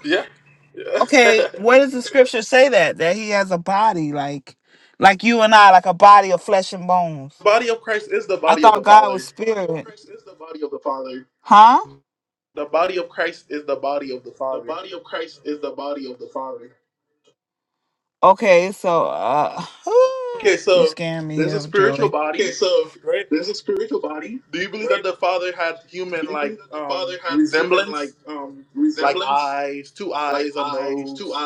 Speaker 1: yeah, yeah. [laughs]
Speaker 14: Okay,
Speaker 1: the
Speaker 14: where does the Scripture say that? That He has a body, like, like you and I, like a body of flesh and bones.
Speaker 1: body of Christ is the
Speaker 14: I
Speaker 1: body of the
Speaker 14: thought God was
Speaker 1: Father.
Speaker 14: spirit. Huh?
Speaker 1: The body of Christ is the body of the Father.
Speaker 14: Okay, so uh [sighs]
Speaker 1: Okay,
Speaker 14: you
Speaker 1: so
Speaker 14: scaring me
Speaker 1: there's a
Speaker 14: here,
Speaker 1: spiritual
Speaker 14: Joey.
Speaker 1: body, right? Do you believe that the Father had human like um resemblance, like eyes, two eyes, a nose,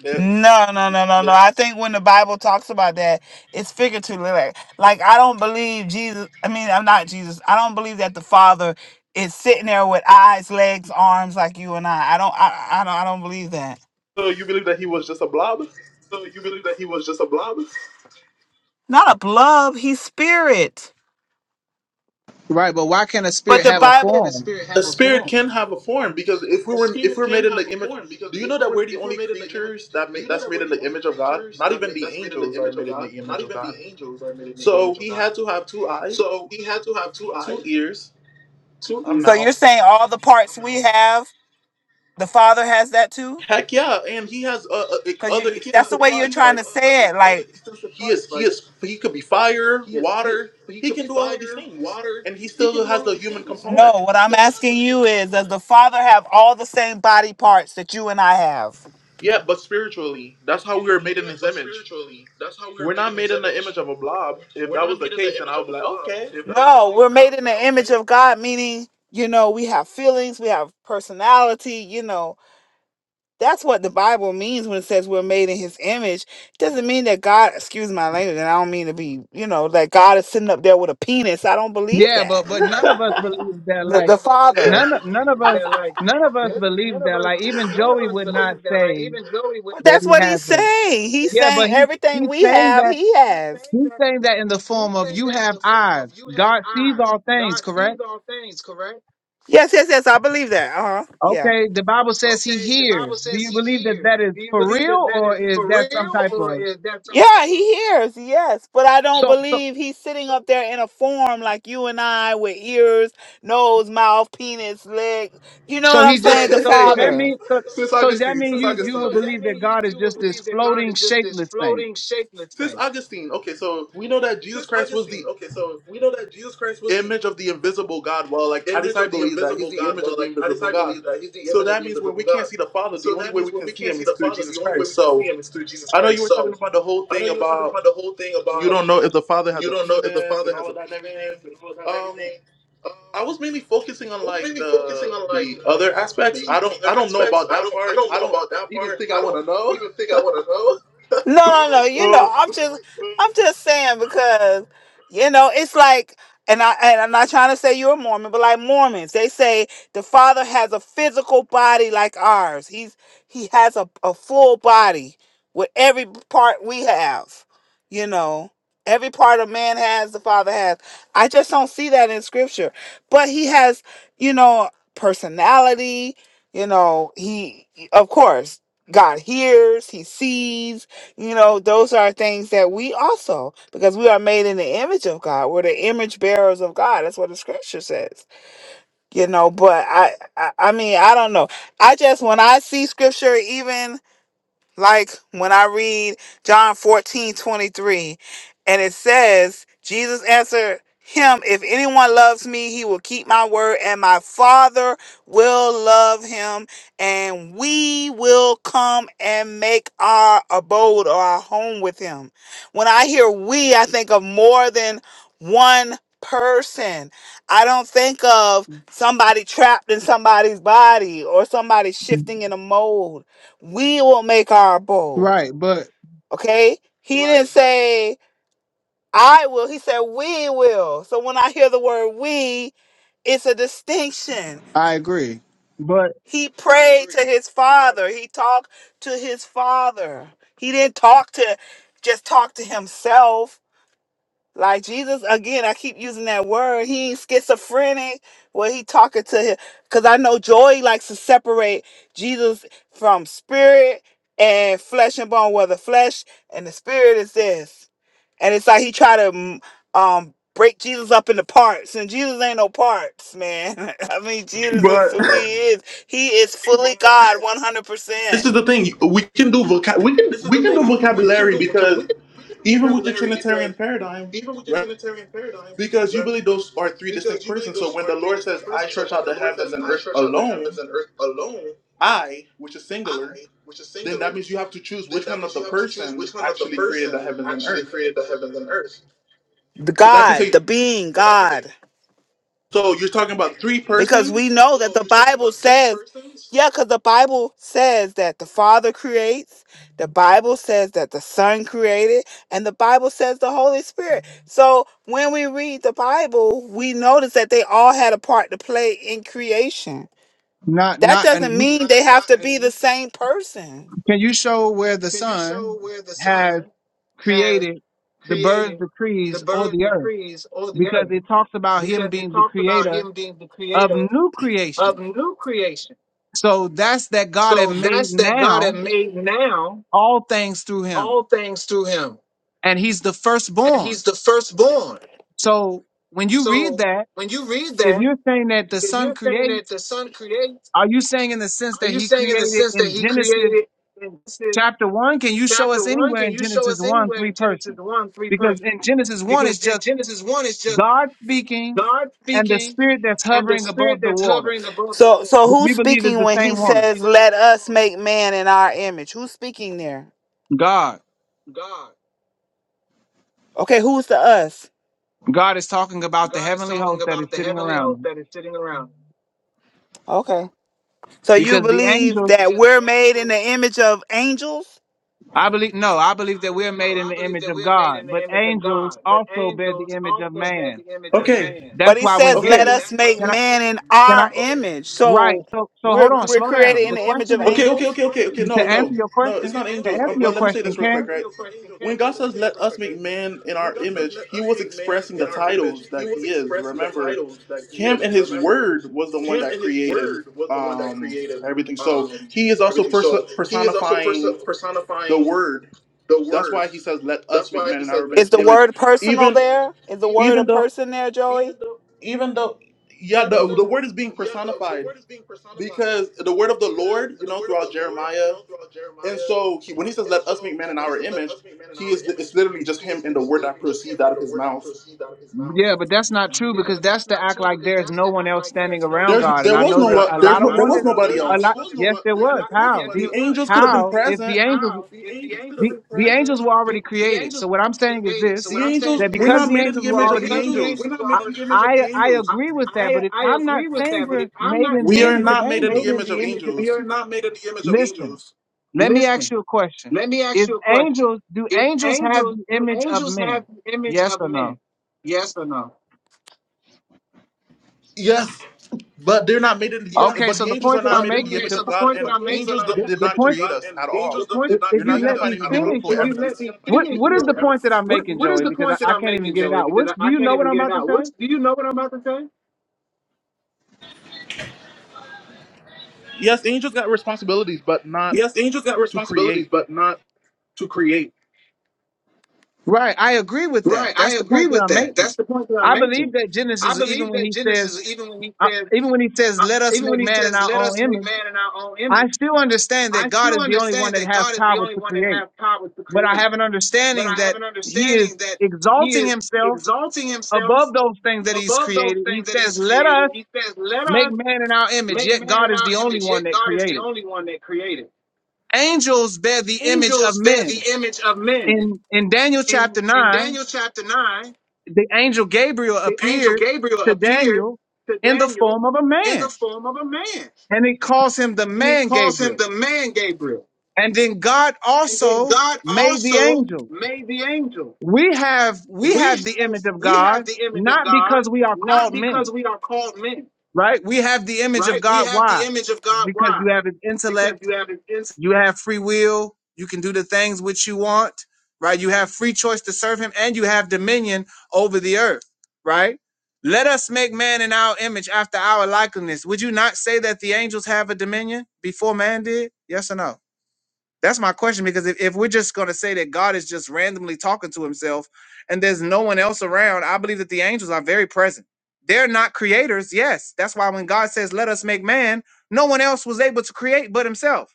Speaker 1: lips?
Speaker 14: No, no, no, no, no. I think when the Bible talks about that, it's figuratively like, like I don't believe Jesus. I mean, I'm not Jesus. I don't believe that the Father is sitting there with eyes, legs, arms like you and I. I don't. I, I don't. I don't believe that.
Speaker 1: So you believe that he was just a blob?
Speaker 14: Not a blob. He's spirit.
Speaker 13: Right, but why can not a spirit
Speaker 14: But the
Speaker 13: have a
Speaker 14: Bible.
Speaker 13: form?
Speaker 1: A spirit can have a form because if we were if we're made in the image, do you know that we're the only creatures that made that's made in the image of God? Not even the angels are made in the image of God. So he had to have two eyes, two ears,
Speaker 14: So
Speaker 1: a
Speaker 14: you're
Speaker 1: mouth.
Speaker 14: saying all the parts we have, the Father has that too?
Speaker 1: Heck yeah, and he has uh, uh, ex-
Speaker 14: Cause you,
Speaker 1: other
Speaker 14: He that's the cannot-
Speaker 1: extensive
Speaker 14: way you're he
Speaker 1: parts
Speaker 14: trying to
Speaker 1: like
Speaker 14: cannot- say it. Like, consistent
Speaker 1: he is
Speaker 14: parts.
Speaker 1: he
Speaker 14: Like
Speaker 1: is he could be fire, water. He can do all of these things, and he
Speaker 14: he can
Speaker 1: still
Speaker 14: do
Speaker 1: has
Speaker 14: all of
Speaker 1: the
Speaker 14: these
Speaker 1: human
Speaker 14: things. No,
Speaker 1: component.
Speaker 14: what I'm asking you is, does the Father have all the same body parts that you and I have?
Speaker 1: Yeah, but spiritually, that's how we were made in his image. We're not made in the image of a blob. If
Speaker 14: We're
Speaker 1: that
Speaker 14: not
Speaker 1: was the
Speaker 14: made in
Speaker 1: case,
Speaker 14: the
Speaker 1: then I
Speaker 14: image
Speaker 1: would
Speaker 14: of
Speaker 1: be
Speaker 14: a
Speaker 1: like,
Speaker 14: blob.
Speaker 1: okay.
Speaker 14: If that's No, what you- we're made in the image of God, meaning, you know, we have feelings, we have personality, you know. That's what the Bible means when it says we're made in his image. It doesn't mean that God, excuse my language, and I don't mean to be, you know, that God is sitting up there with a penis. I don't believe
Speaker 13: Yeah,
Speaker 14: that.
Speaker 13: but but none of us believes that.
Speaker 14: the,
Speaker 13: Like
Speaker 14: the
Speaker 13: none of- none of us
Speaker 14: Because like
Speaker 13: none of us
Speaker 14: none father. of us believe that like none,
Speaker 13: believes
Speaker 14: none of
Speaker 13: that.
Speaker 14: us
Speaker 13: Like even
Speaker 14: none of
Speaker 13: Joey
Speaker 14: us
Speaker 13: would not
Speaker 14: believe that like
Speaker 13: say
Speaker 14: even Joey would But
Speaker 13: that
Speaker 14: that's
Speaker 13: he
Speaker 14: what
Speaker 13: has
Speaker 14: he's
Speaker 13: a.
Speaker 14: saying. He's admit.
Speaker 13: Yeah, but
Speaker 14: saying
Speaker 13: he
Speaker 14: everything
Speaker 13: he's
Speaker 14: we he's
Speaker 13: saying
Speaker 14: have,
Speaker 13: that.
Speaker 14: he he's has. saying
Speaker 13: He's
Speaker 14: that
Speaker 13: saying that in the
Speaker 14: he's
Speaker 13: form of
Speaker 14: saying
Speaker 13: you
Speaker 14: that in
Speaker 13: have
Speaker 14: the form
Speaker 13: eyes.
Speaker 14: of you have
Speaker 13: God sees
Speaker 14: eyes.
Speaker 13: all things,
Speaker 14: God sees
Speaker 13: correct?
Speaker 14: all things, correct? Yes, yes, yes. I believe that. Uh huh. Yeah.
Speaker 13: Okay, the Bible says he
Speaker 14: Okay, the
Speaker 13: hears.
Speaker 14: Bible
Speaker 13: Do
Speaker 14: says
Speaker 13: you
Speaker 14: he
Speaker 13: believe that
Speaker 14: hears.
Speaker 13: that is
Speaker 14: Do you
Speaker 13: for
Speaker 14: believe that
Speaker 13: real
Speaker 14: that
Speaker 13: or
Speaker 14: is
Speaker 13: is
Speaker 14: for
Speaker 13: that some
Speaker 14: real
Speaker 13: type
Speaker 14: or
Speaker 13: of
Speaker 14: is that something? Yeah, he hears, yes, but I don't
Speaker 13: so so
Speaker 14: believe he's sitting up there in a form like you and I with ears, nose, mouth, penis, leg. You know
Speaker 13: so
Speaker 14: what I'm
Speaker 13: he
Speaker 1: [laughs]
Speaker 13: just
Speaker 14: saying? The So
Speaker 13: so,
Speaker 14: you
Speaker 1: hey,
Speaker 13: so that
Speaker 1: hey,
Speaker 14: Father. just
Speaker 13: means so,
Speaker 1: Sis
Speaker 13: so that
Speaker 14: means
Speaker 1: Augustine,
Speaker 13: mean
Speaker 1: Sis
Speaker 14: that
Speaker 13: you you
Speaker 1: Augustine,
Speaker 13: would believe that God is
Speaker 14: will
Speaker 13: just this
Speaker 14: believe that God
Speaker 13: floating
Speaker 14: is just this
Speaker 13: shapeless thing.
Speaker 14: floating, shapeless
Speaker 1: Sis
Speaker 14: thing.
Speaker 1: Augustine. Okay, so we know that Jesus Christ was the image of the invisible God. Well, like at least I believe that he's the image of the invisible God. So that means when we can't see the Father, the only way we can see him is through Jesus Christ. So I know you were talking about the whole thing about you don't know if the Father has a penis and all of that and everything. Um. I was mainly focusing on like the the other aspects. I don't I don't know about that part. I don't even think I want to know. [laughs]
Speaker 14: No, no, no. You know,
Speaker 1: Oh,
Speaker 14: I'm just I'm just saying because you know, it's like and I and I'm not trying to say you're a Mormon, but like Mormons, they say the father has a physical body like ours. He's he has a, a full body with every part we have, you know. Every part a man has, the father has. I just don't see that in scripture. But he has, you know, personality, you know, he of course God hears, he sees you know, those are things that we also, because we are made in the image of God. We're the image bearers of God. That's what the scripture says. You know, but I, I, I mean, I don't know. I just when I see scripture, even like when I read John 14 23, and it says, Jesus answered him, If anyone loves me, he will keep my word, and my Father will love him, and we will come and make our abode or our home with him. When I hear we, I think of more than one person. I don't think of somebody trapped in somebody's body or somebody shifting in a mold we will make our abode.
Speaker 13: Right, but
Speaker 14: Okay? He Right. didn't Right. say, I will. He said, we will. So when I hear the word we, it's a distinction.
Speaker 13: I agree. But
Speaker 14: He prayed to his father, he talked to his father. He didn't talk to just talk to himself. Like Jesus, again, I keep using that word. He ain't schizophrenic. Well, he talking to him. Cause I know Joy likes to separate Jesus from spirit and flesh and bone, where the flesh and the spirit is this. And it's like he try to mm, um break Jesus up into parts. And Jesus ain't no parts, man. [laughs] I mean, Jesus is
Speaker 1: but
Speaker 14: who he is. He is fully God,
Speaker 1: [laughs]
Speaker 14: 100%.
Speaker 1: this is the thing. We can do vocab. We can we can do vocabulary because even with your Trinitarian paradigm, right? Because you believe those are three distinct persons. So when the Lord says, "I stretch out the heavens and earth alone," I, which is singular, then that means you have to choose which one of the person actually created the heavens and earth.
Speaker 14: The
Speaker 1: Because I can
Speaker 14: God,
Speaker 1: say,
Speaker 14: the being, God.
Speaker 1: so you're talking about three
Speaker 14: because we
Speaker 1: persons.
Speaker 14: know that the Bible says, yeah, because the Bible says that the Father creates, the Bible says that the Son created, and the Bible says the Holy Spirit. So when we read the Bible, we notice that they all had a part to play in creation.
Speaker 13: Not
Speaker 14: That
Speaker 13: not and
Speaker 14: doesn't
Speaker 13: you-
Speaker 14: mean they Right, have right. to be the same person.
Speaker 13: can you show where the
Speaker 14: can you
Speaker 13: sun
Speaker 14: show where the sun
Speaker 13: has
Speaker 14: has
Speaker 13: created the birds,
Speaker 14: created
Speaker 13: the
Speaker 14: the
Speaker 13: trees, or
Speaker 14: birds,
Speaker 13: the
Speaker 14: the
Speaker 13: earth
Speaker 14: trees, or the
Speaker 13: because
Speaker 14: earth?
Speaker 13: it talks about him
Speaker 14: Because it
Speaker 13: being the
Speaker 14: talks about
Speaker 13: creator
Speaker 14: him being the
Speaker 13: of
Speaker 14: creator
Speaker 13: new
Speaker 14: of
Speaker 13: creation.
Speaker 14: new creation.
Speaker 13: So that's that God have
Speaker 14: So
Speaker 13: made
Speaker 14: that's that God
Speaker 13: now
Speaker 14: had made now
Speaker 13: all things through him.
Speaker 14: all things through him.
Speaker 13: And he's the
Speaker 14: And
Speaker 13: firstborn.
Speaker 14: he's the firstborn.
Speaker 13: So when you read
Speaker 14: So
Speaker 13: that,
Speaker 14: when you read
Speaker 13: if
Speaker 14: that,
Speaker 13: you're saying that the
Speaker 14: if
Speaker 13: son
Speaker 14: you're saying that
Speaker 13: creates,
Speaker 14: the son creates,
Speaker 13: are you saying in the sense
Speaker 14: are
Speaker 13: that
Speaker 14: you
Speaker 13: he
Speaker 14: saying in the
Speaker 13: created
Speaker 14: sense that
Speaker 13: in
Speaker 14: he
Speaker 13: Genesis
Speaker 14: created in Genesis
Speaker 13: chapter one? Can you show
Speaker 14: chapter
Speaker 13: us
Speaker 14: one?
Speaker 13: anywhere
Speaker 14: Can
Speaker 13: in
Speaker 14: you show
Speaker 13: Genesis
Speaker 14: us
Speaker 13: one,
Speaker 14: anywhere
Speaker 13: three
Speaker 14: in Genesis
Speaker 13: persons?
Speaker 14: one, three
Speaker 13: Because
Speaker 14: persons?
Speaker 13: in Genesis one, it's
Speaker 14: Because in
Speaker 13: just
Speaker 14: Genesis one, it's just
Speaker 13: God speaking
Speaker 14: God
Speaker 13: and the
Speaker 14: speaking
Speaker 13: spirit that's
Speaker 14: and the
Speaker 13: hovering
Speaker 14: spirit
Speaker 13: above the
Speaker 14: that's
Speaker 13: water,
Speaker 14: hovering above the So so
Speaker 13: which we
Speaker 14: who's
Speaker 13: believe is
Speaker 14: speaking
Speaker 13: the
Speaker 14: when he
Speaker 13: same one.
Speaker 14: says, "Let us make man in our image"? Who's speaking there?
Speaker 13: God.
Speaker 14: God. Okay, who's the us?
Speaker 13: God is talking about the
Speaker 14: God is
Speaker 13: heavenly
Speaker 14: talking
Speaker 13: host that is
Speaker 14: about the
Speaker 13: sitting
Speaker 14: heavenly
Speaker 13: around him
Speaker 14: host that is sitting around. Okay. So you
Speaker 13: Because the
Speaker 14: believe
Speaker 13: angels,
Speaker 14: that Yeah, we're made in the image of angels?
Speaker 13: I believe, no, I believe
Speaker 14: I
Speaker 13: that
Speaker 14: believe
Speaker 13: we're
Speaker 14: no,
Speaker 13: made in
Speaker 14: I
Speaker 13: the
Speaker 14: believe
Speaker 13: image
Speaker 14: that
Speaker 13: of
Speaker 14: we're made in
Speaker 13: God, but
Speaker 14: the image of
Speaker 13: angels
Speaker 14: God, but
Speaker 13: also bear the
Speaker 14: angels
Speaker 13: image of
Speaker 14: also bear
Speaker 13: man.
Speaker 14: the image of
Speaker 1: Okay,
Speaker 14: man.
Speaker 13: That's
Speaker 14: But he
Speaker 13: why when
Speaker 14: says, let
Speaker 1: okay,
Speaker 13: Gabriel,
Speaker 14: us That's why make they're
Speaker 13: can I,
Speaker 14: man in
Speaker 13: can I,
Speaker 14: our angels. image.
Speaker 13: right.
Speaker 14: So
Speaker 13: So, so
Speaker 14: we're,
Speaker 13: hold on,
Speaker 14: Right. we're
Speaker 13: slow
Speaker 14: created
Speaker 13: down.
Speaker 14: So in
Speaker 13: The
Speaker 14: the hold image
Speaker 13: question
Speaker 14: on, of hold on. The
Speaker 1: okay, okay,
Speaker 14: angels.
Speaker 1: okay, okay,
Speaker 14: question
Speaker 1: okay.
Speaker 13: is,
Speaker 14: is
Speaker 1: No,
Speaker 13: to
Speaker 1: no,
Speaker 13: answer your
Speaker 1: no. It's
Speaker 13: question,
Speaker 1: not
Speaker 13: to
Speaker 1: angels.
Speaker 13: answer
Speaker 1: Um,
Speaker 13: your
Speaker 1: but let me say
Speaker 13: question,
Speaker 1: this real quick,
Speaker 13: Ken,
Speaker 1: right? When God says, "Let us make man in our image," He was expressing the titles that He is. Remember, Him and His Word was the one that created um, everything. So He is also pers- personifying the Word. That's why He says, "Let us make man in our imi- image." Even,
Speaker 14: Is word
Speaker 1: even
Speaker 14: a
Speaker 1: though,
Speaker 14: person there, even
Speaker 1: even though, yeah, the the Word is being personified because the word of the Lord, you know, throughout Jeremiah, and so he, when he says, "Let us make man in our image," he is it's literally just him and the word that proceeds out of his mouth.
Speaker 13: yeah, but that's not true
Speaker 14: yeah,
Speaker 13: because
Speaker 14: but
Speaker 13: that's
Speaker 14: that's
Speaker 13: to
Speaker 14: not
Speaker 13: act
Speaker 14: true
Speaker 13: like
Speaker 14: because
Speaker 13: there's
Speaker 14: that's
Speaker 13: no
Speaker 14: to
Speaker 13: one
Speaker 14: act
Speaker 13: else
Speaker 14: like
Speaker 13: standing
Speaker 14: there's no
Speaker 13: around
Speaker 14: one
Speaker 1: There's
Speaker 14: else
Speaker 13: God. And
Speaker 1: there
Speaker 13: I
Speaker 1: was
Speaker 14: standing
Speaker 13: know that
Speaker 1: no
Speaker 14: around
Speaker 13: a
Speaker 1: there's
Speaker 14: God.
Speaker 13: lot
Speaker 14: And
Speaker 13: of
Speaker 1: no
Speaker 14: I
Speaker 1: there
Speaker 14: know
Speaker 1: was
Speaker 13: wonders,
Speaker 14: that
Speaker 1: nobody
Speaker 13: a
Speaker 1: else.
Speaker 13: lot, yes, there was. How? The,
Speaker 1: The
Speaker 14: But
Speaker 1: angels could have
Speaker 14: how
Speaker 1: been
Speaker 13: how,
Speaker 14: the
Speaker 13: if the
Speaker 1: present.
Speaker 13: angels,
Speaker 14: how
Speaker 13: the, the angels were already
Speaker 14: the, the
Speaker 13: created. So
Speaker 14: angels
Speaker 13: what I'm saying is
Speaker 14: created. So
Speaker 13: this,
Speaker 1: The
Speaker 14: what I'm saying
Speaker 1: angels,
Speaker 14: is
Speaker 13: that
Speaker 1: we're
Speaker 13: because
Speaker 1: not
Speaker 14: this:
Speaker 13: the
Speaker 1: made in
Speaker 13: angels
Speaker 1: the
Speaker 13: were
Speaker 1: image
Speaker 14: that
Speaker 1: of
Speaker 13: already
Speaker 1: the angels.
Speaker 13: I I I agree with that, but
Speaker 14: I
Speaker 13: if
Speaker 14: I
Speaker 13: I'm not
Speaker 14: agree with
Speaker 13: saying
Speaker 14: that, but
Speaker 13: we're
Speaker 14: if I'm
Speaker 13: made
Speaker 14: not
Speaker 13: in
Speaker 1: We
Speaker 13: the
Speaker 1: are
Speaker 14: saying
Speaker 13: image of
Speaker 14: we're
Speaker 1: not made in the
Speaker 13: angels,
Speaker 14: made in
Speaker 1: image
Speaker 14: the
Speaker 1: of
Speaker 14: image of
Speaker 1: angels.
Speaker 13: listen. Let me ask
Speaker 14: listen,
Speaker 13: you a question:
Speaker 14: let me
Speaker 13: Is
Speaker 14: ask you a question.
Speaker 13: angels do
Speaker 14: If
Speaker 13: angels have
Speaker 14: angels
Speaker 13: the
Speaker 14: do
Speaker 13: image of
Speaker 14: angels
Speaker 13: men?
Speaker 14: have the image
Speaker 13: Yes
Speaker 14: of
Speaker 13: or no?
Speaker 14: men? Yes or no?
Speaker 1: Yes, but they're not made in. The,
Speaker 13: Okay,
Speaker 1: but
Speaker 13: so
Speaker 1: the
Speaker 13: the
Speaker 1: angels
Speaker 13: point
Speaker 1: are
Speaker 13: that
Speaker 1: not
Speaker 13: I'm
Speaker 1: made in the
Speaker 13: making,
Speaker 1: image
Speaker 13: the
Speaker 1: of
Speaker 14: So
Speaker 13: po-
Speaker 1: God, and angels d-
Speaker 13: the,
Speaker 1: did
Speaker 13: the
Speaker 1: not
Speaker 13: point,
Speaker 1: create us at all.
Speaker 13: i- if
Speaker 1: You're not
Speaker 13: you
Speaker 1: gonna
Speaker 13: let
Speaker 1: find
Speaker 13: me
Speaker 1: any
Speaker 13: finish
Speaker 1: biblical
Speaker 14: if
Speaker 13: your
Speaker 14: you
Speaker 1: evidence.
Speaker 13: what what is the point that I'm
Speaker 14: what
Speaker 13: making,
Speaker 14: what is
Speaker 13: Joey?
Speaker 14: the
Speaker 13: Because I,
Speaker 14: point that
Speaker 13: I
Speaker 14: I'm
Speaker 13: can't even
Speaker 14: making,
Speaker 13: get it
Speaker 14: Joey?
Speaker 13: out.
Speaker 14: Because
Speaker 13: What's do
Speaker 14: I, I
Speaker 13: you
Speaker 14: can't
Speaker 13: know what
Speaker 14: even
Speaker 13: I'm
Speaker 14: get it
Speaker 13: about to
Speaker 14: out.
Speaker 13: say?
Speaker 14: What's do you know what I'm about to say?
Speaker 1: Yes, angels got responsibilities, but not. to create.
Speaker 13: Right, I agree with
Speaker 14: Right,
Speaker 13: that.
Speaker 14: I
Speaker 13: That's the
Speaker 14: agree
Speaker 13: point that
Speaker 14: with
Speaker 13: I'm
Speaker 14: that.
Speaker 13: making.
Speaker 14: That's the point that I'm
Speaker 13: I believe
Speaker 14: making.
Speaker 13: that
Speaker 14: I
Speaker 13: Genesis, even
Speaker 14: believe
Speaker 13: when
Speaker 14: that
Speaker 13: he says,
Speaker 14: Genesis, even when he
Speaker 13: uh,
Speaker 14: says
Speaker 13: even when he says,
Speaker 14: I,
Speaker 13: "Let us
Speaker 14: even
Speaker 13: make
Speaker 14: when he
Speaker 13: man in
Speaker 14: says,
Speaker 13: our
Speaker 14: "Let
Speaker 13: own
Speaker 14: us make
Speaker 13: image."
Speaker 14: man in our own
Speaker 13: I
Speaker 14: image,"
Speaker 13: still understand that
Speaker 14: I
Speaker 13: God
Speaker 14: still
Speaker 13: is the only one
Speaker 14: understand
Speaker 13: that
Speaker 14: that
Speaker 13: has
Speaker 14: God is the
Speaker 13: power
Speaker 14: only
Speaker 13: to
Speaker 14: one that
Speaker 13: create,
Speaker 14: has power to
Speaker 13: but I
Speaker 14: create.
Speaker 13: have an
Speaker 14: But
Speaker 13: understanding
Speaker 14: I have
Speaker 13: that
Speaker 14: an
Speaker 13: He is
Speaker 14: understanding that He
Speaker 13: exalting
Speaker 14: is
Speaker 13: Himself
Speaker 14: exalting Himself
Speaker 13: above those things that He's
Speaker 14: above those
Speaker 13: created. He
Speaker 14: things that
Speaker 13: says,
Speaker 14: He's
Speaker 13: Let
Speaker 14: created.
Speaker 13: us
Speaker 14: He says, "Let
Speaker 13: make
Speaker 14: us
Speaker 13: man in our image,
Speaker 14: make
Speaker 13: yet
Speaker 14: man
Speaker 13: God
Speaker 14: in
Speaker 13: is
Speaker 14: our
Speaker 13: the only
Speaker 14: image."
Speaker 13: one
Speaker 14: Yet
Speaker 13: that
Speaker 14: God is the
Speaker 13: created.
Speaker 14: only one that created.
Speaker 13: Angels bear the image of
Speaker 14: Angels bear the
Speaker 13: men.
Speaker 14: image of men.
Speaker 13: In, in Daniel
Speaker 14: In
Speaker 13: chapter
Speaker 14: in
Speaker 13: 9,
Speaker 14: Daniel chapter nine,
Speaker 13: the angel Gabriel
Speaker 14: the angel
Speaker 13: appeared
Speaker 14: Gabriel
Speaker 13: to
Speaker 14: appeared
Speaker 13: Daniel
Speaker 14: to
Speaker 13: in the
Speaker 14: Daniel
Speaker 13: form of a
Speaker 14: in the
Speaker 13: man,
Speaker 14: form of a man,
Speaker 13: and he calls him the
Speaker 14: and he
Speaker 13: man
Speaker 14: calls him
Speaker 13: Gabriel.
Speaker 14: the man Gabriel.
Speaker 13: And then God
Speaker 14: And then
Speaker 13: also
Speaker 14: God
Speaker 13: made the
Speaker 14: also
Speaker 13: angels.
Speaker 14: made the angel.
Speaker 13: we have we
Speaker 14: We
Speaker 13: have the
Speaker 14: have
Speaker 13: image of
Speaker 14: we
Speaker 13: God
Speaker 14: have the image of
Speaker 13: not
Speaker 14: God
Speaker 13: because we are
Speaker 14: not
Speaker 13: called
Speaker 14: because
Speaker 13: men,
Speaker 14: we are called men,
Speaker 13: right? We have the image of
Speaker 14: right? We
Speaker 13: God.
Speaker 14: have the
Speaker 13: Why?
Speaker 14: image of God.
Speaker 13: Because
Speaker 14: Why?
Speaker 13: you have an
Speaker 14: Because
Speaker 13: intellect,
Speaker 14: you have an
Speaker 13: you have free will, you can do the things which you want, right? You have free choice to serve Him, and you have dominion over the earth, right? Let us make man in our image after our likeness. Would you not say that the angels have a dominion before man did? Yes or no? That's my question because if, if we're just going to say that God is just randomly talking to himself and there's no one else around, I believe that the angels are very present. They're not creators, yes. That's why when God says, let us make man, no one else was able to create but himself.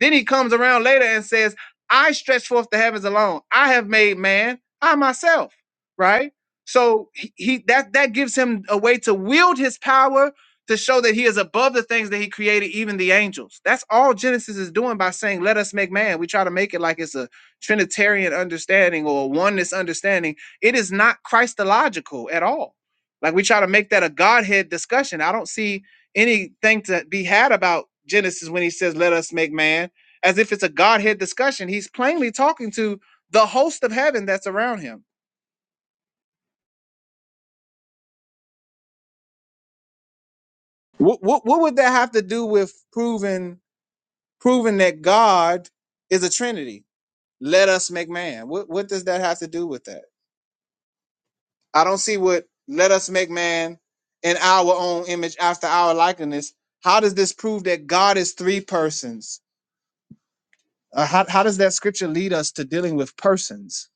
Speaker 13: Then he comes around later and says, I stretch forth the heavens alone. I have made man, I myself, right? So he, he that that gives him a way to wield his power to show that he is above the things that he created, even the angels. That's all Genesis is doing by saying, Let us make man. We try to make it like it's a Trinitarian understanding or a oneness understanding. It is not Christological at all. Like we try to make that a Godhead discussion. I don't see anything to be had about Genesis when he says, Let us make man as if it's a Godhead discussion. He's plainly talking to the host of heaven that's around him. What what, what would that have to do with proving proving that God is a Trinity? Let us make man. What what does that have to do with that? I don't see what let us make man in our own image after our likeness. How does this prove that God is three persons? Uh, how, how does that scripture lead us to dealing with persons?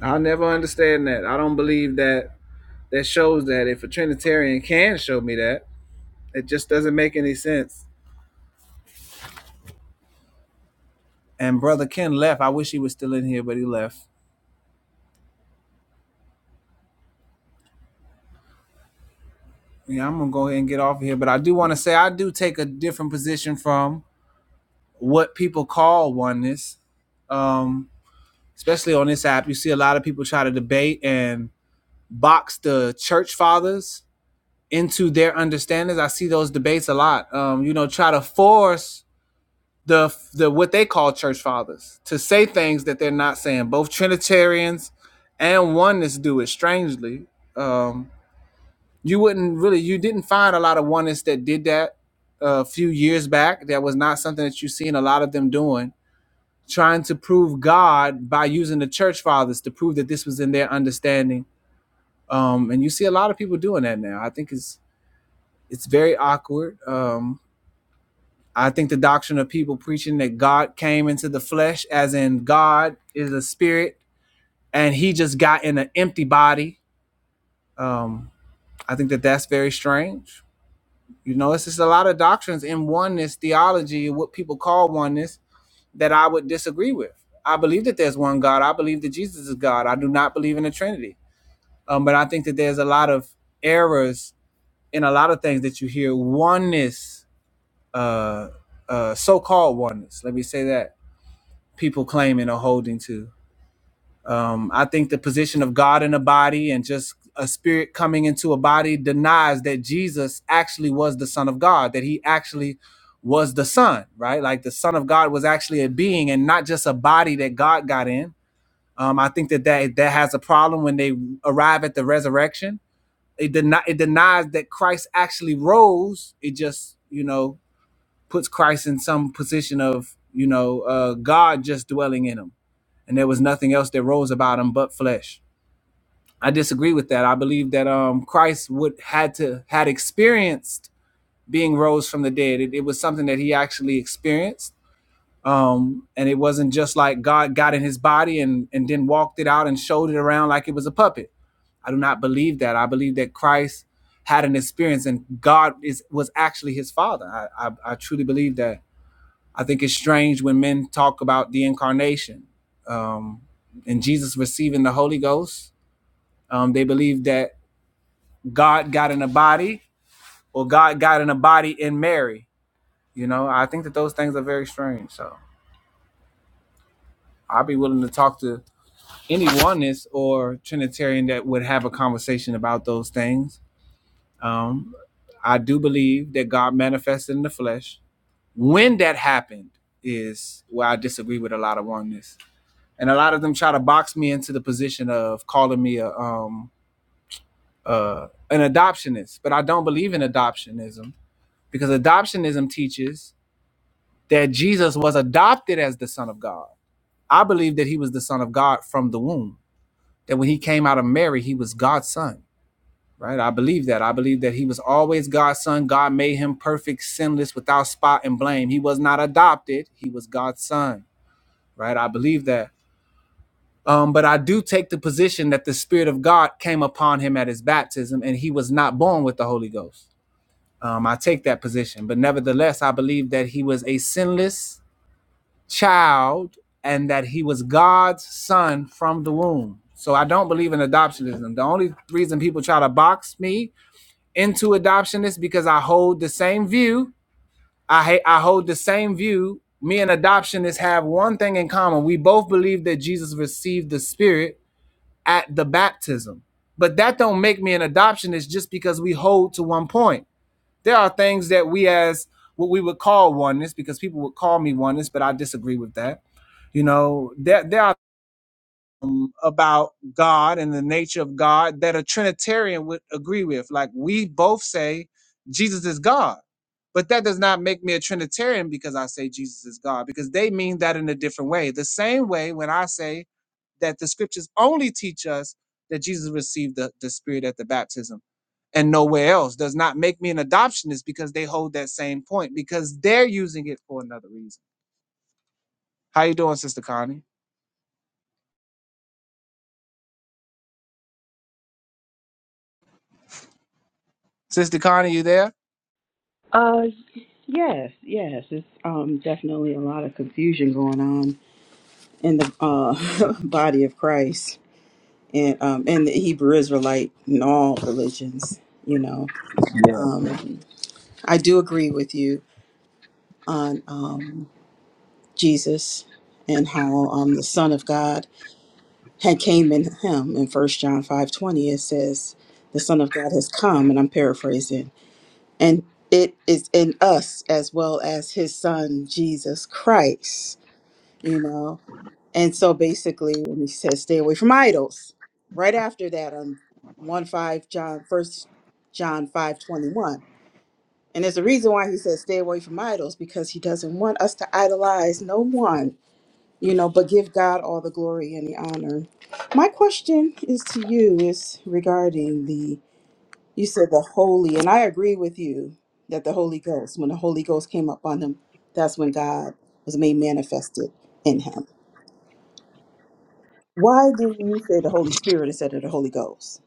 Speaker 13: I never understand that. I don't believe that that shows that if a Trinitarian can show me that, it just doesn't make any sense. And Brother Ken left. I wish he was still in here, but he left. Yeah, I'm gonna go ahead and get off of here. But I do want to say I do take a different position from what people call oneness. Um, especially on this app, you see a lot of people try to debate and box the church fathers into their understandings. I see those debates a lot. Um, you know, try to force the the what they call church fathers to say things that they're not saying. Both Trinitarians and oneness do it strangely. Um, you wouldn't really you didn't find a lot of oneness that did that uh, a few years back. That was not something that you've seen a lot of them doing, trying to prove God by using the church fathers to prove that this was in their understanding. Um, and you see a lot of people doing that now. I think it's it's very awkward. Um, I think the doctrine of people preaching that God came into the flesh, as in God is a spirit, and He just got in an empty body. Um, I think that that's very strange. You know, it's just a lot of doctrines in oneness theology, what people call oneness, that I would disagree with. I believe that there's one God. I believe that Jesus is God. I do not believe in the Trinity. Um, but I think that there's a lot of errors in a lot of things that you hear. Oneness, uh, uh, so-called oneness. Let me say that people claiming or holding to. Um, I think the position of God in a body and just a spirit coming into a body denies that Jesus actually was the Son of God, that he actually was the Son, right? Like the Son of God was actually a being and not just a body that God got in. Um, I think that, that that has a problem when they arrive at the resurrection. It, deni- it denies that Christ actually rose. It just, you know, puts Christ in some position of, you know, uh, God just dwelling in him and there was nothing else that rose about him but flesh. I disagree with that. I believe that um, Christ would had to had experienced being rose from the dead. It, it was something that he actually experienced, um, and it wasn't just like God got in his body and and then walked it out and showed it around like it was a puppet. I do not believe that. I believe that Christ had an experience and God is was actually his father. I I, I truly believe that I think it's strange when men talk about the incarnation um, and Jesus receiving the Holy Ghost. Um, they believe that God got in a body or God got in a body in Mary. You know, I think that those things are very strange. So I'd be willing to talk to any oneness or Trinitarian that would have a conversation about those things. Um, I do believe that God manifested in the flesh. When that happened is where I disagree with a lot of oneness and a lot of them try to box me into the position of calling me a um uh an adoptionist, but I don't believe in adoptionism because adoptionism teaches that Jesus was adopted as the son of God. I believe that he was the son of God from the womb. That when he came out of Mary, he was God's son, right? I believe that. I believe that he was always God's son. God made him perfect, sinless, without spot and blame. He was not adopted, he was God's son, right? I believe that. Um, but I do take the position that the Spirit of God came upon him at his baptism and he was not born with the Holy Ghost. Um, I take that position. But nevertheless, I believe that he was a sinless child and that he was God's son from the womb. So I don't believe in adoptionism. The only reason people try to box me into adoption is because I hold the same view. I ha- I hold the same view. Me and adoptionists have one thing in common. We both believe that Jesus received the Spirit at the baptism. But that don't make me an adoptionist just because we hold to one point. There are things that we as what we would call oneness, because people would call me oneness, but I disagree with that. You know, there there are um, about God and the nature of God that a Trinitarian would agree with. Like we both say Jesus is God. But that does not make me a Trinitarian because I say Jesus is God, because they mean that in a different way. The same way when I say that the scriptures only teach us that Jesus received the, the Spirit at the baptism and nowhere else does not make me an adoptionist because they hold that same point because they're using it for another reason. How you doing, Sister Connie? Sister Connie, you there?
Speaker 15: Uh, yes, yes. It's um definitely a lot of confusion going on in the uh [laughs] body of Christ and um in the Hebrew Israelite in all religions. You know, um, I do agree with you on um Jesus and how um the Son of God had came in him in First John five twenty. It says the Son of God has come, and I'm paraphrasing, and it is in us as well as His Son Jesus Christ you know and so basically and he says stay away from idols right after that on 1 5 john 1 john five twenty first john 521 and there's a reason why he says stay away from idols because he doesn't want us to idolize no one you know but give god all the glory and the honor my question is to you is regarding the you said the holy and i agree with you that the holy ghost when the holy ghost came up on him that's when god was made manifested in him Why do you say the Holy Spirit instead of the Holy Ghost?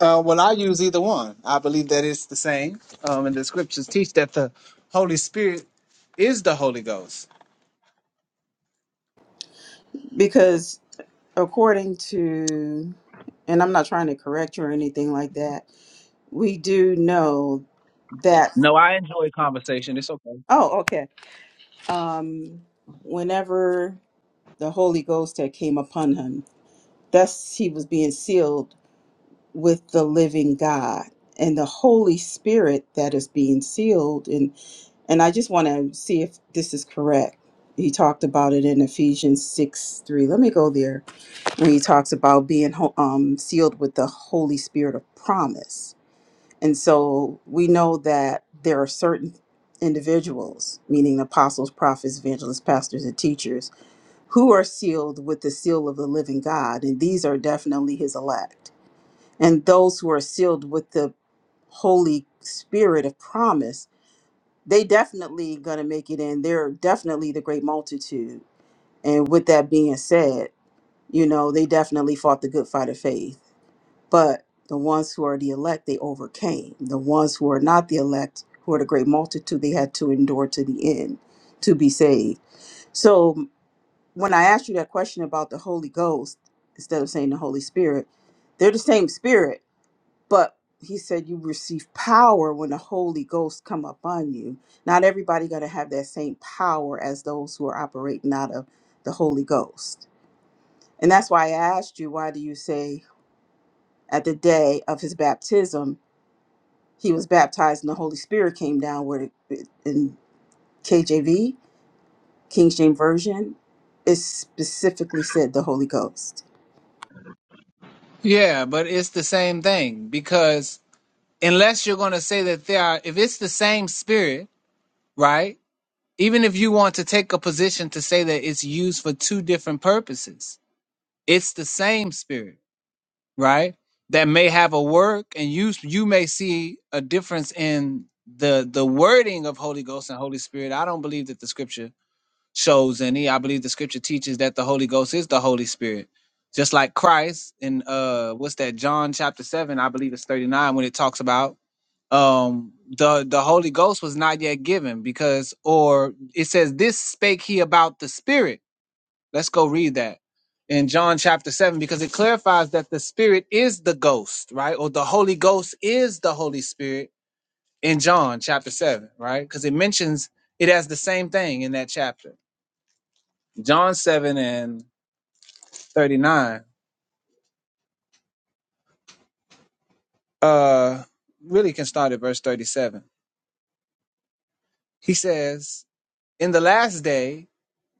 Speaker 13: Uh, well, I use either one. I believe that it's the same, um, and the scriptures teach that the Holy Spirit is the Holy Ghost.
Speaker 15: Because according to, and I'm not trying to correct you or anything like that, we do know that,
Speaker 13: No, I enjoy conversation. It's okay.
Speaker 15: oh, okay. Um, whenever the Holy Ghost had came upon him, that's he was being sealed with the living God and the Holy Spirit that is being sealed. And and I just want to see if this is correct. He talked about it in Ephesians six three. Let me go there when he talks about being ho- um, sealed with the Holy Spirit of promise. And so we know that there are certain individuals, meaning apostles, prophets, evangelists, pastors, and teachers, who are sealed with the seal of the living God, and these are definitely His elect and those who are sealed with the Holy Spirit of promise, they definitely gonna make it in. They're definitely the great multitude. And with that being said, you know, they definitely fought the good fight of faith. But the ones who are the elect, they overcame. The ones who are not the elect, who are the great multitude, they had to endure to the end to be saved. So when I asked you that question about the Holy Ghost, instead of saying the Holy Spirit, they're the same spirit but he said you receive power when the holy ghost come upon you not everybody got to have that same power as those who are operating out of the holy ghost and that's why i asked you why do you say at the day of his baptism he was baptized and the holy spirit came down where it- in kjv King James Version, it specifically said the Holy Ghost.
Speaker 13: Yeah, but it's the same thing because unless you're going to say that they are, if it's the same Spirit right? Even if you want to take a position to say that it's used for two different purposes, it's the same spirit, right? That may have a work, and you you may see a difference in the the wording of Holy Ghost and Holy Spirit. I don't believe that the scripture shows in thee. I believe the scripture teaches that the Holy Ghost is the Holy Spirit. Just like Christ in uh what's that, John chapter seven, I believe it's 39 when it talks about um the the Holy Ghost was not yet given because or it says this spake he about the Spirit. Let's go read that in John chapter 7 because it clarifies that the Spirit is the ghost, right? Or the Holy Ghost is the Holy Spirit in John chapter 7, right? Because it mentions it as the same thing in that chapter. John 7 and 39 uh, really can start at verse 37. He says, In the last day,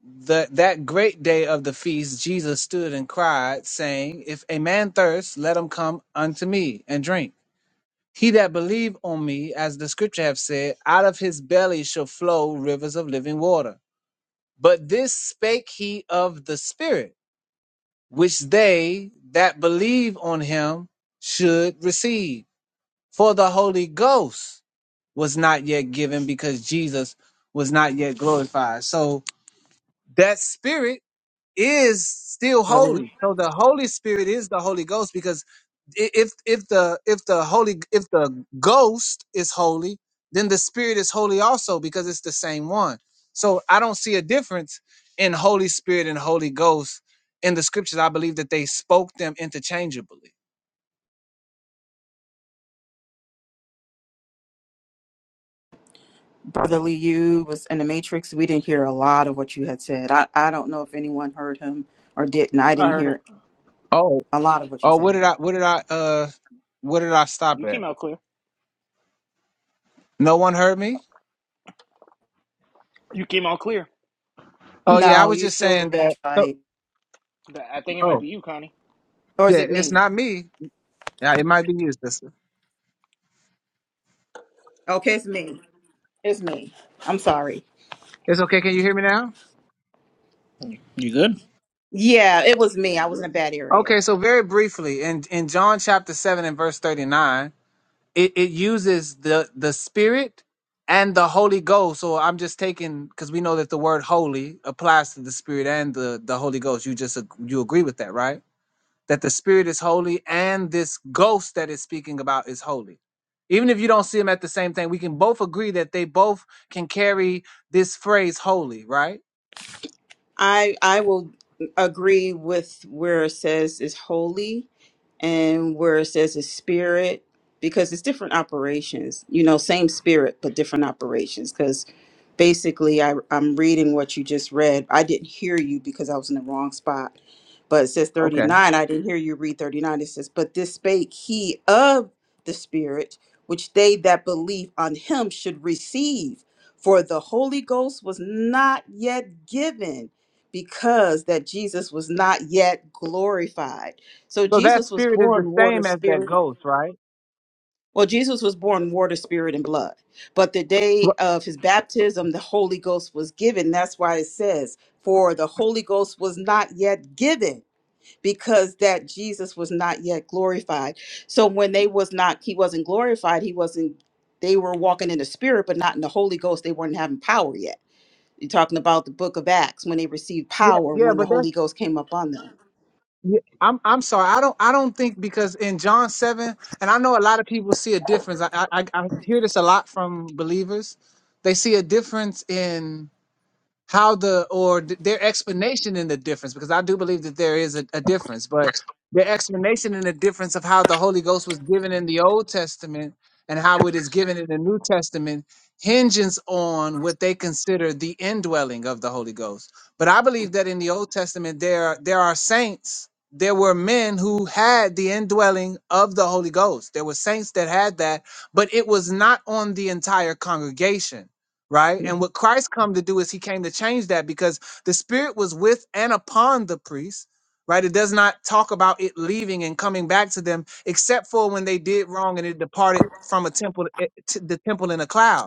Speaker 13: the, that great day of the feast, Jesus stood and cried, saying, If a man thirst, let him come unto me and drink. He that believe on me, as the scripture have said, out of his belly shall flow rivers of living water. But this spake he of the Spirit, which they that believe on him should receive For the Holy Ghost was not yet given because Jesus was not yet glorified. So that spirit is still
Speaker 15: Brotherly,
Speaker 13: holy. So the Holy Spirit is the Holy Ghost because i- if if the if the holy if the ghost is holy, then the spirit is holy also because it's the same one. So I don't see a difference in Holy Spirit and Holy Ghost in the scriptures. I believe that they spoke them interchangeably.
Speaker 15: brotherly, you was in the Matrix. We didn't hear a lot of what you had said. I, I don't know if anyone heard him or didn't. I
Speaker 8: I
Speaker 15: didn't
Speaker 8: heard it.
Speaker 15: hear a lot of what you
Speaker 13: Oh, what
Speaker 15: said.
Speaker 13: did I? What did I? Uh, what did I stop
Speaker 8: You
Speaker 13: at?
Speaker 8: came out clear.
Speaker 13: No one heard me.
Speaker 8: You came out clear.
Speaker 13: Oh yeah, I
Speaker 15: No,
Speaker 13: was
Speaker 15: you
Speaker 13: just
Speaker 15: still
Speaker 13: saying that. Oh,
Speaker 8: Th- I think it might
Speaker 13: oh
Speaker 8: be you, Connie.
Speaker 15: Or is
Speaker 13: yeah,
Speaker 15: it
Speaker 13: it's
Speaker 15: me?
Speaker 13: not me. Yeah, it might be you, sister.
Speaker 15: Okay, it's me. It's me. I'm sorry.
Speaker 13: It's okay. Can you hear me now?
Speaker 8: You good?
Speaker 15: Yeah, it was me. I was in a bad area.
Speaker 13: Okay, so very briefly, in in John chapter seven and verse thirty nine, it, it uses the the Spirit and the Holy Ghost. So I'm just taking because we know that the word holy applies to the Spirit and the the Holy Ghost. You just ag- you agree with that, right? that the spirit is holy and this ghost that is speaking about is holy. Even if you don't see them at the same thing, we can both agree that they both can carry this phrase holy, right?
Speaker 15: I I will agree with where it says is holy and where it says is spirit because it's different operations. You know, same spirit but different operations because basically I I'm reading what you just read. I didn't hear you because I was in the wrong spot. But it says
Speaker 13: Okay.
Speaker 15: 39. I didn't hear you read 39. It says, "But this spake he of the spirit which they that believe on him should receive, for the Holy Ghost was not yet given." because that Jesus was not yet glorified. So
Speaker 13: So that
Speaker 15: Jesus was
Speaker 13: spirit is the
Speaker 15: born water,
Speaker 13: same as that
Speaker 15: spirit.
Speaker 13: ghost, right?
Speaker 15: Well, Jesus was born water, spirit, and blood. But the day
Speaker 13: Well,
Speaker 15: of his baptism, the Holy Ghost was given. That's why it says, for the Holy Ghost was not yet given because that Jesus was not yet glorified. So when they was not, he wasn't glorified, he wasn't, they were walking in the spirit, but not in the Holy Ghost. They weren't having power yet. You're talking about the book of Acts when they received
Speaker 13: Yeah,
Speaker 15: power
Speaker 13: yeah,
Speaker 15: when the
Speaker 13: but that's
Speaker 15: Holy Ghost came up on them.
Speaker 13: yeah, I'm I'm sorry. I don't I don't think because in John seven, and I know a lot of people see a difference. I I, I I hear this a lot from believers. They see a difference in how the or th- their explanation in the difference because i do believe that there is a, a difference but their explanation in the difference of how the holy ghost was given in the old testament and how it is given in the new testament hinges on what they consider the indwelling of the holy ghost but i believe that in the old testament there are- there are saints there were men who had the indwelling of the holy ghost there were saints that had that but it was not on the entire congregation right? And
Speaker 15: Mhm.
Speaker 13: what Christ come to do is he came to change that because the spirit was with and upon the priest, right? It does not talk about it leaving and coming back to them except for when they did wrong and it departed from a temple eh, to the temple in a cloud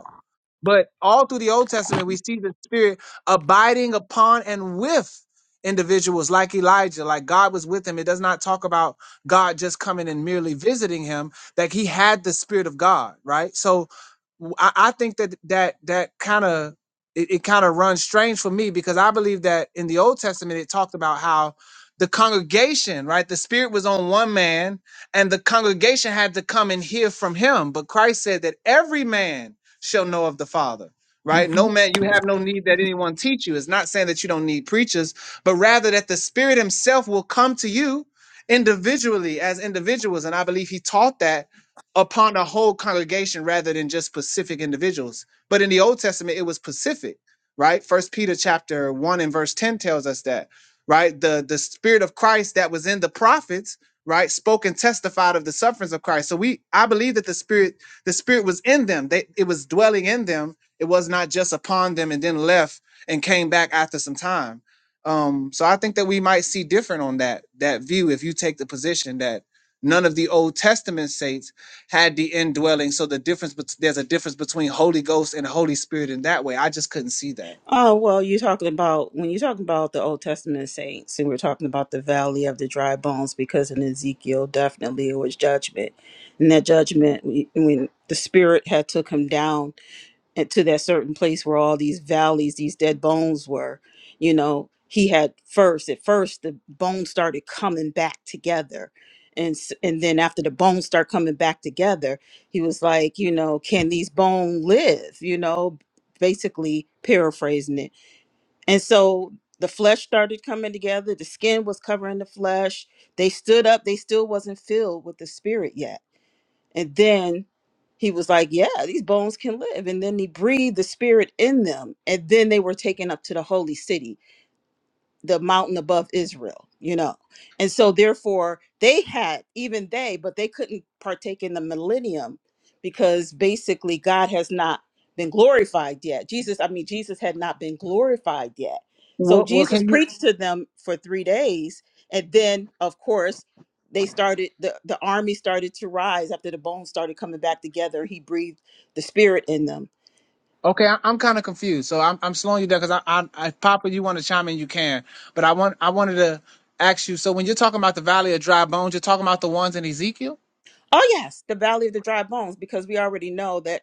Speaker 13: but all through the Old Testament, we see the Spirit abiding upon and with individuals like Elijah, like God was with him. It does not talk about God just coming and merely visiting him, that he had the Spirit of God, right? So w- I, I think that that that kind of it, it kind of runs strange for me because I believe that in the Old Testament it talked about how the congregation, right? The spirit was on one man and the congregation had to come and hear from him. But Christ said that every man shall know of the Father. Right? No
Speaker 15: Mhm.
Speaker 13: man, you have no need that anyone teach you. It's not saying that you don't need preachers, but rather that the Spirit Himself will come to you individually as individuals. And I believe He taught that upon a whole congregation rather than just specific individuals. But in the Old Testament, it was specific, right? First Peter chapter 1 and verse 10 tells us that, right? The the spirit of Christ that was in the prophets, right, spoke and testified of the sufferings of Christ. So we I believe that the spirit the spirit was in them. They it was dwelling in them. It was not just upon them and then left and came back after some time. Um, so I think that we might see different on that that view if you take the position that none of the Old Testament saints had the indwelling. So the difference, bet- there's a difference between Holy Ghost and Holy Spirit in that way. I just couldn't see that.
Speaker 15: Oh, well, you're talking about when you're talking about the Old Testament saints, and we're talking about the valley of the dry bones because in Ezekiel, definitely it was judgment. And that judgment, we- when the spirit had took him down and to that certain place where all these valleys, these dead bones were, you know, he had first at first the bones started coming back together. And, s- and then after the bones start coming back together, he was like, you know, can these bones live? You know, basically paraphrasing it. And so the flesh started coming together. The skin was covering the flesh. They stood up. They still wasn't filled with the spirit yet and then he was like, Yeah, these bones can live. And then he breathed the spirit in them. And then they were taken up to the holy city the mountain above Israel, you know. And so therefore they had even they, but they couldn't partake in the millennium because basically God has not been glorified yet. Jesus, I mean Jesus had not been glorified yet. So
Speaker 13: Well, well,
Speaker 15: Jesus
Speaker 13: can you?
Speaker 15: preached to them for 3 days and then of course they started the the army started to rise after the bones started coming back together. He breathed the spirit in them
Speaker 13: Okay, I, I'm kind of confused, so I'm I'm slowing you down because I, I, I, Papa, you want to chime in, you can, but I want I wanted to ask you. So when you're talking about the Valley of Dry Bones, you're talking about the ones in Ezekiel.
Speaker 15: Oh yes, the valley of the dry bones, because we already know that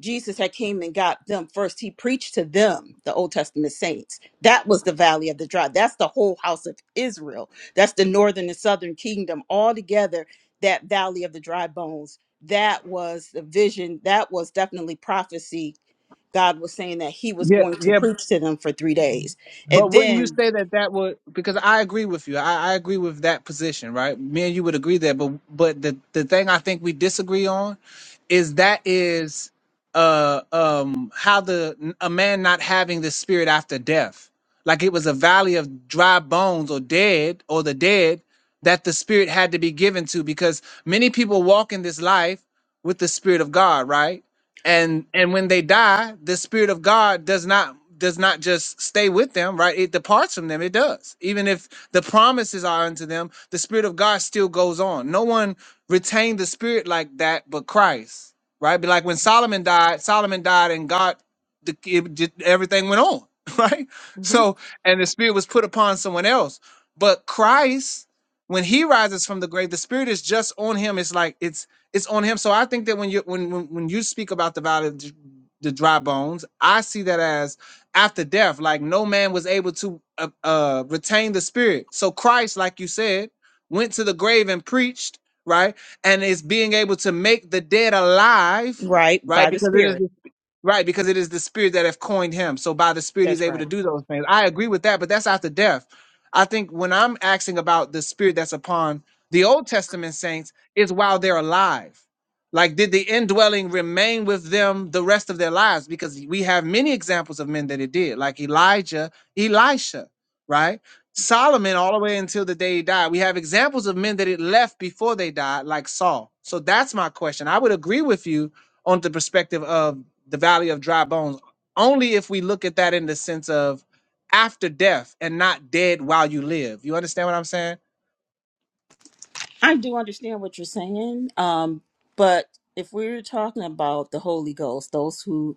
Speaker 15: Jesus had came and got them first. He preached to them, the Old Testament saints. That was the valley of the dry. That's the whole house of Israel. That's the northern and southern kingdom all together. That valley of the dry bones. That was the vision. That was definitely prophecy. God was saying that He was
Speaker 13: Yeah,
Speaker 15: going to
Speaker 13: yeah,
Speaker 15: preach to them for three days,
Speaker 13: But
Speaker 15: and
Speaker 13: wouldn't you
Speaker 15: then
Speaker 13: say that that would because I agree with you. I, I agree with that position, right? Me and you would agree there. But but the the thing I think we disagree on is that is uh um how the a man not having the spirit after death, like it was a valley of dry bones or dead or the dead that the spirit had to be given to because many people walk in this life with the spirit of God, right? and and when they die the spirit of god does not does not just stay with them right it departs from them it does even if the promises are unto them the spirit of god still goes on no one retained the spirit like that but christ right but like when solomon died solomon died and god the, it, just, everything went on [laughs] right
Speaker 15: hmm
Speaker 13: so and the spirit was put upon someone else but christ when he rises from the grave the spirit is just on him it's like it's it's on him. So I think that when you when when, when you speak about the valley of the dry bones, I see that as after death, like no man was able to uh, uh, retain the spirit. So Christ, like you said, went to the grave and preached, right? And is being able to make the dead alive,
Speaker 15: right
Speaker 13: right?
Speaker 15: by the
Speaker 13: Because it is
Speaker 15: Spirit.
Speaker 13: the Right, because it is the spirit that have coined him. So by the spirit, he's
Speaker 15: That's right.
Speaker 13: able to do those things. I agree with that, but that's after death. I think when I'm asking about the spirit that's upon the Old Testament saints, is while they're alive. Like, did the indwelling remain with them the rest of their lives? Because we have many examples of men that it did, like Elijah, Elisha, right? Solomon, all the way until the day he died. We have examples of men that it left before they died, like Saul. So that's my question. I would agree with you on the perspective of the valley of dry bones, only if we look at that in the sense of after death and not dead while you live. You understand what I'm saying?
Speaker 15: I do understand what you're saying, um, but if we're talking about the Holy Ghost, those who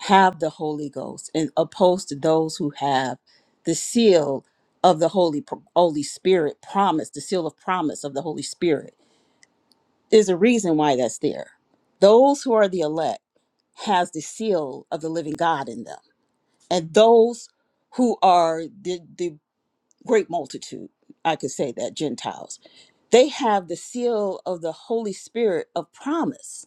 Speaker 15: have the Holy Ghost, and opposed to those who have the seal of the Holy Holy Spirit promise, the seal of promise of the Holy Spirit, there's a reason why that's there. Those who are the elect has the seal of the living God in them, and those who are the the great multitude, I could say that, Gentiles, they have the seal of the Holy Spirit of promise.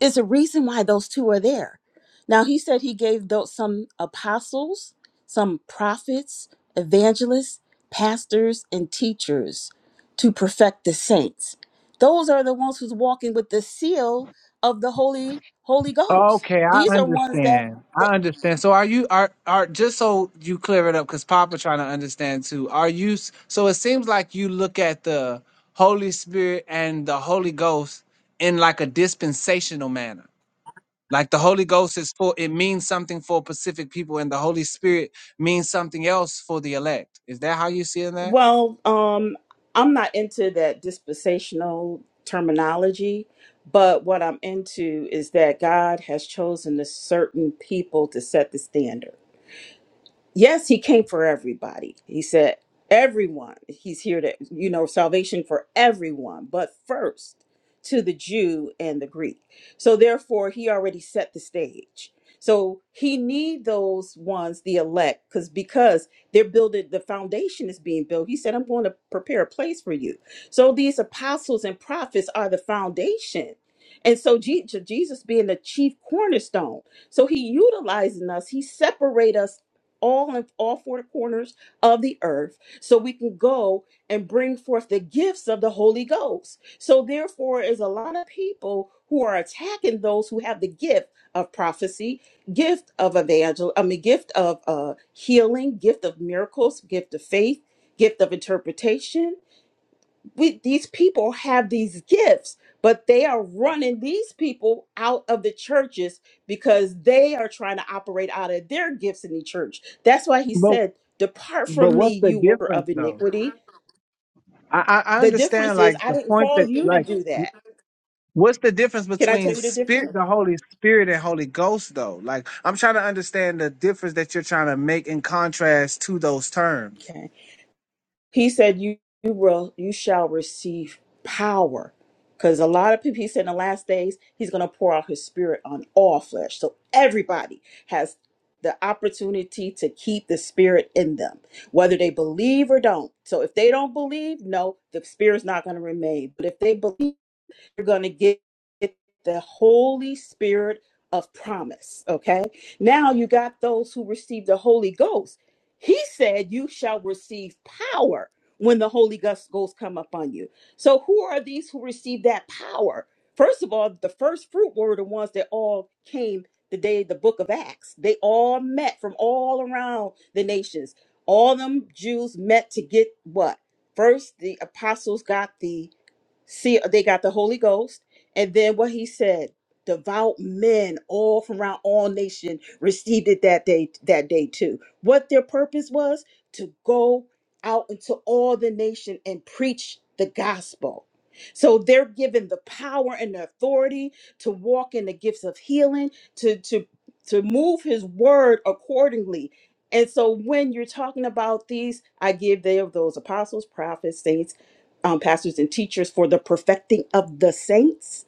Speaker 15: It's a reason why those two are there. Now, he said he gave those, some apostles, some prophets, evangelists, pastors, and teachers to perfect the saints. Those are the ones who's walking with the seal of the Holy Holy Ghost.
Speaker 13: Okay, I
Speaker 15: These are ones that,
Speaker 13: understand.
Speaker 15: that
Speaker 13: I understand. So are you are are just so you clear it up cuz Papa trying to understand too. Are you s- so it seems like you look at the Holy Spirit and the Holy Ghost in like a dispensational manner. Like the Holy Ghost is for it means something for specific people and the Holy Spirit means something else for the elect. Is that how you see that?
Speaker 15: Well, um, I'm not into that dispensational terminology, but what I'm into is that God has chosen a certain people to set the standard yes, he came for everybody. He said, everyone. He's here to, you know, salvation for everyone, but first to the Jew and the Greek. So therefore, he already set the stage. So he need those ones, the elect, because because they're building the foundation is being built. He said, I'm going to prepare a place for you. So these apostles and prophets are the foundation. And so Je- Jesus being the chief cornerstone. So he utilizing us, he separate us all in all four corners of the earth so we can go and bring forth the gifts of the holy ghost so therefore is a lot of people who are attacking those who have the gift of prophecy gift of evangel i mean gift of uh healing gift of miracles gift of faith gift of interpretation we these people have these gifts but they are running these people out of the churches because they are trying to operate out of their gifts in the church that's why he said depart
Speaker 13: But
Speaker 15: from me
Speaker 13: what's the
Speaker 15: you worker
Speaker 13: difference
Speaker 15: of
Speaker 13: though?
Speaker 15: iniquity
Speaker 13: I, I I
Speaker 15: the
Speaker 13: understand
Speaker 15: difference is
Speaker 13: like
Speaker 15: i
Speaker 13: the
Speaker 15: didn't
Speaker 13: point that
Speaker 15: call you to
Speaker 13: like
Speaker 15: do that
Speaker 13: what's the difference
Speaker 15: can i tell
Speaker 13: between
Speaker 15: you the
Speaker 13: spirit
Speaker 15: difference
Speaker 13: the Holy Spirit and Holy Ghost though? Like I'm trying to understand the difference that you're trying to make in contrast to those terms.
Speaker 15: He said, "You you will you shall receive power." Because a lot of people, he said, in the last days, he's going to pour out his spirit on all flesh. So everybody has the opportunity to keep the spirit in them, whether they believe or don't. So if they don't believe, no, the spirit's not going to remain. But if they believe you're going to get the Holy Spirit of promise. Okay. Now you got those who receive the Holy Ghost. He said, You shall receive power when the Holy Ghost Ghost come upon you. So who are these who receive that power? First of all, the first fruit were the ones that all came the day of the book of Acts. They all met from all around the nations. All them Jews met to get what? First, the apostles got the See, uh, they got the Holy Ghost, and then what he said, devout men all from around all nation received it that day. That day too. What their purpose was to go out into all the nation and preach the gospel. So they're given the power and the authority to walk in the gifts of healing, to to to move His word accordingly. And so when you're talking about these, I give them those apostles, prophets, saints um, pastors and teachers for the perfecting of the saints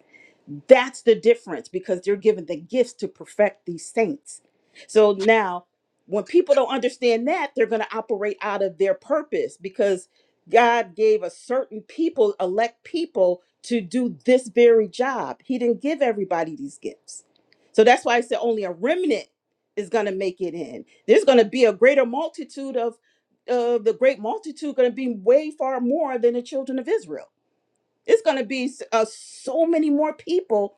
Speaker 15: that's the difference because they're given the gifts to perfect these saints. So now, when people don't understand that, they're going to operate out of their purpose because God gave a certain people, elect people, to do this very job. He didn't give everybody these gifts. So that's why I said only a remnant is going to make it in. There's going to be a greater multitude of uh, the great multitude going to be way far more than the children of Israel. It's going to be s- uh, so many more people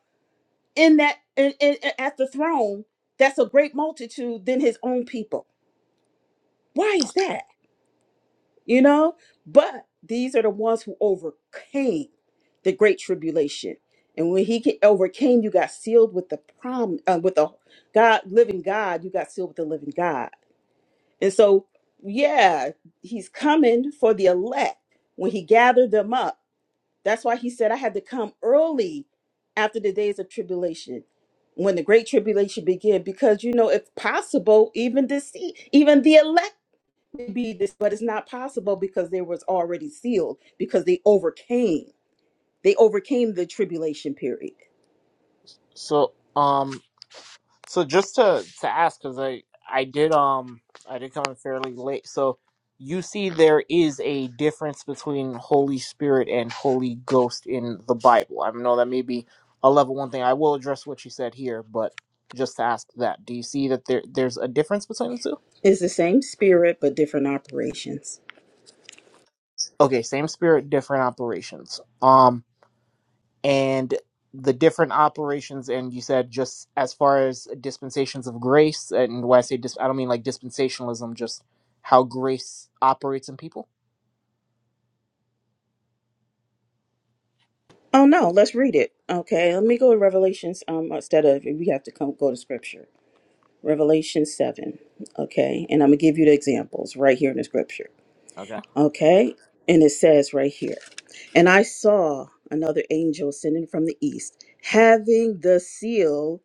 Speaker 15: in that in, in, at the throne that's a great multitude than his own people why is that you know but these are the ones who overcame the great tribulation and when he ca- overcame you got sealed with the prom uh, with the god living god you got sealed with the living god and so yeah he's coming for the elect when he gathered them up That's why he said, I had to come early after the days of tribulation, when the great tribulation began, because you know, if possible, even deceit, even the elect would be this, but it's not possible because they was already sealed, because they overcame. They overcame the tribulation period.
Speaker 8: So um So just to to ask, because I I did um I did come in fairly late. So you see, there is a difference between Holy Spirit and Holy Ghost in the Bible. I know that may be a level one thing. I will address what you said here, but just to ask that, do you see that there there's a difference between the two?
Speaker 15: It's the same spirit, but different operations.
Speaker 8: Okay, same spirit, different operations. Um, and the different operations and you said just as far as dispensations of grace and when i say dis- i don't mean like dispensationalism just how grace operates in people
Speaker 15: Oh no, let's read it. Okay, let me go to Revelations um instead of we have to come go to scripture. Revelation seven. Okay, and I'm gonna give you the examples right here in the scripture.
Speaker 8: okay
Speaker 15: Okay. And it says right here, and I saw another angel ascending from the east, having the seal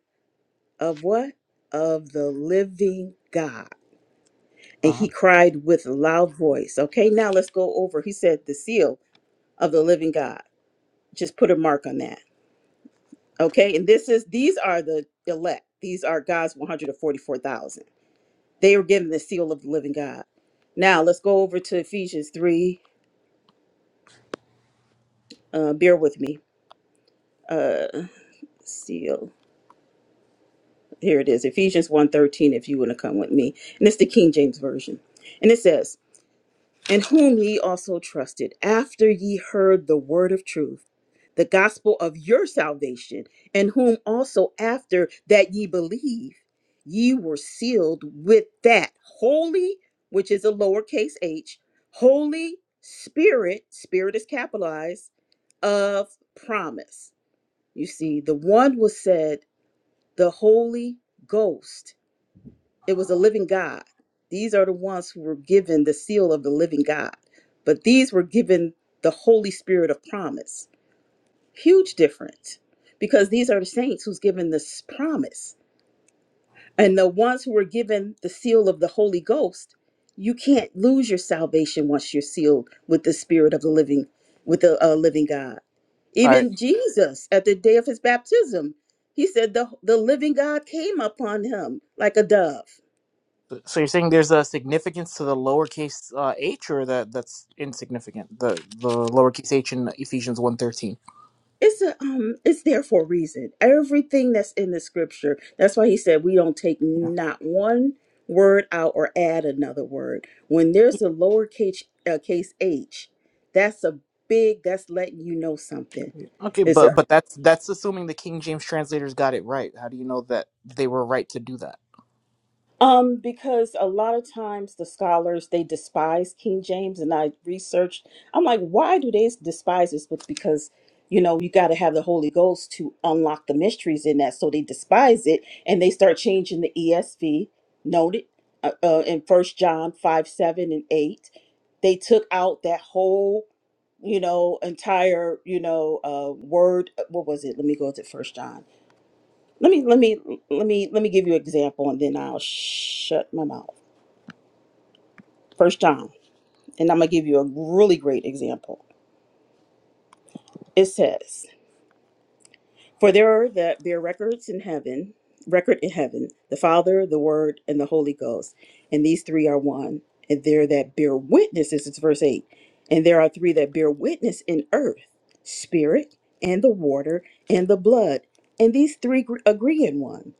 Speaker 15: of what? Of the living God. And
Speaker 8: uh-huh.
Speaker 15: he cried with a loud voice. Okay, now let's go over. He said, the seal of the living God. Just put a mark on that. Okay, and this is, these are the elect. These are God's 144,000. They were given the seal of the living God. Now let's go over to Ephesians 3. Uh, bear with me. uh, seal. Here it is, Ephesians one thirteen if you want to come with me. And it's the King James Version. And it says, In whom ye also trusted, after ye heard the word of truth, the gospel of your salvation, and whom also after that ye believe, ye were sealed with that holy, which is a lowercase h, holy spirit, spirit is capitalized, of promise. You see, the one was said the Holy Ghost. It was a living God. These are the ones who were given the seal of the living God, but these were given the Holy Spirit of promise. Huge difference because these are the saints who's given this promise and the ones who were given the seal of the Holy Ghost, you can't lose your salvation once you're sealed with the Spirit of the living, with the uh, living God.
Speaker 8: all right
Speaker 15: Even Jesus, at the day of his baptism, he said the, the living God came upon him like a dove.
Speaker 8: so you're saying there's a significance to the lowercase uh, h or that that's insignificant the the lowercase h in ephesians one thirteen.
Speaker 15: it's a um it's there for a reason everything that's in the scripture that's why he said we don't take
Speaker 8: yeah.
Speaker 15: not one word out or add another word when there's a lowercase uh, case h that's a big that's letting you know something
Speaker 8: Yeah. okay
Speaker 15: it's
Speaker 8: but
Speaker 15: a
Speaker 8: but that's that's assuming the king james translators got it right how do you know that they were right to do that
Speaker 15: Um, because a lot of times the scholars they despise King James, and I researched. I'm like, why do they despise this But Because you know you got to have the Holy Ghost to unlock the mysteries in that. So they despise it, and they start changing the ESV. Noted uh, uh, in First John five seven and eight, they took out that whole, you know, entire you know, uh, word. uh, What was it? Let me go to First John. Let me let me let me let me give you an example, and then I'll shut my mouth. First John, and I'm gonna give you a really great example. It says For there are that bear records in heaven, record in heaven, the Father, the Word, and the Holy Ghost, and these three are one. And there that bear witness, this is verse eight, and there are three that bear witness in earth, spirit, and the water, and the blood, and these three gr- agree in one.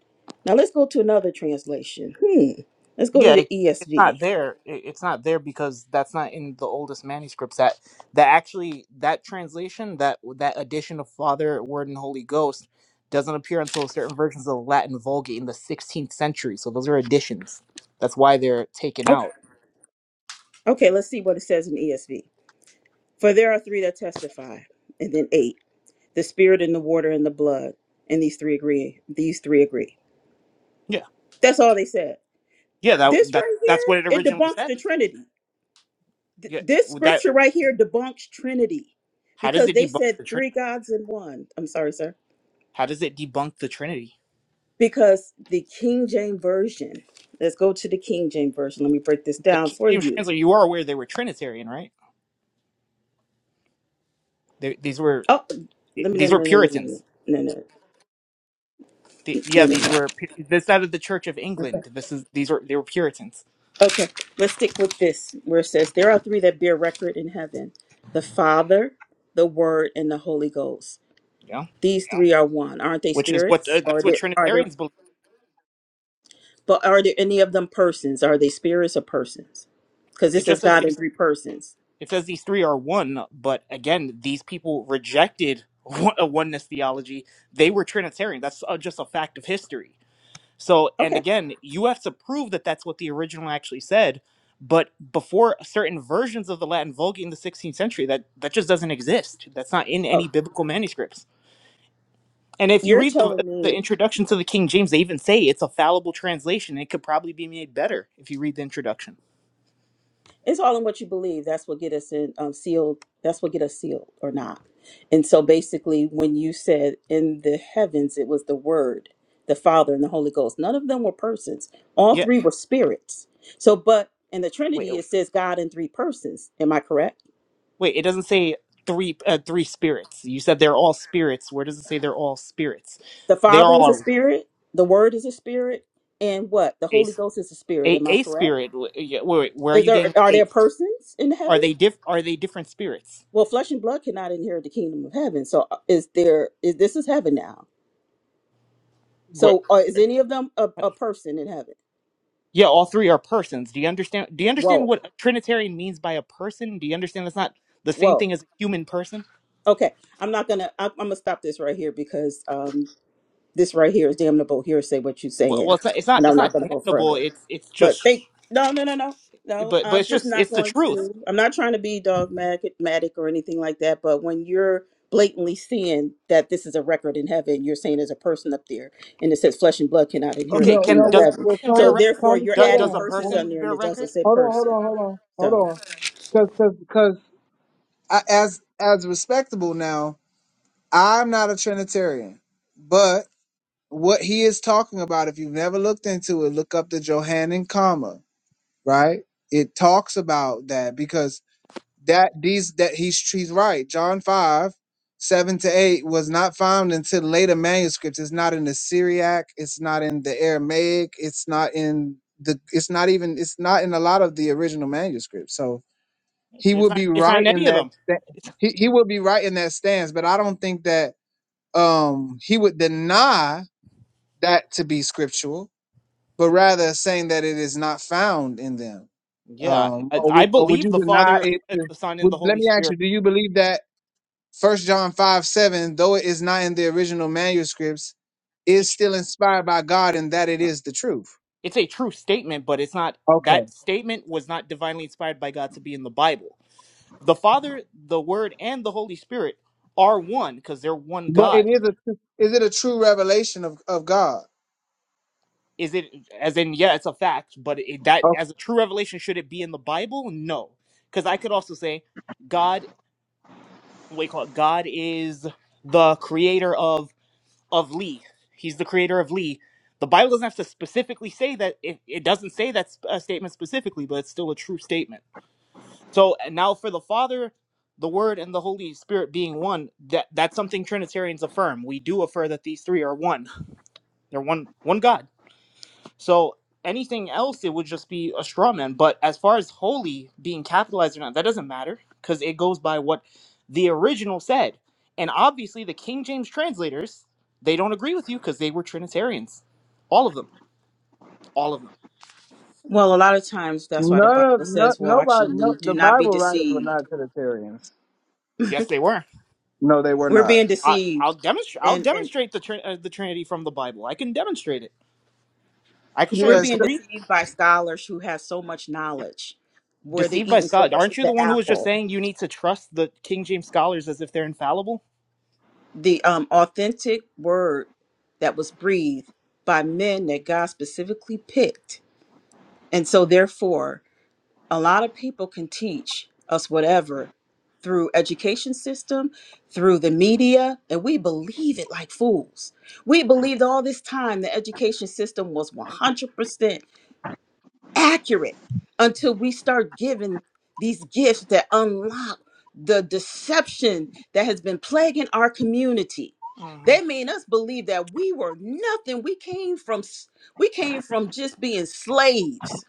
Speaker 15: Now let's go to another translation. Hmm. Let's go to
Speaker 8: Yeah,
Speaker 15: the
Speaker 8: it's it's
Speaker 15: ESV.
Speaker 8: not there. It- It's not there because that's not in the oldest manuscripts. That that actually that translation that that addition of Father, Word, and Holy Ghost doesn't appear until certain versions of the Latin Vulgate in the 16th century. So those are additions. That's why they're taken
Speaker 15: Okay.
Speaker 8: out.
Speaker 15: Okay. Let's see what it says in ESV. For there are three that testify, and then eight. the spirit and the water and the blood and these three agree these three agree
Speaker 8: Yeah,
Speaker 15: that's all they said
Speaker 8: yeah. That
Speaker 15: this
Speaker 8: that
Speaker 15: right
Speaker 8: that's what it
Speaker 15: here it
Speaker 8: originally
Speaker 15: debunks
Speaker 8: said.
Speaker 15: the trinity Th-
Speaker 8: Yeah,
Speaker 15: this
Speaker 8: would that
Speaker 15: scripture right here debunks trinity
Speaker 8: how does
Speaker 15: because
Speaker 8: it
Speaker 15: they
Speaker 8: debunk
Speaker 15: said
Speaker 8: the Trinity?
Speaker 15: three gods in one i'm sorry sir
Speaker 8: How does it debunk the Trinity?
Speaker 15: because the king james version let's go to the king james version let me break this
Speaker 8: The
Speaker 15: down
Speaker 8: King
Speaker 15: for
Speaker 8: James
Speaker 15: you
Speaker 8: translator. You are aware they were Trinitarian, right? They, these were
Speaker 15: oh let me no
Speaker 8: these were
Speaker 15: no no no no
Speaker 8: Puritans.
Speaker 15: no no no no no
Speaker 8: the, yeah,
Speaker 15: no. no, no.
Speaker 8: these were this out of the Church of England. This is these were they were Puritans,
Speaker 15: Okay, let's stick with this where it says, There are three that bear record in heaven the Father, the Word, and the Holy Ghost.
Speaker 8: you know,
Speaker 15: These three are one. Aren't they
Speaker 8: which is what
Speaker 15: spirits?
Speaker 8: uh,
Speaker 15: Are
Speaker 8: that's what
Speaker 15: there are there
Speaker 8: Trinitarians believe.
Speaker 15: but are there any of them persons? Are they spirits or persons? Because
Speaker 8: It
Speaker 15: this
Speaker 8: just
Speaker 15: is
Speaker 8: says
Speaker 15: God in
Speaker 8: these
Speaker 15: three persons.
Speaker 8: it says these three are one, but again, these people rejected [laughs] one- a oneness theology. They were Trinitarian. That's uh, just a fact of history. So, and
Speaker 15: Okay.
Speaker 8: again, you have to prove that that's what the original actually said. But before certain versions of the Latin Vulgate in the 16th century, that that just doesn't exist. That's not in
Speaker 15: Oh,
Speaker 8: any biblical manuscripts And if you
Speaker 15: you're
Speaker 8: read the,
Speaker 15: telling
Speaker 8: the
Speaker 15: me.
Speaker 8: introduction to the King James, they even say it's a fallible translation. It could probably be made better if you read the introduction.
Speaker 15: it's all in what you believe that's what get us in um, sealed that's what get us sealed or not and so basically when you said in the heavens it was the word the father and the holy ghost none of them were persons all
Speaker 8: Yeah.
Speaker 15: three were spirits so but in the
Speaker 8: Wait,
Speaker 15: trinity it says god in three persons am i correct
Speaker 8: wait. It doesn't say three uh, three spirits. You said they're all spirits. Where does it say they're all spirits?
Speaker 15: the
Speaker 8: They
Speaker 15: father
Speaker 8: all
Speaker 15: is
Speaker 8: are
Speaker 15: a
Speaker 8: all
Speaker 15: spirit the word is a spirit and what the
Speaker 8: a
Speaker 15: holy ghost is a spirit
Speaker 8: a,
Speaker 15: am i
Speaker 8: a
Speaker 15: correct
Speaker 8: spirit. Wait, wait, where are
Speaker 15: is
Speaker 8: you
Speaker 15: there
Speaker 8: getting
Speaker 15: are there
Speaker 8: a?
Speaker 15: persons in
Speaker 8: Are
Speaker 15: heaven
Speaker 8: they diff? Are they different spirits?
Speaker 15: well flesh and blood cannot inherit the kingdom of heaven so uh, is there is this is heaven now
Speaker 8: What?
Speaker 15: So uh, is any of them a, a person in heaven?
Speaker 8: Yeah, all three are persons. Do you understand? Do you understand
Speaker 15: Whoa,
Speaker 8: what a Trinitarian means by a person? Do you understand that's not the same
Speaker 15: whoa.
Speaker 8: thing as a human person?
Speaker 15: Okay, I'm not gonna. I, I'm gonna stop this right here because um, this right here is damnable hearsay. What you are
Speaker 8: Well,
Speaker 15: saying,
Speaker 8: well it's not. It's not.
Speaker 15: and I'm
Speaker 8: It's
Speaker 15: not
Speaker 8: not
Speaker 15: gonna go
Speaker 8: damnable.
Speaker 15: further.
Speaker 8: It's. It's
Speaker 15: But
Speaker 8: just.
Speaker 15: thank no, no, no, no, no.
Speaker 8: But. But
Speaker 15: I'm
Speaker 8: it's
Speaker 15: just
Speaker 8: just.
Speaker 15: not
Speaker 8: It's the
Speaker 15: going
Speaker 8: truth.
Speaker 15: to. I'm not trying to be dogmatic matic or anything like that. But when you're blatantly seeing that this is a record in heaven, you're saying there's a person up there, and it says flesh and blood cannot inherit
Speaker 8: Okay.
Speaker 15: the
Speaker 13: No,
Speaker 8: Can
Speaker 15: kingdom
Speaker 13: no,
Speaker 15: of
Speaker 13: well,
Speaker 8: does
Speaker 15: heaven.
Speaker 8: a
Speaker 13: well
Speaker 8: person bear
Speaker 15: So
Speaker 13: Connie,
Speaker 8: record?
Speaker 15: therefore,
Speaker 13: Connie,
Speaker 15: you're
Speaker 8: Do,
Speaker 13: slow
Speaker 15: adding
Speaker 8: does a
Speaker 13: down.
Speaker 15: persons
Speaker 13: Like,
Speaker 15: on
Speaker 8: person
Speaker 15: there, and
Speaker 8: bear
Speaker 15: it doesn't
Speaker 8: record?
Speaker 15: say
Speaker 13: Hold on, hold
Speaker 15: person.
Speaker 13: on, hold on, hold
Speaker 15: So,
Speaker 13: on. Because, because, because, I, as as respectable now, I'm not a Trinitarian, but what he is talking about, if you've never looked into it, look up the Johannine comma. right? It talks about that because that these that he's he's right. John five seven to eight was not found until later manuscripts. It's not in the Syriac. It's not in the Aramaic. It's not in the. It's not even. It's not in a lot of the original manuscripts. So he
Speaker 8: It's
Speaker 13: would
Speaker 8: not.
Speaker 13: be
Speaker 8: It's not
Speaker 13: right
Speaker 8: in
Speaker 13: in
Speaker 8: any of
Speaker 13: that.
Speaker 8: them.
Speaker 13: that
Speaker 8: It's,
Speaker 13: he he would be right in that stance. But I don't think that um he would deny that to be scriptural, but rather saying that it is not found in them
Speaker 8: yeah,
Speaker 13: um,
Speaker 8: I,
Speaker 13: or
Speaker 8: I
Speaker 13: would, or would
Speaker 8: believe
Speaker 13: you
Speaker 8: the
Speaker 13: deny
Speaker 8: Father,
Speaker 13: it? to-
Speaker 8: the Son, and
Speaker 13: Would,
Speaker 8: the
Speaker 13: let
Speaker 8: Holy
Speaker 13: me ask you:
Speaker 8: Spirit.
Speaker 13: Do you believe that First John five seven, though it is not in the original manuscripts, is
Speaker 8: It's,
Speaker 13: still inspired by God, and that it
Speaker 8: no,
Speaker 13: is the truth?
Speaker 8: it's a true statement, but it's not.
Speaker 13: Okay,
Speaker 8: That statement was not divinely inspired by God to be in the Bible. the Father, the Word, and the Holy Spirit are one because they're one
Speaker 13: but it
Speaker 8: God.
Speaker 13: is a is it a true revelation of of God?
Speaker 8: Is it as in yeah, it's a fact, but it, that
Speaker 13: Okay,
Speaker 8: as a true revelation should it be in the Bible? No, because I could also say God. What do you call it? God is the creator of of Lee. He's the creator of Lee. The Bible doesn't have to specifically say that. It, it doesn't say that sp- uh, statement specifically, but it's still a true statement. So and now for the Father, the Word, and the Holy Spirit being one, that that's something Trinitarians affirm. We do affirm that these three are one. They're one one God. So anything else, it would just be a straw man. But as far as holy being capitalized or not, that doesn't matter because it goes by what the original said. And obviously, the King James translators they don't agree with you because they were Trinitarians, all of them, all of them.
Speaker 15: Well, a lot of times that's why the
Speaker 13: no, no,
Speaker 15: Bible
Speaker 13: no
Speaker 15: says, "Watch
Speaker 13: nobody,
Speaker 15: and
Speaker 13: no,
Speaker 15: then
Speaker 13: the
Speaker 15: do not be
Speaker 13: Bible writers were
Speaker 15: deceived."
Speaker 13: not Trinitarians.
Speaker 8: Yes, they were.
Speaker 13: No, they were
Speaker 15: We're
Speaker 13: not.
Speaker 15: being
Speaker 8: I, I'll
Speaker 15: deceived,
Speaker 8: demonstrate. I'll
Speaker 15: and and
Speaker 8: demonstrate the trin- uh, the Trinity from the Bible. I can demonstrate it. I could show
Speaker 15: we're
Speaker 8: you
Speaker 13: Yeah, sh-
Speaker 15: being
Speaker 8: three.
Speaker 15: deceived by scholars who have so much knowledge, where they're
Speaker 8: Deceived by
Speaker 15: eating so
Speaker 8: scholars.
Speaker 15: much
Speaker 8: Aren't
Speaker 15: of
Speaker 8: you the
Speaker 15: the
Speaker 8: one who was just
Speaker 15: apple.
Speaker 8: saying you need to trust the King James scholars as if they're infallible?
Speaker 15: The um, authentic word that was breathed by men that God specifically picked, and so therefore a lot of people can teach us whatever through education system through the media and we believe it like fools we believed all this time the education system was 100% accurate until we start giving these gifts that unlock the deception that has been plaguing our community.
Speaker 8: Uh-huh.
Speaker 15: They made us believe that we were nothing. We came from s- we came from just being slaves.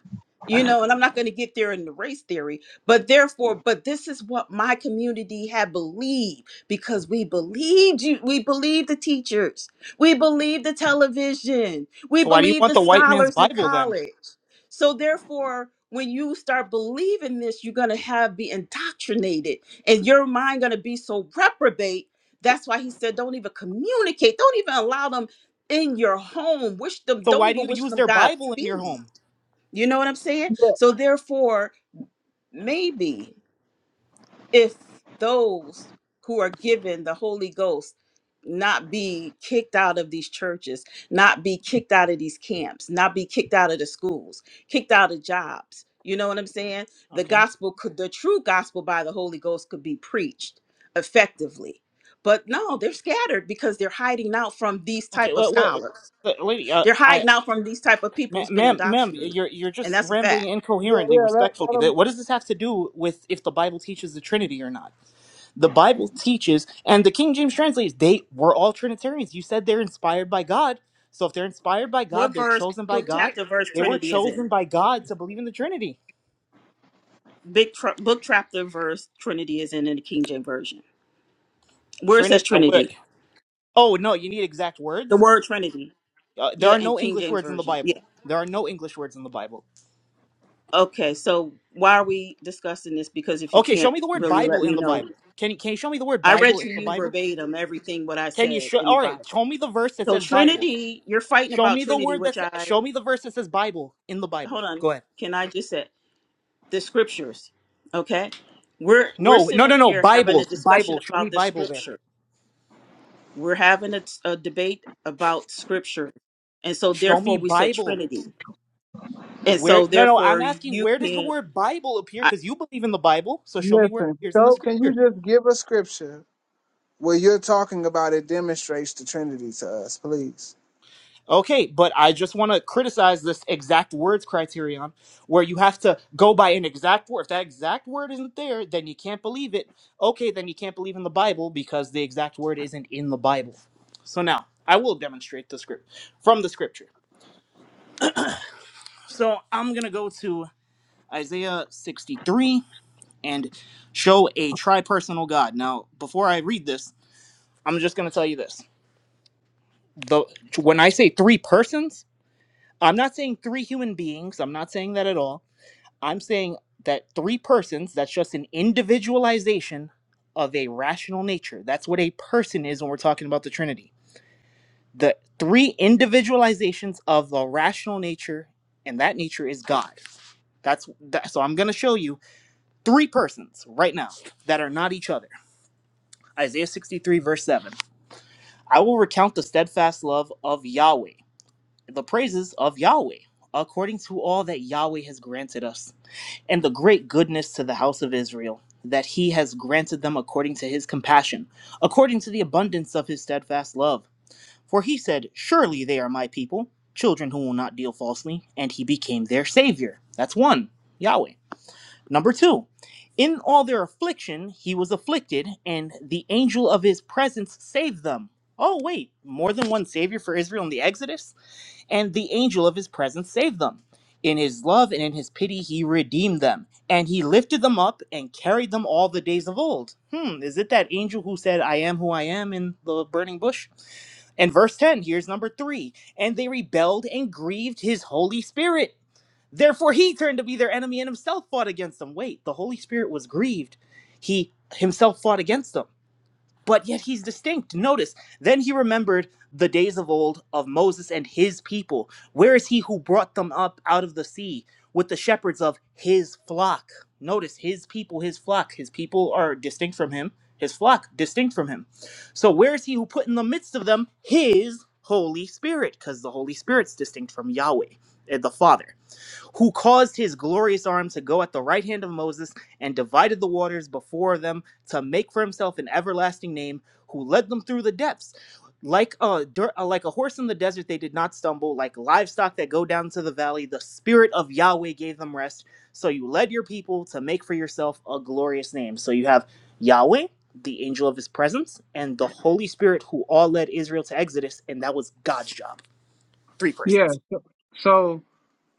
Speaker 15: You know, and I'm not going to get there in the race theory, but therefore, but this is what my community had believed because we believed you, we believed the teachers, we believed the television, we
Speaker 8: So why do you
Speaker 15: believed
Speaker 8: want
Speaker 15: the
Speaker 8: the white man's
Speaker 15: scholars in
Speaker 8: Bible then?
Speaker 15: college. So therefore, when you start believing this, you're gonna have be indoctrinated, and your mind gonna be so reprobate.
Speaker 8: So
Speaker 15: That's why he said, don't even communicate, don't even allow them in your home. Wish them,
Speaker 8: so
Speaker 15: don't
Speaker 8: why do
Speaker 15: even
Speaker 8: you
Speaker 15: wish
Speaker 8: use
Speaker 15: them
Speaker 8: their Bible in your
Speaker 15: Godspeed.
Speaker 8: home?
Speaker 15: You know what I'm saying? So therefore, maybe if those who are given the Holy Ghost not be kicked out of these churches, not be kicked out of these camps, not be kicked out of the schools, kicked out of jobs. You know what I'm saying? The
Speaker 8: Okay.
Speaker 15: gospel could, the true gospel by the Holy Ghost could be preached effectively. But no, they're scattered because they're hiding out from these
Speaker 8: Okay,
Speaker 15: type of
Speaker 8: wait, wait,
Speaker 15: scholars.
Speaker 8: wait, lady, uh,
Speaker 15: They're
Speaker 8: I,
Speaker 15: hiding out from these type of people
Speaker 8: ma-
Speaker 15: who's been
Speaker 8: ma'am, ma'am,
Speaker 15: indoctrinated.
Speaker 8: you're you're
Speaker 15: And
Speaker 8: just
Speaker 15: that's a
Speaker 8: rambling
Speaker 15: fact.
Speaker 13: yeah,
Speaker 8: incoherently,
Speaker 13: yeah. Let, let
Speaker 8: respectfully.
Speaker 13: 'em-
Speaker 8: That what does this have to do with if the Bible teaches the Trinity or not? the Bible teaches, and the King James translates, they were all Trinitarians. You said they're inspired by God. So if they're inspired by God,
Speaker 15: What
Speaker 8: they're
Speaker 15: verse,
Speaker 8: chosen by
Speaker 15: what
Speaker 8: God.
Speaker 15: chapter, verse
Speaker 8: They were
Speaker 15: Trinity is in?
Speaker 8: chosen by God to believe in the Trinity.
Speaker 15: big tra- book chapter verse Trinity is in in the King James version. Where it says
Speaker 8: Trinity. Uh, what-
Speaker 15: Trinity,
Speaker 8: oh, no, you need exact
Speaker 15: the
Speaker 8: words?
Speaker 15: word Trinity,
Speaker 8: Uh, there
Speaker 15: yeah,
Speaker 8: are
Speaker 15: in
Speaker 8: no
Speaker 15: King
Speaker 8: English
Speaker 15: James
Speaker 8: words in the
Speaker 15: version, yeah.
Speaker 8: Bible. There are no English words in the Bible.
Speaker 15: Okay, so why are we discussing this? Because if you
Speaker 8: Okay, show
Speaker 15: can't
Speaker 8: me the word
Speaker 15: really
Speaker 8: Bible
Speaker 15: let me
Speaker 8: in the
Speaker 15: know,
Speaker 8: Bible. Can you, can you show me the word
Speaker 15: I read
Speaker 8: Bible
Speaker 15: to
Speaker 8: in the
Speaker 15: you
Speaker 8: Bible?
Speaker 15: verbatim everything what I
Speaker 8: Can you
Speaker 15: said
Speaker 8: show?
Speaker 15: in the
Speaker 8: All right,
Speaker 15: Bible.
Speaker 8: show me the verse that
Speaker 15: So
Speaker 8: says Bible.
Speaker 15: Trinity, you're fighting
Speaker 8: Show
Speaker 15: about
Speaker 8: me the
Speaker 15: Trinity,
Speaker 8: word
Speaker 15: which
Speaker 8: that's.
Speaker 15: I
Speaker 8: Show me the verse that says Bible in the Bible.
Speaker 15: hold on.
Speaker 8: Go ahead.
Speaker 15: Can I just say the scriptures? Okay, we're we're
Speaker 8: No, no,
Speaker 15: sitting
Speaker 8: no,
Speaker 15: up
Speaker 8: no.
Speaker 15: here having a
Speaker 8: Bible,
Speaker 15: discussion
Speaker 8: Bible. Show me
Speaker 15: about the
Speaker 8: Bible there.
Speaker 15: scriptures. We're having a, a debate about scripture. And so
Speaker 8: Show me
Speaker 15: therefore we said
Speaker 8: Bible.
Speaker 15: Trinity. And
Speaker 8: Where?
Speaker 15: so
Speaker 8: No, no. I'm
Speaker 15: therefore
Speaker 8: asking
Speaker 15: you
Speaker 8: where does the
Speaker 15: can
Speaker 8: word Bible appear?
Speaker 15: I,
Speaker 8: Because you believe in the Bible, so show me where it
Speaker 13: listen.
Speaker 8: appears in the
Speaker 13: So, can you
Speaker 8: Scripture.
Speaker 13: just give a scripture where you're talking about it demonstrates the Trinity to us, please?
Speaker 8: Okay, but I just want to criticize this exact words criterion, where you have to go by an exact word. If that exact word isn't there, then you can't believe it. Okay, then you can't believe in the Bible because the exact word isn't in the Bible. So now I will demonstrate the script from the Scripture. So I'm gonna go to Isaiah 63 and show a tripersonal God. Now, before I read this, I'm just going to tell you this. The when I say three persons, I'm not saying three human beings. I'm not saying that at all. I'm saying that three persons, that's just an individualization of a rational nature. That's what a person is when we're talking about the Trinity. The three individualizations of the rational nature, and that nature is God. That's that, so I'm going to show you three persons right now that are not each other. Isaiah 63, verse 7. I will recount the steadfast love of Yahweh, the praises of Yahweh, according to all that Yahweh has granted us, and the great goodness to the house of Israel, that he has granted them according to his compassion, according to the abundance of his steadfast love. For he said, Surely they are my people, children who will not deal falsely, and he became their savior. That's one, Yahweh. Number two, in all their affliction, he was afflicted, and the angel of his presence saved them. Oh, wait, more than one savior for Israel in the Exodus? And the angel of his presence saved them. In his love and in his pity, he redeemed them, and he lifted them up and carried them all the days of old. Hmm, is it that angel who said, I am who I am in the burning bush? And verse 10, here's number three. And they rebelled and grieved his Holy Spirit Therefore, he turned to be their enemy and himself fought against them. Wait, the Holy Spirit was grieved. He himself fought against them, but yet he's distinct. Notice, then he remembered the days of old of Moses and his people. Where is he who brought them up out of the sea with the shepherds of his flock? Notice, his people, his flock. His people are distinct from him, his flock distinct from him. So, where is he who put in the midst of them his Holy Spirit? Because the Holy Spirit's distinct from Yahweh, eh, the Father who caused his glorious arm to go at the right hand of Moses and divided the waters before them to make for himself an everlasting name, who led them through the depths. Like a dirt, uh, like a horse in the desert, they did not stumble. Like livestock that go down to the valley, the spirit of Yahweh gave them rest. So you led your people to make for yourself a glorious name. So you have Yahweh, the angel of his presence, and the Holy Spirit, who all led Israel to Exodus, and that was God's job. Three
Speaker 13: Yeah.
Speaker 8: persons.
Speaker 13: So so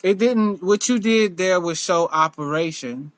Speaker 13: it didn't. What you did there was show operation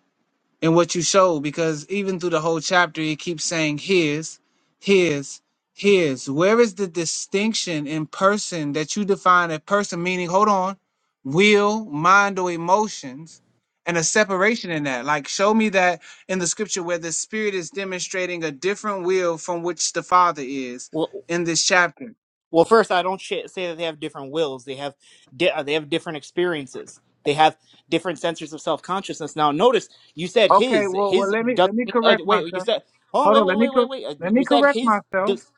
Speaker 13: and what you showed because even through the whole chapter, it keeps saying his, his, his. Where is the distinction in person that you define a person meaning? Hold on, will, mind, or emotions. And a separation in that. Like, show me that in the scripture where the spirit is demonstrating a different will from which the father is
Speaker 8: Well.
Speaker 13: in this chapter.
Speaker 8: Well, first, I don't sh- say that they have different wills. They have di- uh, they have different experiences. They have different sensors of self consciousness. Now, notice you said
Speaker 13: Okay,
Speaker 8: his
Speaker 13: well, well,
Speaker 8: his
Speaker 13: let me let
Speaker 8: doesn't
Speaker 13: me
Speaker 8: mean uh,
Speaker 13: correct
Speaker 8: wait. You
Speaker 13: myself.
Speaker 8: said hold on.
Speaker 13: Hold
Speaker 8: Wait,
Speaker 13: on,
Speaker 8: wait,
Speaker 13: let me
Speaker 8: wait, wait,
Speaker 13: cor-
Speaker 8: wait. Uh,
Speaker 13: let me
Speaker 8: you said
Speaker 13: correct
Speaker 8: his
Speaker 13: myself.
Speaker 8: does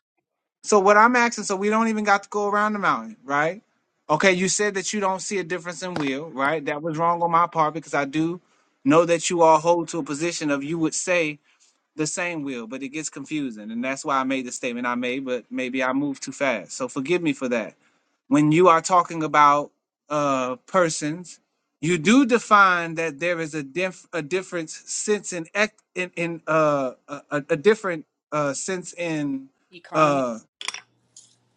Speaker 13: So what I'm asking, so we don't even got to go around the mountain, right? Okay, you said that you don't see a difference in will, right? That was wrong on my part because I do know that you all hold to a position of you would say the same will, but it gets confusing, and that's why I made the statement I made. But maybe I moved too fast, so forgive me for that when you are talking about uh, persons, you do define that there is a diff- a different sense in ec- in, in uh, a, a a different uh, sense in
Speaker 8: economy.
Speaker 13: uh,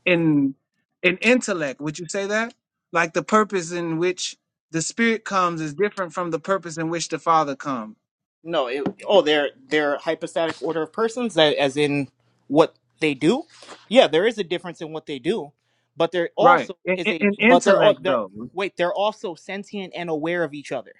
Speaker 13: in in intellect. Would you say that? Like the purpose in which the spirit comes is different from the purpose in which the father comes.
Speaker 8: No. It, oh, they're they're hypostatic order of persons, a- as in what they do. Yeah, there is a difference in what they do, but there
Speaker 13: Right.
Speaker 8: also
Speaker 13: In,
Speaker 8: is
Speaker 13: in,
Speaker 8: a
Speaker 13: in
Speaker 8: but they're all
Speaker 13: intellect,
Speaker 8: they're
Speaker 13: though.
Speaker 8: wait they're also sentient and aware of each other.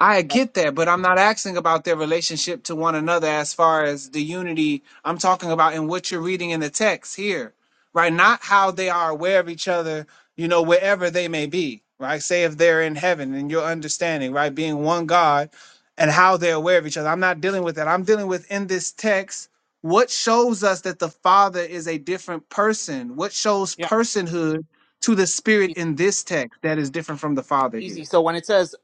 Speaker 13: I
Speaker 8: That's,
Speaker 13: get that, but I'm not asking about their relationship to one another as far as the unity I'm talking about in what you're reading in the text here, right? Not how they are aware of each other, you know, wherever they may be, right? Say if they're in heaven and your understanding, right? Being one God and how they're aware of each other. I'm not dealing with that. I'm dealing with in this text what shows us that the Father is a different person? What shows
Speaker 8: yeah.
Speaker 13: personhood to the Spirit in this text that is different from the Father here?
Speaker 8: easy. So when it says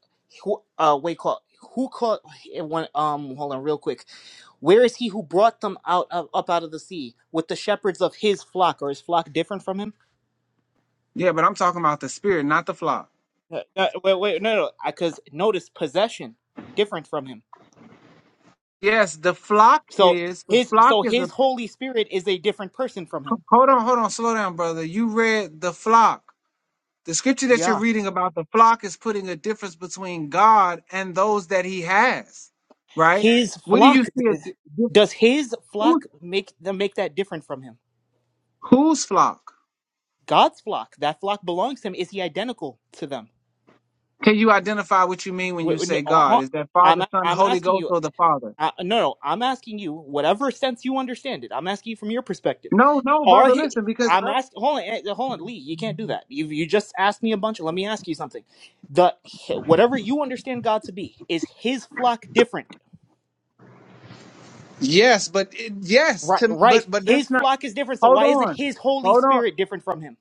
Speaker 8: who uh wait call who called it went um hold on real quick. Where is he who brought them out of, up out of the sea with the shepherds of his flock, or is flock different from him?
Speaker 13: Yeah, but I'm talking about the spirit, not the flock.
Speaker 8: Uh, uh, wait, wait, no, no, because notice possession different from him.
Speaker 13: Yes, the flock
Speaker 8: So
Speaker 13: is the
Speaker 8: his,
Speaker 13: flock
Speaker 8: so
Speaker 13: is a
Speaker 8: his Holy Spirit is a different person from him.
Speaker 13: hold on, hold on, slow down, brother. You read the flock. The scripture that you're
Speaker 8: Yeah,
Speaker 13: reading about the flock is putting a difference between God and those that He has, right?
Speaker 8: his
Speaker 13: What do you
Speaker 8: flock.
Speaker 13: see a di- difference?
Speaker 8: Does his
Speaker 13: Who,
Speaker 8: flock make them make that different from him?
Speaker 13: whose flock?
Speaker 8: God's flock, that flock belongs to him. Is he identical to them?
Speaker 13: Can you identify what you mean when you
Speaker 8: Wait, wait, no,
Speaker 13: say
Speaker 8: uh,
Speaker 13: God?
Speaker 8: uh,
Speaker 13: Is that
Speaker 8: I'm
Speaker 13: Father, Son,
Speaker 8: I'm
Speaker 13: Holy
Speaker 8: asking
Speaker 13: Ghost,
Speaker 8: you.
Speaker 13: or the Father?
Speaker 8: Uh, no, no, I'm asking you. Whatever sense you understand it, I'm asking you from your perspective.
Speaker 13: No, no,
Speaker 8: Are
Speaker 13: brother.
Speaker 8: he?
Speaker 13: Listen, because
Speaker 8: I'm
Speaker 13: uh,
Speaker 8: asking. Hold on, eh, hold on, Lee. You can't do that. You you just asked me a bunch. Let me ask you something. The whatever you understand God to be is His flock different.
Speaker 13: yes, but it, yes,
Speaker 8: Right,
Speaker 13: to,
Speaker 8: right.
Speaker 13: but but that's
Speaker 8: His
Speaker 13: not.
Speaker 8: flock is different. So
Speaker 13: Hold
Speaker 8: why isn't
Speaker 13: on,
Speaker 8: His Holy
Speaker 13: hold on.
Speaker 8: Spirit different from Him?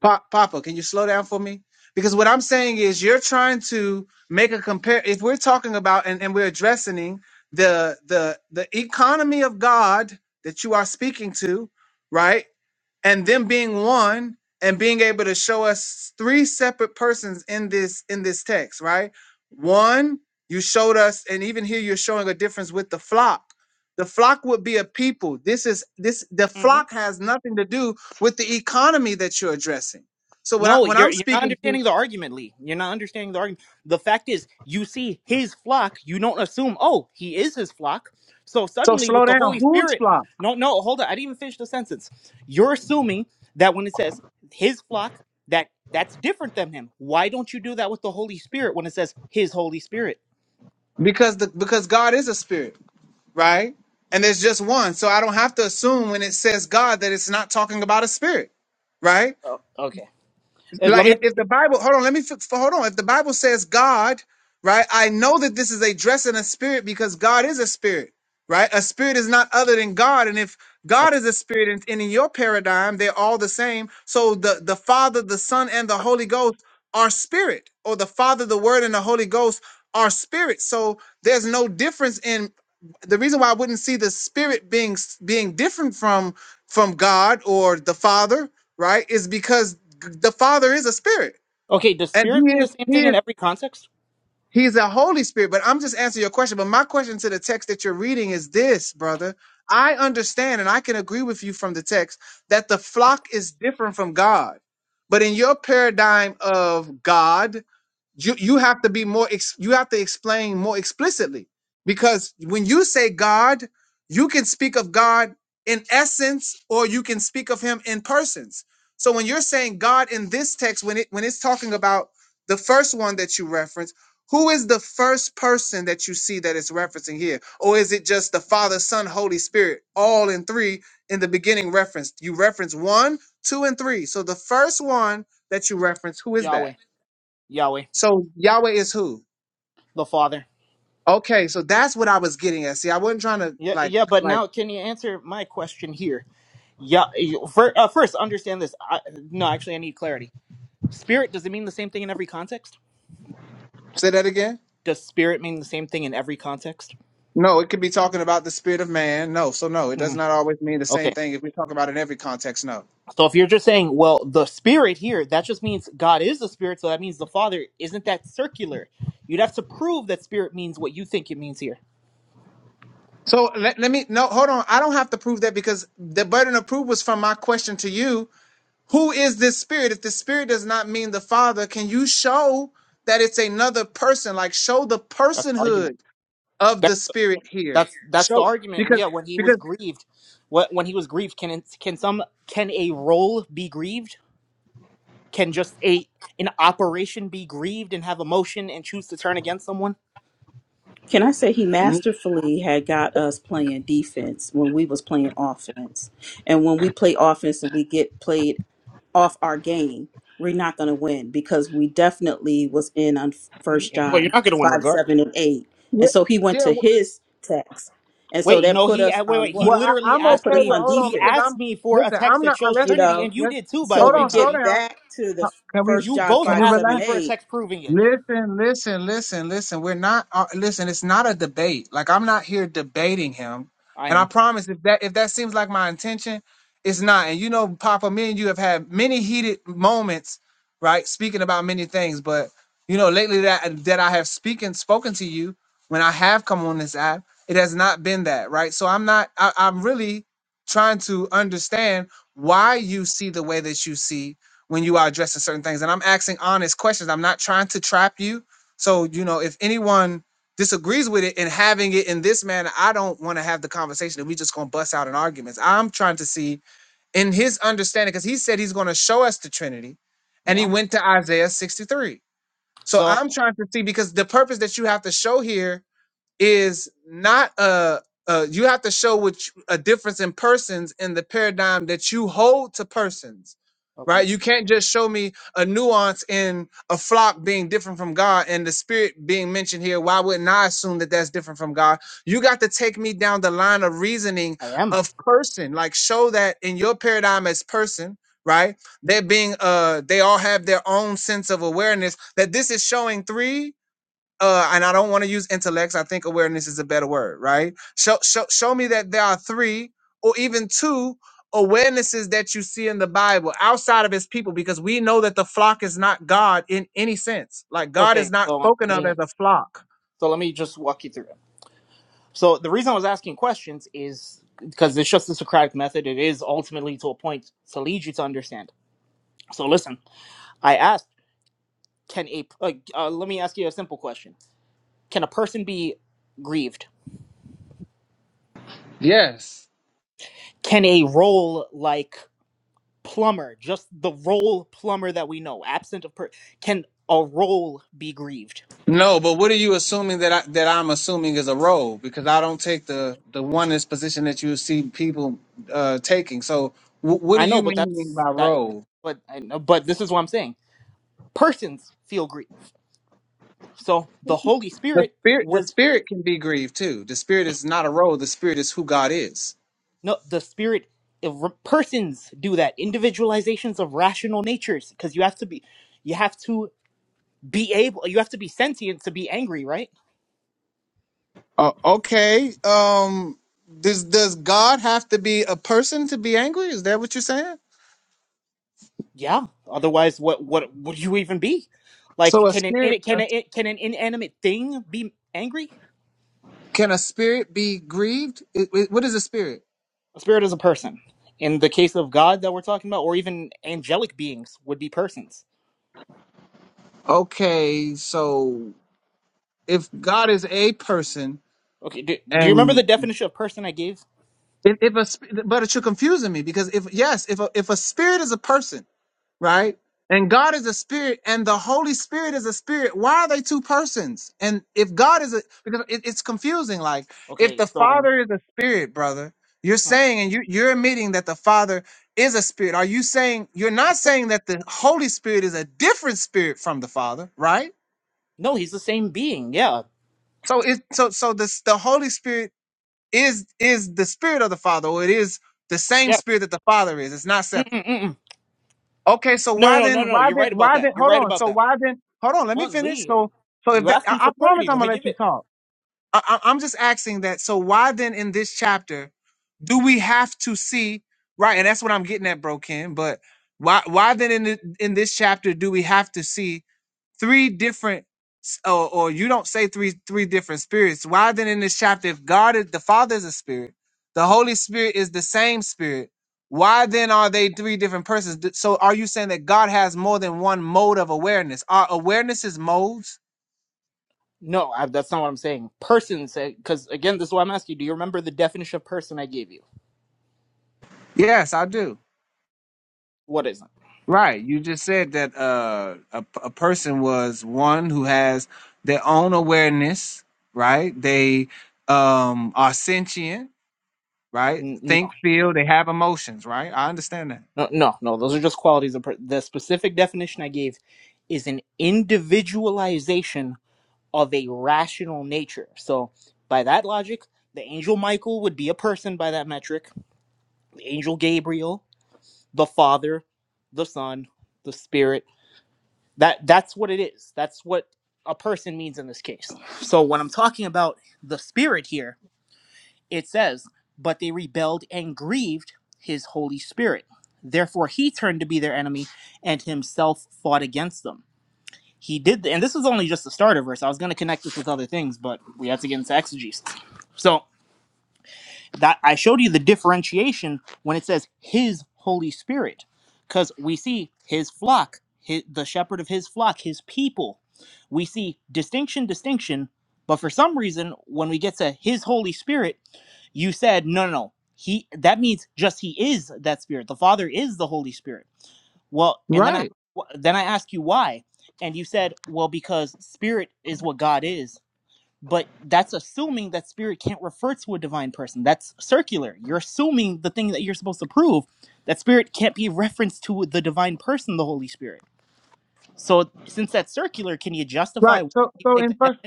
Speaker 13: Pa- Papa, can you slow down for me? Because what I'm saying is you're trying to make a compare. If we're talking about and, and we're addressing the the the economy of God that you are speaking to, right? And them being one and being able to show us three separate persons in this in this text, right? One, you showed us, and even here you're showing a difference with the flock. The flock would be a people. This is this the
Speaker 8: Mm-hmm.
Speaker 13: flock has nothing to do with the economy that you're addressing. So when I
Speaker 8: No,
Speaker 13: when
Speaker 8: you're
Speaker 13: I'm
Speaker 8: you're not
Speaker 13: speaking to
Speaker 8: understanding the argument, Lee. You're not understanding the argument. The fact is, you see his flock, you don't assume, oh, he is his flock. So
Speaker 13: so
Speaker 8: suddenly
Speaker 13: slow
Speaker 8: with the
Speaker 13: down,
Speaker 8: Holy
Speaker 13: who's
Speaker 8: Spirit,
Speaker 13: flock?
Speaker 8: no, no, hold on. I didn't even finish the sentence. You're assuming that when it says his flock, that that's different than him. Why don't you do that with the Holy Spirit when it says his Holy Spirit?
Speaker 13: Because the because God is a spirit, right? And there's just one. So I don't have to assume when it says God that it's not talking about a spirit, right?
Speaker 8: Oh, okay. Uh, let
Speaker 13: like
Speaker 8: me
Speaker 13: if, if the bible hold on let me fix hold on if the bible says god right i know that this is a dress and a spirit because god is a spirit right a spirit is not other than god and if god
Speaker 8: that's
Speaker 13: is a spirit and, and in your paradigm they're all the same so the the father the son and the holy ghost are spirit or the father the word and the holy ghost are spirit so there's no difference in the reason why i wouldn't see the spirit being s- being different from from God or the Father, right? Is because g- the Father is a spirit,
Speaker 8: okay. Does
Speaker 13: and He
Speaker 8: spirit mean the
Speaker 13: is
Speaker 8: same
Speaker 13: He
Speaker 8: thing in
Speaker 13: is
Speaker 8: every context?
Speaker 13: He's a Holy Spirit. But I'm just answering your question. But my question to the text that you're reading is this, brother. I understand and I can agree with you from the text that the flock is different from God. But in your paradigm of God you you have to be more ex- you have to explain more explicitly because when you say god you can speak of god in essence or you can speak of him in persons so when you're saying god in this text when it when it's talking about the first one that you reference who is the first person that you see that it's referencing here or is it just the father son holy spirit all in three in the beginning referenced you reference one two and three so the first one that you reference who is that
Speaker 8: Yahweh. Yahweh,
Speaker 13: so Yahweh is who?
Speaker 8: the Father.
Speaker 13: Okay, so that's what I was getting at. See, I wasn't trying to
Speaker 8: Yeah,
Speaker 13: like
Speaker 8: yeah, but
Speaker 13: like
Speaker 8: now can you answer my question here? Yeah. you- fir- uh, first, understand this. I, no, actually, I need clarity. Spirit does it mean the same thing in every context?
Speaker 13: say that again.
Speaker 8: Does spirit mean the same thing in every context?
Speaker 13: No, it could be talking about the spirit of man. No, so no, it does
Speaker 8: hmm
Speaker 13: not always mean the same
Speaker 8: Okay.
Speaker 13: thing if we talk about it in every context. No.
Speaker 8: So if you're just saying, well, the spirit here, that just means God is the spirit, so that means the Father. Isn't that circular? You'd have to prove that spirit means what you think it means here.
Speaker 13: So let, let me no hold on. I don't have to prove that because the burden of proof was from my question to you. Who is this spirit? If the spirit does not mean the father, can you show that it's another person? Like show the
Speaker 8: That's the argument.
Speaker 13: personhood of
Speaker 8: That,
Speaker 13: the spirit here.
Speaker 8: that's that's the
Speaker 13: Show
Speaker 8: argument.
Speaker 13: because
Speaker 8: Yeah. When he was
Speaker 13: because
Speaker 8: grieved, what when he was grieved, can it, can some can a role be grieved? Can just a an operation be grieved and have emotion and choose to turn against someone?
Speaker 15: can I say he
Speaker 13: yeah,
Speaker 15: masterfully had got us playing defense when we was playing offense. And when we play offense and we get played off our game, we're not going to win because we definitely was in on First
Speaker 8: Well, you're
Speaker 15: John
Speaker 8: not gonna win
Speaker 15: 5,
Speaker 8: regard.
Speaker 15: 7, and 8. And so he went
Speaker 13: yeah.
Speaker 15: to his text. And so
Speaker 8: Wait,
Speaker 15: that
Speaker 8: no,
Speaker 15: put
Speaker 8: he
Speaker 15: us
Speaker 8: uh, wait
Speaker 15: on
Speaker 8: wait. He
Speaker 13: Well,
Speaker 15: what?
Speaker 13: I,
Speaker 8: literally
Speaker 13: I'm
Speaker 15: That
Speaker 8: asked
Speaker 15: put
Speaker 13: okay
Speaker 15: us
Speaker 13: with
Speaker 8: me.
Speaker 15: on
Speaker 13: hold on
Speaker 8: He
Speaker 13: because
Speaker 15: defense.
Speaker 8: asked
Speaker 13: I'm
Speaker 8: me for a
Speaker 13: listen.
Speaker 8: text
Speaker 13: I'm
Speaker 8: that
Speaker 13: not
Speaker 8: shows
Speaker 13: unless
Speaker 15: you
Speaker 8: Trinity,
Speaker 15: know
Speaker 8: and you
Speaker 13: let's let's-
Speaker 8: did too, by
Speaker 15: so
Speaker 8: the
Speaker 13: hold
Speaker 15: if
Speaker 8: way,
Speaker 15: we
Speaker 13: on. Slow
Speaker 8: Connie.
Speaker 15: get
Speaker 13: down.
Speaker 15: back to the
Speaker 13: Uh, Can we
Speaker 15: first
Speaker 8: You
Speaker 15: john
Speaker 8: both
Speaker 13: can we
Speaker 15: five
Speaker 8: asked
Speaker 13: relax?
Speaker 15: seven
Speaker 8: me for a
Speaker 15: eight,
Speaker 8: text proving it.
Speaker 13: Listen, listen, listen, listen. We're not uh, listen. It's not a debate. Like I'm not here debating him.
Speaker 8: I
Speaker 13: And I
Speaker 8: am.
Speaker 13: promise, if that if that seems like my intention, it's not. And you know, Papa, me and you have had many heated moments, right? Speaking about many things, but you know, lately that that I have speaking spoken to you when I have come on this app, it has not been that, right? So I'm not. I, I'm really trying to understand why you see the way that you see when you are addressing certain things. And I'm asking honest questions. I'm not trying to trap you. So, you know, if anyone disagrees with it and having it in this manner, I don't want to have the conversation and we just gonna bust out in arguments. I'm trying to see in his understanding, because he said he's gonna show us the Trinity, and he
Speaker 8: Yeah.
Speaker 13: went to Isaiah 63. So
Speaker 8: So
Speaker 13: I'm trying to see because the purpose that you have to show here is not a, a you have to show which a difference in persons in the paradigm that you hold to persons right
Speaker 8: okay,
Speaker 13: you can't just show me a nuance in a flock being different from god and the spirit being mentioned here why wouldn't i assume that that's different from god you got to take me down the line of reasoning
Speaker 8: I am.
Speaker 13: of person like show that in your paradigm as person right they're being uh they all have their own sense of awareness that this is showing three uh, and I don't want to use intellects. I think awareness is a better word, right? Show, show, show me that there are three or even two awarenesses that you see in the Bible outside of his people, because we know that the flock is not God in any sense. Like God is
Speaker 8: Okay.
Speaker 13: not
Speaker 8: So um, let
Speaker 13: spoken of
Speaker 8: me.
Speaker 13: as a flock.
Speaker 8: So let me just walk you through it. So the reason I was asking questions is because it's just the Socratic method. It is ultimately to a point to lead you to understand. So listen, I asked. Can a like, uh, let me ask you a simple question? Can a person be grieved?
Speaker 13: Yes.
Speaker 8: Can a role like plumber, just the role plumber that we know, absent of per, can a role be grieved?
Speaker 13: No, but what are you assuming that I, that I'm assuming is a role? Because I don't take the the oneness position that you see people uh, taking. So, wh- what do
Speaker 8: I
Speaker 13: you
Speaker 8: know, but
Speaker 13: mean
Speaker 8: that's
Speaker 13: by
Speaker 8: that.
Speaker 13: role?
Speaker 8: But I know, but this is what I'm saying. Persons feel grief. So the Holy
Speaker 13: The
Speaker 8: Spirit
Speaker 13: spirit, the
Speaker 8: was
Speaker 13: spirit can be grieved too. The spirit is not a role. The spirit is who God is.
Speaker 8: no the Spirit. If re- persons do that, individualizations of rational natures, because you have to be, you have to be able, you have to be sentient to be angry, right?
Speaker 13: Uh, okay. Um, does does God have to be a person to be angry? Is that what you're saying?
Speaker 8: Yeah. Otherwise, what what would you even be? Like,
Speaker 13: So a
Speaker 8: can an
Speaker 13: spirit
Speaker 8: in- can a, can an inanimate thing be angry?
Speaker 13: can a spirit be grieved? It- it- what is a spirit?
Speaker 8: A spirit is a person. In the case of God that we're talking about, or even angelic beings would be persons.
Speaker 13: Okay, so if God is a person
Speaker 8: Okay. Do, do you remember the
Speaker 13: and
Speaker 8: definition of person I gave?
Speaker 13: if, if a sp- but you're confusing me because if yes, if a, if a spirit is a person. right? And God is a spirit, and the Holy Spirit is a spirit. Why are they two persons? And if God is a, because it, it's confusing. Like if
Speaker 8: Okay.
Speaker 13: the
Speaker 8: So
Speaker 13: Father is a spirit, brother, you're
Speaker 8: hmm.
Speaker 13: saying, and you, you're admitting that the Father is a spirit. Are you saying you're not saying that the Holy Spirit is a different spirit from the Father, right?
Speaker 8: no, he's the same being. Yeah.
Speaker 13: So it, so so this the Holy Spirit is is the spirit of the Father, or it is the same
Speaker 8: Yeah.
Speaker 13: spirit that the Father is. It's not separate.
Speaker 8: Mm-mm-mm.
Speaker 13: Okay, so
Speaker 8: No,
Speaker 13: why
Speaker 8: no,
Speaker 13: then?
Speaker 8: no, no, no.
Speaker 13: Why
Speaker 8: You're
Speaker 13: then?
Speaker 8: right about
Speaker 13: Why
Speaker 8: that.
Speaker 13: then?
Speaker 8: You're
Speaker 13: Hold
Speaker 8: right
Speaker 13: on.
Speaker 8: about
Speaker 13: So
Speaker 8: that.
Speaker 13: why then? Hold on. Let
Speaker 8: Come
Speaker 13: me
Speaker 8: on,
Speaker 13: finish.
Speaker 8: Lee.
Speaker 13: So, so if
Speaker 8: You
Speaker 13: that,
Speaker 8: asked
Speaker 13: I,
Speaker 8: me
Speaker 13: I
Speaker 8: for
Speaker 13: promise,
Speaker 8: clarity.
Speaker 13: I'm
Speaker 8: Let me
Speaker 13: gonna let
Speaker 8: give
Speaker 13: you
Speaker 8: it.
Speaker 13: talk. I, I, I'm just asking that. So why then in this chapter do we have to see right? And that's what I'm getting at, bro, Ken. But why? Why then in the, in this chapter do we have to see three different or, or you don't say three three different spirits why then in this chapter if god is the father is a spirit the holy spirit is the same spirit why then are they three different persons Th- so are you saying that god has more than one mode of awareness are awarenesses modes
Speaker 8: No, I, that's not what I'm saying. Person say because again, this is why I'm asking you. Do you remember the definition of person I gave you?
Speaker 13: yes i do
Speaker 8: What is it?
Speaker 13: right you just said that uh a a person was one who has their own awareness right they um are sentient right?
Speaker 8: N-
Speaker 13: Think,
Speaker 8: No,
Speaker 13: feel, they have emotions, right? I understand that.
Speaker 8: no, no, no. Those are just qualities of per- the specific definition I gave is an individualization of a rational nature. So by that logic, the angel Michael would be a person by that metric. The angel Gabriel, the Father, the Son, the Spirit. That that's what it is. That's what a person means in this case. So when I'm talking about the Spirit here. It says, But they rebelled and grieved his Holy Spirit. Therefore, he turned to be their enemy and himself fought against them. He did, th- and this is only just the starter verse. I was going to connect this with other things, but we have to get into exegesis. So, that I showed you the differentiation when it says his Holy Spirit, because we see his flock, his, the shepherd of his flock, his people. We see distinction, distinction, but for some reason, when we get to his Holy Spirit, you said no, no, no. He that means just he is that Spirit. The Father is the Holy Spirit. Well, and then I
Speaker 13: Right.
Speaker 8: then I ask you why, and you said well because Spirit is what God is but that's assuming that spirit can't refer to a divine person. That's circular. You're assuming the thing that you're supposed to prove that spirit can't be referenced to the divine person, the Holy Spirit. So since that's circular, can you
Speaker 13: Right.
Speaker 8: justify why
Speaker 13: So
Speaker 8: you
Speaker 13: so
Speaker 8: take
Speaker 13: in
Speaker 8: that?
Speaker 13: first
Speaker 8: definition?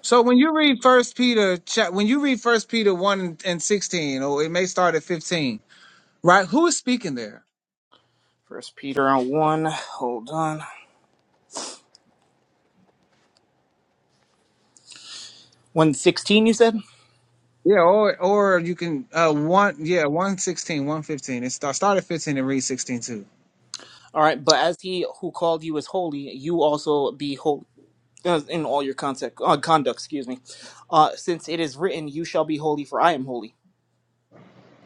Speaker 13: so when you read first Peter chap when you read first Peter one and sixteen, or it may start at fifteen, right? Who is speaking there?
Speaker 8: First Peter on one. Hold on. One sixteen. You said.
Speaker 13: Yeah, or or you can uh one yeah, one sixteen, one fifteen. It start start at fifteen and read 16 too.
Speaker 8: All right. But as he who called you is holy, you also be holy uh, in all your conduct. Uh, conduct. Excuse me. Uh, since it is written, "You shall be holy, for I am holy."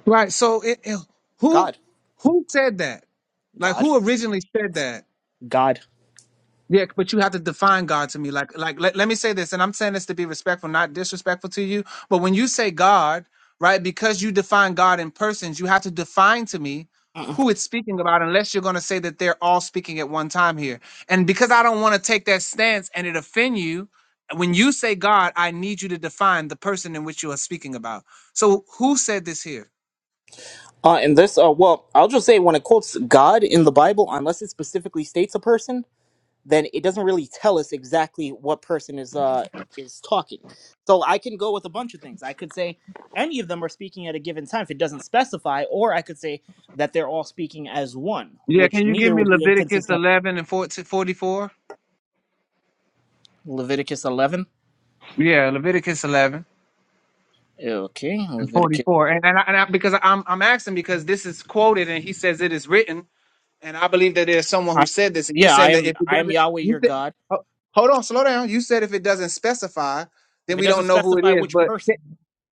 Speaker 13: Right. So it, it- who
Speaker 8: God.
Speaker 13: who said that? Like
Speaker 8: God.
Speaker 13: who originally said that?
Speaker 8: God.
Speaker 13: Yeah, but you have to define God to me. Like like let, let me say this, and I'm saying this to be respectful, not disrespectful to you. But when you say God, right, because you define God in persons, you have to define to me who it's speaking about unless you're going to say that they're all speaking at one time here. And because I don't want to take that stance and it offend you, when you say God, I need you to define the person in which you are speaking about. So who said this here?
Speaker 8: Uh, and this, uh, well, I'll just say when it quotes God in the Bible, unless it specifically states a person, then it doesn't really tell us exactly what person is uh is talking. So I can go with a bunch of things. I could say any of them are speaking at a given time if it doesn't specify, or I could say that they're all speaking as one,
Speaker 13: Yeah,
Speaker 8: which
Speaker 13: can you give
Speaker 8: neither
Speaker 13: me
Speaker 8: would be
Speaker 13: Leviticus
Speaker 8: inconsistent.
Speaker 13: 11 and 14 44?
Speaker 8: with Leviticus eleven.
Speaker 13: Yeah, Leviticus 11
Speaker 8: Okay,
Speaker 13: and
Speaker 8: Leviticus.
Speaker 13: 44. And, and, I, and I, because I'm, I'm asking because this is quoted and he says it is written. And I believe that there's someone who
Speaker 8: I,
Speaker 13: said this. And you're
Speaker 8: yeah, I
Speaker 13: saying that
Speaker 8: am.
Speaker 13: if it
Speaker 8: I am
Speaker 13: doesn't,
Speaker 8: Yahweh
Speaker 13: you
Speaker 8: your
Speaker 13: said,
Speaker 8: God.
Speaker 13: ho- hold on, slow down. You said if it doesn't specify,
Speaker 8: If
Speaker 13: then
Speaker 8: it
Speaker 13: we
Speaker 8: doesn't
Speaker 13: don't know who it
Speaker 8: specify
Speaker 13: is.
Speaker 8: which
Speaker 13: But
Speaker 8: person.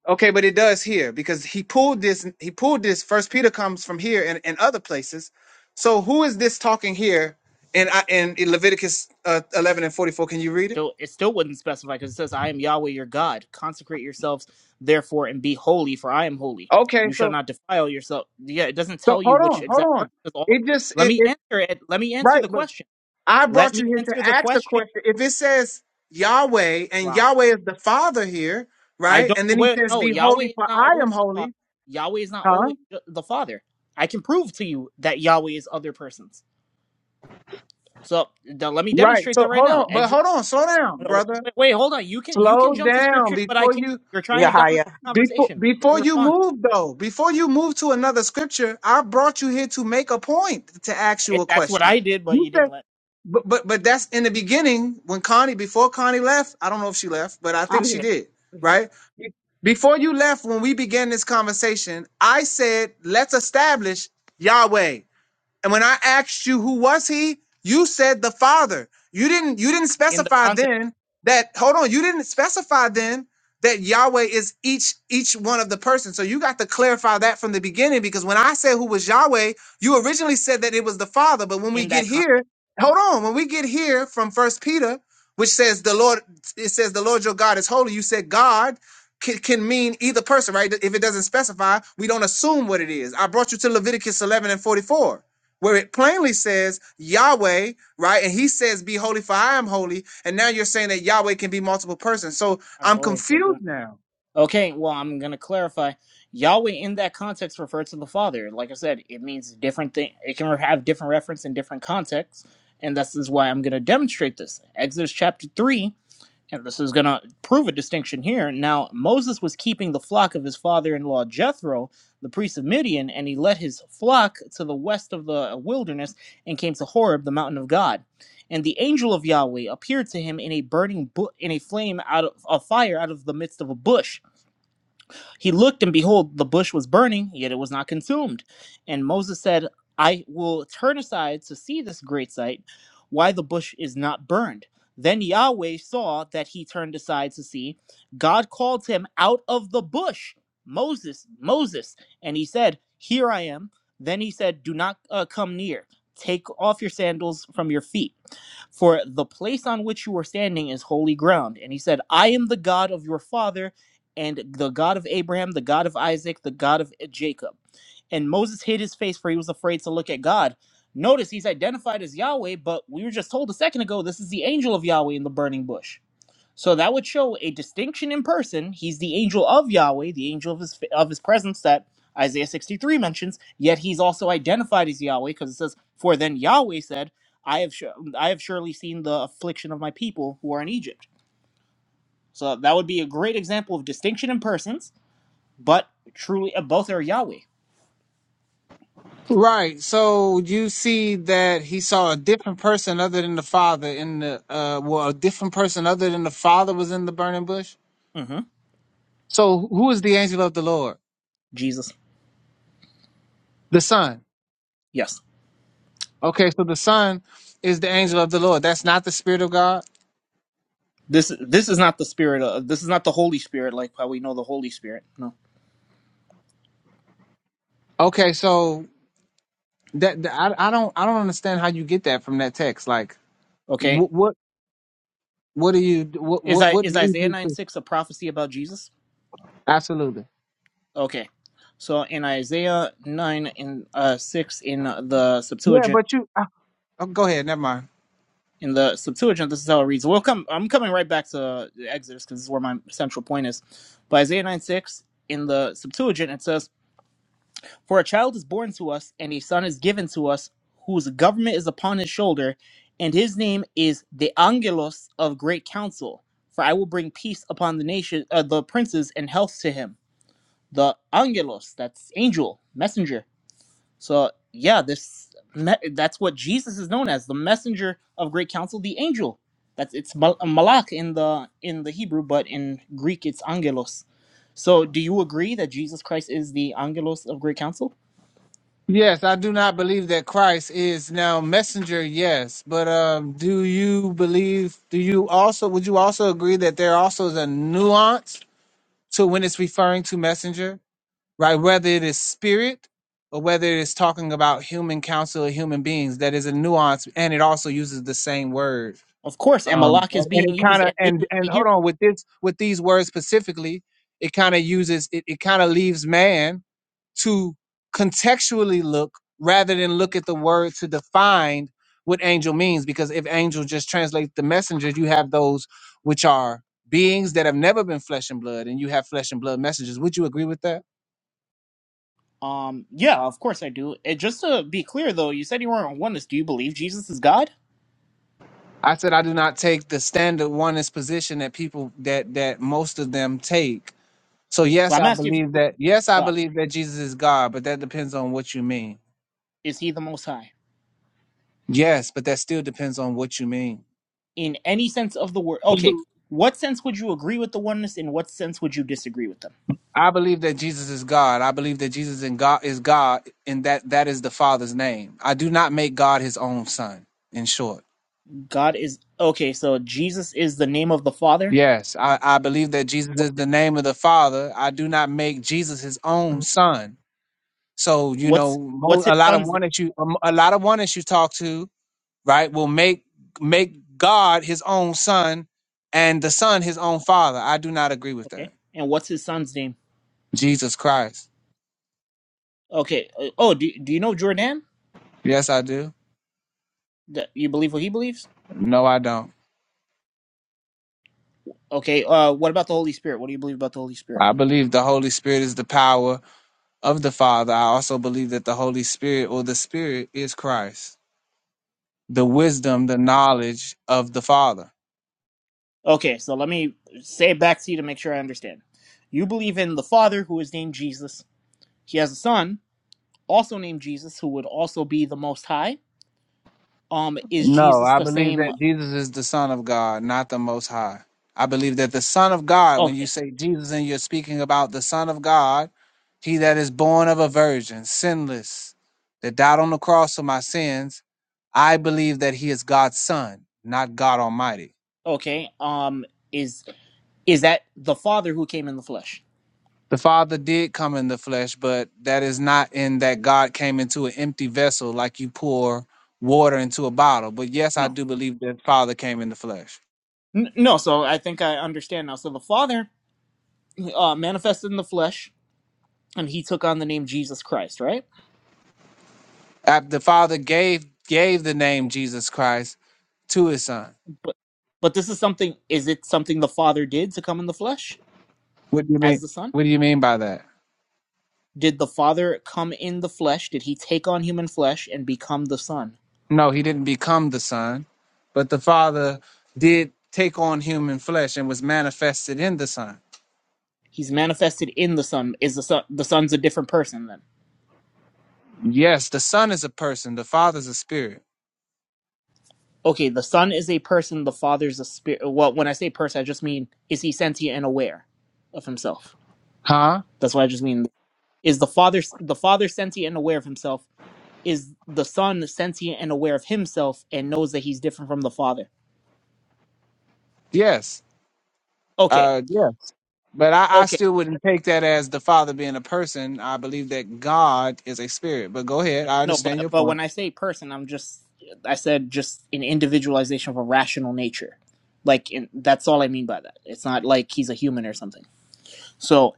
Speaker 13: okay, but it does here because he pulled this, he pulled this. First Peter comes from here and, and other places. So who is this talking here in, I- in Leviticus uh, 11 and 44? Can you read it?
Speaker 8: still it still wouldn't specify because it says i am yahweh your god consecrate yourselves therefore and be holy for i am holy
Speaker 13: Okay,
Speaker 8: you shall
Speaker 13: so
Speaker 8: not defile yourself yeah it doesn't
Speaker 13: so
Speaker 8: tell you
Speaker 13: hold
Speaker 8: which
Speaker 13: on,
Speaker 8: exact
Speaker 13: hold on.
Speaker 8: person is all
Speaker 13: It just
Speaker 8: let
Speaker 13: it,
Speaker 8: me
Speaker 13: it
Speaker 8: answer it let me answer
Speaker 13: right,
Speaker 8: the
Speaker 13: but
Speaker 8: question
Speaker 13: I
Speaker 8: let
Speaker 13: brought
Speaker 8: me
Speaker 13: you here to
Speaker 8: answer the
Speaker 13: ask the
Speaker 8: question
Speaker 13: question. If it says Yahweh and
Speaker 8: wow
Speaker 13: Yahweh is the Father here,
Speaker 8: i
Speaker 13: right?
Speaker 8: don't
Speaker 13: And then he
Speaker 8: wait
Speaker 13: says,
Speaker 8: no
Speaker 13: "Be
Speaker 8: yahweh
Speaker 13: holy,
Speaker 8: is
Speaker 13: for
Speaker 8: not
Speaker 13: I
Speaker 8: always
Speaker 13: am
Speaker 8: the father
Speaker 13: holy."
Speaker 8: yahweh is not
Speaker 13: Huh?
Speaker 8: always the the father i can prove to you that yahweh is other persons so d- let me
Speaker 13: Right.
Speaker 8: demonstrate that
Speaker 13: So
Speaker 8: right
Speaker 13: hold
Speaker 8: now
Speaker 13: on, but hold on, slow down,
Speaker 8: No,
Speaker 13: brother.
Speaker 8: Wait, wait, hold on. You can you can
Speaker 13: Slow
Speaker 8: jump to
Speaker 13: down
Speaker 8: scriptures, but I
Speaker 13: before
Speaker 8: can't.
Speaker 13: you
Speaker 8: You're
Speaker 15: 7 8
Speaker 8: trying to dominate
Speaker 15: Yahya.
Speaker 8: the
Speaker 13: before
Speaker 8: conversation. Let me
Speaker 13: before you
Speaker 8: respond.
Speaker 13: move though. Before you move to another scripture, I brought you here to make a point to ask you
Speaker 8: It,
Speaker 13: a
Speaker 8: that's what
Speaker 13: question.
Speaker 8: I did, but
Speaker 13: You
Speaker 8: you didn't
Speaker 13: said.
Speaker 8: let
Speaker 13: But but but that's in the beginning when Connie before Connie left. I don't know if she left, but I think
Speaker 15: I'm
Speaker 13: she
Speaker 15: here.
Speaker 13: did. Right Be- before you left, when we began this conversation, I said let's establish Yahweh. And when I asked you who was he, you said the Father. You didn't you didn't
Speaker 8: in the
Speaker 13: specify
Speaker 8: context.
Speaker 13: then that hold on, you didn't specify then that Yahweh is each each one of the persons. So you got to clarify that from the beginning because when I said who was Yahweh, you originally said that it was the Father, but when we
Speaker 8: In
Speaker 13: get
Speaker 8: that
Speaker 13: here,
Speaker 8: context,
Speaker 13: hold on, when we get here from First Peter, which says the Lord it says the Lord your God is holy, you said God can, can mean either person, right? If it doesn't specify, we don't assume what it is. I brought you to Leviticus 11 and 44 where it plainly says Yahweh, right? And he says, Be holy, for I am holy. And now you're saying that Yahweh can be multiple persons. So
Speaker 8: I've
Speaker 13: I'm
Speaker 8: always said that.
Speaker 13: confused now.
Speaker 8: Okay, well, I'm gonna clarify. Yahweh in that context refers to the Father. Like I said, it means different thing. It can have different reference in different contexts, and this is why I'm gonna demonstrate this. Exodus chapter three and this is going to prove a distinction here. Now, Moses was keeping the flock of his father in law Jethro, the priest of Midian, and he led his flock to the west of the wilderness and came to Horeb, the mountain of God. And the angel of Yahweh appeared to him in a burning bu- in a flame out of a fire out of the midst of a bush. He looked, and behold, the bush was burning, yet it was not consumed. And Moses said, I will turn aside to see this great sight, why the bush is not burned. Then Yahweh saw that he turned aside to see. God called him out of the bush, Moses, Moses. And he said, Here I am. Then he said, Do not uh, come near. Take off your sandals from your feet, for the place on which you are standing is holy ground. And he said, I am the God of your father and the God of Abraham, the God of Isaac, the God of Jacob. And Moses hid his face for he was afraid to look at God. Notice he's identified as Yahweh, but we were just told a second ago this is the angel of Yahweh in the burning bush. So that would show a distinction in person. He's the angel of Yahweh, the angel of his of his presence that Isaiah 63 mentions, yet he's also identified as Yahweh because it says, "For then Yahweh said, I have sur- I have surely seen the affliction of my people who are in Egypt." So that would be a great example of distinction in persons but truly uh, both are Yahweh.
Speaker 13: Right. So you see that he saw a different person other than the father in the uh well, a different person other than the father was in the burning bush.
Speaker 8: hmm
Speaker 13: So who is the angel of the Lord?
Speaker 8: Jesus.
Speaker 13: The Son.
Speaker 8: Yes.
Speaker 13: Okay, so the Son is the angel of the Lord. That's not the Spirit of God.
Speaker 8: This this is not the spirit of this is not the Holy Spirit like how we know the Holy Spirit. No.
Speaker 13: Okay, so that, that- I, I don't I don't understand how you get that from that text. Like
Speaker 8: Okay.
Speaker 13: what? What do you? What
Speaker 8: Is
Speaker 13: what
Speaker 8: I
Speaker 13: what
Speaker 8: is
Speaker 13: leads
Speaker 8: Isaiah
Speaker 13: you
Speaker 8: nine
Speaker 13: to?
Speaker 8: six a prophecy about Jesus?
Speaker 13: Absolutely.
Speaker 8: Okay. So in Isaiah nine and uh, six in the
Speaker 13: Yeah,
Speaker 8: Septuagint
Speaker 13: but you. I, oh, go ahead. Never mind.
Speaker 8: in the Septuagint this is how it reads. We'll come. I'm coming right back to Exodus because this is where my central point is. But Isaiah nine six in the Septuagint it says For a child is born to us, and a son is given to us, whose government is upon his shoulder, and his name is the Angelos of Great Council. For I will bring peace upon the nation, uh, the princes, and health to him. The Angelos, that's angel, messenger. So yeah, this me- that's what Jesus is known as, the messenger of Great Council, the angel. That's it's mal- malak in the in the Hebrew, but in Greek it's Angelos. So do you agree that Jesus Christ is the Angelos of Great Council?
Speaker 13: Yes, I do not believe that Christ is now messenger. Yes, but um, do you believe? Do you also? Would you also agree that there also is a nuance to when it's referring to messenger, right? Whether it is spirit or whether it is talking about human counsel or human beings, that is a nuance, and it also uses the same word.
Speaker 8: Of course, and
Speaker 13: um,
Speaker 8: Malak
Speaker 13: and
Speaker 8: is
Speaker 13: and
Speaker 8: being
Speaker 13: it
Speaker 8: used
Speaker 13: kind of and
Speaker 8: ambiguously
Speaker 13: and
Speaker 8: here.
Speaker 13: hold on with this with these words specifically it kind of uses it, it kind of leaves man to contextually look rather than look at the word to define what angel means because if angel just translates the messenger, you have those which are beings that have never been flesh and blood and you have flesh and blood messengers would you agree with that
Speaker 8: Um, yeah, of course I do. And just to be clear, though, you said you weren't on oneness. Do you believe Jesus is God?
Speaker 13: i said i do not take the standard oneness position that people that that most of them take So
Speaker 8: Well,
Speaker 13: yes,
Speaker 8: I'm
Speaker 13: I
Speaker 8: asking if you
Speaker 13: believe
Speaker 8: believe
Speaker 13: that. Yes, I
Speaker 8: he's God.
Speaker 13: believe that Jesus is God, but that depends on what you mean.
Speaker 8: Is he the Most High
Speaker 13: Yes, but that still depends on what you mean.
Speaker 8: in any sense of the word? Okay, what sense would you agree with the oneness? In what sense would you disagree with them?
Speaker 13: I believe that Jesus is God. I believe that Jesus and God is God, and that that is the Father's name. I do not make God His own Son. In short,
Speaker 8: God is okay. So Jesus is the name of the Father.
Speaker 13: yes, I, I believe that Jesus is
Speaker 8: What's
Speaker 13: the name of the Father. I do not make Jesus His own Son. So you know,
Speaker 8: what's
Speaker 13: mo-
Speaker 8: what's his
Speaker 13: a lot of
Speaker 8: son's
Speaker 13: one
Speaker 8: name?
Speaker 13: that you a lot of one that you talk to right will make make god his own son and the son his own father i do not agree with
Speaker 8: Okay,
Speaker 13: that
Speaker 8: and what's his son's name?
Speaker 13: jesus christ
Speaker 8: Okay. uh, Oh, do do you know Jordan?
Speaker 13: yes i do
Speaker 8: That you believe what he believes?
Speaker 13: no i don't
Speaker 8: Okay, uh, what about the Holy Spirit? What do you believe about the Holy Spirit?
Speaker 13: i believe the holy spirit is the power of the father i also believe that the holy spirit or the spirit is christ the wisdom the knowledge of the father
Speaker 8: Okay, so let me say it back to you to make sure I understand. You believe in the Father, who is named Jesus. He has a Son, also named Jesus, who would also be the Most High. Um, is
Speaker 13: No,
Speaker 8: Jesus
Speaker 13: I
Speaker 8: the
Speaker 13: believe
Speaker 8: same?
Speaker 13: that Jesus is the Son of God, not the Most High. I believe that the Son of God, when you
Speaker 8: Okay,
Speaker 13: say Jesus and you're speaking about the Son of God, he that is born of a virgin, sinless, that died on the cross for my sins, I believe that he is God's Son, not God Almighty.
Speaker 8: okay. Um, is is that the Father who came in the flesh?
Speaker 13: The Father did come in the flesh, but that is not in that God came into an empty vessel like you pour water into a bottle. But yes, I
Speaker 8: No,
Speaker 13: do believe that Father came in the flesh.
Speaker 8: N- no. So I think I understand now. So the Father uh, manifested in the flesh, and he took on the name Jesus Christ, right?
Speaker 13: Ab- The Father gave gave the name Jesus Christ to his son.
Speaker 8: But but this is something. Is it something the Father did to come in the flesh?
Speaker 13: What do you
Speaker 8: as
Speaker 13: mean?
Speaker 8: the Son?
Speaker 13: What do you mean by that?
Speaker 8: Did the Father come in the flesh? Did he take on human flesh and become the Son?
Speaker 13: No, he didn't become the son, but the father did take on human flesh and was manifested in the son.
Speaker 8: He's manifested in the Son. Is the Son the Son's a different person then?
Speaker 13: Yes, the son is a person, the father's a spirit.
Speaker 8: Okay, the Son is a person, the Father's a spirit. Well, when I say person, I just mean is he sentient and aware of himself?
Speaker 13: Huh?
Speaker 8: That's what I just mean. Is the Father the Father sentient and aware of himself? Is the Son sentient and aware of himself and knows that he's different from the Father?
Speaker 13: Yes.
Speaker 8: Okay.
Speaker 13: Uh yeah. But I, I
Speaker 8: okay.
Speaker 13: still wouldn't take that as the father being a person. I believe that God is a spirit. But go ahead. I
Speaker 8: No,
Speaker 13: understand
Speaker 8: but
Speaker 13: your
Speaker 8: but
Speaker 13: point.
Speaker 8: when I say person, I'm just I said just an individualization of a rational nature. Like in, that's all I mean by that. It's not like he's a human or something. So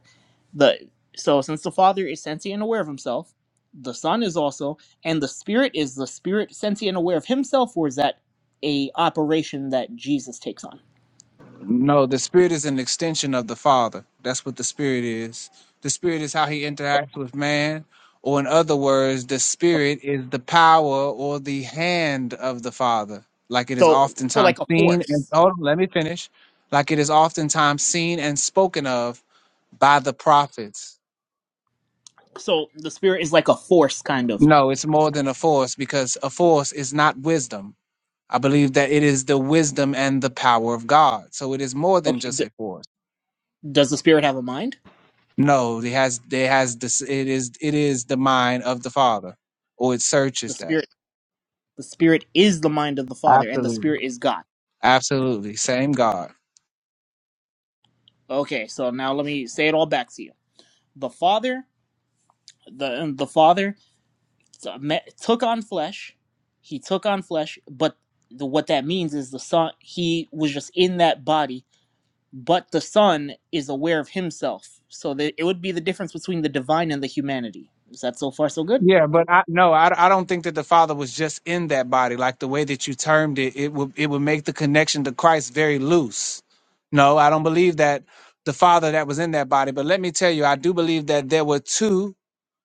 Speaker 8: the so since the Father is sentient and aware of himself, the Son is also, and the Spirit is the Spirit sentient and aware of himself, or is that a operation that Jesus takes on?
Speaker 13: No, the spirit is an extension of the Father. That's what the spirit is. The spirit is how he
Speaker 8: Oh,
Speaker 13: interacts with man, or in other words, the
Speaker 8: okay.
Speaker 13: spirit is the power or the hand of the Father, like it is
Speaker 8: So so
Speaker 13: oftentimes
Speaker 8: like a
Speaker 13: seen and
Speaker 8: force.
Speaker 13: hold on, let me finish. Like it is oftentimes seen and spoken of by the prophets.
Speaker 8: So the Spirit is like a force, kind of.
Speaker 13: No, it's more than a force because a force is not wisdom. I believe that it is the wisdom and the power of God. So it is more than
Speaker 8: Okay.
Speaker 13: just
Speaker 8: D-
Speaker 13: a force.
Speaker 8: does the Spirit have a mind?
Speaker 13: No, it has it has this it is it is the mind of the Father, or it
Speaker 8: The
Speaker 13: searches
Speaker 8: Spirit.
Speaker 13: that.
Speaker 8: The Spirit is the mind of the Father, and the
Speaker 13: Absolutely.
Speaker 8: Spirit is God.
Speaker 13: Absolutely, same God.
Speaker 8: Okay, so now let me say it all back to you. The Father, the the Father uh, took on flesh. He took on flesh, but the, what that means is the Son. He was just in that body, but the Son is aware of Himself. So that it would be the difference between the divine and the humanity. Is that so far so good?
Speaker 13: Yeah, but I No, I, I don't think that the Father was just in that body. Like the way that you termed it, it would it would make the connection to Christ very loose. No, I don't believe that the Father that was in that body. But let me tell you, I do believe that there were two.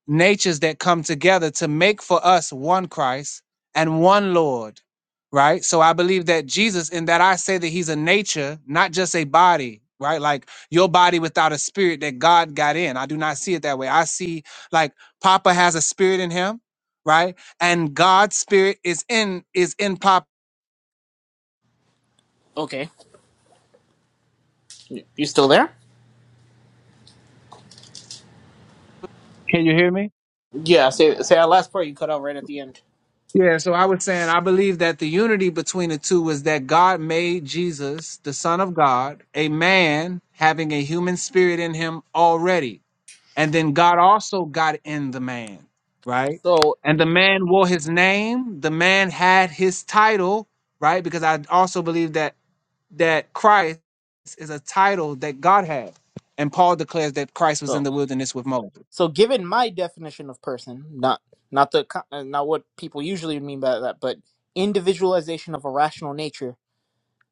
Speaker 13: natures that come together to make for us one Christ and one Lord, right? So I believe that Jesus, in that I say that he's a nature, not just a body, right? Like your body without a spirit that God got in. I do not see it that way. I see like Papa has a spirit in him, right? And God's spirit is in is in Papa.
Speaker 8: Okay, you still there?
Speaker 13: Can you hear me?
Speaker 8: Yeah. Say say that last part you cut out right at the end.
Speaker 13: Yeah, so I was saying, I believe that the unity between the two is that God made Jesus, the Son of God, a man having a human spirit in him already. And then God also got in the man, right?
Speaker 8: So
Speaker 13: And the man wore his name, the man had his title, right? Because I also believe that that Christ is a title that God had. And Paul declares that Christ was
Speaker 8: So
Speaker 13: in the wilderness with Moses.
Speaker 8: So, given my definition of person, not not the co- uh, not what people usually mean by that, but individualization of a rational nature,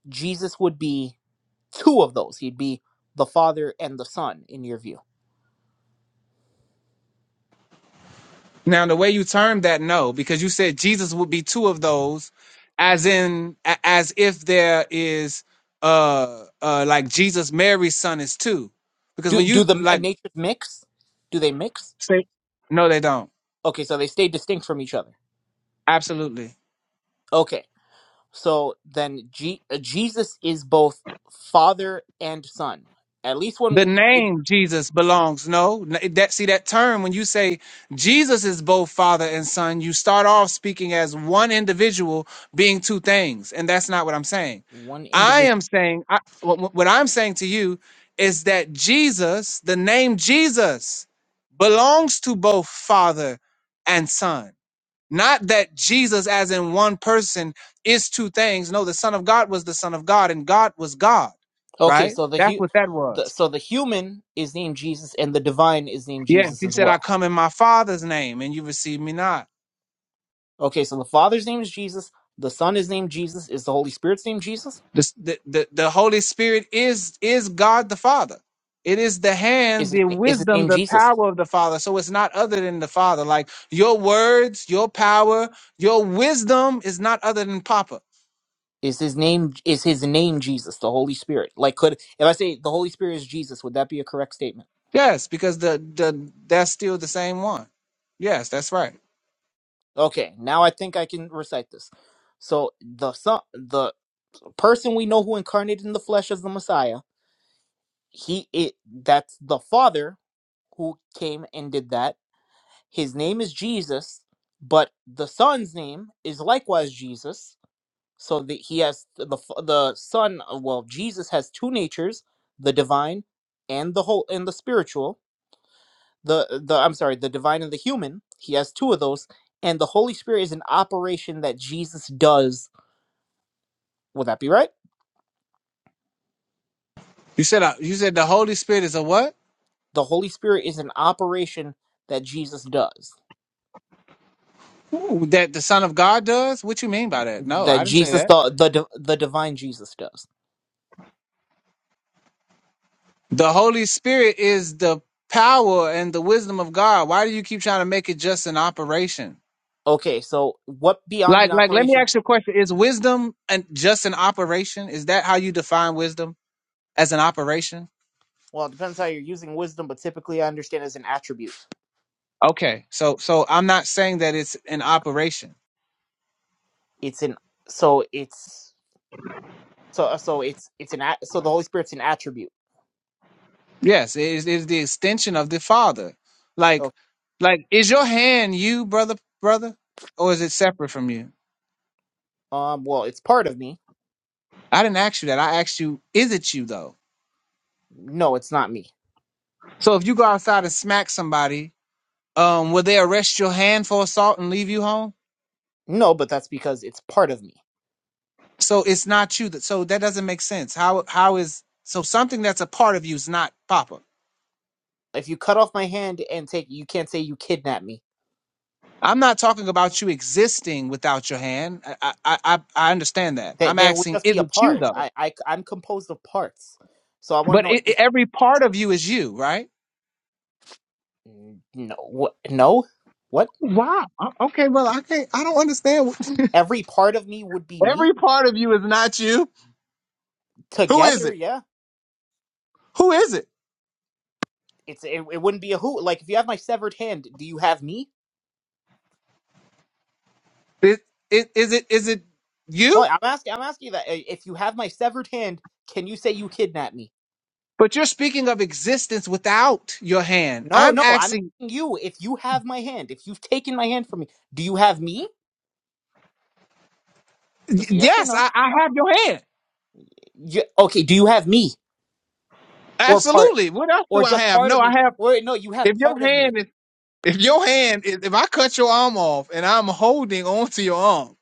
Speaker 8: Jesus would be two of those. He'd be the Father and the Son, in your view.
Speaker 13: Now, the way you termed that, no, because you said Jesus would be two of those, as in, a- as if there is, uh, uh, like Jesus, Mary's son is two, because
Speaker 8: Do
Speaker 13: when
Speaker 8: do
Speaker 13: you
Speaker 8: the uh,
Speaker 13: like
Speaker 8: natures mix? Do they mix?
Speaker 13: say, no, they don't.
Speaker 8: Okay, so they stay distinct from each other.
Speaker 13: Absolutely.
Speaker 8: Okay, so then G- uh, Jesus is both Father and Son, at least
Speaker 13: The
Speaker 8: one it,
Speaker 13: name Jesus belongs. No, N- that see that term when you say Jesus is both Father and Son, you start off speaking as one individual being two things, and that's not what I'm saying.
Speaker 8: one
Speaker 13: I
Speaker 8: individual.
Speaker 13: am saying I, what, what what I'm saying to you is that Jesus, the name Jesus, belongs to both Father and Son. Not that Jesus, as in one person, is two things. No, the Son of God was the Son of God, and God was God.
Speaker 8: Okay,
Speaker 13: Right?
Speaker 8: so the,
Speaker 13: That's
Speaker 8: hu-
Speaker 13: what that was.
Speaker 8: the so the human is named Jesus, and the divine is named
Speaker 13: Yeah,
Speaker 8: Jesus
Speaker 13: he
Speaker 8: as
Speaker 13: said, "I
Speaker 8: well.
Speaker 13: come in my Father's name, and you receive me not."
Speaker 8: Okay, so the Father's name is Jesus, the Son is named Jesus, is the Holy Spirit's name Jesus?
Speaker 13: This- The, the the Holy Spirit is is God the Father. It is the hand,
Speaker 8: Is
Speaker 13: the
Speaker 8: his, is his
Speaker 13: wisdom,
Speaker 8: name
Speaker 13: the
Speaker 8: Jesus?
Speaker 13: power of the Father. So it's not other than the Father. Like your words, your power, your wisdom is not other than Papa.
Speaker 8: Is his name is his name Jesus, the Holy Spirit? Like, could if I say the Holy Spirit is Jesus, would that be a correct statement?
Speaker 13: Yes, because the the that's still the same one. Yes, that's right.
Speaker 8: Okay, now I think I can recite this. So the son, the person we know who incarnated in the flesh as the Messiah, he it that's the Father who came and did that His name is Jesus, but the Son's name is likewise Jesus. So that he has th- the f- the Son. uh, Well, Jesus has two natures: the divine and the whole and the spiritual. The the I'm sorry, the divine and the human. He has two of those, and the Holy Spirit is an operation that Jesus does. Would that be right?
Speaker 13: You said uh, you said the Holy Spirit is a what?
Speaker 8: The Holy Spirit is an operation that Jesus does.
Speaker 13: Ooh, That the Son of God does? What you mean by that? No,
Speaker 8: That
Speaker 13: I didn't say
Speaker 8: Jesus
Speaker 13: that.
Speaker 8: the the di- the divine Jesus does.
Speaker 13: The Holy Spirit is the power and the wisdom of God. Why do you keep trying to make it just an operation?
Speaker 8: Okay, so what beyond
Speaker 13: Like,
Speaker 8: an
Speaker 13: like, let me
Speaker 8: operation
Speaker 13: ask you a question. Is wisdom and just an operation? Is that how you define wisdom as an operation?
Speaker 8: Well, it depends how you're using wisdom, but typically I understand as an attribute.
Speaker 13: Okay. So, so I'm not saying that it's an operation.
Speaker 8: It's an so it's so uh, so it's it's an at, so the Holy Spirit's an attribute.
Speaker 13: Yes. It is, it is the extension of the Father. Like,
Speaker 8: So
Speaker 13: like, is your hand you, brother, brother? Or is it separate from you?
Speaker 8: um, well, it's part of me.
Speaker 13: I didn't ask you that. I asked you, is it you though?
Speaker 8: No, it's not me.
Speaker 13: So if you go outside and smack somebody, um, will they arrest your hand for assault and leave you home?
Speaker 8: No, but that's because it's part of me.
Speaker 13: So it's not you. That, so that doesn't make sense. How how is so something that's a part of you is not Papa.
Speaker 8: If you cut off my hand and take, you can't say you kidnapped me.
Speaker 13: I'm not talking about you existing without your hand. I I I, I understand that.
Speaker 8: That
Speaker 13: I'm
Speaker 8: that would
Speaker 13: asking,
Speaker 8: just
Speaker 13: is
Speaker 8: be a
Speaker 13: it you
Speaker 8: part.
Speaker 13: though?
Speaker 8: I I I'm composed of parts. So I want to
Speaker 13: But
Speaker 8: know
Speaker 13: it, it-
Speaker 8: is
Speaker 13: every part of you is you, right?
Speaker 8: no what no what
Speaker 13: Wow. O- Okay. Well, I can't. I don't understand. what-
Speaker 8: every part of me would be
Speaker 13: [laughs]
Speaker 8: me
Speaker 13: every part of you is not you. Who is
Speaker 8: together.
Speaker 13: it?
Speaker 8: Yeah.
Speaker 13: Who is it?
Speaker 8: It's it, it wouldn't be a who. Like if you have my severed hand, do you have me?
Speaker 13: Is, is, is it is it you?
Speaker 8: Hold on, I'm asking. I'm asking you that. I- If you have my severed hand, can you say you kidnapped me?
Speaker 13: But you're speaking of existence without your hand.
Speaker 8: No,
Speaker 13: I'm
Speaker 8: no. I'm
Speaker 13: asking,
Speaker 8: asking you if you have my hand. If you've taken my hand from me, do you have me?
Speaker 13: y-
Speaker 8: Just a yes or
Speaker 13: yes,
Speaker 8: no.
Speaker 13: I, I have your hand.
Speaker 8: You, okay. Do you have me or part
Speaker 13: Absolutely. What else do
Speaker 8: or
Speaker 13: I
Speaker 8: just
Speaker 13: have?
Speaker 8: part
Speaker 13: No,
Speaker 8: of
Speaker 13: I
Speaker 8: me?
Speaker 13: have,
Speaker 8: Or no, you have
Speaker 13: if your
Speaker 8: part of me.
Speaker 13: hand is, if your hand is, if I cut your arm off and I'm holding onto your arm,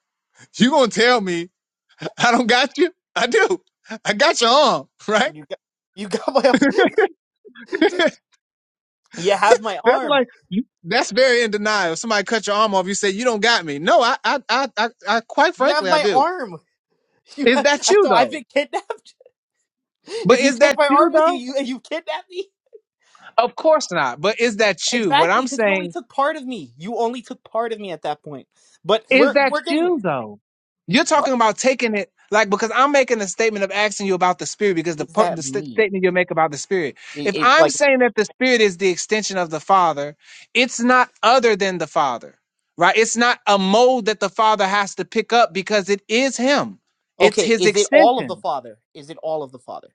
Speaker 13: you going to tell me I don't got you? I do. I got your arm, right?
Speaker 8: You got you got my
Speaker 13: [laughs] that's
Speaker 8: [laughs] you have my arm.
Speaker 13: like, you- that's very in denial. Somebody cut your arm off. You say, you don't got me. No, I, I, I, I, I quite
Speaker 8: You have
Speaker 13: frankly, I
Speaker 8: my
Speaker 13: do.
Speaker 8: arm. [laughs] You
Speaker 13: Is
Speaker 8: have,
Speaker 13: that you
Speaker 8: so I've
Speaker 13: though?
Speaker 8: been kidnapped. [laughs]
Speaker 13: But
Speaker 8: If you
Speaker 13: is
Speaker 8: take
Speaker 13: that
Speaker 8: my
Speaker 13: you
Speaker 8: arm with
Speaker 13: though?
Speaker 8: you, you you kidnap me.
Speaker 13: Of course not. But is that you? What
Speaker 8: Exactly,
Speaker 13: I'm
Speaker 8: because you only
Speaker 13: saying
Speaker 8: took part of me. You only took part of me at that point. But
Speaker 13: is
Speaker 8: we're
Speaker 13: that
Speaker 8: we're getting
Speaker 13: you though. You're
Speaker 8: what
Speaker 13: talking about taking it like because I'm making a statement of asking you about the spirit because the
Speaker 8: is
Speaker 13: part the
Speaker 8: that
Speaker 13: st-
Speaker 8: me?
Speaker 13: statement you make about the spirit.
Speaker 8: It,
Speaker 13: If
Speaker 8: it
Speaker 13: I'm
Speaker 8: like
Speaker 13: saying that the spirit is the extension of the Father, it's not other than the Father, right? It's not a mode that the Father has to pick up because it is Him. It's
Speaker 8: okay,
Speaker 13: His
Speaker 8: is it all of the
Speaker 13: extension.
Speaker 8: Father? Is it all of the Father?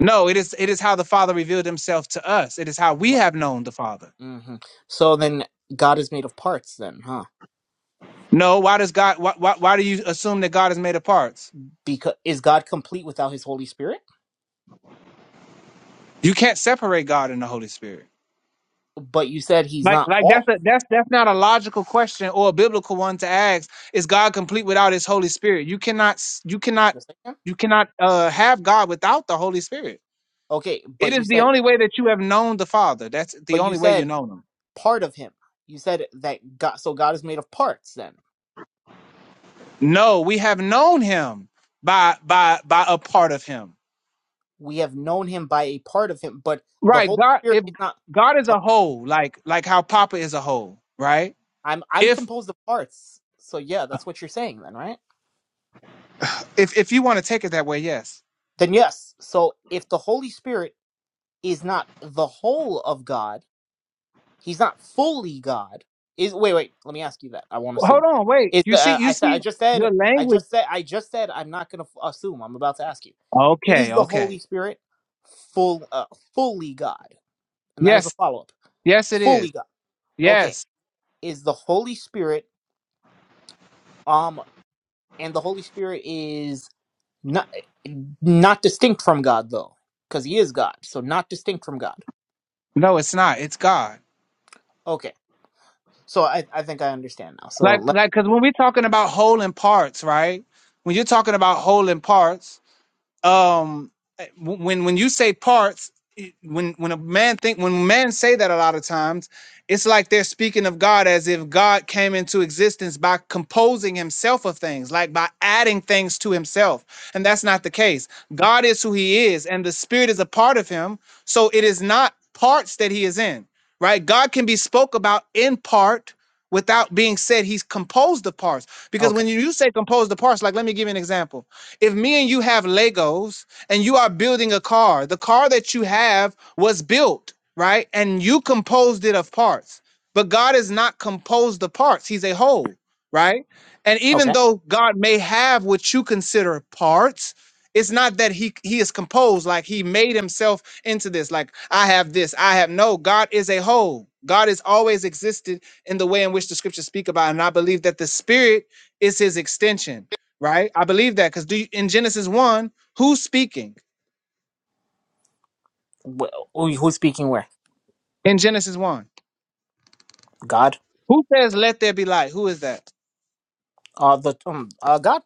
Speaker 13: No, it is it is how the Father revealed Himself to us. It is how we
Speaker 8: Right.
Speaker 13: have known the Father.
Speaker 8: hmm So then God is made of parts, then, huh?
Speaker 13: No, why does God? Why, why, why do you assume that God is made of parts?
Speaker 8: Because is God complete without His Holy Spirit?
Speaker 13: You can't separate God and the Holy Spirit.
Speaker 8: But you said He's
Speaker 13: Like,
Speaker 8: not
Speaker 13: like that's
Speaker 8: all.
Speaker 13: a, that's that's not a logical question or a biblical one to ask. Is God complete without His Holy Spirit? You cannot, s- you cannot,
Speaker 8: Yes, I am.
Speaker 13: you cannot uh, have God without the Holy Spirit.
Speaker 8: Okay,
Speaker 13: It
Speaker 8: but you
Speaker 13: is the
Speaker 8: said
Speaker 13: only way that you have known the Father. That's the
Speaker 8: but you
Speaker 13: only way you
Speaker 8: said
Speaker 13: know Him.
Speaker 8: part of Him. You said that God. So God is made of parts. Then
Speaker 13: No, we have known Him by by by a part of Him.
Speaker 8: we have known Him by a part of Him, but the
Speaker 13: Right.
Speaker 8: Holy
Speaker 13: God,
Speaker 8: Spirit
Speaker 13: if
Speaker 8: is not.
Speaker 13: God is a whole, like like how Papa is a whole, right?
Speaker 8: I'm I'm composed of parts. So yeah, that's what you're saying then, right?
Speaker 13: If if you want to take it that way, yes.
Speaker 8: Then yes. So if the Holy Spirit is not the whole of God, he's not fully God. Is wait, wait, let me ask you that. I won't
Speaker 13: Hold
Speaker 8: assume.
Speaker 13: on, wait.
Speaker 8: Is
Speaker 13: You
Speaker 8: the
Speaker 13: see,
Speaker 8: uh,
Speaker 13: you
Speaker 8: I said I
Speaker 13: see
Speaker 8: just said
Speaker 13: your
Speaker 8: I
Speaker 13: language.
Speaker 8: just said I just said I'm not going to assume. I'm about to ask you.
Speaker 13: Okay,
Speaker 8: Is the
Speaker 13: okay.
Speaker 8: Holy Spirit full uh, fully God? And that is the
Speaker 13: Yes,
Speaker 8: follow-up.
Speaker 13: yes, it
Speaker 8: Fully
Speaker 13: is.
Speaker 8: God. Okay.
Speaker 13: Yes.
Speaker 8: Is the Holy Spirit um and the Holy Spirit is. Not not distinct from God though, because he is God. So not distinct from God.
Speaker 13: No, it's not. It's God.
Speaker 8: Okay. So I I think I understand now. So
Speaker 13: Like
Speaker 8: let
Speaker 13: like because when we're talking about whole and parts, right? When you're talking about whole and parts. um when when you say parts when when a man think when men say that a lot of times it's like they're speaking of god as if god came into existence by composing himself of things like by adding things to himself and that's not the case god is who he is and the spirit is a part of him so it is not parts that he is in right god can be spoke about in part without being said he's composed of parts because
Speaker 8: okay
Speaker 13: when you you say composed of parts like let me give you an example if me and you have Legos and you are building a car, the car that you have was built, right? And you composed it of parts. But God is not composed of parts, He's a whole, right? And even
Speaker 8: okay.
Speaker 13: though God may have what you consider parts, it's not that he he is composed like he made himself into this like i have this i have no god is a whole god has always existed in the way in which the scriptures speak about him. and i believe that the spirit is his extension right? I believe that because do you, in Genesis one, who's speaking
Speaker 8: Well, who- who's speaking where?
Speaker 13: in Genesis one?
Speaker 8: God.
Speaker 13: Who says "Let there be light"? Who is that?
Speaker 8: Uh the um uh God.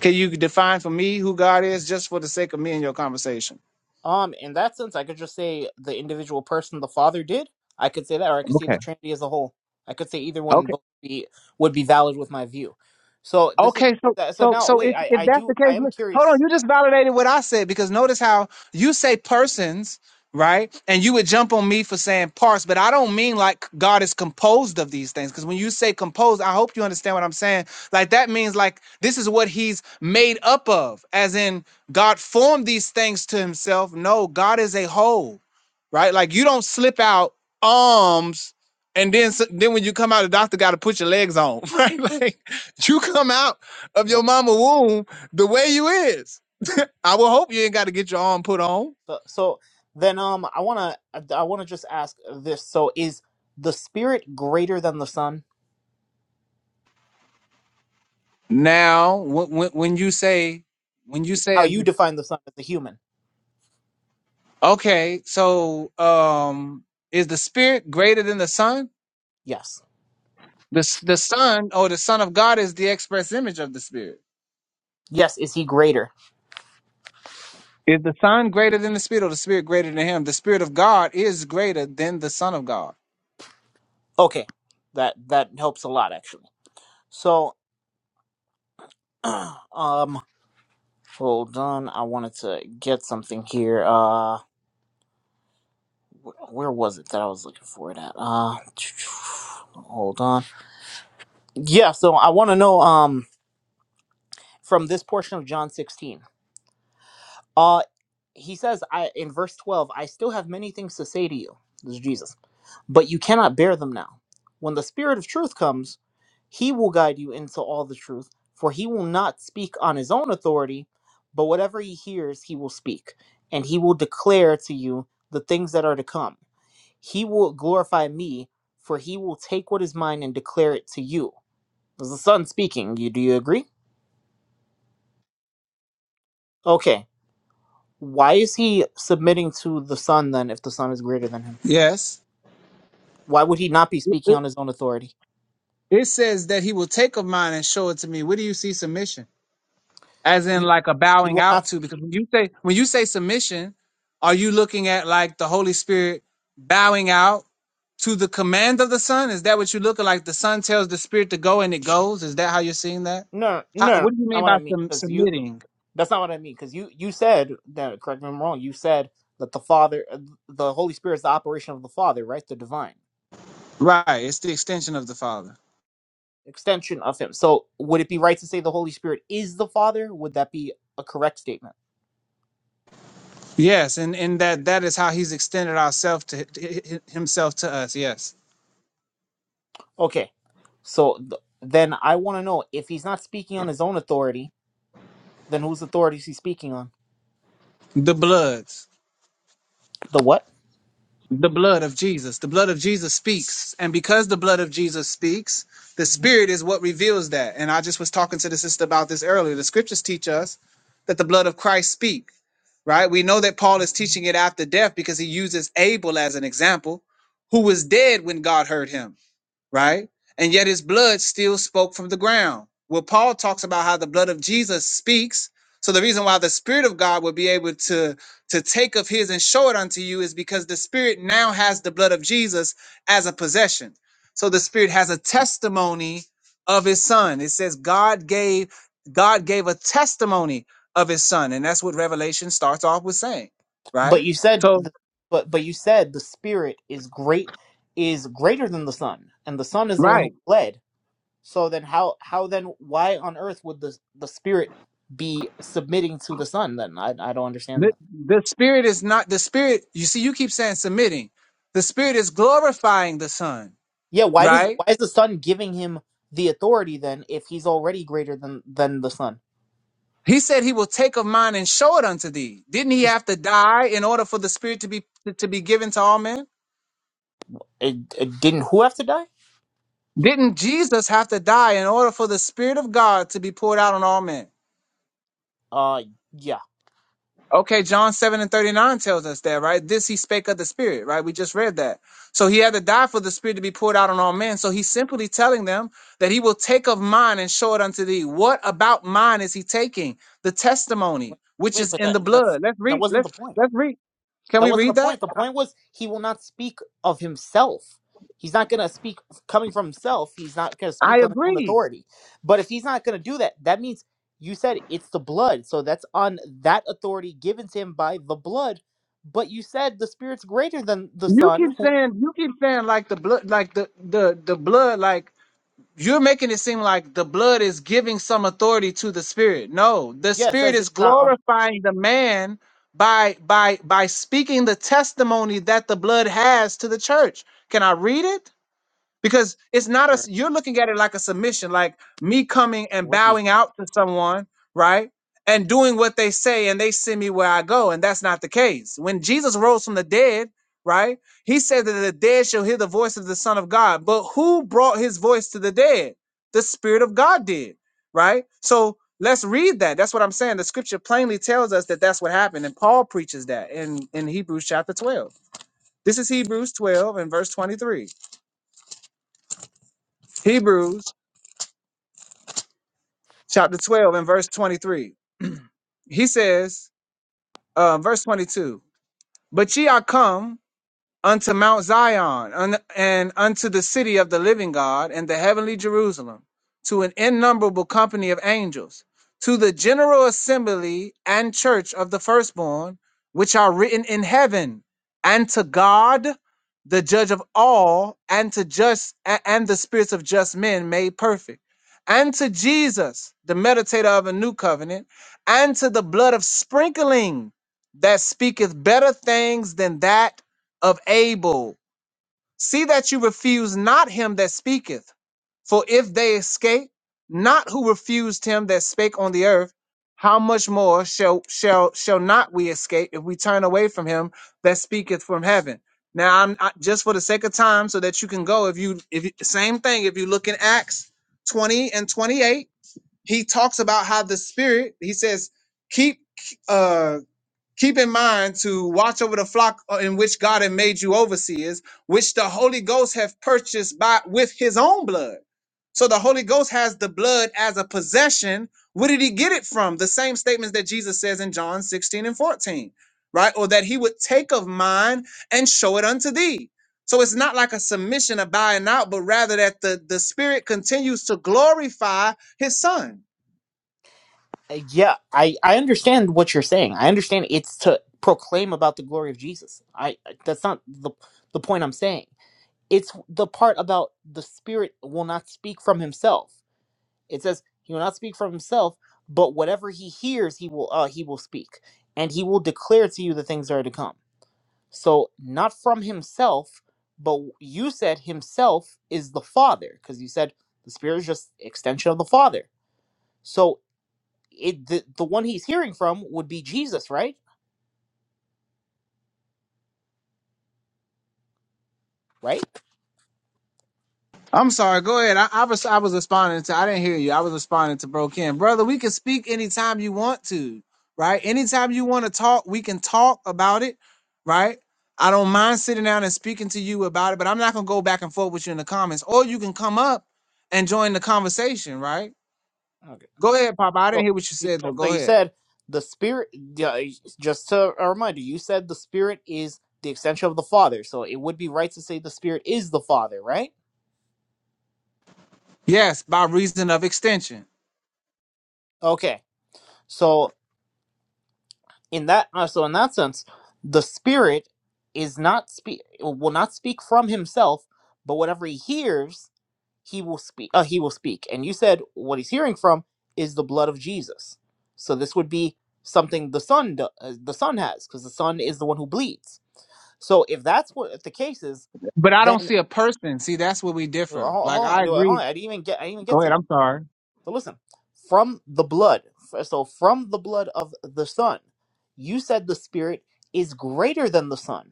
Speaker 13: Can you define for me who God is, just for the sake of me and your conversation?
Speaker 8: Um in that sense, I could just say the individual person the Father did. I could say that, or I could say the Trinity as a whole. I could say either
Speaker 13: Okay,
Speaker 8: one both be would be valid with my view. So this is
Speaker 13: Okay, so
Speaker 8: so
Speaker 13: so
Speaker 8: now.
Speaker 13: so
Speaker 8: Wait,
Speaker 13: if,
Speaker 8: I
Speaker 13: if
Speaker 8: I
Speaker 13: that's
Speaker 8: do
Speaker 13: the case,
Speaker 8: I am
Speaker 13: look, hold on,
Speaker 8: curious.
Speaker 13: you just validated what I said because notice how you say persons, right? And you would jump on me for saying parts, but I don't mean like God is composed of these things. Because when you say composed, I hope you understand what I'm saying. Like that means like this is what he's made up of, as in God formed these things to himself. No, God is a whole right? Like you don't slip out arms and then then when you come out, the doctor got to put your legs on, right? [laughs] Like you come out of your mama womb the way you is. I will hope you ain't got to get your arm put on.
Speaker 8: So, so then um I want to I want to just ask this. So is the spirit greater than the son?
Speaker 13: Now, when when you say when you
Speaker 8: How
Speaker 13: say
Speaker 8: you define the son as a human?
Speaker 13: okay, so um, is the spirit greater than the son?
Speaker 8: Yes.
Speaker 13: The the son or the son of God is the express image of the spirit.
Speaker 8: Yes, is he greater?
Speaker 13: Is the Son greater than the Spirit or the Spirit greater than him? The Spirit of God is greater than the Son of God.
Speaker 8: Okay. That that helps a lot actually. So [clears throat] um hold on, I wanted to get something here. Uh wh- where was it that I was looking for it at? Uh [sniffs] [tsk] hold on. Yeah, so I want to know um from this portion of John 16. Uh he says I in verse 12, I still have many things to say to you. This is Jesus. But you cannot bear them now. When the spirit of truth comes, he will guide you into all the truth, for he will not speak on his own authority, but whatever he hears, he will speak, and he will declare to you the things that are to come. He will glorify me, for he will take what is mine and declare it to you. This is the Son speaking. You do you agree? Okay. Why is he submitting to the Son then if the Son is greater than him?
Speaker 13: Yes.
Speaker 8: Why would he not be speaking on his own authority?
Speaker 13: It says that he will take of mine and show it to me. Where do you see submission? As in
Speaker 8: He,
Speaker 13: like a
Speaker 8: he
Speaker 13: bowing
Speaker 8: will
Speaker 13: out
Speaker 8: not.
Speaker 13: to? Because when you say when you say submission, are you looking at like the Holy Spirit bowing out to the command of the Son? Is that what you look at? Like the Son tells the Spirit to go and it goes? Is that how you're seeing that?
Speaker 8: No, no,
Speaker 13: How,
Speaker 8: no,
Speaker 13: what do you
Speaker 8: that's not
Speaker 13: mean
Speaker 8: what
Speaker 13: by
Speaker 8: I mean.
Speaker 13: sum-
Speaker 8: Because you,
Speaker 13: submitting?
Speaker 8: that's not what I mean. Because you, you said that. Correct me if I'm wrong. You said that the Father, the Holy Spirit is the operation of the Father, right? The divine
Speaker 13: Right. It's the extension of the Father.
Speaker 8: extension of Him. So, would it be right to say the Holy Spirit is the Father? Would that be a correct statement?
Speaker 13: Yes, and and that that is how he's extended ourself to, himself to us. Yes,
Speaker 8: Okay. So th- then I want to know if he's not speaking on his own authority, then whose authority is he speaking on?
Speaker 13: the blood,
Speaker 8: The what?
Speaker 13: the blood of Jesus, the blood of Jesus speaks, and because the blood of Jesus speaks, the Spirit is what reveals that. And I just was talking to the sister about this earlier. The Scriptures teach us that the blood of Christ speak, right? We know that Paul is teaching it after death because he uses Abel as an example, who was dead when God heard him. right? And yet his blood still spoke from the ground. Well, Paul talks about how the blood of Jesus speaks. So the reason why the Spirit of God would be able to, to take of his and show it unto you is because the Spirit now has the blood of Jesus as a possession. So the Spirit has a testimony of his son. It says God gave God gave a testimony of his son. And that's what Revelation starts off with saying, right?
Speaker 8: But you said,
Speaker 13: So
Speaker 8: the, but but you said the Spirit is great, is greater than the Son, and the Son is the one
Speaker 13: right.
Speaker 8: who led. So then, how how then why on earth would the the Spirit be submitting to the Son? Then I I don't understand
Speaker 13: The,
Speaker 8: that.
Speaker 13: the spirit is not the spirit. You see, you keep saying submitting. The spirit is glorifying the son,
Speaker 8: Yeah, why does
Speaker 13: right?
Speaker 8: why is the Son giving him the authority then if he's already greater than than the Son?
Speaker 13: He said he will take of mine and show it unto thee. Didn't he
Speaker 8: He's
Speaker 13: have to die in order for the spirit to be to be given to all men?
Speaker 8: uh, uh, didn't who have to die?
Speaker 13: Didn't Jesus have to die in order for the spirit of God to be poured out on all men?
Speaker 8: Uh, yeah.
Speaker 13: Okay, John 7 and 39 tells us that, right? This he spake of the Spirit, right? We just read that. So he had to die for the Spirit to be poured out on all men. So he's simply telling them that he will take of mine and show it unto thee. What about mine is he taking? The testimony,
Speaker 8: Wait,
Speaker 13: which
Speaker 8: wait,
Speaker 13: is
Speaker 8: but
Speaker 13: in
Speaker 8: that
Speaker 13: the
Speaker 8: that's
Speaker 13: blood. Let's
Speaker 8: that
Speaker 13: read.
Speaker 8: wasn't the
Speaker 13: Let's
Speaker 8: point.
Speaker 13: let's read. Can
Speaker 8: That
Speaker 13: we
Speaker 8: wasn't the
Speaker 13: read that?
Speaker 8: point. The point was he will not speak of himself. He's not going to speak coming from himself. He's not going to
Speaker 13: I
Speaker 8: speak on his own
Speaker 13: agree.
Speaker 8: authority. But if he's not going to do that, that means you said it's the blood. So that's on that authority given to him by the blood. But you said the spirit's greater than the
Speaker 13: You keep
Speaker 8: son.
Speaker 13: saying you keep saying like the blood, like the the the blood, like You're making it seem like the blood is giving some authority to the spirit. No, the
Speaker 8: Yeah, it
Speaker 13: spirit
Speaker 8: says
Speaker 13: is
Speaker 8: it's not on
Speaker 13: glorifying the man by by by speaking the testimony that the blood has to the church. Can I read it? because it's not
Speaker 8: a
Speaker 13: a, s- you're looking at it like a submission like me coming
Speaker 8: It
Speaker 13: and
Speaker 8: would be.
Speaker 13: bowing out to someone right and doing what they say and they send me where i go and that's not the case when jesus rose from the dead right he said that the dead shall hear the voice of the son of god but who brought his voice to the dead the spirit of god did right so let's read that that's what i'm saying the scripture plainly tells us that that's what happened and paul preaches that in in hebrews chapter 12 this is hebrews 12 and verse 23 hebrews chapter 12 and verse 23. He says, uh, verse 22, but ye are come unto Mount Zion, un- and unto the city of the living God, and the heavenly Jerusalem, to an innumerable company of angels, to the general assembly and church of the firstborn, which are written in heaven, and to God, the judge of all, and to just a- and the spirits of just men made perfect. And to Jesus, the meditator of a new covenant, and to the blood of sprinkling that speaketh better things than that of Abel. See that you refuse not him that speaketh. For if they escape not who refused him that spake on the earth, how much more shall shall shall not we escape if we turn away from him that speaketh from heaven? Now I'm I, just for the sake of time, so that you can go. If you if you, same thing, if you look in Acts twenty and twenty eight, he talks about how the Spirit. He says, "Keep." uh, keep in mind to watch over the flock uh, in which God had made you overseers, which the Holy Ghost have purchased by with his own blood. So the Holy Ghost has the blood as a possession. Where did he get it from? The same statements that Jesus says in John 16 and 14, right? Or that he would take of mine and show it unto thee. So it's not like a submission of buying out, but rather that the, the Spirit continues to glorify his son
Speaker 8: Uh, Yeah, I I understand what you're saying. I understand it's to proclaim about the glory of Jesus. I that's not the the point I'm saying. It's the part about the Spirit will not speak from himself. It says he will not speak from himself, but whatever he hears, he will uh he will speak, and he will declare to you the things that are to come. So not from himself, but you said himself is the Father, because you said the Spirit is just extension of the Father. So it the, the one he's hearing from would be Jesus, right? Right?
Speaker 13: I'm sorry. Go ahead. I, I was I was responding to. I didn't hear you. I was responding to Bro Ken, brother. We can speak anytime you want to, right? Anytime you want to talk, we can talk about it, right? I don't mind sitting down and speaking to you about it, but I'm not gonna go back and forth with you in the comments. Or you can come up and join the conversation, right?
Speaker 8: Okay.
Speaker 13: Go ahead, Papa. I didn't
Speaker 8: So,
Speaker 13: hear what you
Speaker 8: you-
Speaker 13: said though.
Speaker 8: so
Speaker 13: Go
Speaker 8: you
Speaker 13: ahead.
Speaker 8: said the spirit. yeah, Just to a reminder, you said the spirit is the extension of the Father. So it would be right to say the spirit is the Father, right?
Speaker 13: Yes, by reason of extension.
Speaker 8: Okay. So in that, uh, so in that sense, the spirit is not speak will not speak from himself, but whatever he hears he will speak uh, he will speak and you said what he's hearing from is the blood of jesus so this would be something the son do, uh, the son has because the son is the one who bleeds so if that's what if the case is
Speaker 13: But I don't
Speaker 8: then
Speaker 13: see a person. See, that's where we
Speaker 8: hold,
Speaker 13: differ. Like
Speaker 8: hold
Speaker 13: I
Speaker 8: on, hold
Speaker 13: agree.
Speaker 8: on i didn't even get i didn't even
Speaker 13: Go
Speaker 8: get to
Speaker 13: ahead.
Speaker 8: that
Speaker 13: I'm sorry.
Speaker 8: so listen from the blood f- so from the blood of the son you said the spirit is greater than the son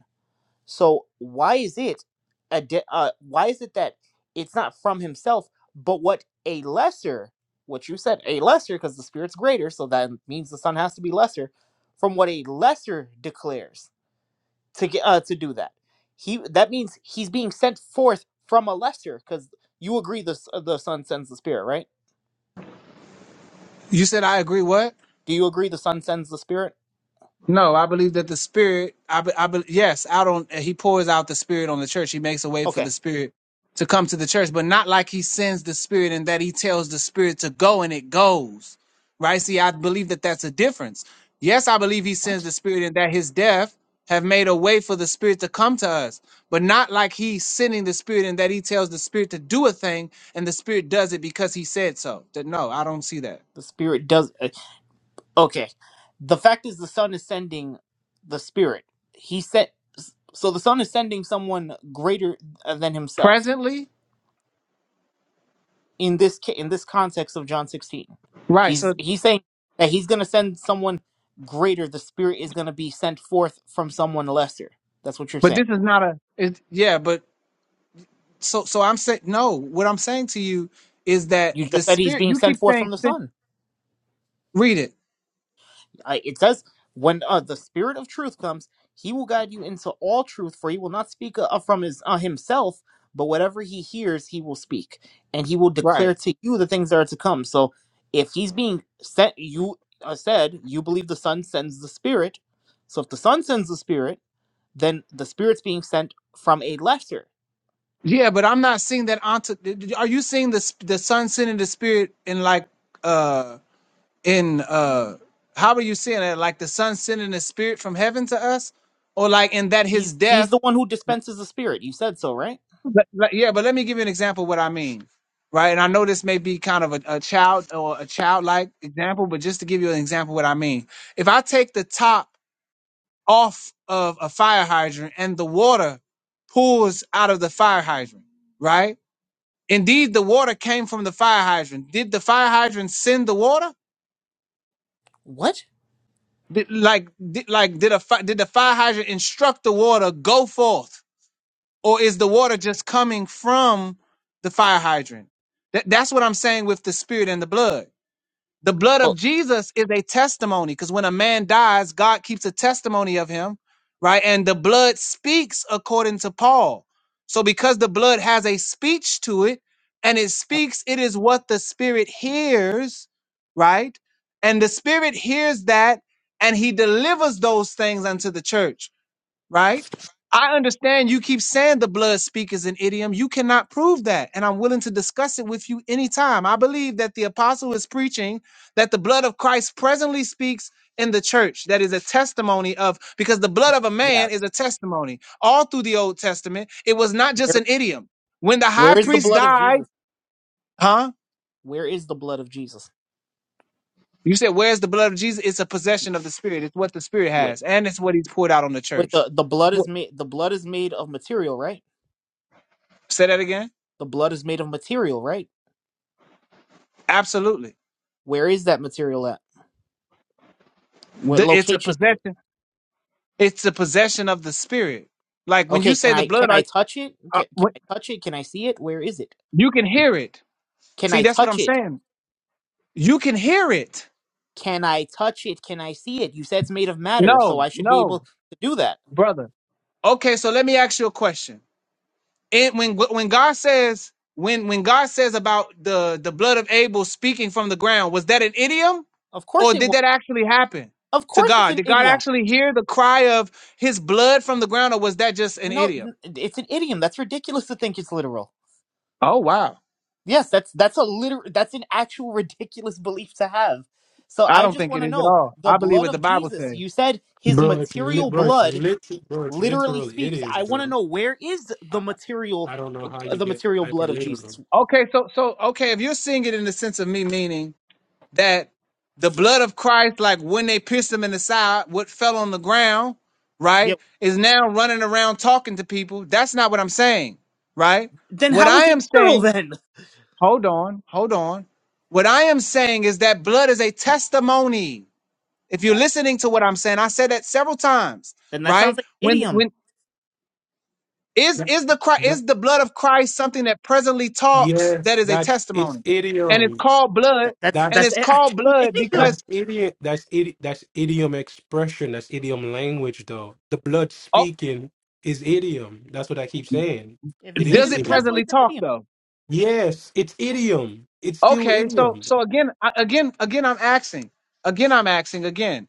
Speaker 8: So why is it a de- uh, why is it that it's not from himself, but what a lesser, what you said, a lesser, because the spirit's greater, so that means the son has to be lesser, from what a lesser declares to get uh, to do that. He that means he's being sent forth from a lesser, because you agree the s- uh, the son sends the spirit, right?
Speaker 13: You said I agree. What?
Speaker 8: Do you agree the son sends the spirit?
Speaker 13: No, I believe that the Spirit. I, be- I be- yes, out on he pours out the Spirit on the church. He makes a way for the
Speaker 8: Okay,
Speaker 13: Spirit to come to the church, but not like he sends the Spirit and that he tells the Spirit to go and it goes. Right? See, I believe that that's a difference. Yes, I believe he sends
Speaker 8: what
Speaker 13: the Spirit and that his death have made a way for the Spirit to come to us, but not like he's sending the Spirit and that he tells the Spirit to do a thing and the Spirit does it because he said so. That no, I don't see that
Speaker 8: the spirit does? uh, Okay. The fact is, the Son is sending the Spirit. He sent. So the Son is sending someone greater uh, than himself.
Speaker 13: presently.
Speaker 8: In this ca- in this context of John 16,
Speaker 13: Right.
Speaker 8: he's
Speaker 13: So,
Speaker 8: he's saying that he's going to send someone greater. The Spirit is going to be sent forth from someone lesser. That's what you're
Speaker 13: but this
Speaker 8: saying.
Speaker 13: is not a. It, yeah, but so so I'm saying no. What I'm saying to you is that
Speaker 8: You
Speaker 13: the
Speaker 8: just said he's
Speaker 13: spirit.
Speaker 8: being
Speaker 13: You
Speaker 8: sent
Speaker 13: keep
Speaker 8: forth
Speaker 13: saying
Speaker 8: from the
Speaker 13: sin-
Speaker 8: Son.
Speaker 13: read it
Speaker 8: uh, it says when uh, the spirit of truth comes he will guide you into all truth for he will not speak uh, from his uh, himself but whatever he hears he will speak and he will
Speaker 13: right.
Speaker 8: declare to you the things that are to come so if he's being sent you uh, said you believe the son sends the spirit so if the son sends the spirit then the spirit's being sent from a lesser
Speaker 13: Yeah, but I'm not seeing that onto. Are you seeing the sp- the son sending the spirit in like uh in uh how are you seeing it? Like the son sending the spirit from heaven to us, or like in that his
Speaker 8: he's he's
Speaker 13: death.
Speaker 8: the one who dispenses the spirit you said so right
Speaker 13: But- but- yeah, but let me give you an example of what I mean. Right, and I know this may be kind of a, a child or a childlike example, but just to give you an example of what I mean, if I take the top. off of a fire hydrant and the water pours out of the fire hydrant, right? Indeed, the water came from the fire hydrant. Did the fire hydrant send the water?
Speaker 8: what
Speaker 13: Did, like, did, like, did a fi- did the fire hydrant instruct the water go forth, or is the water just coming from the fire hydrant? That, that's what I'm saying with the spirit and the blood. The blood
Speaker 8: oh
Speaker 13: of Jesus is a testimony because when a man dies, God keeps a testimony of him, right? And the blood speaks according to Paul. So because the blood has a speech to it and it
Speaker 8: uh,
Speaker 13: speaks, it is what the spirit hears, right? And the spirit hears that and he delivers those things unto the church right? I understand you keep saying the blood speak is an idiom. You cannot prove that. And I'm willing to discuss it with you anytime. I believe that the apostle is preaching that the blood of Christ presently speaks in the church. That is a testimony of, because the blood of a
Speaker 8: yeah
Speaker 13: man is a testimony. All through the Old Testament, it was not just
Speaker 8: where
Speaker 13: an idiom. When the high
Speaker 8: where is the
Speaker 13: priest
Speaker 8: blood of
Speaker 13: died,
Speaker 8: jesus
Speaker 13: huh?
Speaker 8: where is the blood of jesus
Speaker 13: You said, Where's the blood of Jesus? It's a possession of the Spirit. It's what the Spirit
Speaker 8: Wait,
Speaker 13: has. And it's what he's poured out on the
Speaker 8: wait.
Speaker 13: church.
Speaker 8: The the
Speaker 13: It's
Speaker 8: blood is made. The blood is made of material, right?
Speaker 13: Say that again?
Speaker 8: The blood is made of material, right?
Speaker 13: Absolutely.
Speaker 8: Where is that material at? What
Speaker 13: The, it's a
Speaker 8: location is it?
Speaker 13: possession. It's a possession of the spirit. Like when you
Speaker 8: Okay,
Speaker 13: say
Speaker 8: can
Speaker 13: the
Speaker 8: I can
Speaker 13: blood, I,
Speaker 8: I touch it?
Speaker 13: I,
Speaker 8: Can, can
Speaker 13: what-
Speaker 8: I touch it? Can I see it? Where is it?
Speaker 13: you can hear it.
Speaker 8: Can
Speaker 13: See,
Speaker 8: I
Speaker 13: that's what
Speaker 8: touch
Speaker 13: I'm
Speaker 8: it?
Speaker 13: saying. You can hear it.
Speaker 8: Can I touch it? Can I see it? You said it's made of matter, so
Speaker 13: No,
Speaker 8: I should be able
Speaker 13: no,
Speaker 8: to do that.
Speaker 13: brother. Okay, so let me ask you a question. And when when God says when when God says about the the blood of Abel speaking from the ground, was that an idiom
Speaker 8: Of
Speaker 13: or
Speaker 8: course it
Speaker 13: did
Speaker 8: was.
Speaker 13: that actually happen
Speaker 8: Of
Speaker 13: to
Speaker 8: course it's
Speaker 13: God?
Speaker 8: an
Speaker 13: Did God
Speaker 8: idiom.
Speaker 13: actually hear the cry of His blood from the ground, or was that just an
Speaker 8: No,
Speaker 13: idiom?
Speaker 8: n- it's an idiom. That's ridiculous to think it's literal.
Speaker 13: Oh wow.
Speaker 8: Yes, that's that's a literal that's an actual ridiculous belief to have. So
Speaker 13: I
Speaker 8: I
Speaker 13: don't
Speaker 8: just
Speaker 13: think it
Speaker 8: want to
Speaker 13: is at
Speaker 8: know
Speaker 13: all.
Speaker 8: the
Speaker 13: I believe
Speaker 8: blood
Speaker 13: what the
Speaker 8: of
Speaker 13: Bible
Speaker 8: Jesus.
Speaker 13: says.
Speaker 8: You said his
Speaker 16: Bro, it's lit,
Speaker 8: material
Speaker 16: bro, it's
Speaker 8: blood
Speaker 16: lit, bro, it's
Speaker 8: literally
Speaker 16: literal. It
Speaker 8: speaks.
Speaker 16: is,
Speaker 8: I want to
Speaker 16: bro.
Speaker 8: know where is the
Speaker 16: I, I
Speaker 8: material
Speaker 16: I don't know how you
Speaker 8: the
Speaker 16: get
Speaker 8: material
Speaker 16: hyper
Speaker 8: blood of
Speaker 16: literal.
Speaker 8: Jesus?
Speaker 13: Okay, so so okay, if you're seeing it in the sense of me meaning that the blood of Christ, like when they pierced him in the side, what fell on the ground,
Speaker 8: Yeah.
Speaker 13: right, is now running around talking to people. That's not what I'm saying, right?
Speaker 8: Then
Speaker 13: What
Speaker 8: how
Speaker 13: I
Speaker 8: is it
Speaker 13: am
Speaker 8: literal
Speaker 13: saying,
Speaker 8: then?
Speaker 13: hold on, hold on. What I am saying is that blood is a testimony. If you're
Speaker 8: That
Speaker 13: listening to what I'm saying, I said that several times,
Speaker 8: then that sounds
Speaker 13: right?
Speaker 8: like an
Speaker 13: When
Speaker 8: idiom.
Speaker 13: when. Is
Speaker 16: That,
Speaker 13: is the Christ,
Speaker 16: that,
Speaker 13: is the blood of Christ something that presently talks
Speaker 16: yes,
Speaker 13: that is a
Speaker 16: that's it's
Speaker 13: testimony? And it's
Speaker 16: idiom.
Speaker 13: called blood,
Speaker 8: That, that's
Speaker 16: That's
Speaker 13: and
Speaker 8: that's
Speaker 13: it's
Speaker 8: an
Speaker 13: called
Speaker 8: actual [laughs]
Speaker 13: blood because
Speaker 8: idiom.
Speaker 16: that's idiom. That's idi That's idiom expression. That's idiom language, though. The blood
Speaker 13: oh,
Speaker 16: speaking is idiom. That's what I keep saying.
Speaker 8: If you're
Speaker 16: It
Speaker 8: saying
Speaker 16: is
Speaker 13: does
Speaker 8: it's
Speaker 13: it
Speaker 8: a
Speaker 16: idiom.
Speaker 8: what
Speaker 13: presently
Speaker 8: it's an
Speaker 13: talk
Speaker 8: idiom.
Speaker 13: though?
Speaker 16: Yes, it's idiom. It's still
Speaker 13: Okay, so
Speaker 16: idiom.
Speaker 13: so again, I, again, again, I'm asking, again, I'm asking again.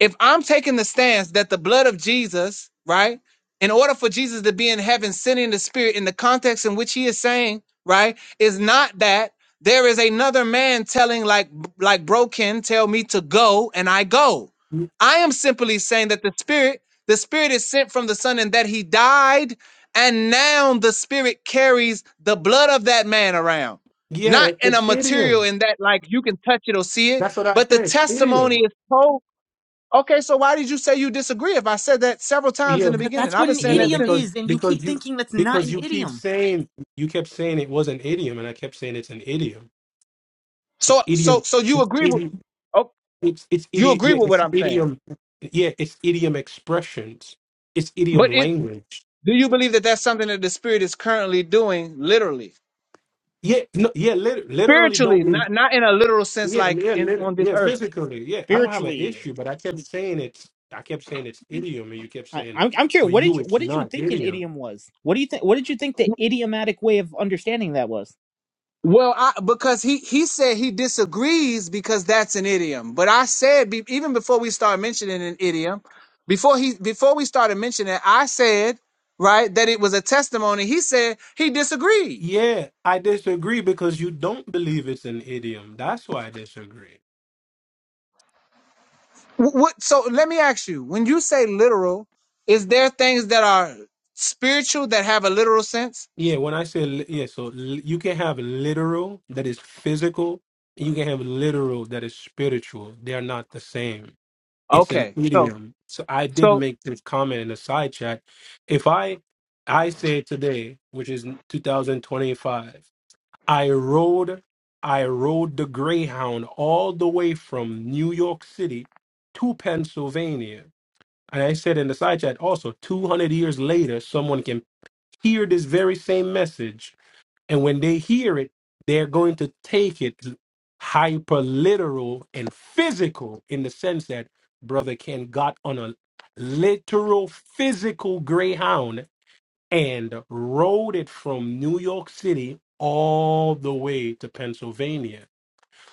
Speaker 13: if I'm taking the stance that the blood of Jesus, right, in order for Jesus to be in heaven, sending the Spirit in the context in which he is saying, right, is not that there is another man telling, like, like broken, tell me to go, and I go. I am simply saying that the Spirit, the Spirit is sent from the Son, and that he died, and now the Spirit carries the blood of that man around.
Speaker 16: Yeah,
Speaker 13: Not in a
Speaker 16: it's
Speaker 13: material
Speaker 16: idiom.
Speaker 13: in that, like, you can touch it or see it,
Speaker 16: That's what I
Speaker 13: but the
Speaker 16: said. It's
Speaker 13: testimony
Speaker 16: idiom.
Speaker 13: is told Okay, so why did you say you disagree? If I said that several times in
Speaker 16: Yeah,
Speaker 13: the
Speaker 8: Because
Speaker 13: beginning,
Speaker 8: that's
Speaker 13: I've
Speaker 8: what
Speaker 13: been
Speaker 8: an
Speaker 13: saying
Speaker 16: yeah,
Speaker 13: that
Speaker 8: idiom
Speaker 13: since.
Speaker 16: because
Speaker 8: is, and you keep
Speaker 16: because you
Speaker 8: thinking that's not
Speaker 16: because
Speaker 8: an
Speaker 16: you keep
Speaker 8: idiom.
Speaker 16: saying you kept saying it was an idiom, and I kept saying it's an idiom.
Speaker 13: So,
Speaker 16: It's
Speaker 13: so,
Speaker 16: idiom.
Speaker 13: so you
Speaker 16: It's
Speaker 13: agree with?
Speaker 16: idiom.
Speaker 13: Oh,
Speaker 16: It's it's
Speaker 13: you
Speaker 16: idiom.
Speaker 13: agree
Speaker 16: Yeah,
Speaker 13: with what
Speaker 16: it's
Speaker 13: I'm saying?
Speaker 16: idiom. Yeah, it's idiom expressions. It's
Speaker 13: But
Speaker 16: idiom
Speaker 13: it,
Speaker 16: language.
Speaker 13: do you believe that that's something that the Spirit is currently doing, literally,
Speaker 16: Yeah, no, yeah, lit- literally don't
Speaker 13: spiritually,
Speaker 16: mean.
Speaker 13: not not in a literal sense,
Speaker 16: Yeah,
Speaker 13: like
Speaker 16: yeah,
Speaker 13: in
Speaker 16: lit-
Speaker 13: on this
Speaker 16: yeah,
Speaker 13: earth?
Speaker 16: physically. Yeah, I don't have an
Speaker 8: Spiritually.
Speaker 16: issue, but I kept saying it's. I kept saying it's idiom, and you kept
Speaker 8: I,
Speaker 16: saying
Speaker 8: I'm I'm curious.
Speaker 16: for
Speaker 8: What did
Speaker 16: you
Speaker 8: you
Speaker 16: it's
Speaker 8: What did you
Speaker 16: not
Speaker 8: think an
Speaker 16: idiom.
Speaker 8: idiom was? What do you think? What did you think the idiomatic way of understanding that was?
Speaker 13: Well, I, because he he said he disagrees because that's an idiom. But I said be, even before we started mentioning an idiom, before he before we started mentioning, it, I said right that it was a testimony. He said he disagreed.
Speaker 16: Yeah, I disagree because you don't believe it's an idiom. That's why I disagree.
Speaker 13: Wh- What? So let me ask you: When you say literal, is there things that are spiritual that have a literal sense?
Speaker 16: Yeah, when I say, li- yeah, so li- you can have literal that is physical, and you can have literal that is spiritual. They're not the same. It's an
Speaker 13: Okay. So
Speaker 16: idiom. So I did
Speaker 13: so
Speaker 16: make this comment in the side chat. If I I say today, which is 2025, I rode I rode the Greyhound all the way from New York City to Pennsylvania. And I said in the side chat also, 200 years later, someone can hear this very same message. And when they hear it, they're going to take it hyper literal and physical in the sense that Brother Ken got on a literal physical greyhound and rode it from New York City all the way to Pennsylvania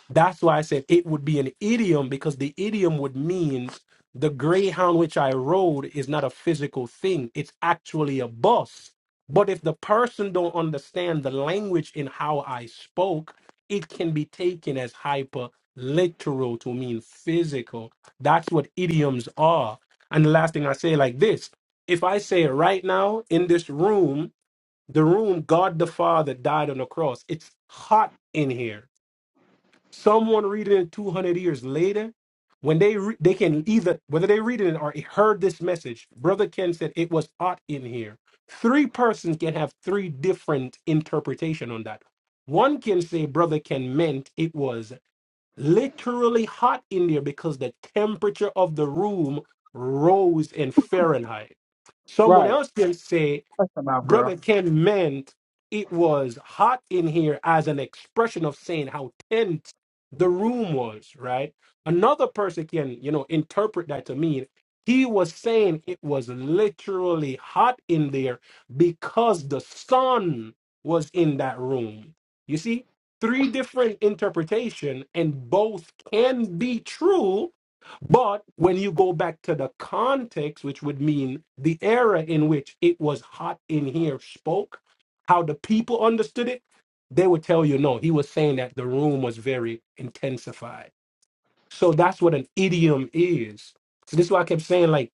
Speaker 16: that's why I said it would be an idiom because the idiom would mean the greyhound which I rode is not a physical thing. It's actually a bus. But if the person don't understand the language in how I spoke, it can be taken as hyper literal to mean physical. That's what idioms are. And the last thing I say like this, if I say right now in this room, the room God the Father died on the cross, it's hot in here Someone reading it 200 years later, when they re- they can either whether they read it or heard this message, Brother Ken said it was hot in here. Three persons can have three different interpretation on that. One can say Brother Ken meant it was literally hot in there because the temperature of the room rose in Fahrenheit. Someone
Speaker 13: right.
Speaker 16: else can say
Speaker 13: Shut your mouth, girl.
Speaker 16: Brother Ken meant it was hot in here as an expression of saying how tense the room was, right? Another person can, you know, interpret that to mean he was saying it was literally hot in there because the sun was in that room. You see, three different interpretation and both can be true but when you go back to the context, which would mean the era in which it was hot in here spoke, how the people understood it, they would tell you no. He was saying that the room was very intensified. So that's what an idiom is. So this is why I kept saying like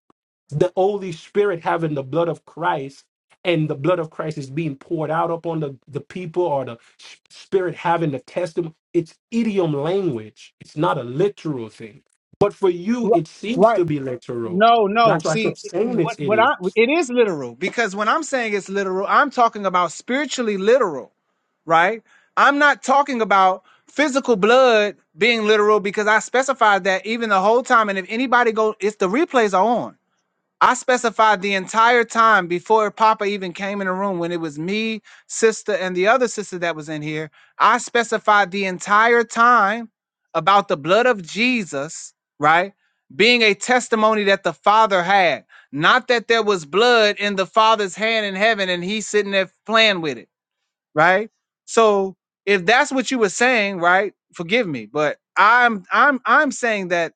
Speaker 16: the Holy Spirit having the blood of Christ and the blood of Christ is being poured out upon the, the people or the s- Spirit having the testimony. It's idiom language, it's not a literal thing. But for you,
Speaker 13: Ri-
Speaker 16: it seems
Speaker 13: Right.
Speaker 16: to be literal.
Speaker 13: No, no.
Speaker 16: That's why I
Speaker 13: See,
Speaker 16: kept saying
Speaker 13: what
Speaker 16: it's
Speaker 13: what I
Speaker 16: idiom.
Speaker 13: it is literal because when I'm saying it's literal, I'm talking about spiritually literal, right? I'm not talking about physical blood being literal because I specified that even the whole time. And if anybody go, it's the replays are on. I specified the entire time before Papa even came in the room when it was me, sister, and the other sister that was in here. I specified the entire time about the blood of Jesus, right? Being a testimony that the Father had, not that there was blood in the Father's hand in heaven and he's sitting there playing with it right? So if that's what you were saying, right? Forgive me, but I'm I'm I'm saying that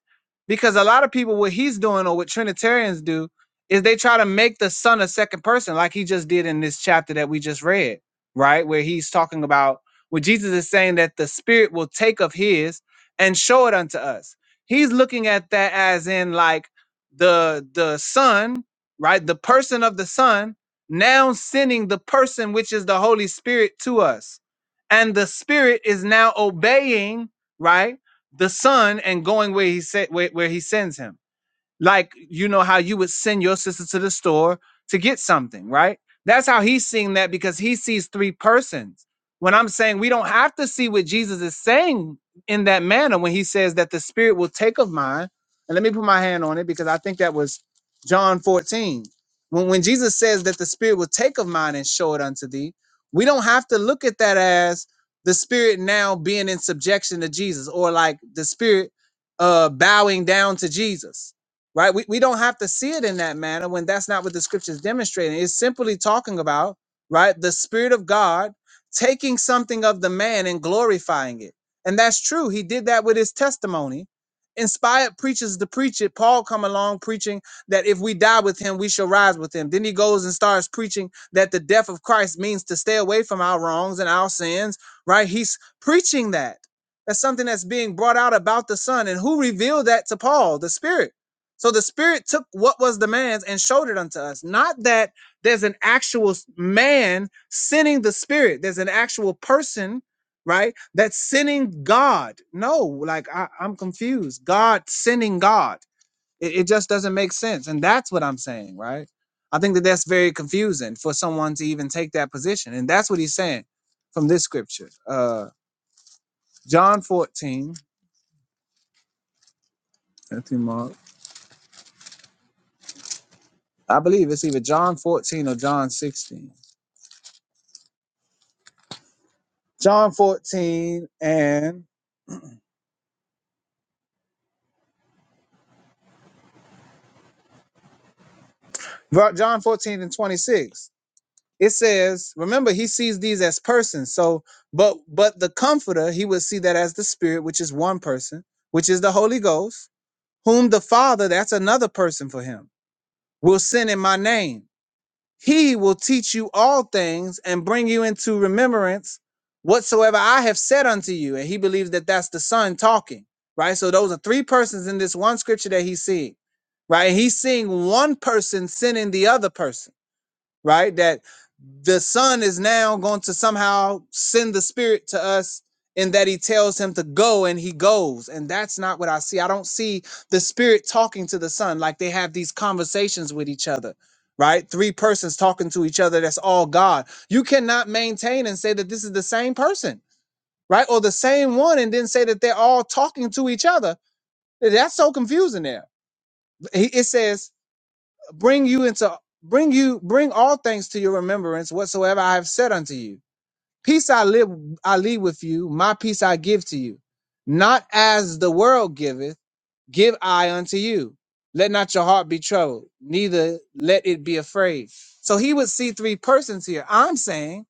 Speaker 13: because a lot of people what he's doing or what Trinitarians do is they try to make the son a second person, like he just did in this chapter that we just read, right? Where he's talking about where Jesus is saying that the Spirit will take of His and show it unto us. He's looking at that as in like the the Son, right? The person of the Son now sending the person which is the Holy Spirit to us. And the Spirit is now obeying, right, the Son and going where he said where, where he sends him like you know how you would send your sister to the store to get something, right? That's how he's seeing that because he sees three persons. When I'm saying we don't have to see what Jesus is saying in that manner when he says that the spirit will take of mine. And let me put my hand on it because I think that was John 14. When, when Jesus says that the spirit will take of mine and show it unto thee, we don't have to look at that as the spirit now being in subjection to Jesus or like the spirit uh bowing down to Jesus right? We, we don't have to see it in that manner when that's not what the scripture is demonstrating. It's simply talking about, right, the Spirit of God taking something of the man and glorifying it. And that's true. He did that with his testimony. Inspired preachers to preach it. Paul come along preaching that if we die with him, we shall rise with him. Then he goes and starts preaching that the death of Christ means to stay away from our wrongs and our sins, right? He's preaching that. That's something that's being brought out about the Son. And who revealed that to Paul? The Spirit so the Spirit took what was the man's and showed it unto us. Not that there's an actual s- man sinning the Spirit, there's an actual person, right, that's sinning God. No, like I, I'm confused. God sinning God. It, it just doesn't make sense. And that's what I'm saying, right? I think that that's very confusing for someone to even take that position. And that's what he's saying from this scripture. Uh, John 14, Matthew, Mark. I believe it's either John 14 or John 16. John 14 and John 14 and 26. It says, remember, he sees these as persons. So, but but the comforter, he would see that as the spirit, which is one person, which is the Holy Ghost, whom the Father, that's another person for him, will send in my name. He will teach you all things and bring you into remembrance whatsoever I have said unto you. And he believes that that's the son talking, right? So those are three persons in this one scripture that he's seeing, right? He's seeing one person sinning the other person right? That the Son is now going to somehow send the Spirit to us and that he tells him to go and he goes. And that's not what I see. I don't see the Spirit talking to the Son like they have these conversations with each other. Right? Three persons talking to each other. That's all God. You cannot maintain and say that this is the same person, right? Or the same one, and then say that they're all talking to each other. That's so confusing there. He- It says bring you into bring you bring all things to your remembrance whatsoever I have said unto you. Peace I live I leave with you, my peace I give to you. Not as the world giveth, give I unto you. Let not your heart be troubled, neither let it be afraid. So he would see three persons here. I'm saying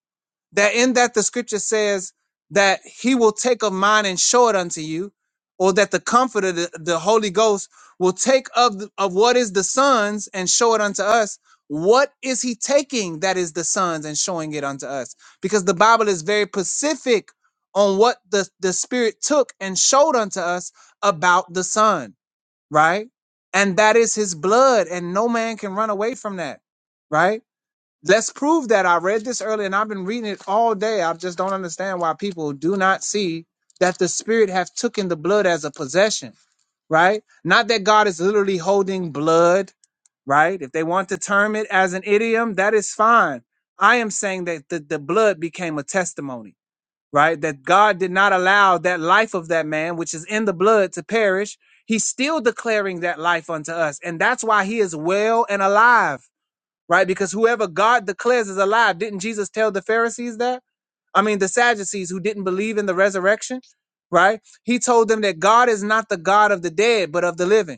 Speaker 13: that in that the scripture says that he will take of mine and show it unto you or that the comforter the, the holy ghost will take of the, of what is the sons and show it unto us what is he taking that is the sons and showing it unto us because the bible is very specific on what the, the spirit took and showed unto us about the son right and that is his blood and no man can run away from that right Let's prove that. I read this earlier and I've been reading it all day. I just don't understand why people do not see that the spirit have taken the blood as a possession, right? Not that God is literally holding blood, right? If they want to term it as an idiom, that is fine. I am saying that the, the blood became a testimony, right? That God did not allow that life of that man, which is in the blood, to perish. He's still declaring that life unto us. And that's why he is well and alive right? Because whoever God declares is alive, didn't Jesus tell the Pharisees that? I mean, the Sadducees who didn't believe in the resurrection, right? He told them that God is not the God of the dead, but of the living.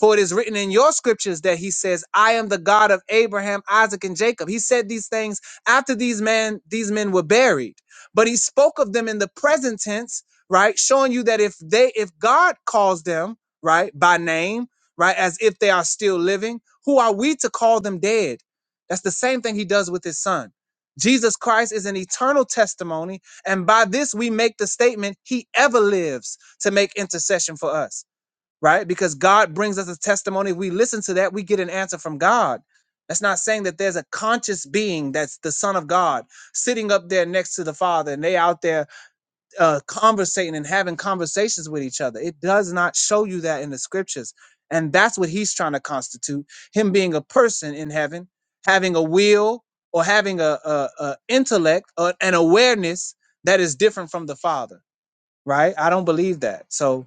Speaker 13: For it is written in your scriptures that he says, I am the God of Abraham, Isaac, and Jacob. He said these things after these men, these men were buried. But he spoke of them in the present tense, right? Showing you that if they, if God calls them, right, by name, right, as if they are still living, who are we to call them dead? That's the same thing he does with his son. Jesus Christ is an eternal testimony, and by this we make the statement, he ever lives to make intercession for us right? Because God brings us a testimony. If we listen to that, we get an answer from God. That's not saying that there's a conscious being that's the Son of God sitting up there next to the Father and they out there uh, conversating and having conversations with each other. It does not show you that in the scriptures. And that's what he's trying to constitute him being a person in heaven, having a will or having a, a, a intellect or an awareness that is different from the Father, right? I don't believe that. So,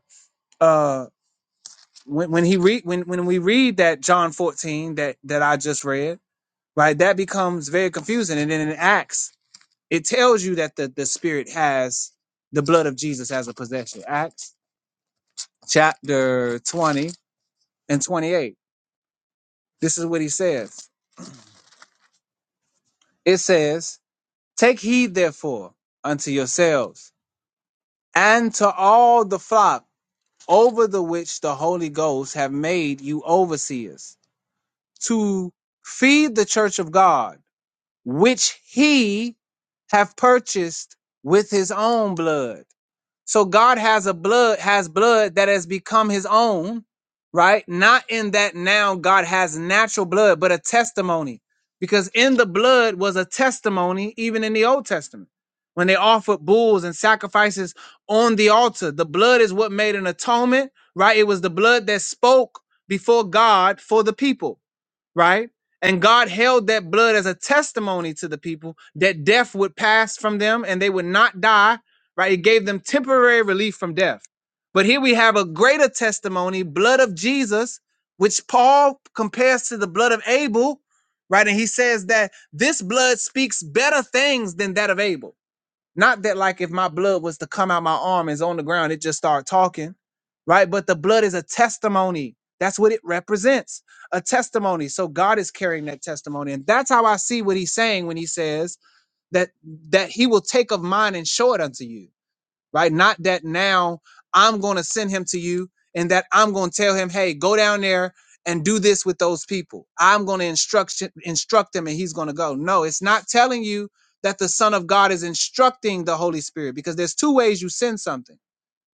Speaker 13: uh, when when he read when when we read that John 14 that that I just read, right? That becomes very confusing. And then in Acts, it tells you that the the Spirit has the blood of Jesus as a possession. Acts chapter 20 and 28. This is what he says. It says, "Take heed therefore unto yourselves and to all the flock over the which the Holy Ghost have made you overseers to feed the church of God." which he have purchased with his own blood. So God has a blood has blood that has become his own, right? Not in that now God has natural blood, but a testimony. Because in the blood was a testimony even in the Old Testament. When they offered bulls and sacrifices on the altar, the blood is what made an atonement, right? It was the blood that spoke before God for the people right? And God held that blood as a testimony to the people that death would pass from them and they would not die, right? It gave them temporary relief from death. But here we have a greater testimony, blood of Jesus, which Paul compares to the blood of Abel, right? And he says that this blood speaks better things than that of Abel not that like if my blood was to come out my arm and is on the ground, it just start talking, right? But the blood is a testimony. That's what it represents, a testimony. So God is carrying that testimony, and that's how I see what He's saying when He says that that He will take of mine and show it unto you right? Not that now I'm going to send him to you and that I'm going to tell him, hey, go down there and do this with those people. I'm going to instruct instruct him and he's going to go. No, it's not telling you that the Son of God is instructing the Holy Spirit because there's two ways you send something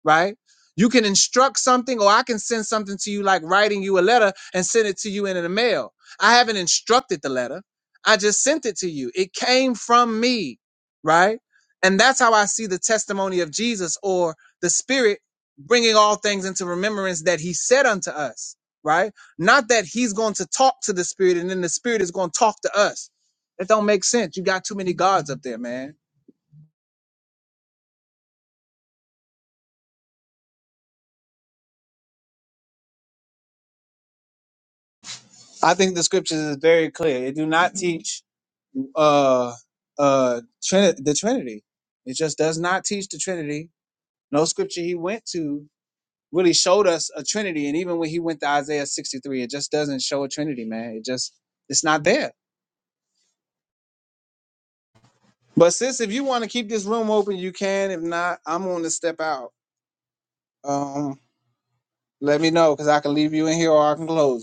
Speaker 13: right? You can instruct something, or I can send something to you, like writing you a letter and send it to you in the mail. I haven't instructed the letter, I just sent it to you. It came from me, right? And that's how I see the testimony of Jesus or the Spirit bringing all things into remembrance that He said unto us, right? Not that He's going to talk to the Spirit and then the Spirit is going to talk to us. That don't make sense. You got too many gods up there, man. I think the scriptures is very clear. It do not teach uh uh Trin- the Trinity. It just does not teach the Trinity. No scripture he went to really showed us a Trinity. And even when he went to Isaiah 63, it just doesn't show a Trinity, man. It just it's not there. But sis, if you want to keep this room open, you can. If not, I'm going to step out. Um, let me know because I can leave you in here or I can close it.